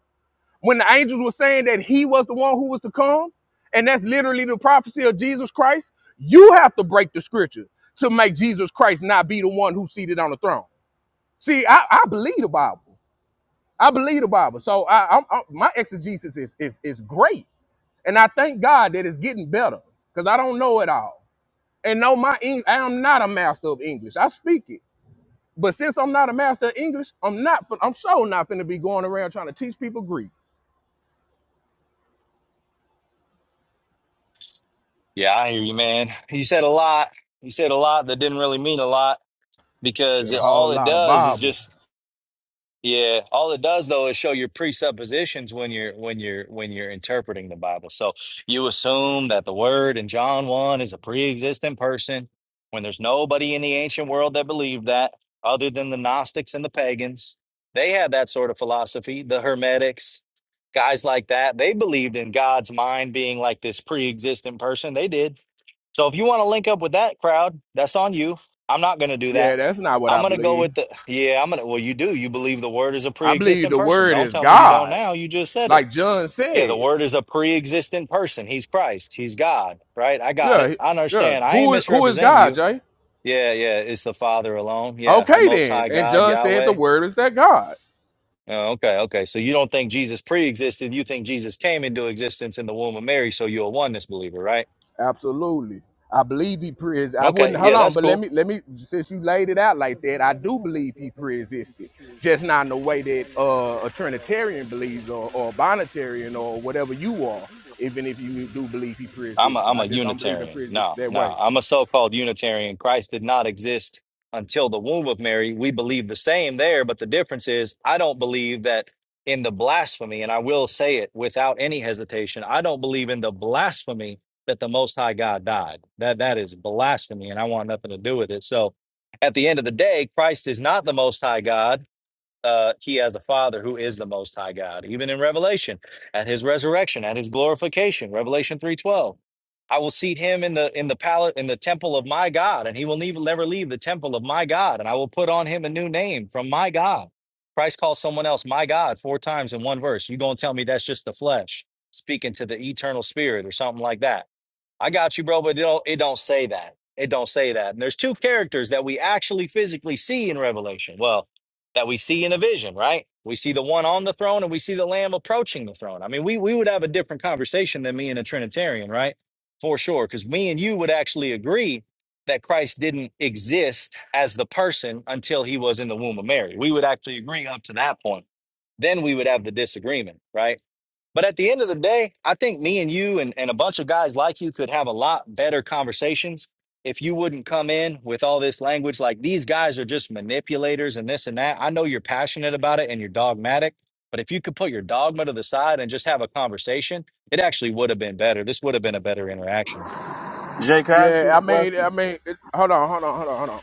Speaker 11: when the angels were saying that he was the one who was to come, and that's literally the prophecy of Jesus Christ, you have to break the scripture to make Jesus Christ not be the one who's seated on the throne. See, I, I believe the Bible. I believe the Bible. So I, I'm, I'm- my exegesis is, is, is great. And I thank God that it's getting better because I don't know it all. And no, my Eng- I am not a master of English. I speak it. But since I'm not a master of English, I'm not. fin- I'm sure not finna be going around trying to teach people Greek.
Speaker 9: Yeah, I hear you, man. You said a lot. You said a lot that didn't really mean a lot because
Speaker 11: Said a
Speaker 9: it,
Speaker 11: whole
Speaker 9: all it
Speaker 11: lot of
Speaker 9: does is
Speaker 11: Bible.
Speaker 9: just Yeah, all it does though is show your presuppositions when you're when you're when you're interpreting the Bible. So you assume that the word in John 1 is a pre-existent person when there's nobody in the ancient world that believed that other than the Gnostics and the pagans. They had that sort of philosophy, the Hermetics, guys like that. They believed in God's mind being like this pre-existent person. They did. So if you want to link up with that crowd, that's on you. I'm not going to do
Speaker 11: Yeah,
Speaker 9: that.
Speaker 11: that's not what
Speaker 9: I'm
Speaker 11: I
Speaker 9: going to go with
Speaker 11: believe.
Speaker 9: the yeah, I'm going to well you do. You believe the word is a
Speaker 11: I believe
Speaker 9: pre-existent
Speaker 11: the
Speaker 9: person.
Speaker 11: word
Speaker 9: Don't
Speaker 11: is
Speaker 9: tell me you don't
Speaker 11: God,
Speaker 9: now. You just said it.
Speaker 11: like John
Speaker 9: Yeah, the
Speaker 11: said.
Speaker 9: word is a pre-existent person. He's Christ. He's God, right? I got
Speaker 11: Yeah,
Speaker 9: it.
Speaker 11: he-
Speaker 9: I
Speaker 11: yeah.
Speaker 9: understand. I ain't
Speaker 11: Who is who is
Speaker 9: misrepresenting
Speaker 11: God,
Speaker 9: you.
Speaker 11: Jay?
Speaker 9: Yeah, yeah, it's the Father alone. Yeah, the
Speaker 11: Okay,
Speaker 9: most
Speaker 11: then.
Speaker 9: high
Speaker 11: And
Speaker 9: God,
Speaker 11: John said the
Speaker 9: Yahweh.
Speaker 11: word is that God.
Speaker 9: Oh, okay, okay. So you don't think Jesus pre-existed. You think Jesus came into existence in the womb of Mary, so you're a oneness believer, right?
Speaker 11: Absolutely. I believe he pre I wouldn't
Speaker 9: Okay, yeah,
Speaker 11: hold on,
Speaker 9: that's
Speaker 11: but
Speaker 9: cool.
Speaker 11: let me let me since you laid it out like that, I do believe he pre-existed. Just not in the way that uh, a Trinitarian believes or, or a Bonitarian or whatever you are, even if you do believe he
Speaker 9: I'm a,
Speaker 11: pre-existed.
Speaker 9: I'm
Speaker 11: I
Speaker 9: a
Speaker 11: just don't believe in
Speaker 9: Unitarian.
Speaker 11: pre-existed
Speaker 9: No,
Speaker 11: that
Speaker 9: no,
Speaker 11: way.
Speaker 9: I'm a so-called Unitarian. Christ did not exist until the womb of Mary. We believe the same there, but the difference is I don't believe that in the blasphemy, and I will say it without any hesitation. I don't believe in the blasphemy that the Most High God died. That that is blasphemy, and I want nothing to do with it. So, at the end of the day, Christ is not the Most High God uh, he has the father who is the most high God, even in Revelation, at his resurrection, at his glorification, Revelation 3:12. I will seat him in the in the palace in the temple of my God, and he will never never leave the temple of my God, and I will put on him a new name from my God. Christ calls someone else my God four times in one verse. You gonna tell me that's just the flesh speaking to the eternal spirit or something like that? I got you, bro, but it don't it don't say that. It don't say that. And there's two characters that we actually physically see in Revelation. Well, that we see in a vision, right? We see the one on the throne and we see the lamb approaching the throne. I mean, we we would have a different conversation than me and a Trinitarian, right? For sure. Because me and you would actually agree that Christ didn't exist as the person until he was in the womb of Mary. We would actually agree up to that point. Then we would have the disagreement, right? But at the end of the day, I think me and you and, and a bunch of guys like you could have a lot better conversations if you wouldn't come in with all this language like these guys are just manipulators and this and that. I know you're passionate about it and you're dogmatic, but if you could put your dogma to the side and just have a conversation, it actually would have been better. This would have been a better interaction.
Speaker 12: Jay, can I ask you
Speaker 11: Yeah, I
Speaker 12: a
Speaker 11: mean, I
Speaker 12: question?
Speaker 11: mean, it, hold on, hold on, hold on, hold on.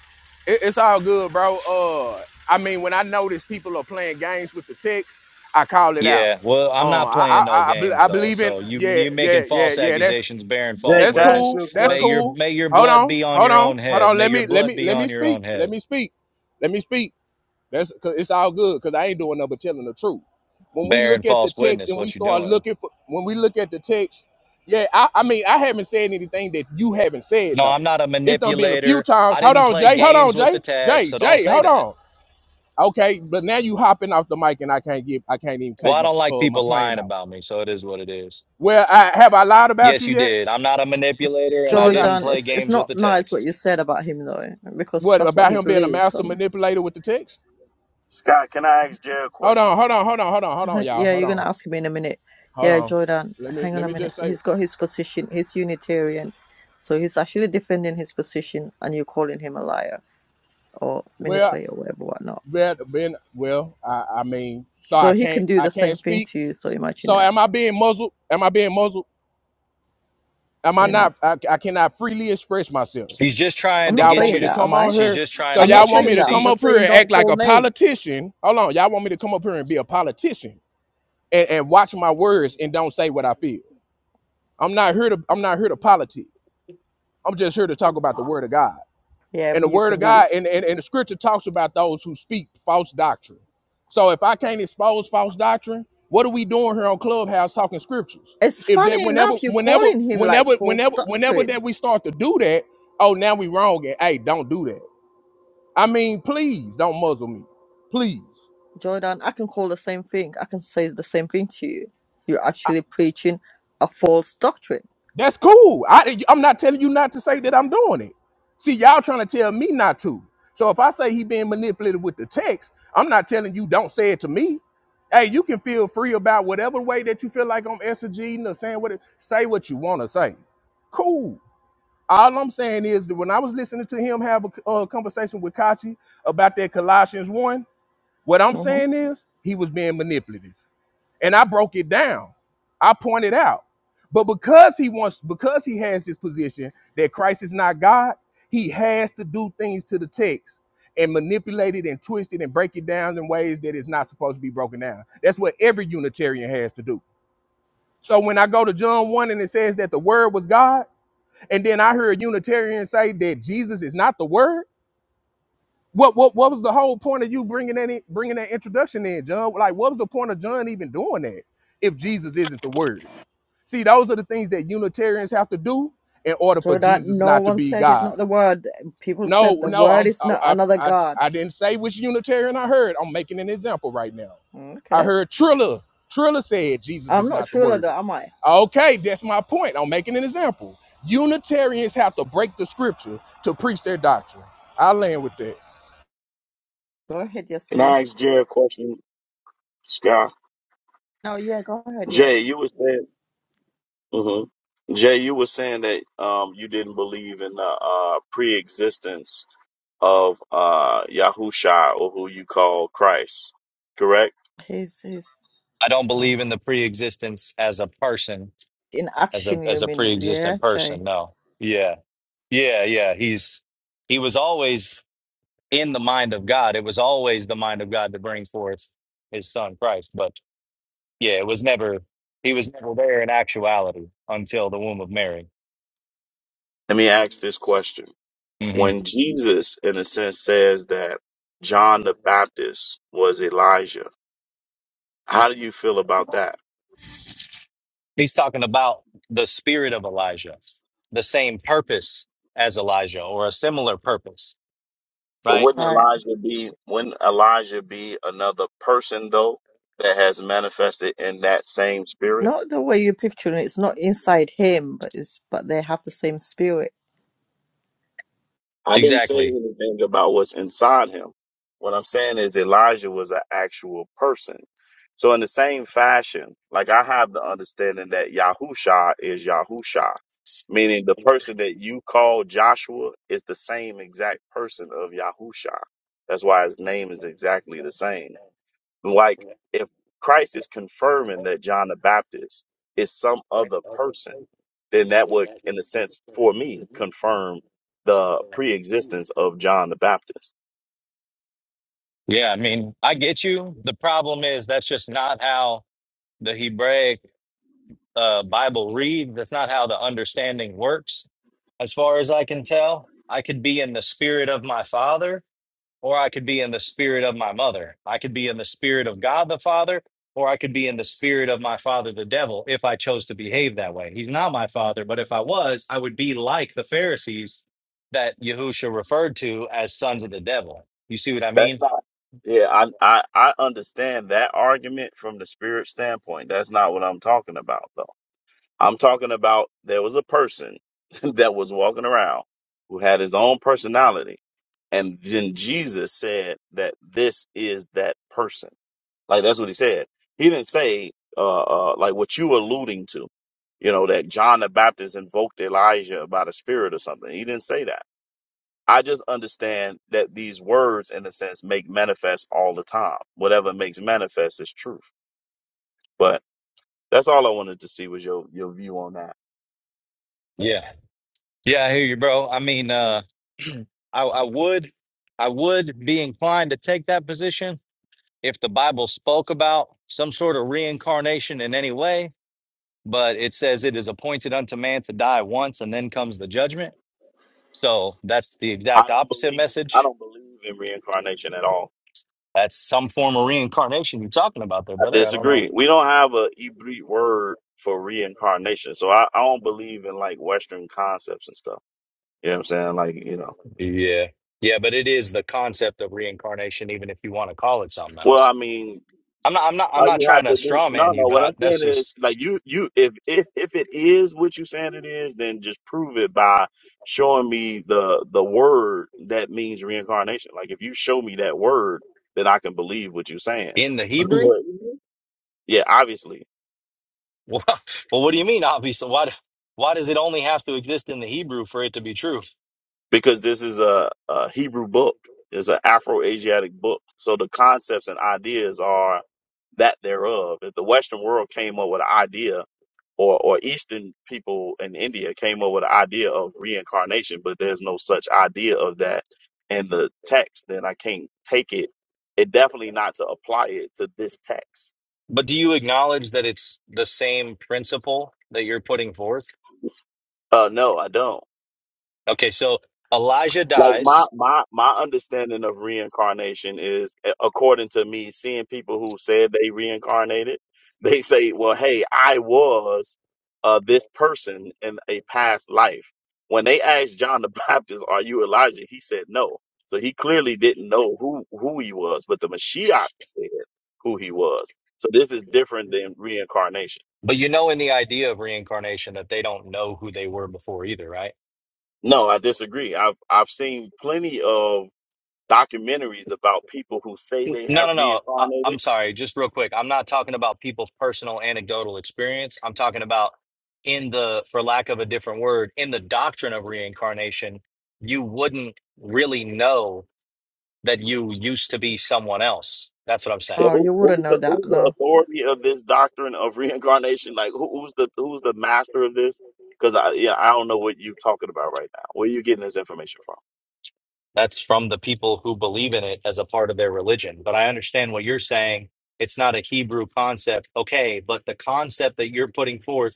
Speaker 11: It, it's all good, bro. Uh, I mean, when I notice people are playing games with the text, I call it out.
Speaker 9: Yeah, well, I'm
Speaker 11: Uh,
Speaker 9: not
Speaker 11: I, I,
Speaker 9: playing no
Speaker 11: I, I be-
Speaker 9: games
Speaker 11: I
Speaker 9: though.
Speaker 11: believe in.
Speaker 9: So you
Speaker 11: Yeah,
Speaker 9: you making
Speaker 11: yeah, yeah,
Speaker 9: false
Speaker 11: yeah. That's
Speaker 9: accusations, bearing
Speaker 12: Jay,
Speaker 9: false
Speaker 11: that's
Speaker 12: can I ask
Speaker 9: witness.
Speaker 12: you
Speaker 11: cool.
Speaker 12: a
Speaker 11: That's
Speaker 9: May your
Speaker 12: question?
Speaker 11: cool.
Speaker 9: may your
Speaker 11: Hold
Speaker 9: blood
Speaker 11: on,
Speaker 9: be on
Speaker 11: hold
Speaker 9: your
Speaker 11: on,
Speaker 9: own
Speaker 11: hold
Speaker 9: head.
Speaker 11: on.
Speaker 9: May
Speaker 11: Let
Speaker 9: your
Speaker 11: me, let
Speaker 9: blood
Speaker 11: me,
Speaker 9: be
Speaker 11: let
Speaker 9: on
Speaker 11: me
Speaker 9: your
Speaker 11: speak.
Speaker 9: own head.
Speaker 11: Let me speak. Let me speak. That's cause it's all good because I ain't doing nothing but telling the truth. When we
Speaker 9: bearing
Speaker 11: look at the
Speaker 9: false
Speaker 11: text
Speaker 9: witness
Speaker 11: and we
Speaker 9: what you're
Speaker 11: start
Speaker 9: doing.
Speaker 11: looking for when we look at the text, yeah, I, I mean I haven't said anything that you haven't said
Speaker 9: No, I'm
Speaker 11: though.
Speaker 9: not a
Speaker 11: It's done been a few
Speaker 9: manipulator.
Speaker 11: times.
Speaker 9: I
Speaker 11: Hold
Speaker 9: didn't
Speaker 11: on,
Speaker 9: play
Speaker 11: Jay, hold on,
Speaker 9: games with the
Speaker 11: Jay.
Speaker 9: text,
Speaker 11: Jay,
Speaker 9: so don't
Speaker 11: Jay,
Speaker 9: say
Speaker 11: hold
Speaker 9: that.
Speaker 11: on. Okay, but now you hopping off the mic and I can't give I can't even
Speaker 9: Well,
Speaker 11: take
Speaker 9: I
Speaker 11: my
Speaker 9: don't like
Speaker 11: uh, my
Speaker 9: people
Speaker 11: plane
Speaker 9: lying
Speaker 11: out.
Speaker 9: about me, so it is what it is.
Speaker 11: Well, I have I lied about
Speaker 9: Yes,
Speaker 11: you
Speaker 9: you
Speaker 11: yet?
Speaker 9: did. I'm not a manipulator
Speaker 1: [laughs]
Speaker 9: and
Speaker 11: What
Speaker 9: I
Speaker 11: did I
Speaker 9: didn't
Speaker 11: s-
Speaker 1: Jordan,
Speaker 9: play
Speaker 1: it's it's
Speaker 9: games with
Speaker 1: not
Speaker 9: the
Speaker 1: nice what
Speaker 9: text.
Speaker 1: you said about him though, because
Speaker 11: what
Speaker 1: that's what
Speaker 11: about
Speaker 1: he
Speaker 11: him being a
Speaker 1: believes.
Speaker 11: master
Speaker 1: and
Speaker 11: manipulator with the text?
Speaker 12: Scott, can I ask Jay a
Speaker 11: Hold
Speaker 12: question?
Speaker 11: on, hold on, hold on, hold on, hold on,
Speaker 1: Hi-
Speaker 11: y'all.
Speaker 1: Yeah,
Speaker 11: Hold
Speaker 1: you're
Speaker 11: on.
Speaker 1: gonna ask me in a minute.
Speaker 11: Hold
Speaker 1: Yeah,
Speaker 11: on.
Speaker 1: Jordan,
Speaker 11: Let me
Speaker 1: hang on
Speaker 11: let
Speaker 1: a
Speaker 11: me
Speaker 1: minute.
Speaker 11: just say
Speaker 1: He's got his position. He's Unitarian, so he's actually defending his position, and you're calling him a liar or
Speaker 11: well
Speaker 1: manipulator, whatever, whatnot.
Speaker 11: Well, been well. I, I mean, so I
Speaker 1: So he
Speaker 11: can't
Speaker 1: can do
Speaker 11: I
Speaker 1: the
Speaker 11: can't
Speaker 1: same thing
Speaker 11: speak.
Speaker 1: to you. So imagine
Speaker 11: So
Speaker 1: that.
Speaker 11: am I being muzzled? Am I being muzzled? Am I
Speaker 1: You know,
Speaker 11: not? I, I cannot freely express myself.
Speaker 9: She's just trying
Speaker 1: I'm
Speaker 9: to
Speaker 1: not
Speaker 11: Y'all
Speaker 9: get
Speaker 11: want me
Speaker 9: you
Speaker 1: saying
Speaker 11: to
Speaker 9: to
Speaker 1: that,
Speaker 11: come
Speaker 1: am
Speaker 11: on
Speaker 1: I?
Speaker 9: she's
Speaker 11: here?
Speaker 9: just trying
Speaker 11: So
Speaker 9: to
Speaker 1: I'm
Speaker 11: y'all
Speaker 1: not
Speaker 9: get you
Speaker 11: want
Speaker 9: to
Speaker 11: me
Speaker 1: saying
Speaker 11: to
Speaker 1: that. I'm
Speaker 11: come
Speaker 9: see.
Speaker 11: up
Speaker 1: just
Speaker 11: here
Speaker 1: saying
Speaker 11: and
Speaker 1: don't
Speaker 11: act like
Speaker 1: call
Speaker 11: a
Speaker 1: names.
Speaker 11: politician? Hold on, y'all want me to come up here and be a politician and, and watch my words and don't say what I feel? I'm not here to I'm not here to politic. I'm just here to talk about the word of God.
Speaker 1: Yeah,
Speaker 11: And the
Speaker 1: but you
Speaker 11: word of
Speaker 1: can be.
Speaker 11: God and, and, and the scripture talks about those who speak false doctrine. So if I can't expose false doctrine, what are we doing here on Clubhouse talking scriptures?
Speaker 1: It's
Speaker 11: If that
Speaker 1: funny
Speaker 11: whenever,
Speaker 1: enough you're
Speaker 11: whenever,
Speaker 1: calling him like
Speaker 11: whenever,
Speaker 1: false
Speaker 11: whenever, whenever
Speaker 1: doctrine,
Speaker 11: that we start to do that, oh now we wrong and hey, don't do that. I mean, please don't muzzle me. Please.
Speaker 1: Jordan. I can call the same thing. I can say the same thing to you. You're actually preaching a false doctrine
Speaker 11: That's cool. I, I'm not telling you not to say that I'm doing it. See, y'all trying to tell me not to. So if I say he being manipulated with the text, I'm not telling you don't say it to me. Hey, you can feel free about whatever way that you feel like I'm exegeting or saying what it, say what you want to say. Cool. All I'm saying is that when I was listening to him have a uh, conversation with Kachi about that Colossians one, what I'm
Speaker 1: hmm
Speaker 11: saying is he was being manipulated and I broke it down. I pointed out. But because he wants, because he has this position that Christ is not God, he has to do things to the text and manipulate it and twist it and break it down in ways that it's not supposed to be broken down. That's what every Unitarian has to do. So when I go to John 1 and it says that the word was God, and then I hear a Unitarian say that Jesus is not the word. What, what what was the whole point of you bringing that in, bringing that introduction in, John? Like, what was the point of John even doing that if Jesus isn't the word? See, those are the things that Unitarians have to do in order for
Speaker 1: So that
Speaker 11: Jesus
Speaker 1: no
Speaker 11: not to
Speaker 1: one
Speaker 11: be
Speaker 1: said he's
Speaker 11: God.
Speaker 1: not the word. People said
Speaker 11: No,
Speaker 1: the
Speaker 11: no,
Speaker 1: word
Speaker 11: I'm,
Speaker 1: is
Speaker 11: I,
Speaker 1: not
Speaker 11: I,
Speaker 1: another
Speaker 11: I,
Speaker 1: God.
Speaker 11: I didn't say which Unitarian I heard. I'm making an example right now. I
Speaker 1: Okay.
Speaker 11: heard Trilla. Trilla said Jesus
Speaker 1: I'm
Speaker 11: is
Speaker 1: not
Speaker 11: not the
Speaker 1: sure
Speaker 11: word.
Speaker 1: though, am I?
Speaker 11: Okay, that's my point. I'm making an example. Unitarians have to break the scripture to preach their doctrine. I land with that.
Speaker 1: Go ahead, yes
Speaker 12: Can I ask Jay a question, Scott?
Speaker 1: No, yeah, go ahead, yeah.
Speaker 12: Jay, you were saying, hmm Jay, you were saying that um you didn't believe in the uh pre-existence of uh Yahusha or who you call Christ, correct?
Speaker 1: He's he's
Speaker 9: I don't believe
Speaker 1: oh.
Speaker 9: in the pre-existence as a person,
Speaker 1: in
Speaker 9: as a
Speaker 1: action you
Speaker 9: as a
Speaker 1: mean
Speaker 9: pre-existent
Speaker 1: yeah,
Speaker 9: person.
Speaker 1: Jay.
Speaker 9: No. Yeah. Yeah, yeah. He's he was always in the mind of God. It was always the mind of God to bring forth his son Christ. But yeah, it was never, he was never there in actuality until the womb of Mary.
Speaker 12: Let me ask this question:
Speaker 9: hmm
Speaker 12: When Jesus, in a sense, says that John the Baptist was Elijah, how do you feel about that?
Speaker 9: He's talking about the spirit of Elijah, the same purpose as Elijah or a similar purpose,
Speaker 12: But
Speaker 9: right?
Speaker 12: wouldn't
Speaker 1: Right.
Speaker 12: Elijah be wouldn't Elijah be another person though that has manifested in that same spirit?
Speaker 1: Not the way you picture it, it's not inside him, but it's but they have the same spirit.
Speaker 12: I didn't say
Speaker 9: Exactly.
Speaker 12: anything about what's inside him. What I'm saying is Elijah was an actual person. So in the same fashion, like I have the understanding that Yahusha is Yahusha, meaning the person that you call Joshua is the same exact person of Yahusha. That's why his name is exactly the same. Like if Christ is confirming that John the Baptist is some other person, then that would, in a sense, for me, confirm the pre-existence of John the Baptist.
Speaker 9: Yeah, I mean, I get you. The problem is that's just not how the Hebraic uh, Bible read. That's not how the understanding works, as far as I can tell. I could be in the spirit of my father, or I could be in the spirit of my mother. I could be in the spirit of God the Father, or I could be in the spirit of my father, the devil, if I chose to behave that way. He's not my father, but if I was, I would be like the Pharisees that Yahusha referred to as sons of the devil. You see what I
Speaker 12: That's
Speaker 9: mean?
Speaker 12: not. Yeah, I, I I understand that argument from the spirit standpoint. That's not what I'm talking about, though. I'm talking about there was a person [laughs] that was walking around who had his own personality, and then Jesus said that this is that person. Like that's what he said. He didn't say uh, uh like what you were alluding to, you know, that John the Baptist invoked Elijah by the Spirit or something. He didn't say that. I just understand that these words, in a sense, make manifest all the time. Whatever makes manifest is truth. But that's all I wanted to see was your your view on that.
Speaker 9: Yeah. Yeah, I hear you, bro. I mean, uh, [clears throat] I, I would, I would be inclined to take that position if the Bible spoke about some sort of reincarnation in any way, but it says it is appointed unto man to die once and then comes the judgment. So that's the
Speaker 12: I
Speaker 9: exact
Speaker 12: don't
Speaker 9: opposite
Speaker 12: believe I
Speaker 9: message.
Speaker 12: don't believe in reincarnation at all.
Speaker 9: That's some form of reincarnation you're talking about there,
Speaker 12: I
Speaker 9: brother. I don't know.
Speaker 12: disagree. We don't have a Hebrew word for reincarnation, so I, I don't believe in like Western concepts and stuff. You know what I'm saying? Like you know.
Speaker 9: Yeah. Yeah, but it is the concept of reincarnation, even if you want to call it something
Speaker 12: Well, I
Speaker 9: else.
Speaker 12: mean,
Speaker 9: I'm not, I'm not, I'm
Speaker 12: all
Speaker 9: not
Speaker 12: you have
Speaker 9: trying to
Speaker 12: to do,
Speaker 9: straw
Speaker 12: no,
Speaker 9: man
Speaker 12: no.
Speaker 9: you, but
Speaker 12: What
Speaker 9: I,
Speaker 12: I'm saying
Speaker 9: that's just
Speaker 12: is, like, you, you, if, if, if it is what you saying it is, then just prove it by showing me the, the word that means reincarnation. Like, if you show me that word, then I can believe what you're saying. [laughs]
Speaker 9: in the Hebrew.
Speaker 12: But, yeah, obviously.
Speaker 9: Well, [laughs] well, what do you mean, obviously? Why, why does it only have to exist in the Hebrew for it to be true?
Speaker 12: because this is a, a Hebrew book. It's an Afro-Asiatic book. So the concepts and ideas are that thereof. If the Western world came up with an idea, or, or Eastern people in India came up with an idea of reincarnation, but there's no such idea of that in the text, then I can't take it. It definitely not to apply it to this text.
Speaker 9: But do you acknowledge that it's the same principle that you're putting forth?
Speaker 12: Uh, no, I don't.
Speaker 9: Okay, so Elijah
Speaker 12: like my
Speaker 9: dies,
Speaker 12: my my understanding of reincarnation is a- according to me seeing people who said they reincarnated [laughs] they say well hey i was uh this person in a past life when they asked john the [laughs] baptist are you elijah he said no so he clearly didn't know who who he was but the mashiach said who he was so this is different than reincarnation
Speaker 9: but you know in the idea of reincarnation that they don't know who they were before either, right?
Speaker 12: no i disagree i've i've seen plenty of documentaries about people who say
Speaker 9: N-
Speaker 12: they
Speaker 9: No,
Speaker 12: have
Speaker 9: no, no. I,
Speaker 12: reincarnated.
Speaker 9: I'm sorry, just real quick. I'm not talking about people's personal anecdotal experience. I'm talking about in the, for lack of a different word, in the doctrine of reincarnation, you wouldn't really know that you used to be someone else. That's what I'm
Speaker 12: So
Speaker 9: saying.
Speaker 1: Oh,
Speaker 12: who,
Speaker 1: you wouldn't
Speaker 12: who's
Speaker 1: know
Speaker 12: the
Speaker 1: that,
Speaker 12: who's the
Speaker 1: no.
Speaker 12: authority of this doctrine of [laughs] reincarnation? Like who, who's the who's the master of this? Because I yeah I don't know what you're talking about right now. Where you getting this information from?
Speaker 9: That's from the people who believe in it as a part of their religion. But I understand what you're saying. It's not a Hebrew concept. Okay, but the concept that you're putting forth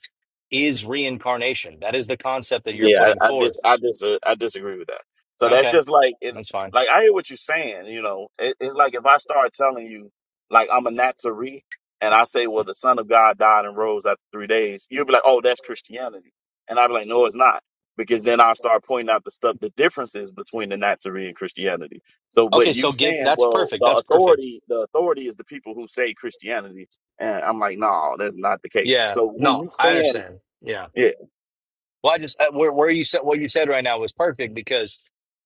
Speaker 9: is reincarnation. That is the concept that you're
Speaker 12: Yeah,
Speaker 9: putting
Speaker 12: I, I
Speaker 9: forth.
Speaker 12: dis I dis uh, I disagree with that. So that's
Speaker 9: Okay,
Speaker 12: just like it,
Speaker 9: that's fine.
Speaker 12: like I hear what you're saying. You know, it, it's like if I start telling you like I'm a Nazarene and I say, well, the Son of God died and rose after three days, you'll be like, oh, that's Christianity, and i will be like, no, it's not, because then I'll start pointing out the stuff, the differences between the Nazarene and Christianity. So, but
Speaker 9: Okay,
Speaker 12: you
Speaker 9: so give
Speaker 12: saying,
Speaker 9: that's
Speaker 12: well,
Speaker 9: perfect.
Speaker 12: the
Speaker 9: That's perfect.
Speaker 12: authority, the authority is the people who say Christianity, and I'm like, no, that's not the case.
Speaker 9: Yeah.
Speaker 12: So who
Speaker 9: No,
Speaker 12: you
Speaker 9: I
Speaker 12: saying?
Speaker 9: understand. Yeah.
Speaker 12: yeah,
Speaker 9: Well, I just uh, where where you said what you said right now was perfect because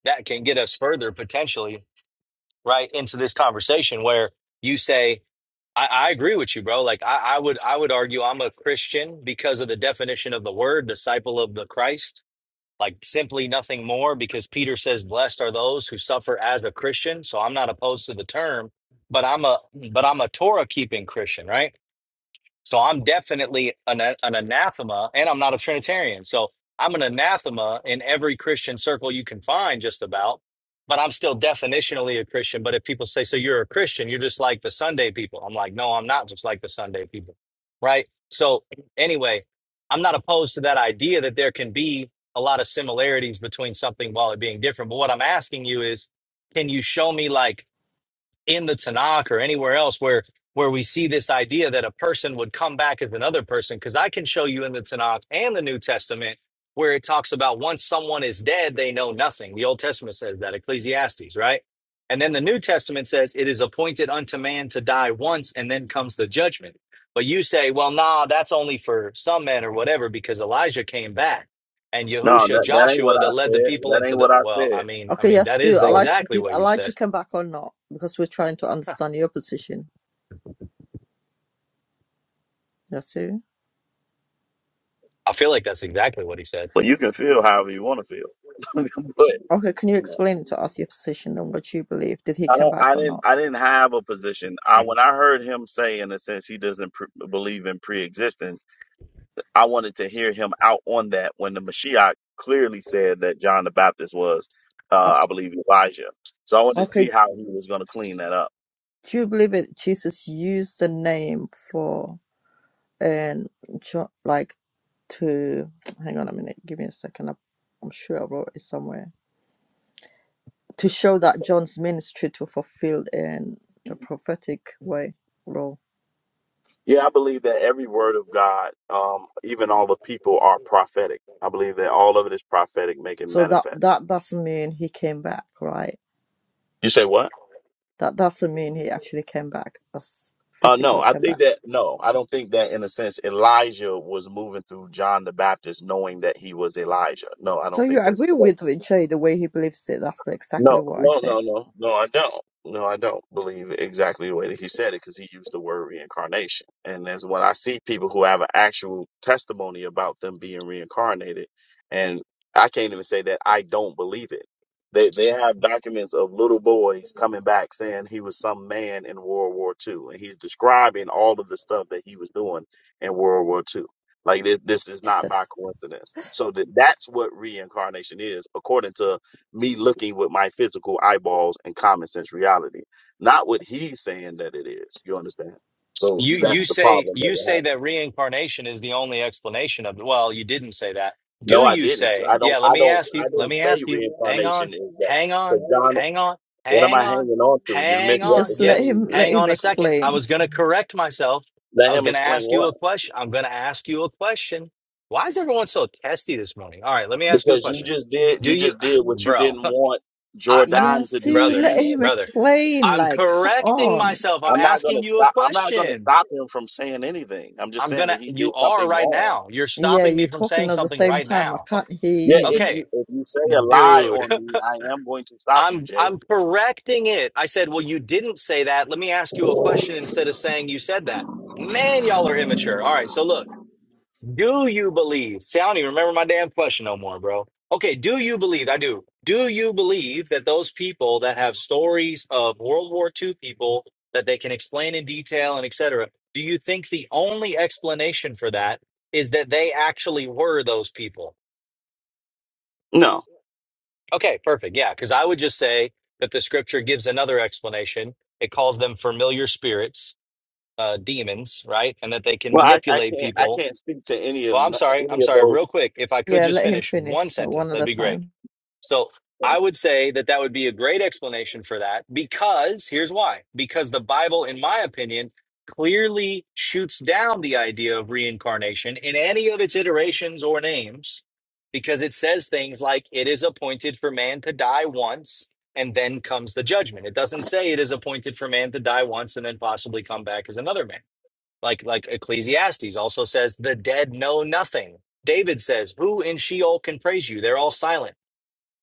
Speaker 9: that can get us further potentially right into this conversation where you say I, I agree with you bro like I, I would i would argue i'm a christian because of the definition of the word disciple of the christ like simply nothing more because peter says blessed are those who suffer as a christian so i'm not opposed to the term but i'm a but i'm a torah keeping christian right so I'm definitely an, an anathema, and I'm not a Trinitarian. So I'm an anathema in every Christian circle you can find, just about. But I'm still definitionally a Christian. But if people say, so you're a Christian, you're just like the Sunday people. I'm like, no, I'm not just like the Sunday people. Right. So anyway, I'm not opposed to that idea that there can be a lot of similarities between something while it being different. But what I'm asking you is, can you show me like, in the Tanakh or anywhere else where where we see this idea that a person would come back as another person. Because I can show you in the Tanakh and the New Testament where it talks about once someone is dead, they know nothing. The Old Testament says that, Ecclesiastes, right? And then the New Testament says it is appointed unto man to die once, and then comes the judgment. But you say, well, nah, that's only for some men or whatever, because Elijah came back. And
Speaker 12: No,
Speaker 9: Yahusha,
Speaker 12: that, that ain't what
Speaker 9: Joshua,
Speaker 12: I
Speaker 9: that led the
Speaker 12: said.
Speaker 9: people
Speaker 12: That
Speaker 9: into
Speaker 12: ain't
Speaker 9: the
Speaker 12: what I
Speaker 9: well, I
Speaker 12: said.
Speaker 9: mean, I
Speaker 1: Okay,
Speaker 9: mean,
Speaker 1: yes,
Speaker 9: that
Speaker 1: Sue.
Speaker 9: is
Speaker 12: So,
Speaker 1: Elijah,
Speaker 9: exactly
Speaker 1: did
Speaker 9: what you said
Speaker 1: Elijah come back or not? Because we're trying to understand your position. Yes,
Speaker 9: I feel like that's exactly what he said.
Speaker 12: but you can feel however you want to feel. [laughs] but
Speaker 1: Okay, can you
Speaker 12: you know,
Speaker 1: explain it to us your position and what you believe? Did he
Speaker 12: I
Speaker 1: come
Speaker 12: don't.
Speaker 1: back
Speaker 12: I
Speaker 1: or
Speaker 12: didn't.
Speaker 1: not?
Speaker 12: I didn't have a position. I when I heard him say, in a sense, he doesn't pre- believe in pre-existence. I wanted to hear him out on that when the Mashiach clearly said that John the Baptist was, uh,
Speaker 1: Oh,
Speaker 12: I believe, Elijah. So I wanted to see
Speaker 1: okay,
Speaker 12: how he was going to clean that up.
Speaker 1: do you believe that Jesus used the name for and jo- like to [tsk] hang on a minute, give me a second. I'm, I'm sure I wrote it somewhere to show that John's ministry to fulfilled in the prophetic way role.
Speaker 12: Yeah, I believe that every word of God, um, even all the people, are prophetic. I believe that all of it is prophetic, making
Speaker 1: So that
Speaker 12: manifest.
Speaker 1: that doesn't mean he came back, right?
Speaker 12: You say what?
Speaker 1: That doesn't mean he actually came back as
Speaker 12: Uh, no,
Speaker 1: physically
Speaker 12: I
Speaker 1: came
Speaker 12: think
Speaker 1: back.
Speaker 12: that, no, I don't think that in a sense Elijah was moving through John the Baptist knowing that he was Elijah. No, I
Speaker 1: So
Speaker 12: don't
Speaker 1: you
Speaker 12: think that's.
Speaker 1: agree with Vijay the way he believes it. That's exactly
Speaker 12: No,
Speaker 1: what I
Speaker 12: no,
Speaker 1: said.
Speaker 12: no, no, no, I don't. No, I don't believe exactly the way that he said it because he used the word reincarnation. And that's when I see people who have an actual testimony about them being reincarnated. And I can't even say that I don't believe it. They they have documents of little boys coming back saying he was some man in World War Two, and he's describing all of the stuff that he was doing in World War Two. Like this, this is not by coincidence. So that that's what reincarnation is, according to me looking with my physical eyeballs and common sense reality, not what he's saying that it is. You understand? So
Speaker 9: You
Speaker 12: that's
Speaker 9: you
Speaker 1: Yeah.
Speaker 12: the
Speaker 9: say
Speaker 12: problem that
Speaker 9: you
Speaker 12: we're
Speaker 9: say
Speaker 12: having.
Speaker 9: that reincarnation is the only explanation of it. well, you didn't say that.
Speaker 12: No,
Speaker 9: Do
Speaker 12: I
Speaker 9: you
Speaker 12: didn't.
Speaker 9: say?
Speaker 12: I don't.
Speaker 9: Yeah, let
Speaker 12: I
Speaker 9: me
Speaker 12: don't.
Speaker 9: ask
Speaker 12: I
Speaker 9: you. Let
Speaker 12: didn't
Speaker 9: me
Speaker 12: say
Speaker 9: ask you. Hang on.
Speaker 12: reincarnation is that.
Speaker 9: Hang
Speaker 12: Because
Speaker 9: on.
Speaker 12: John,
Speaker 9: Hang on.
Speaker 12: what am
Speaker 9: Hang
Speaker 12: I
Speaker 9: on.
Speaker 12: hanging on to? You're
Speaker 9: Hang on.
Speaker 1: Just
Speaker 9: Yeah.
Speaker 1: let him
Speaker 12: misrepresenting
Speaker 1: let
Speaker 9: Hang
Speaker 12: me.
Speaker 1: him
Speaker 9: on a second. I
Speaker 1: explain.
Speaker 9: was going to correct myself.
Speaker 12: Let
Speaker 9: I was
Speaker 12: him
Speaker 9: going to
Speaker 12: explain
Speaker 9: ask you
Speaker 12: what.
Speaker 9: a question. I'm going to ask you a question. Why is everyone so testy this morning? All right, let me ask you a
Speaker 12: Because you
Speaker 9: question.
Speaker 12: just did.
Speaker 9: Do
Speaker 12: You
Speaker 9: you
Speaker 12: just
Speaker 9: [sighs]
Speaker 12: did
Speaker 9: [laughs]
Speaker 12: what you
Speaker 9: bro?
Speaker 12: didn't
Speaker 9: [laughs]
Speaker 12: want
Speaker 9: I, I
Speaker 1: Yeah,
Speaker 12: Jordan to do
Speaker 1: Sue,
Speaker 12: to
Speaker 9: brother,
Speaker 1: let
Speaker 12: you.
Speaker 1: him
Speaker 9: brother,
Speaker 1: explain.
Speaker 9: I'm
Speaker 1: Like, come
Speaker 9: correcting
Speaker 1: on.
Speaker 9: myself. I'm
Speaker 12: I'm not gonna
Speaker 9: asking you a
Speaker 12: stop. I'm not gonna
Speaker 9: question.
Speaker 12: stop him from saying anything. I'm just
Speaker 9: I'm
Speaker 12: saying that
Speaker 9: gonna
Speaker 12: he
Speaker 9: you
Speaker 12: did
Speaker 9: are
Speaker 12: something
Speaker 9: right
Speaker 12: wrong.
Speaker 9: now. You're
Speaker 1: Yeah,
Speaker 9: stopping
Speaker 1: you're
Speaker 9: me from
Speaker 1: talking
Speaker 9: saying
Speaker 1: at the
Speaker 9: something
Speaker 1: same
Speaker 9: right
Speaker 1: time. I
Speaker 9: now. [laughs]
Speaker 1: can't
Speaker 12: Yeah,
Speaker 1: hear
Speaker 12: if
Speaker 1: him.
Speaker 9: Okay,
Speaker 12: you if you say a lie
Speaker 9: dude.
Speaker 12: on me, I am going to
Speaker 9: [laughs]
Speaker 12: stop you,
Speaker 9: I'm
Speaker 12: Jay.
Speaker 9: I'm correcting it. I said, "Well, you didn't say that. Let me ask you a question instead of saying you said that." Man, y'all are immature. All right, so look. Do you believe? See, I don't even remember my damn question no more, bro. Okay, do you believe? I do. Do you believe that those people that have stories of World War II people that they can explain in detail and etc., do you think the only explanation for that is that they actually were those people?
Speaker 12: No.
Speaker 9: Okay, perfect. Yeah, because I would just say that the scripture gives another explanation. It calls them familiar spirits, uh, demons, right? And that they can
Speaker 12: Well, I, I
Speaker 9: manipulate
Speaker 12: can't I
Speaker 9: people
Speaker 12: can't speak to any of
Speaker 9: Well, I'm
Speaker 12: n-
Speaker 9: sorry.
Speaker 12: any
Speaker 9: I'm
Speaker 12: of
Speaker 9: sorry.
Speaker 12: those.
Speaker 9: Real quick, if I could
Speaker 1: Yeah,
Speaker 9: just
Speaker 1: let him
Speaker 9: finish one
Speaker 1: finish. So
Speaker 9: sentence,
Speaker 1: one at
Speaker 9: that'd
Speaker 1: a
Speaker 9: be great.
Speaker 1: time.
Speaker 9: So I
Speaker 12: Things.
Speaker 9: would say that that would be a great explanation for that because here's why. Because the Bible, in my opinion, clearly shoots down the idea of reincarnation in any of its iterations or names because it says things like it is appointed for man to die once and then comes the judgment. It doesn't say it is appointed for man to die once and then possibly come back as another man. Like like Ecclesiastes also says, the dead know nothing. David says, Who in Sheol can praise you? They're all silent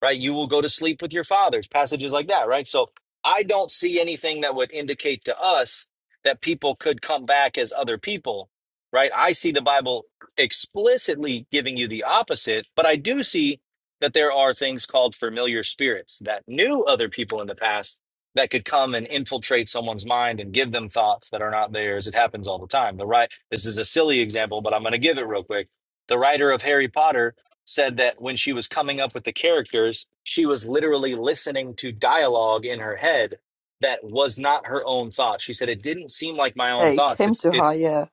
Speaker 9: right? You will go to sleep with your fathers, passages like that, right? So I don't see anything that would indicate to us that people could come back as other people, right? I see the Bible explicitly giving you the opposite, but I do see that there are things called familiar spirits that knew other people in the past that could come and infiltrate someone's mind and give them thoughts that are not theirs. It happens all the time. The right this is a silly example, but I'm going to give it real quick. The writer of Harry Potter said that when she was coming up with the characters, she was literally listening to dialogue in her head that was not her own thoughts. She said it didn't seem like my
Speaker 1: Yeah,
Speaker 9: own
Speaker 1: it
Speaker 9: thoughts.
Speaker 1: came
Speaker 9: It's
Speaker 1: to her.
Speaker 9: it's
Speaker 1: Yeah.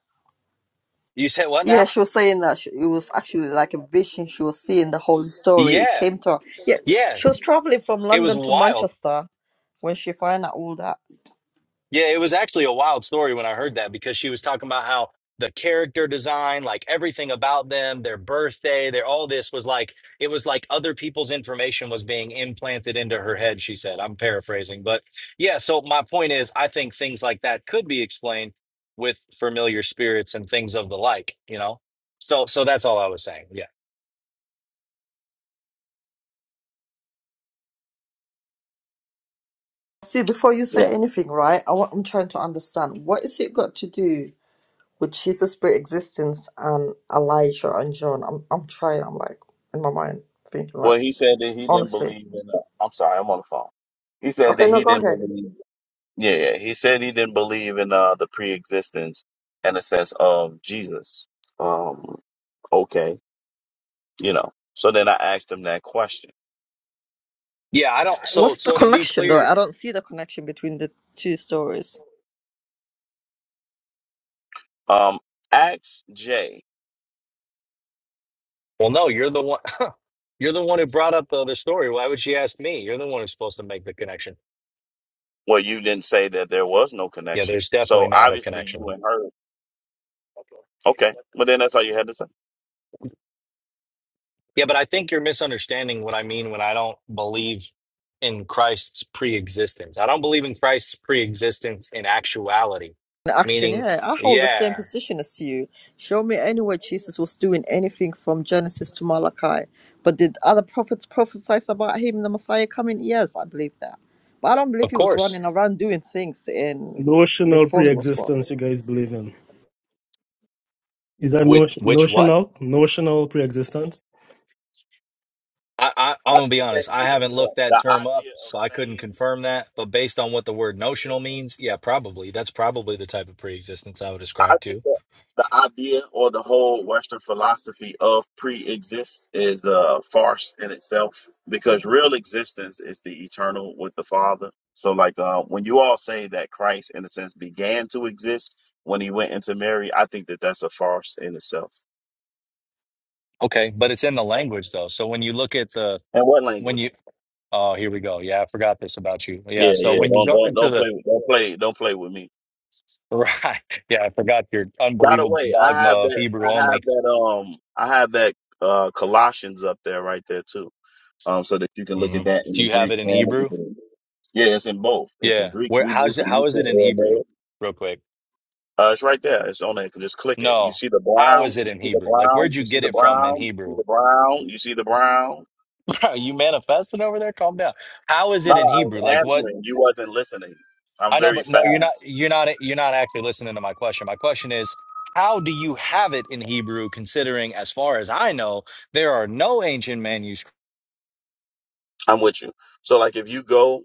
Speaker 9: you said what
Speaker 1: Yeah,
Speaker 9: now? [laughs]
Speaker 1: she was saying that she, it was actually like a vision. She was seeing the whole story. It
Speaker 9: Yeah.
Speaker 1: came to her. Yeah,
Speaker 9: Yeah.
Speaker 1: she was traveling from
Speaker 9: It was
Speaker 1: London to
Speaker 9: wild.
Speaker 1: Manchester when she found out all that.
Speaker 9: Yeah, it was actually a wild story when I heard that because she was talking about how the character design, like everything about them, their birthday, their all this was like it was like other people's information was being implanted into her head, she said. I'm paraphrasing, but yeah, so my point is I think things like that could be explained with familiar spirits and things of the like, you know. So so that's all I was saying. Yeah.
Speaker 1: See, before you
Speaker 12: Yeah.
Speaker 1: say anything, right? I want, I'm trying to understand what is it got to do with Jesus' pre-existence and Elijah and John? I'm, I'm trying. I'm like in my mind thinking like
Speaker 12: Well, he said that he didn't
Speaker 1: honestly.
Speaker 12: believe in. Uh, I'm sorry, I'm on the phone. He said
Speaker 1: Okay,
Speaker 12: that
Speaker 1: no,
Speaker 12: he
Speaker 1: go
Speaker 12: didn't
Speaker 1: ahead.
Speaker 12: believe. Yeah, yeah. He said he didn't believe in uh, the pre-existence and the sense of Jesus. Um. Okay. You know. So then I asked him that question.
Speaker 9: Yeah, I don't so
Speaker 1: What's the
Speaker 9: so to be
Speaker 1: connection though?
Speaker 9: clear,
Speaker 1: I don't see the connection between the two stories.
Speaker 12: Um. Ask Jay.
Speaker 9: well no, you're the one [laughs] You're the one who brought up the other story. Why would she ask me? You're the one who's supposed to make the connection.
Speaker 12: Well, you didn't say that there was no
Speaker 9: Yeah,
Speaker 12: connection.
Speaker 9: there's
Speaker 12: So
Speaker 9: definitely not a
Speaker 12: obviously you
Speaker 9: connection.
Speaker 12: and her Okay, but then that's all you had to say.
Speaker 9: Yeah, but I think you're misunderstanding what I mean when I don't believe in Christ's pre-existence. I don't believe in Christ's pre-existence in actuality,
Speaker 1: An action,
Speaker 9: meaning,
Speaker 1: yeah. I hold the same
Speaker 9: yeah,
Speaker 1: position as you. Show me anywhere Jesus was doing anything from Genesis to Malachi. But did other prophets prophesy about him, the Messiah coming? Yes, I believe that. But I don't believe
Speaker 9: of
Speaker 1: he was
Speaker 9: course.
Speaker 1: running around doing things in
Speaker 4: Notional
Speaker 1: before he was born.
Speaker 4: pre-existence, you guys believe in? Is that no,
Speaker 9: Which which what?
Speaker 4: notional? Notional pre-existence?
Speaker 9: I, I, I'm
Speaker 12: I
Speaker 9: gonna be
Speaker 12: think that
Speaker 9: honest. I
Speaker 12: even
Speaker 9: haven't
Speaker 12: the
Speaker 9: looked
Speaker 12: the
Speaker 9: that term up,
Speaker 12: idea of
Speaker 9: so I couldn't
Speaker 12: saying,
Speaker 9: confirm that. But based on what the word notional means, yeah, probably that's probably the type of preexistence I would
Speaker 12: I
Speaker 9: ascribe
Speaker 12: think
Speaker 9: to.
Speaker 12: that the idea or the whole Western philosophy of pre-exist is a farce in itself because real existence is the eternal with the Father. So, like uh, when you all say that Christ, in a sense, began to exist when he went into Mary, I think that that's a farce in itself.
Speaker 9: Okay, but it's in the language though. So when you look at the
Speaker 12: And what
Speaker 9: when
Speaker 12: language?
Speaker 9: you oh here we go. Yeah, I forgot this about you. Yeah,
Speaker 12: Yeah,
Speaker 9: so
Speaker 12: yeah.
Speaker 9: when you
Speaker 12: Don't
Speaker 9: go
Speaker 12: don't
Speaker 9: into
Speaker 12: don't
Speaker 9: the
Speaker 12: play with- don't play don't play with me.
Speaker 9: Right. [laughs] Yeah, I forgot your
Speaker 12: By the
Speaker 9: unbelievable
Speaker 12: way, I
Speaker 9: dogma
Speaker 12: have
Speaker 9: of
Speaker 12: that.
Speaker 9: Hebrew
Speaker 12: I
Speaker 9: only.
Speaker 12: have that. Um, I have that. Uh, Colossians up there, right there too. Um, so that you can look
Speaker 9: hmm
Speaker 12: at that in
Speaker 9: Do
Speaker 12: the
Speaker 9: you have
Speaker 12: Greek
Speaker 9: it in
Speaker 12: and the
Speaker 9: Hebrew?
Speaker 12: Hebrew. Yeah, it's in both. It's in
Speaker 9: Yeah.
Speaker 12: Greek,
Speaker 9: Where
Speaker 12: Hebrew,
Speaker 9: how's it
Speaker 12: Phoenician,
Speaker 9: how is it in Hebrew?
Speaker 12: Aramaic.
Speaker 9: Real quick.
Speaker 12: Uh, it's right there. It's on there. Just click it. You
Speaker 9: No.
Speaker 12: see the
Speaker 9: How is
Speaker 12: brown.
Speaker 9: it
Speaker 12: You
Speaker 9: in
Speaker 12: see the
Speaker 9: Hebrew? Like
Speaker 12: brown.
Speaker 9: where'd
Speaker 12: You
Speaker 9: you
Speaker 12: see
Speaker 9: get
Speaker 12: the
Speaker 9: it from in
Speaker 12: brown. You see
Speaker 9: Hebrew?
Speaker 12: the brown. You see the brown.
Speaker 9: [laughs] Bro, you manifesting over there? Calm down. How is
Speaker 12: No,
Speaker 9: it in
Speaker 12: I
Speaker 9: Hebrew?
Speaker 12: was
Speaker 9: Like what
Speaker 12: answering. You wasn't listening. I'm
Speaker 9: I know,
Speaker 12: very
Speaker 9: but no, you're not
Speaker 12: fast.
Speaker 9: you're not you're not actually listening to my question. My question is how do you have it in Hebrew, considering, as far as I know, there are no ancient manuscripts.
Speaker 12: I'm with you. So, like, if you go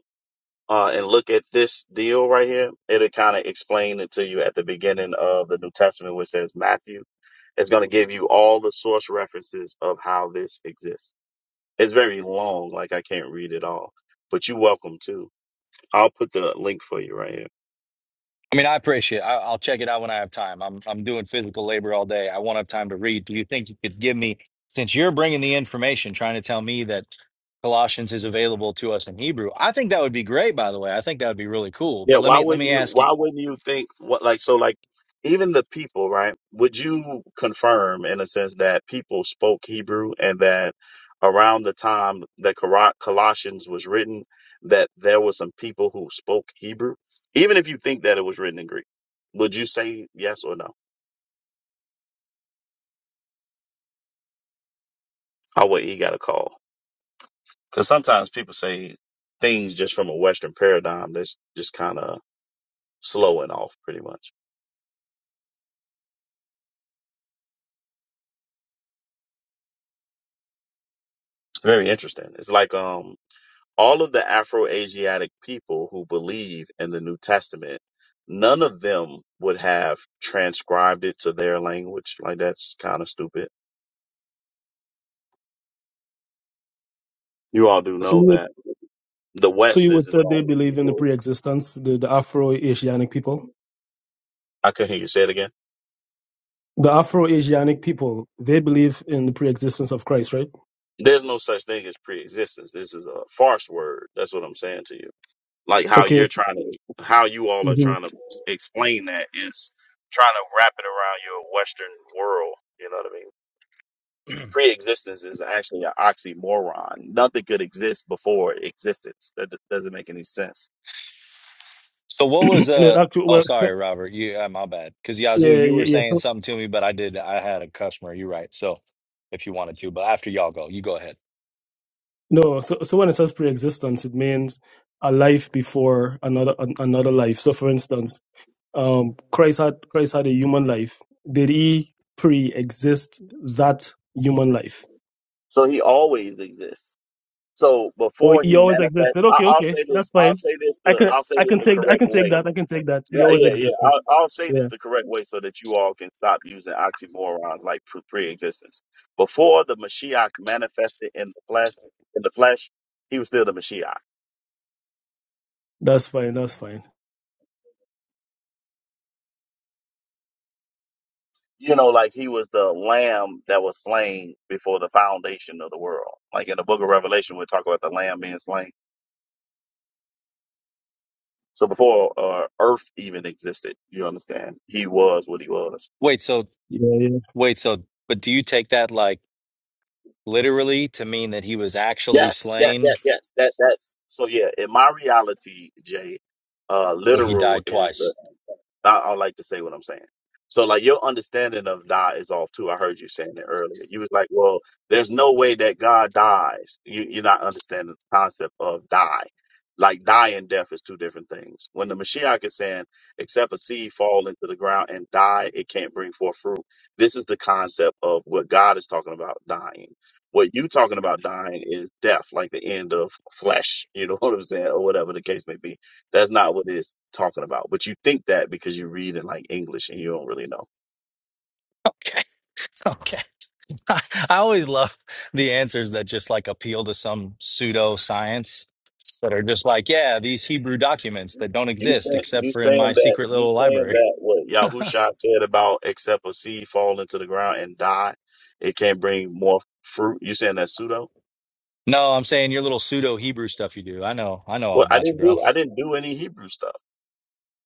Speaker 12: uh, and look at this deal right here, it'll kind of explain it to you at the beginning of the New Testament, which says Matthew. It's going to give you all the source references of how this exists. It's very long, like I can't read it all, but you're welcome to. I'll put the link for you right here.
Speaker 9: I mean, I appreciate it. I, I'll check it out when I have time. I'm I'm doing physical labor all day. I won't have time to read. Do you think you could give me, since you're bringing the information, trying to tell me that Colossians is available to us in Hebrew? I think that would be great. By the way, I think that would be really cool.
Speaker 12: Yeah,
Speaker 9: But let
Speaker 12: why
Speaker 9: me let
Speaker 12: wouldn't
Speaker 9: me
Speaker 12: you?
Speaker 9: ask you.
Speaker 12: Why wouldn't you think what like so like even the people, right? Would you confirm in a sense that people spoke Hebrew and that around the time that Cor- Colossians was written, that there were some people who spoke Hebrew, even if you think that it was written in Greek? Would you say yes or no? I would he got a call? Because sometimes people say things just from a Western paradigm that's just kind of slow and off, pretty much. It's very interesting. It's like um all of the Afro-Asiatic people who believe in the New Testament, none of them would have transcribed it to their language. Like that's kind of stupid. You all do
Speaker 4: So you
Speaker 12: know
Speaker 4: would,
Speaker 12: that the
Speaker 4: so
Speaker 12: West
Speaker 4: you would
Speaker 12: isn't
Speaker 4: say
Speaker 12: the
Speaker 4: they
Speaker 12: only
Speaker 4: believe in the
Speaker 12: people.
Speaker 4: pre-existence, the, the Afro-Asianic people?
Speaker 12: I couldn't hear you say it again.
Speaker 4: the Afro-Asianic people, they believe in the pre-existence of Christ, right?
Speaker 12: There's no such thing as pre-existence. This is a farce word. That's what I'm saying to you. Like how
Speaker 4: Okay.
Speaker 12: you're trying to, how you all are
Speaker 4: hmm
Speaker 12: trying to explain that is trying to wrap it around your Western world. You know what I mean? pre-existence is actually an oxymoron. Nothing could exist before existence. That d- doesn't make any sense.
Speaker 9: So,
Speaker 4: [clears throat]
Speaker 9: what was
Speaker 4: and it
Speaker 9: uh?
Speaker 4: actually,
Speaker 9: Oh,
Speaker 4: well,
Speaker 9: sorry, Robert. You, uh, my bad. Because Yazoo,
Speaker 4: yeah,
Speaker 9: you
Speaker 4: yeah,
Speaker 9: were saying
Speaker 4: yeah.
Speaker 9: something to me, but I did. I had a customer. You're right. So, if you wanted to, but after y'all go, you go ahead.
Speaker 4: No, so so when it says pre-existence, it means a life before another an, another life. So, for instance, um, Christ had Christ had a human life. Did he pre-exist that human life,
Speaker 12: So he always exists. So
Speaker 4: or
Speaker 12: before
Speaker 4: he
Speaker 12: he
Speaker 4: always
Speaker 12: manifests,
Speaker 4: existed?
Speaker 12: I,
Speaker 4: Okay,
Speaker 12: I'll
Speaker 4: okay,
Speaker 12: say this.
Speaker 4: that's
Speaker 12: I'll
Speaker 4: fine.
Speaker 12: say this.
Speaker 4: I
Speaker 12: The
Speaker 4: can
Speaker 12: I'll say
Speaker 4: I
Speaker 12: this
Speaker 4: can
Speaker 12: the
Speaker 4: take I
Speaker 12: correct
Speaker 4: can take
Speaker 12: way.
Speaker 4: that I can take that.
Speaker 12: Yeah,
Speaker 4: He always
Speaker 12: yeah, yeah.
Speaker 4: existed.
Speaker 12: I'll, I'll say this
Speaker 4: Yeah,
Speaker 12: the correct way so that you all can stop using oxymorons like pre- pre-existence. Before the Mashiach manifested in the flesh, in the flesh, he was still the Mashiach.
Speaker 4: that's fine. That's fine.
Speaker 12: you know, like he was the lamb that was slain before the foundation of the world. Like in the book of Revelation, we talk about the lamb being slain. So before uh, earth even existed, you understand, he was what he was.
Speaker 9: Wait. So wait. So, but do you take that like? literally to mean that he was actually
Speaker 12: Yes, yes,
Speaker 9: slain.
Speaker 12: yes, yes. That that's so. Yeah, in my reality, Jay, uh,
Speaker 9: So he
Speaker 12: literal
Speaker 9: died
Speaker 12: is.
Speaker 9: twice.
Speaker 12: I, I like to say what I'm saying. So like your understanding of die is off too. I heard you saying it earlier. You was like, well, there's no way that God dies. You, you're not understanding the concept of die. Like die and death is two different things. When the Mashiach is saying, except a seed fall into the ground and die, it can't bring forth fruit. This is the concept of what God is talking about dying. What you talking about dying is death, like the end of flesh. You know [laughs] what I'm saying, or whatever the case may be that's not what it's talking about. But you think that because you read in like English and you don't really know.
Speaker 9: Okay. [laughs] Okay. [laughs] I always love the answers that just like appeal to some pseudo science that are just like, yeah, these Hebrew documents that don't
Speaker 12: You
Speaker 9: exist
Speaker 12: saying
Speaker 9: except
Speaker 12: you
Speaker 9: for in
Speaker 12: saying
Speaker 9: my
Speaker 12: that
Speaker 9: secret
Speaker 12: you
Speaker 9: little
Speaker 12: saying
Speaker 9: library.
Speaker 12: that what
Speaker 9: [laughs]
Speaker 12: Yahusha said about except a seed fall into the ground and die, it can't bring more fruit. You saying that pseudo?
Speaker 9: No, I'm saying your little pseudo Hebrew stuff you do. I know, I know all
Speaker 12: Well, I
Speaker 9: about you,
Speaker 12: didn't
Speaker 9: bro.
Speaker 12: do I didn't do any Hebrew stuff.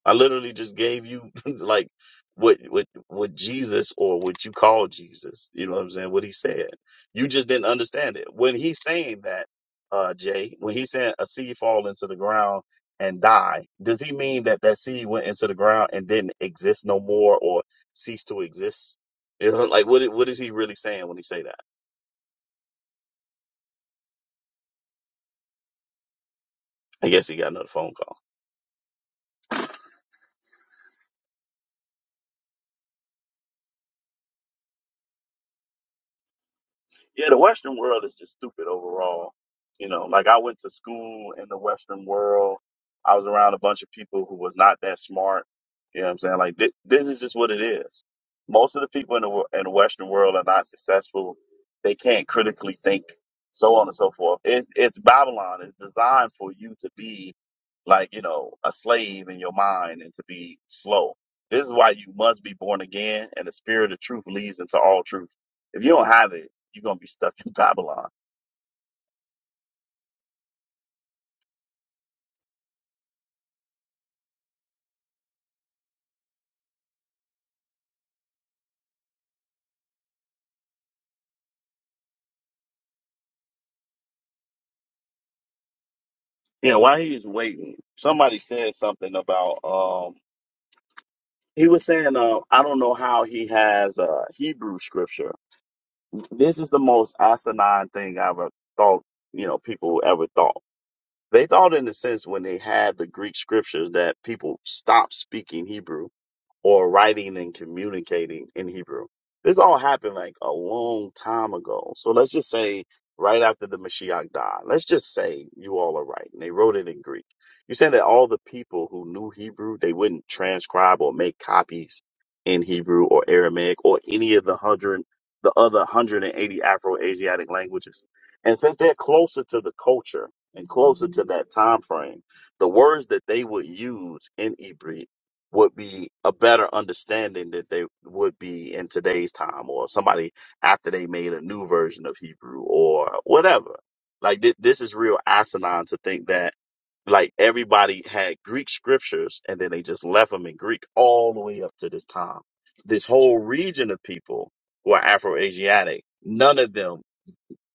Speaker 12: I literally just gave you [laughs] like what what what Jesus or what you call Jesus, you know what I'm saying, what he said. You just didn't understand it. When he's saying that, uh Jay, when he's saying a seed fall into the ground and die, does he mean that that seed went into the ground and didn't exist no more or cease to exist? You know, like what i- what is he really saying when he say that? I guess he got another phone call. Yeah, the Western world is just stupid overall. You know, like I went to school in the Western world. I was around a bunch of people who was not that smart. You know what I'm saying? Like thi- this is just what it is. Most of the people in the wo- in the Western world are not successful. They can't critically think, so on and so forth. It's it's Babylon. It's designed for you to be like you know a slave in your mind and to be slow. This is why you must be born again, and the spirit of truth leads into all truth. If you don't have it you're gonna be stuck in Babylon. Yeah, while he was waiting, somebody said something about um he was saying uh, I don't know how he has uh Hebrew scripture. This is the most asinine thing I ever thought, you know, people ever thought. They thought in a sense when they had the Greek scriptures that people stopped speaking Hebrew or writing and communicating in Hebrew. This all happened like a long time ago. So let's just say right after the Mashiach died, let's just say you all are right. And they wrote it in Greek. You're that all the people who knew Hebrew, they wouldn't transcribe or make copies in Hebrew or Aramaic or any of the hundred, the other 180 Afro-Asiatic languages. And since they're closer to the culture and closer to that time frame, the words that they would use in Hebrew would be a better understanding that they would be in today's time or somebody after they made a new version of Hebrew or whatever. Like thi- this is real asinine to think that like everybody had Greek scriptures and then they just left them in Greek all the way up to this time. This whole region of people who are Afro-Asiatic, none of them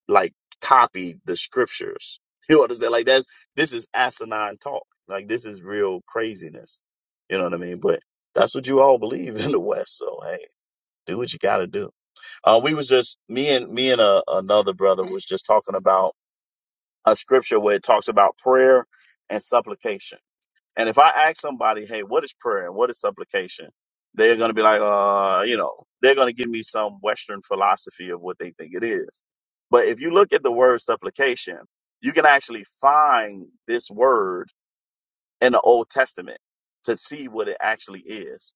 Speaker 12: like copy the scriptures. [laughs] You understand? Like that's this is asinine talk. Like this is real craziness. You know what I mean? But that's what you all believe [laughs] in the West. So hey, do what you got to do. Uh, we was just me and me and a, another brother was just talking about a scripture where it talks about prayer and supplication and if I ask somebody, hey, what is prayer and what is supplication? They're going to be like, uh, you know, they're going to give me some Western philosophy of what they think it is. But if you look at the word supplication, you can actually find this word in the Old Testament to see what it actually is.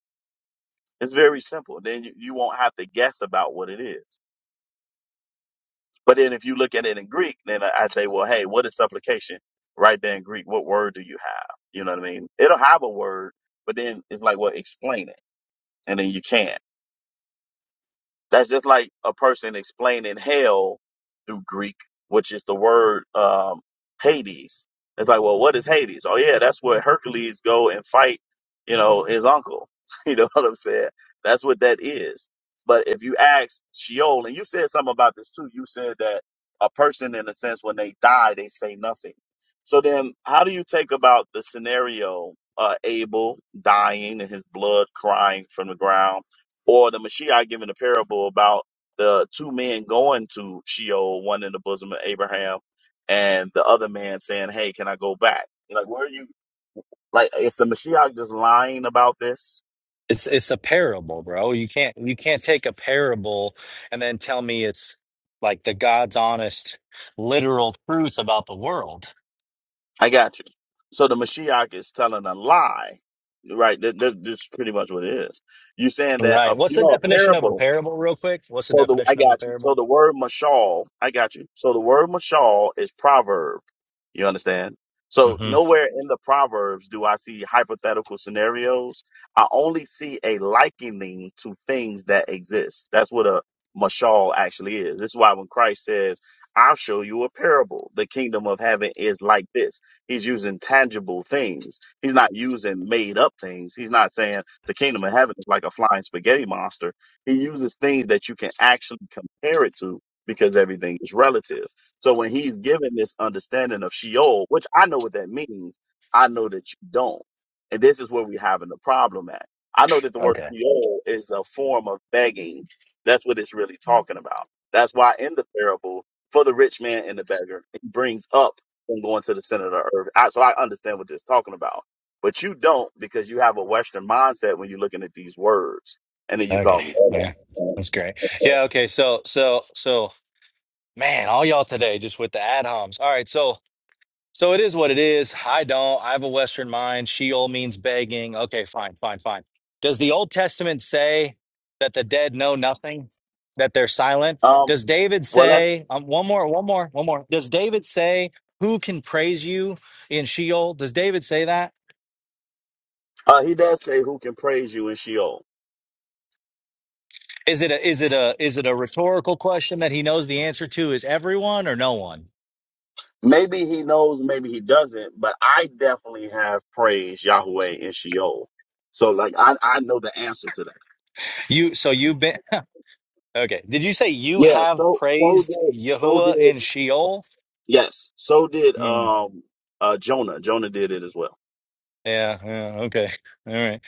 Speaker 12: It's very simple. Then you, you won't have to guess about what it is. But then if you look at it in Greek, then I I say, well, hey, what is supplication? Right there in Greek, what word do you have? You know what I mean? It'll have a word, but then it's like, well, explain it. And then you can't. That's just like a person explaining hell through Greek, which is the word um, Hades. It's like, well, what is Hades? Oh yeah, that's where Hercules go and fight, you know, his uncle. [laughs] you know what I'm saying? That's what that is. But if you ask Sheol, and you said something about this too, you said that a person, in a sense, when they die, they say nothing. So then, how do you take about the scenario uh, Abel dying and his blood crying from the ground? Or the Mashiach giving a parable about the two men going to Sheol, one in the bosom of Abraham, and the other man saying, Hey, can I go back? You're like, where are you? Like, is the Mashiach just lying about this?
Speaker 9: It's it's a parable, bro. You can't you can't take a parable and then tell me it's like the God's honest, literal truth about the world.
Speaker 12: I got you. So the Mashiach is telling a lie, right? That, that, that's pretty much what it is. You're saying that, a,
Speaker 9: Right. What's
Speaker 12: you
Speaker 9: the
Speaker 12: know, a
Speaker 9: definition of a
Speaker 12: parable
Speaker 9: parable, real quick? What's the
Speaker 12: So the I
Speaker 9: definition of a
Speaker 12: got you. So
Speaker 9: parable?
Speaker 12: the word mashal, I got you. So the word mashal is proverb. You understand? So
Speaker 9: hmm
Speaker 12: nowhere in the proverbs do I see hypothetical scenarios. I only see a likening to things that exist. That's what a mashal actually is. This is why when Christ says, "I'll show you a parable. The kingdom of heaven is like this." He's using tangible things. He's not using made up things. He's not saying the kingdom of heaven is like a flying spaghetti monster he uses things that you can actually compare it to because everything is relative. So when he's given this understanding of Sheol, which I know what that means, I know that you don't. And this is where we're having the problem at. I know that the word
Speaker 9: Okay.
Speaker 12: Sheol is a form of begging. That's what it's really talking about. That's why in the parable, for the rich man and the beggar, it brings up and going to the center of the earth. I, so I understand what it's talking about. But you don't because you have a Western mindset when you're looking at these words. And then you call me.
Speaker 9: Okay. Yeah. That's great. Yeah. Okay. So, so, so, man, all y'all today just with the ad homs. All right. So, so it is what it is. I don't. I have a Western mind. Sheol means begging. Okay. Fine. Fine. Fine. Does the Old Testament say that the dead know nothing, that they're silent?
Speaker 12: Um,
Speaker 9: Does David
Speaker 12: well, that's,
Speaker 9: say, um, one more, one more, one more. Does David say, who can praise you in Sheol? Does David say that?
Speaker 12: uh, he does say who can praise you in Sheol.
Speaker 9: Is it a is it a is it a rhetorical question that he knows the answer to is everyone or no one?
Speaker 12: Maybe he knows, maybe he doesn't, but I definitely have praised Yahweh in Sheol. So, like, I, I know the answer to that.
Speaker 9: You so you've been [laughs] okay. Did you say you
Speaker 12: Yeah.
Speaker 9: have
Speaker 12: So, so
Speaker 9: praised
Speaker 12: did, so did,
Speaker 9: Yahuwah in Sheol?
Speaker 12: yes, so did,
Speaker 9: Hmm.
Speaker 12: um, uh, Jonah. Jonah did it as well.
Speaker 9: yeah, yeah, okay. All right.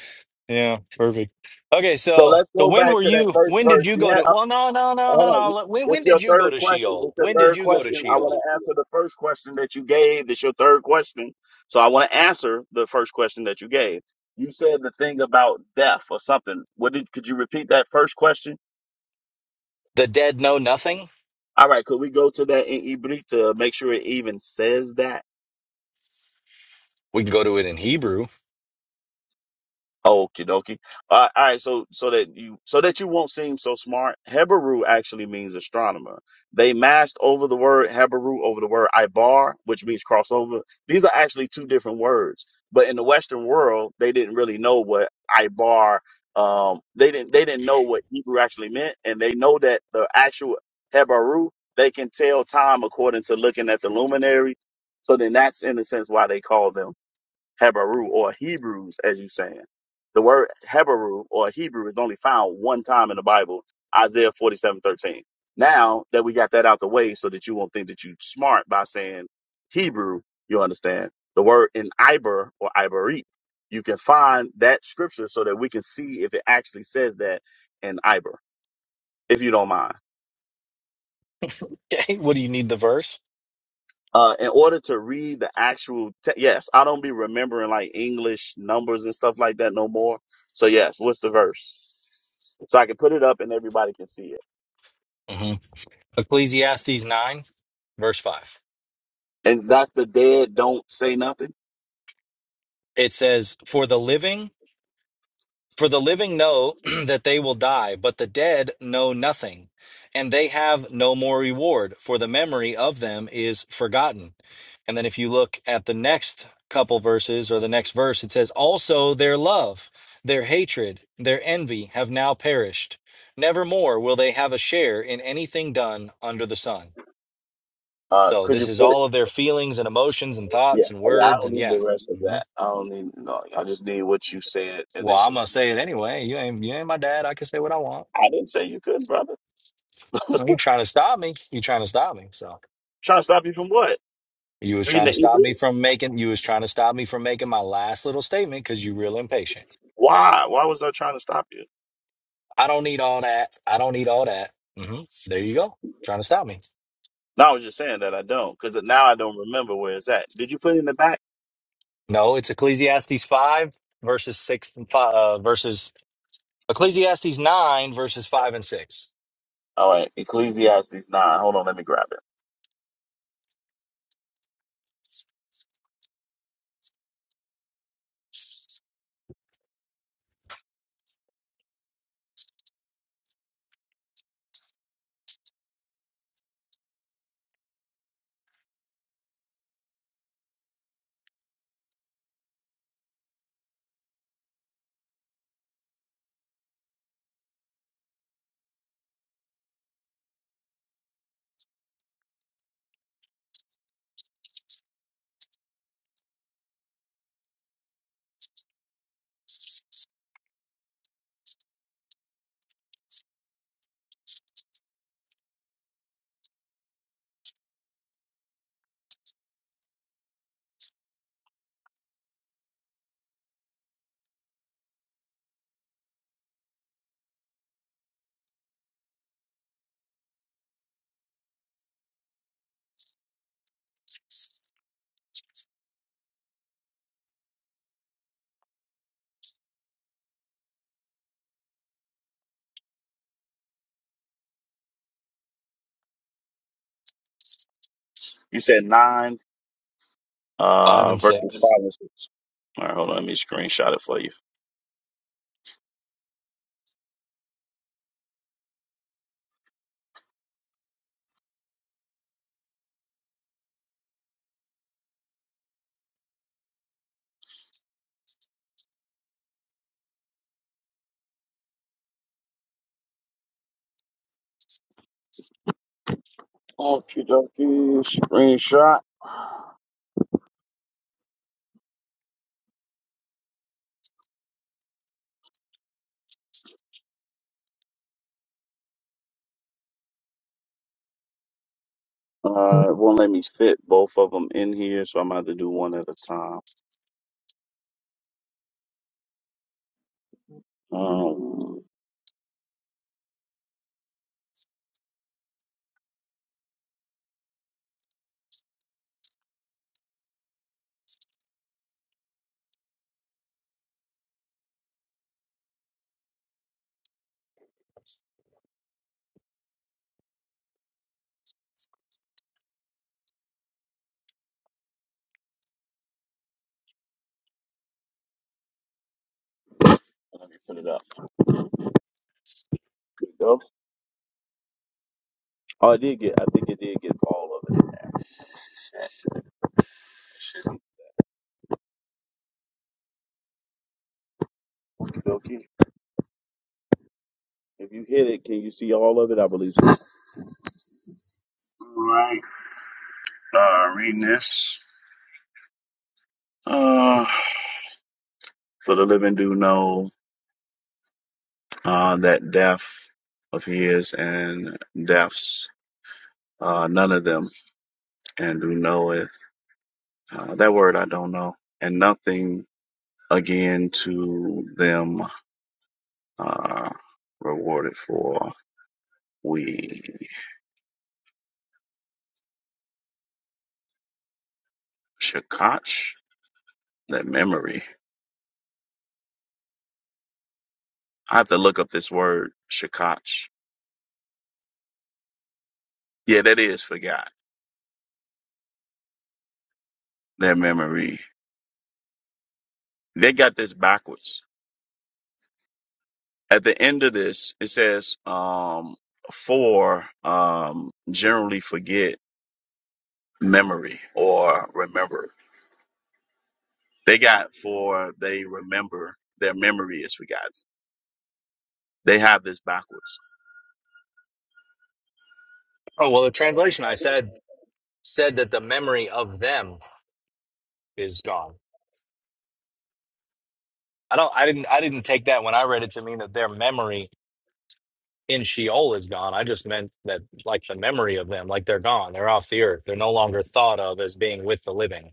Speaker 9: Yeah, perfect. Okay,
Speaker 12: So
Speaker 9: so
Speaker 12: let's
Speaker 9: so
Speaker 12: go
Speaker 9: when
Speaker 12: back
Speaker 9: were
Speaker 12: to that
Speaker 9: you
Speaker 12: first
Speaker 9: when did
Speaker 12: verse.
Speaker 9: you
Speaker 12: You
Speaker 9: go
Speaker 12: had,
Speaker 9: to well no no no no
Speaker 12: Hold
Speaker 9: no
Speaker 12: on.
Speaker 9: when
Speaker 12: That's
Speaker 9: when
Speaker 12: your
Speaker 9: did you go
Speaker 12: third
Speaker 9: to
Speaker 12: question. That's
Speaker 9: Sheol?
Speaker 12: your
Speaker 9: When did
Speaker 12: third
Speaker 9: you go to
Speaker 12: question. I want
Speaker 9: Sheol?
Speaker 12: to answer the first question that you gave. That's your third question. So I want to answer the first question that you gave. You said the thing about death or something. What did? Could you repeat that first question?
Speaker 9: The dead know nothing?
Speaker 12: All right. Could we go to that in Ibrit to Make sure it even says that.
Speaker 9: We can go to it in Hebrew. [laughs]
Speaker 12: Okie dokie. Uh, all right, so so that you so that you won't seem so smart, Heberu actually means astronomer. They mashed over the word Heberu over the word Ibar, which means crossover. These are actually two different words, but in the Western world, they didn't really know what Ibar. Um, they didn't they didn't know what Hebrew actually meant, and they know that the actual Heberu they can tell time according to looking at the luminary. So then that's in a sense why they call them Hebrew or Hebrews, as you saying. The word Hebrew or Hebrew is only found one time in the Bible, Isaiah forty-seven thirteen. Now that we got that out the way so that you won't think that you smart by saying Hebrew, you understand. The word in Iber or Iberit, you can find that scripture so that we can see if it actually says that in Iber, if you don't mind.
Speaker 9: Okay, what do you need the verse?
Speaker 12: uh, in order to read the actual te- yes, I don't be remembering like English numbers and stuff like that no more. So yes, what's the verse? So I can put it up and everybody can see it.
Speaker 9: hmm Ecclesiastes nine, verse five.
Speaker 12: And that's the dead don't say nothing.
Speaker 9: it says, For the living, for the living know [clears throat] that they will die, but the dead know nothing, and they have no more reward, for the memory of them is forgotten. And then if you look at the next couple verses or the next verse, it says, Also their love, their hatred, their envy have now perished. Nevermore will they have a share in anything done under the sun.
Speaker 12: Uh,
Speaker 9: So
Speaker 12: could
Speaker 9: this
Speaker 12: you
Speaker 9: is
Speaker 12: put it?
Speaker 9: all of their feelings and emotions and
Speaker 12: Yeah,
Speaker 9: thoughts and
Speaker 12: yeah, I
Speaker 9: words
Speaker 12: don't
Speaker 9: and
Speaker 12: need
Speaker 9: yeah.
Speaker 12: the rest of
Speaker 9: Mm-hmm.
Speaker 12: that. I don't need no. I just need what you said
Speaker 9: Well, I'm
Speaker 12: initially.
Speaker 9: gonna say it anyway. You ain't you ain't my dad. I can say what I want.
Speaker 12: I didn't say you couldn't, brother.
Speaker 9: Well, you trying to stop me? You trying to stop me? So
Speaker 12: trying to stop you from what?
Speaker 9: you was
Speaker 12: Reading
Speaker 9: trying
Speaker 12: the
Speaker 9: to stop me
Speaker 12: Hebrew?
Speaker 9: from making. You was trying to stop me from making my last little statement because you real impatient.
Speaker 12: Why? Why was I trying to stop you?
Speaker 9: I don't need all that. I don't need all that. hmm There you go. Trying to stop me?
Speaker 12: No, I was just saying that I don't, because now I don't remember where it's at. Did you put it in the back?
Speaker 9: No, it's Ecclesiastes five verses six and five uh, verses Ecclesiastes nine verses five and six.
Speaker 12: All right, Ecclesiastes nine. Hold on, let me grab it. You said nine,
Speaker 9: Five
Speaker 12: uh,
Speaker 9: and
Speaker 12: verses five
Speaker 9: six.
Speaker 12: and six. All right, hold on, let me screenshot it for you. Okay, dokie, screenshot. Uh, it won't let me fit both of them in here, so I'm gonna have to do one at a time. Um, let me put it up. There we go. Oh, I did get. I think it did get all of it in there. This is it. Okay. If you hit it, can you see all of it? I believe so. All right. Uh, reading this. Uh, for the living do know uh, that death of his and deaths, uh, none of them, and do knoweth. Uh, that word I don't know. And nothing again to them uh, rewarded for we. Shakach, that memory. I have to look up this word, Shakach. Yeah, that is forgot, that memory. They got this backwards. At the end of this, it says, um, for, um, generally forget memory or remember. They got for they remember their memory is forgotten. They have this backwards.
Speaker 9: Oh well, the translation I said said that the memory of them is gone. I don't I didn't I didn't take that when I read it to mean that their memory in Sheol is gone. I just meant that like the memory of them, like they're gone. They're off the earth. They're no longer thought of as being with the living.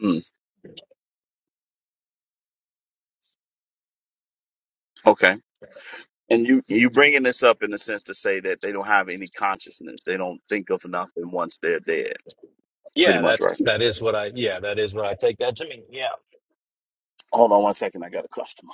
Speaker 12: Hmm. okay. And you you bringing this up in the sense to say that they don't have any consciousness. They don't think of nothing once they're dead. Pretty
Speaker 9: Yeah,
Speaker 12: much, right?
Speaker 9: that's that is what I yeah, that is what I take that to mean. Yeah.
Speaker 12: Hold on one second. I got a customer.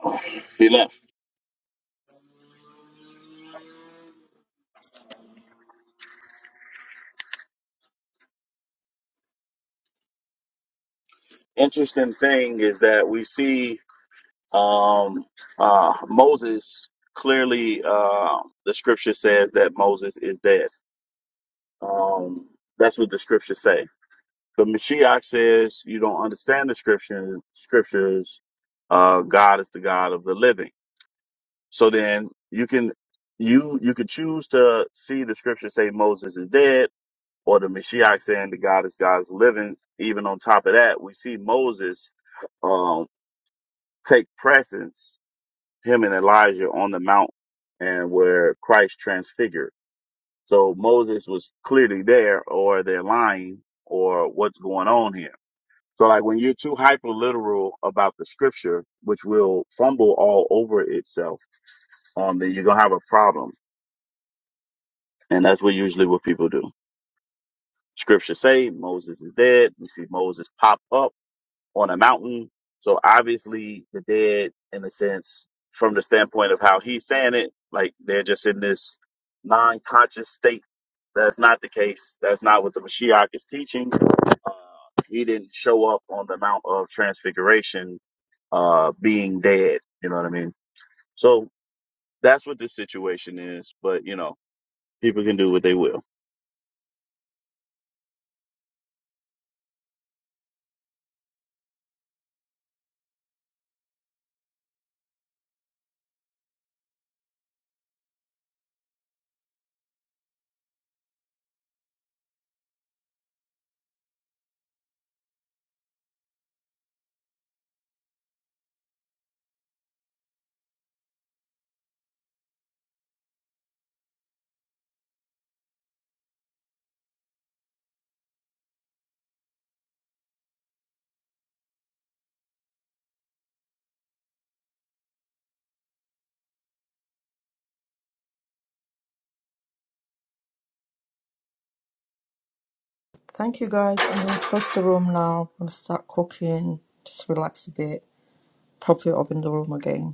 Speaker 12: [sighs] He left. Interesting thing is that we see um, uh, Moses clearly. Uh, the scripture says that Moses is dead. Um, that's what the scriptures say. The Mashiach says you don't understand the scripture, scriptures. Uh, God is the God of the living. So then you can you you could choose to see the scripture say Moses is dead or the Mashiach saying the God is God is living. Even on top of that, we see Moses um take presence, him and Elijah on the mount and where Christ transfigured. So Moses was clearly there or they're lying or what's going on here. So like when you're too hyper literal about the scripture, which will fumble all over itself, um, then you're gonna have a problem And that's what usually what people do. Scripture say Moses is dead. We see Moses pop up on a mountain. So obviously the dead, in a sense, from the standpoint of how he's saying it, like they're just in this non-conscious state. That's not the case. That's not what the Mashiach is teaching. Uh, he didn't show up on the Mount of Transfiguration, uh, being dead. You know what I mean? So that's what this situation is. But you know, people can do what they will.
Speaker 1: Thank you guys. I'm going to close the room now. I'm going to start cooking, just relax a bit, probably open the room again.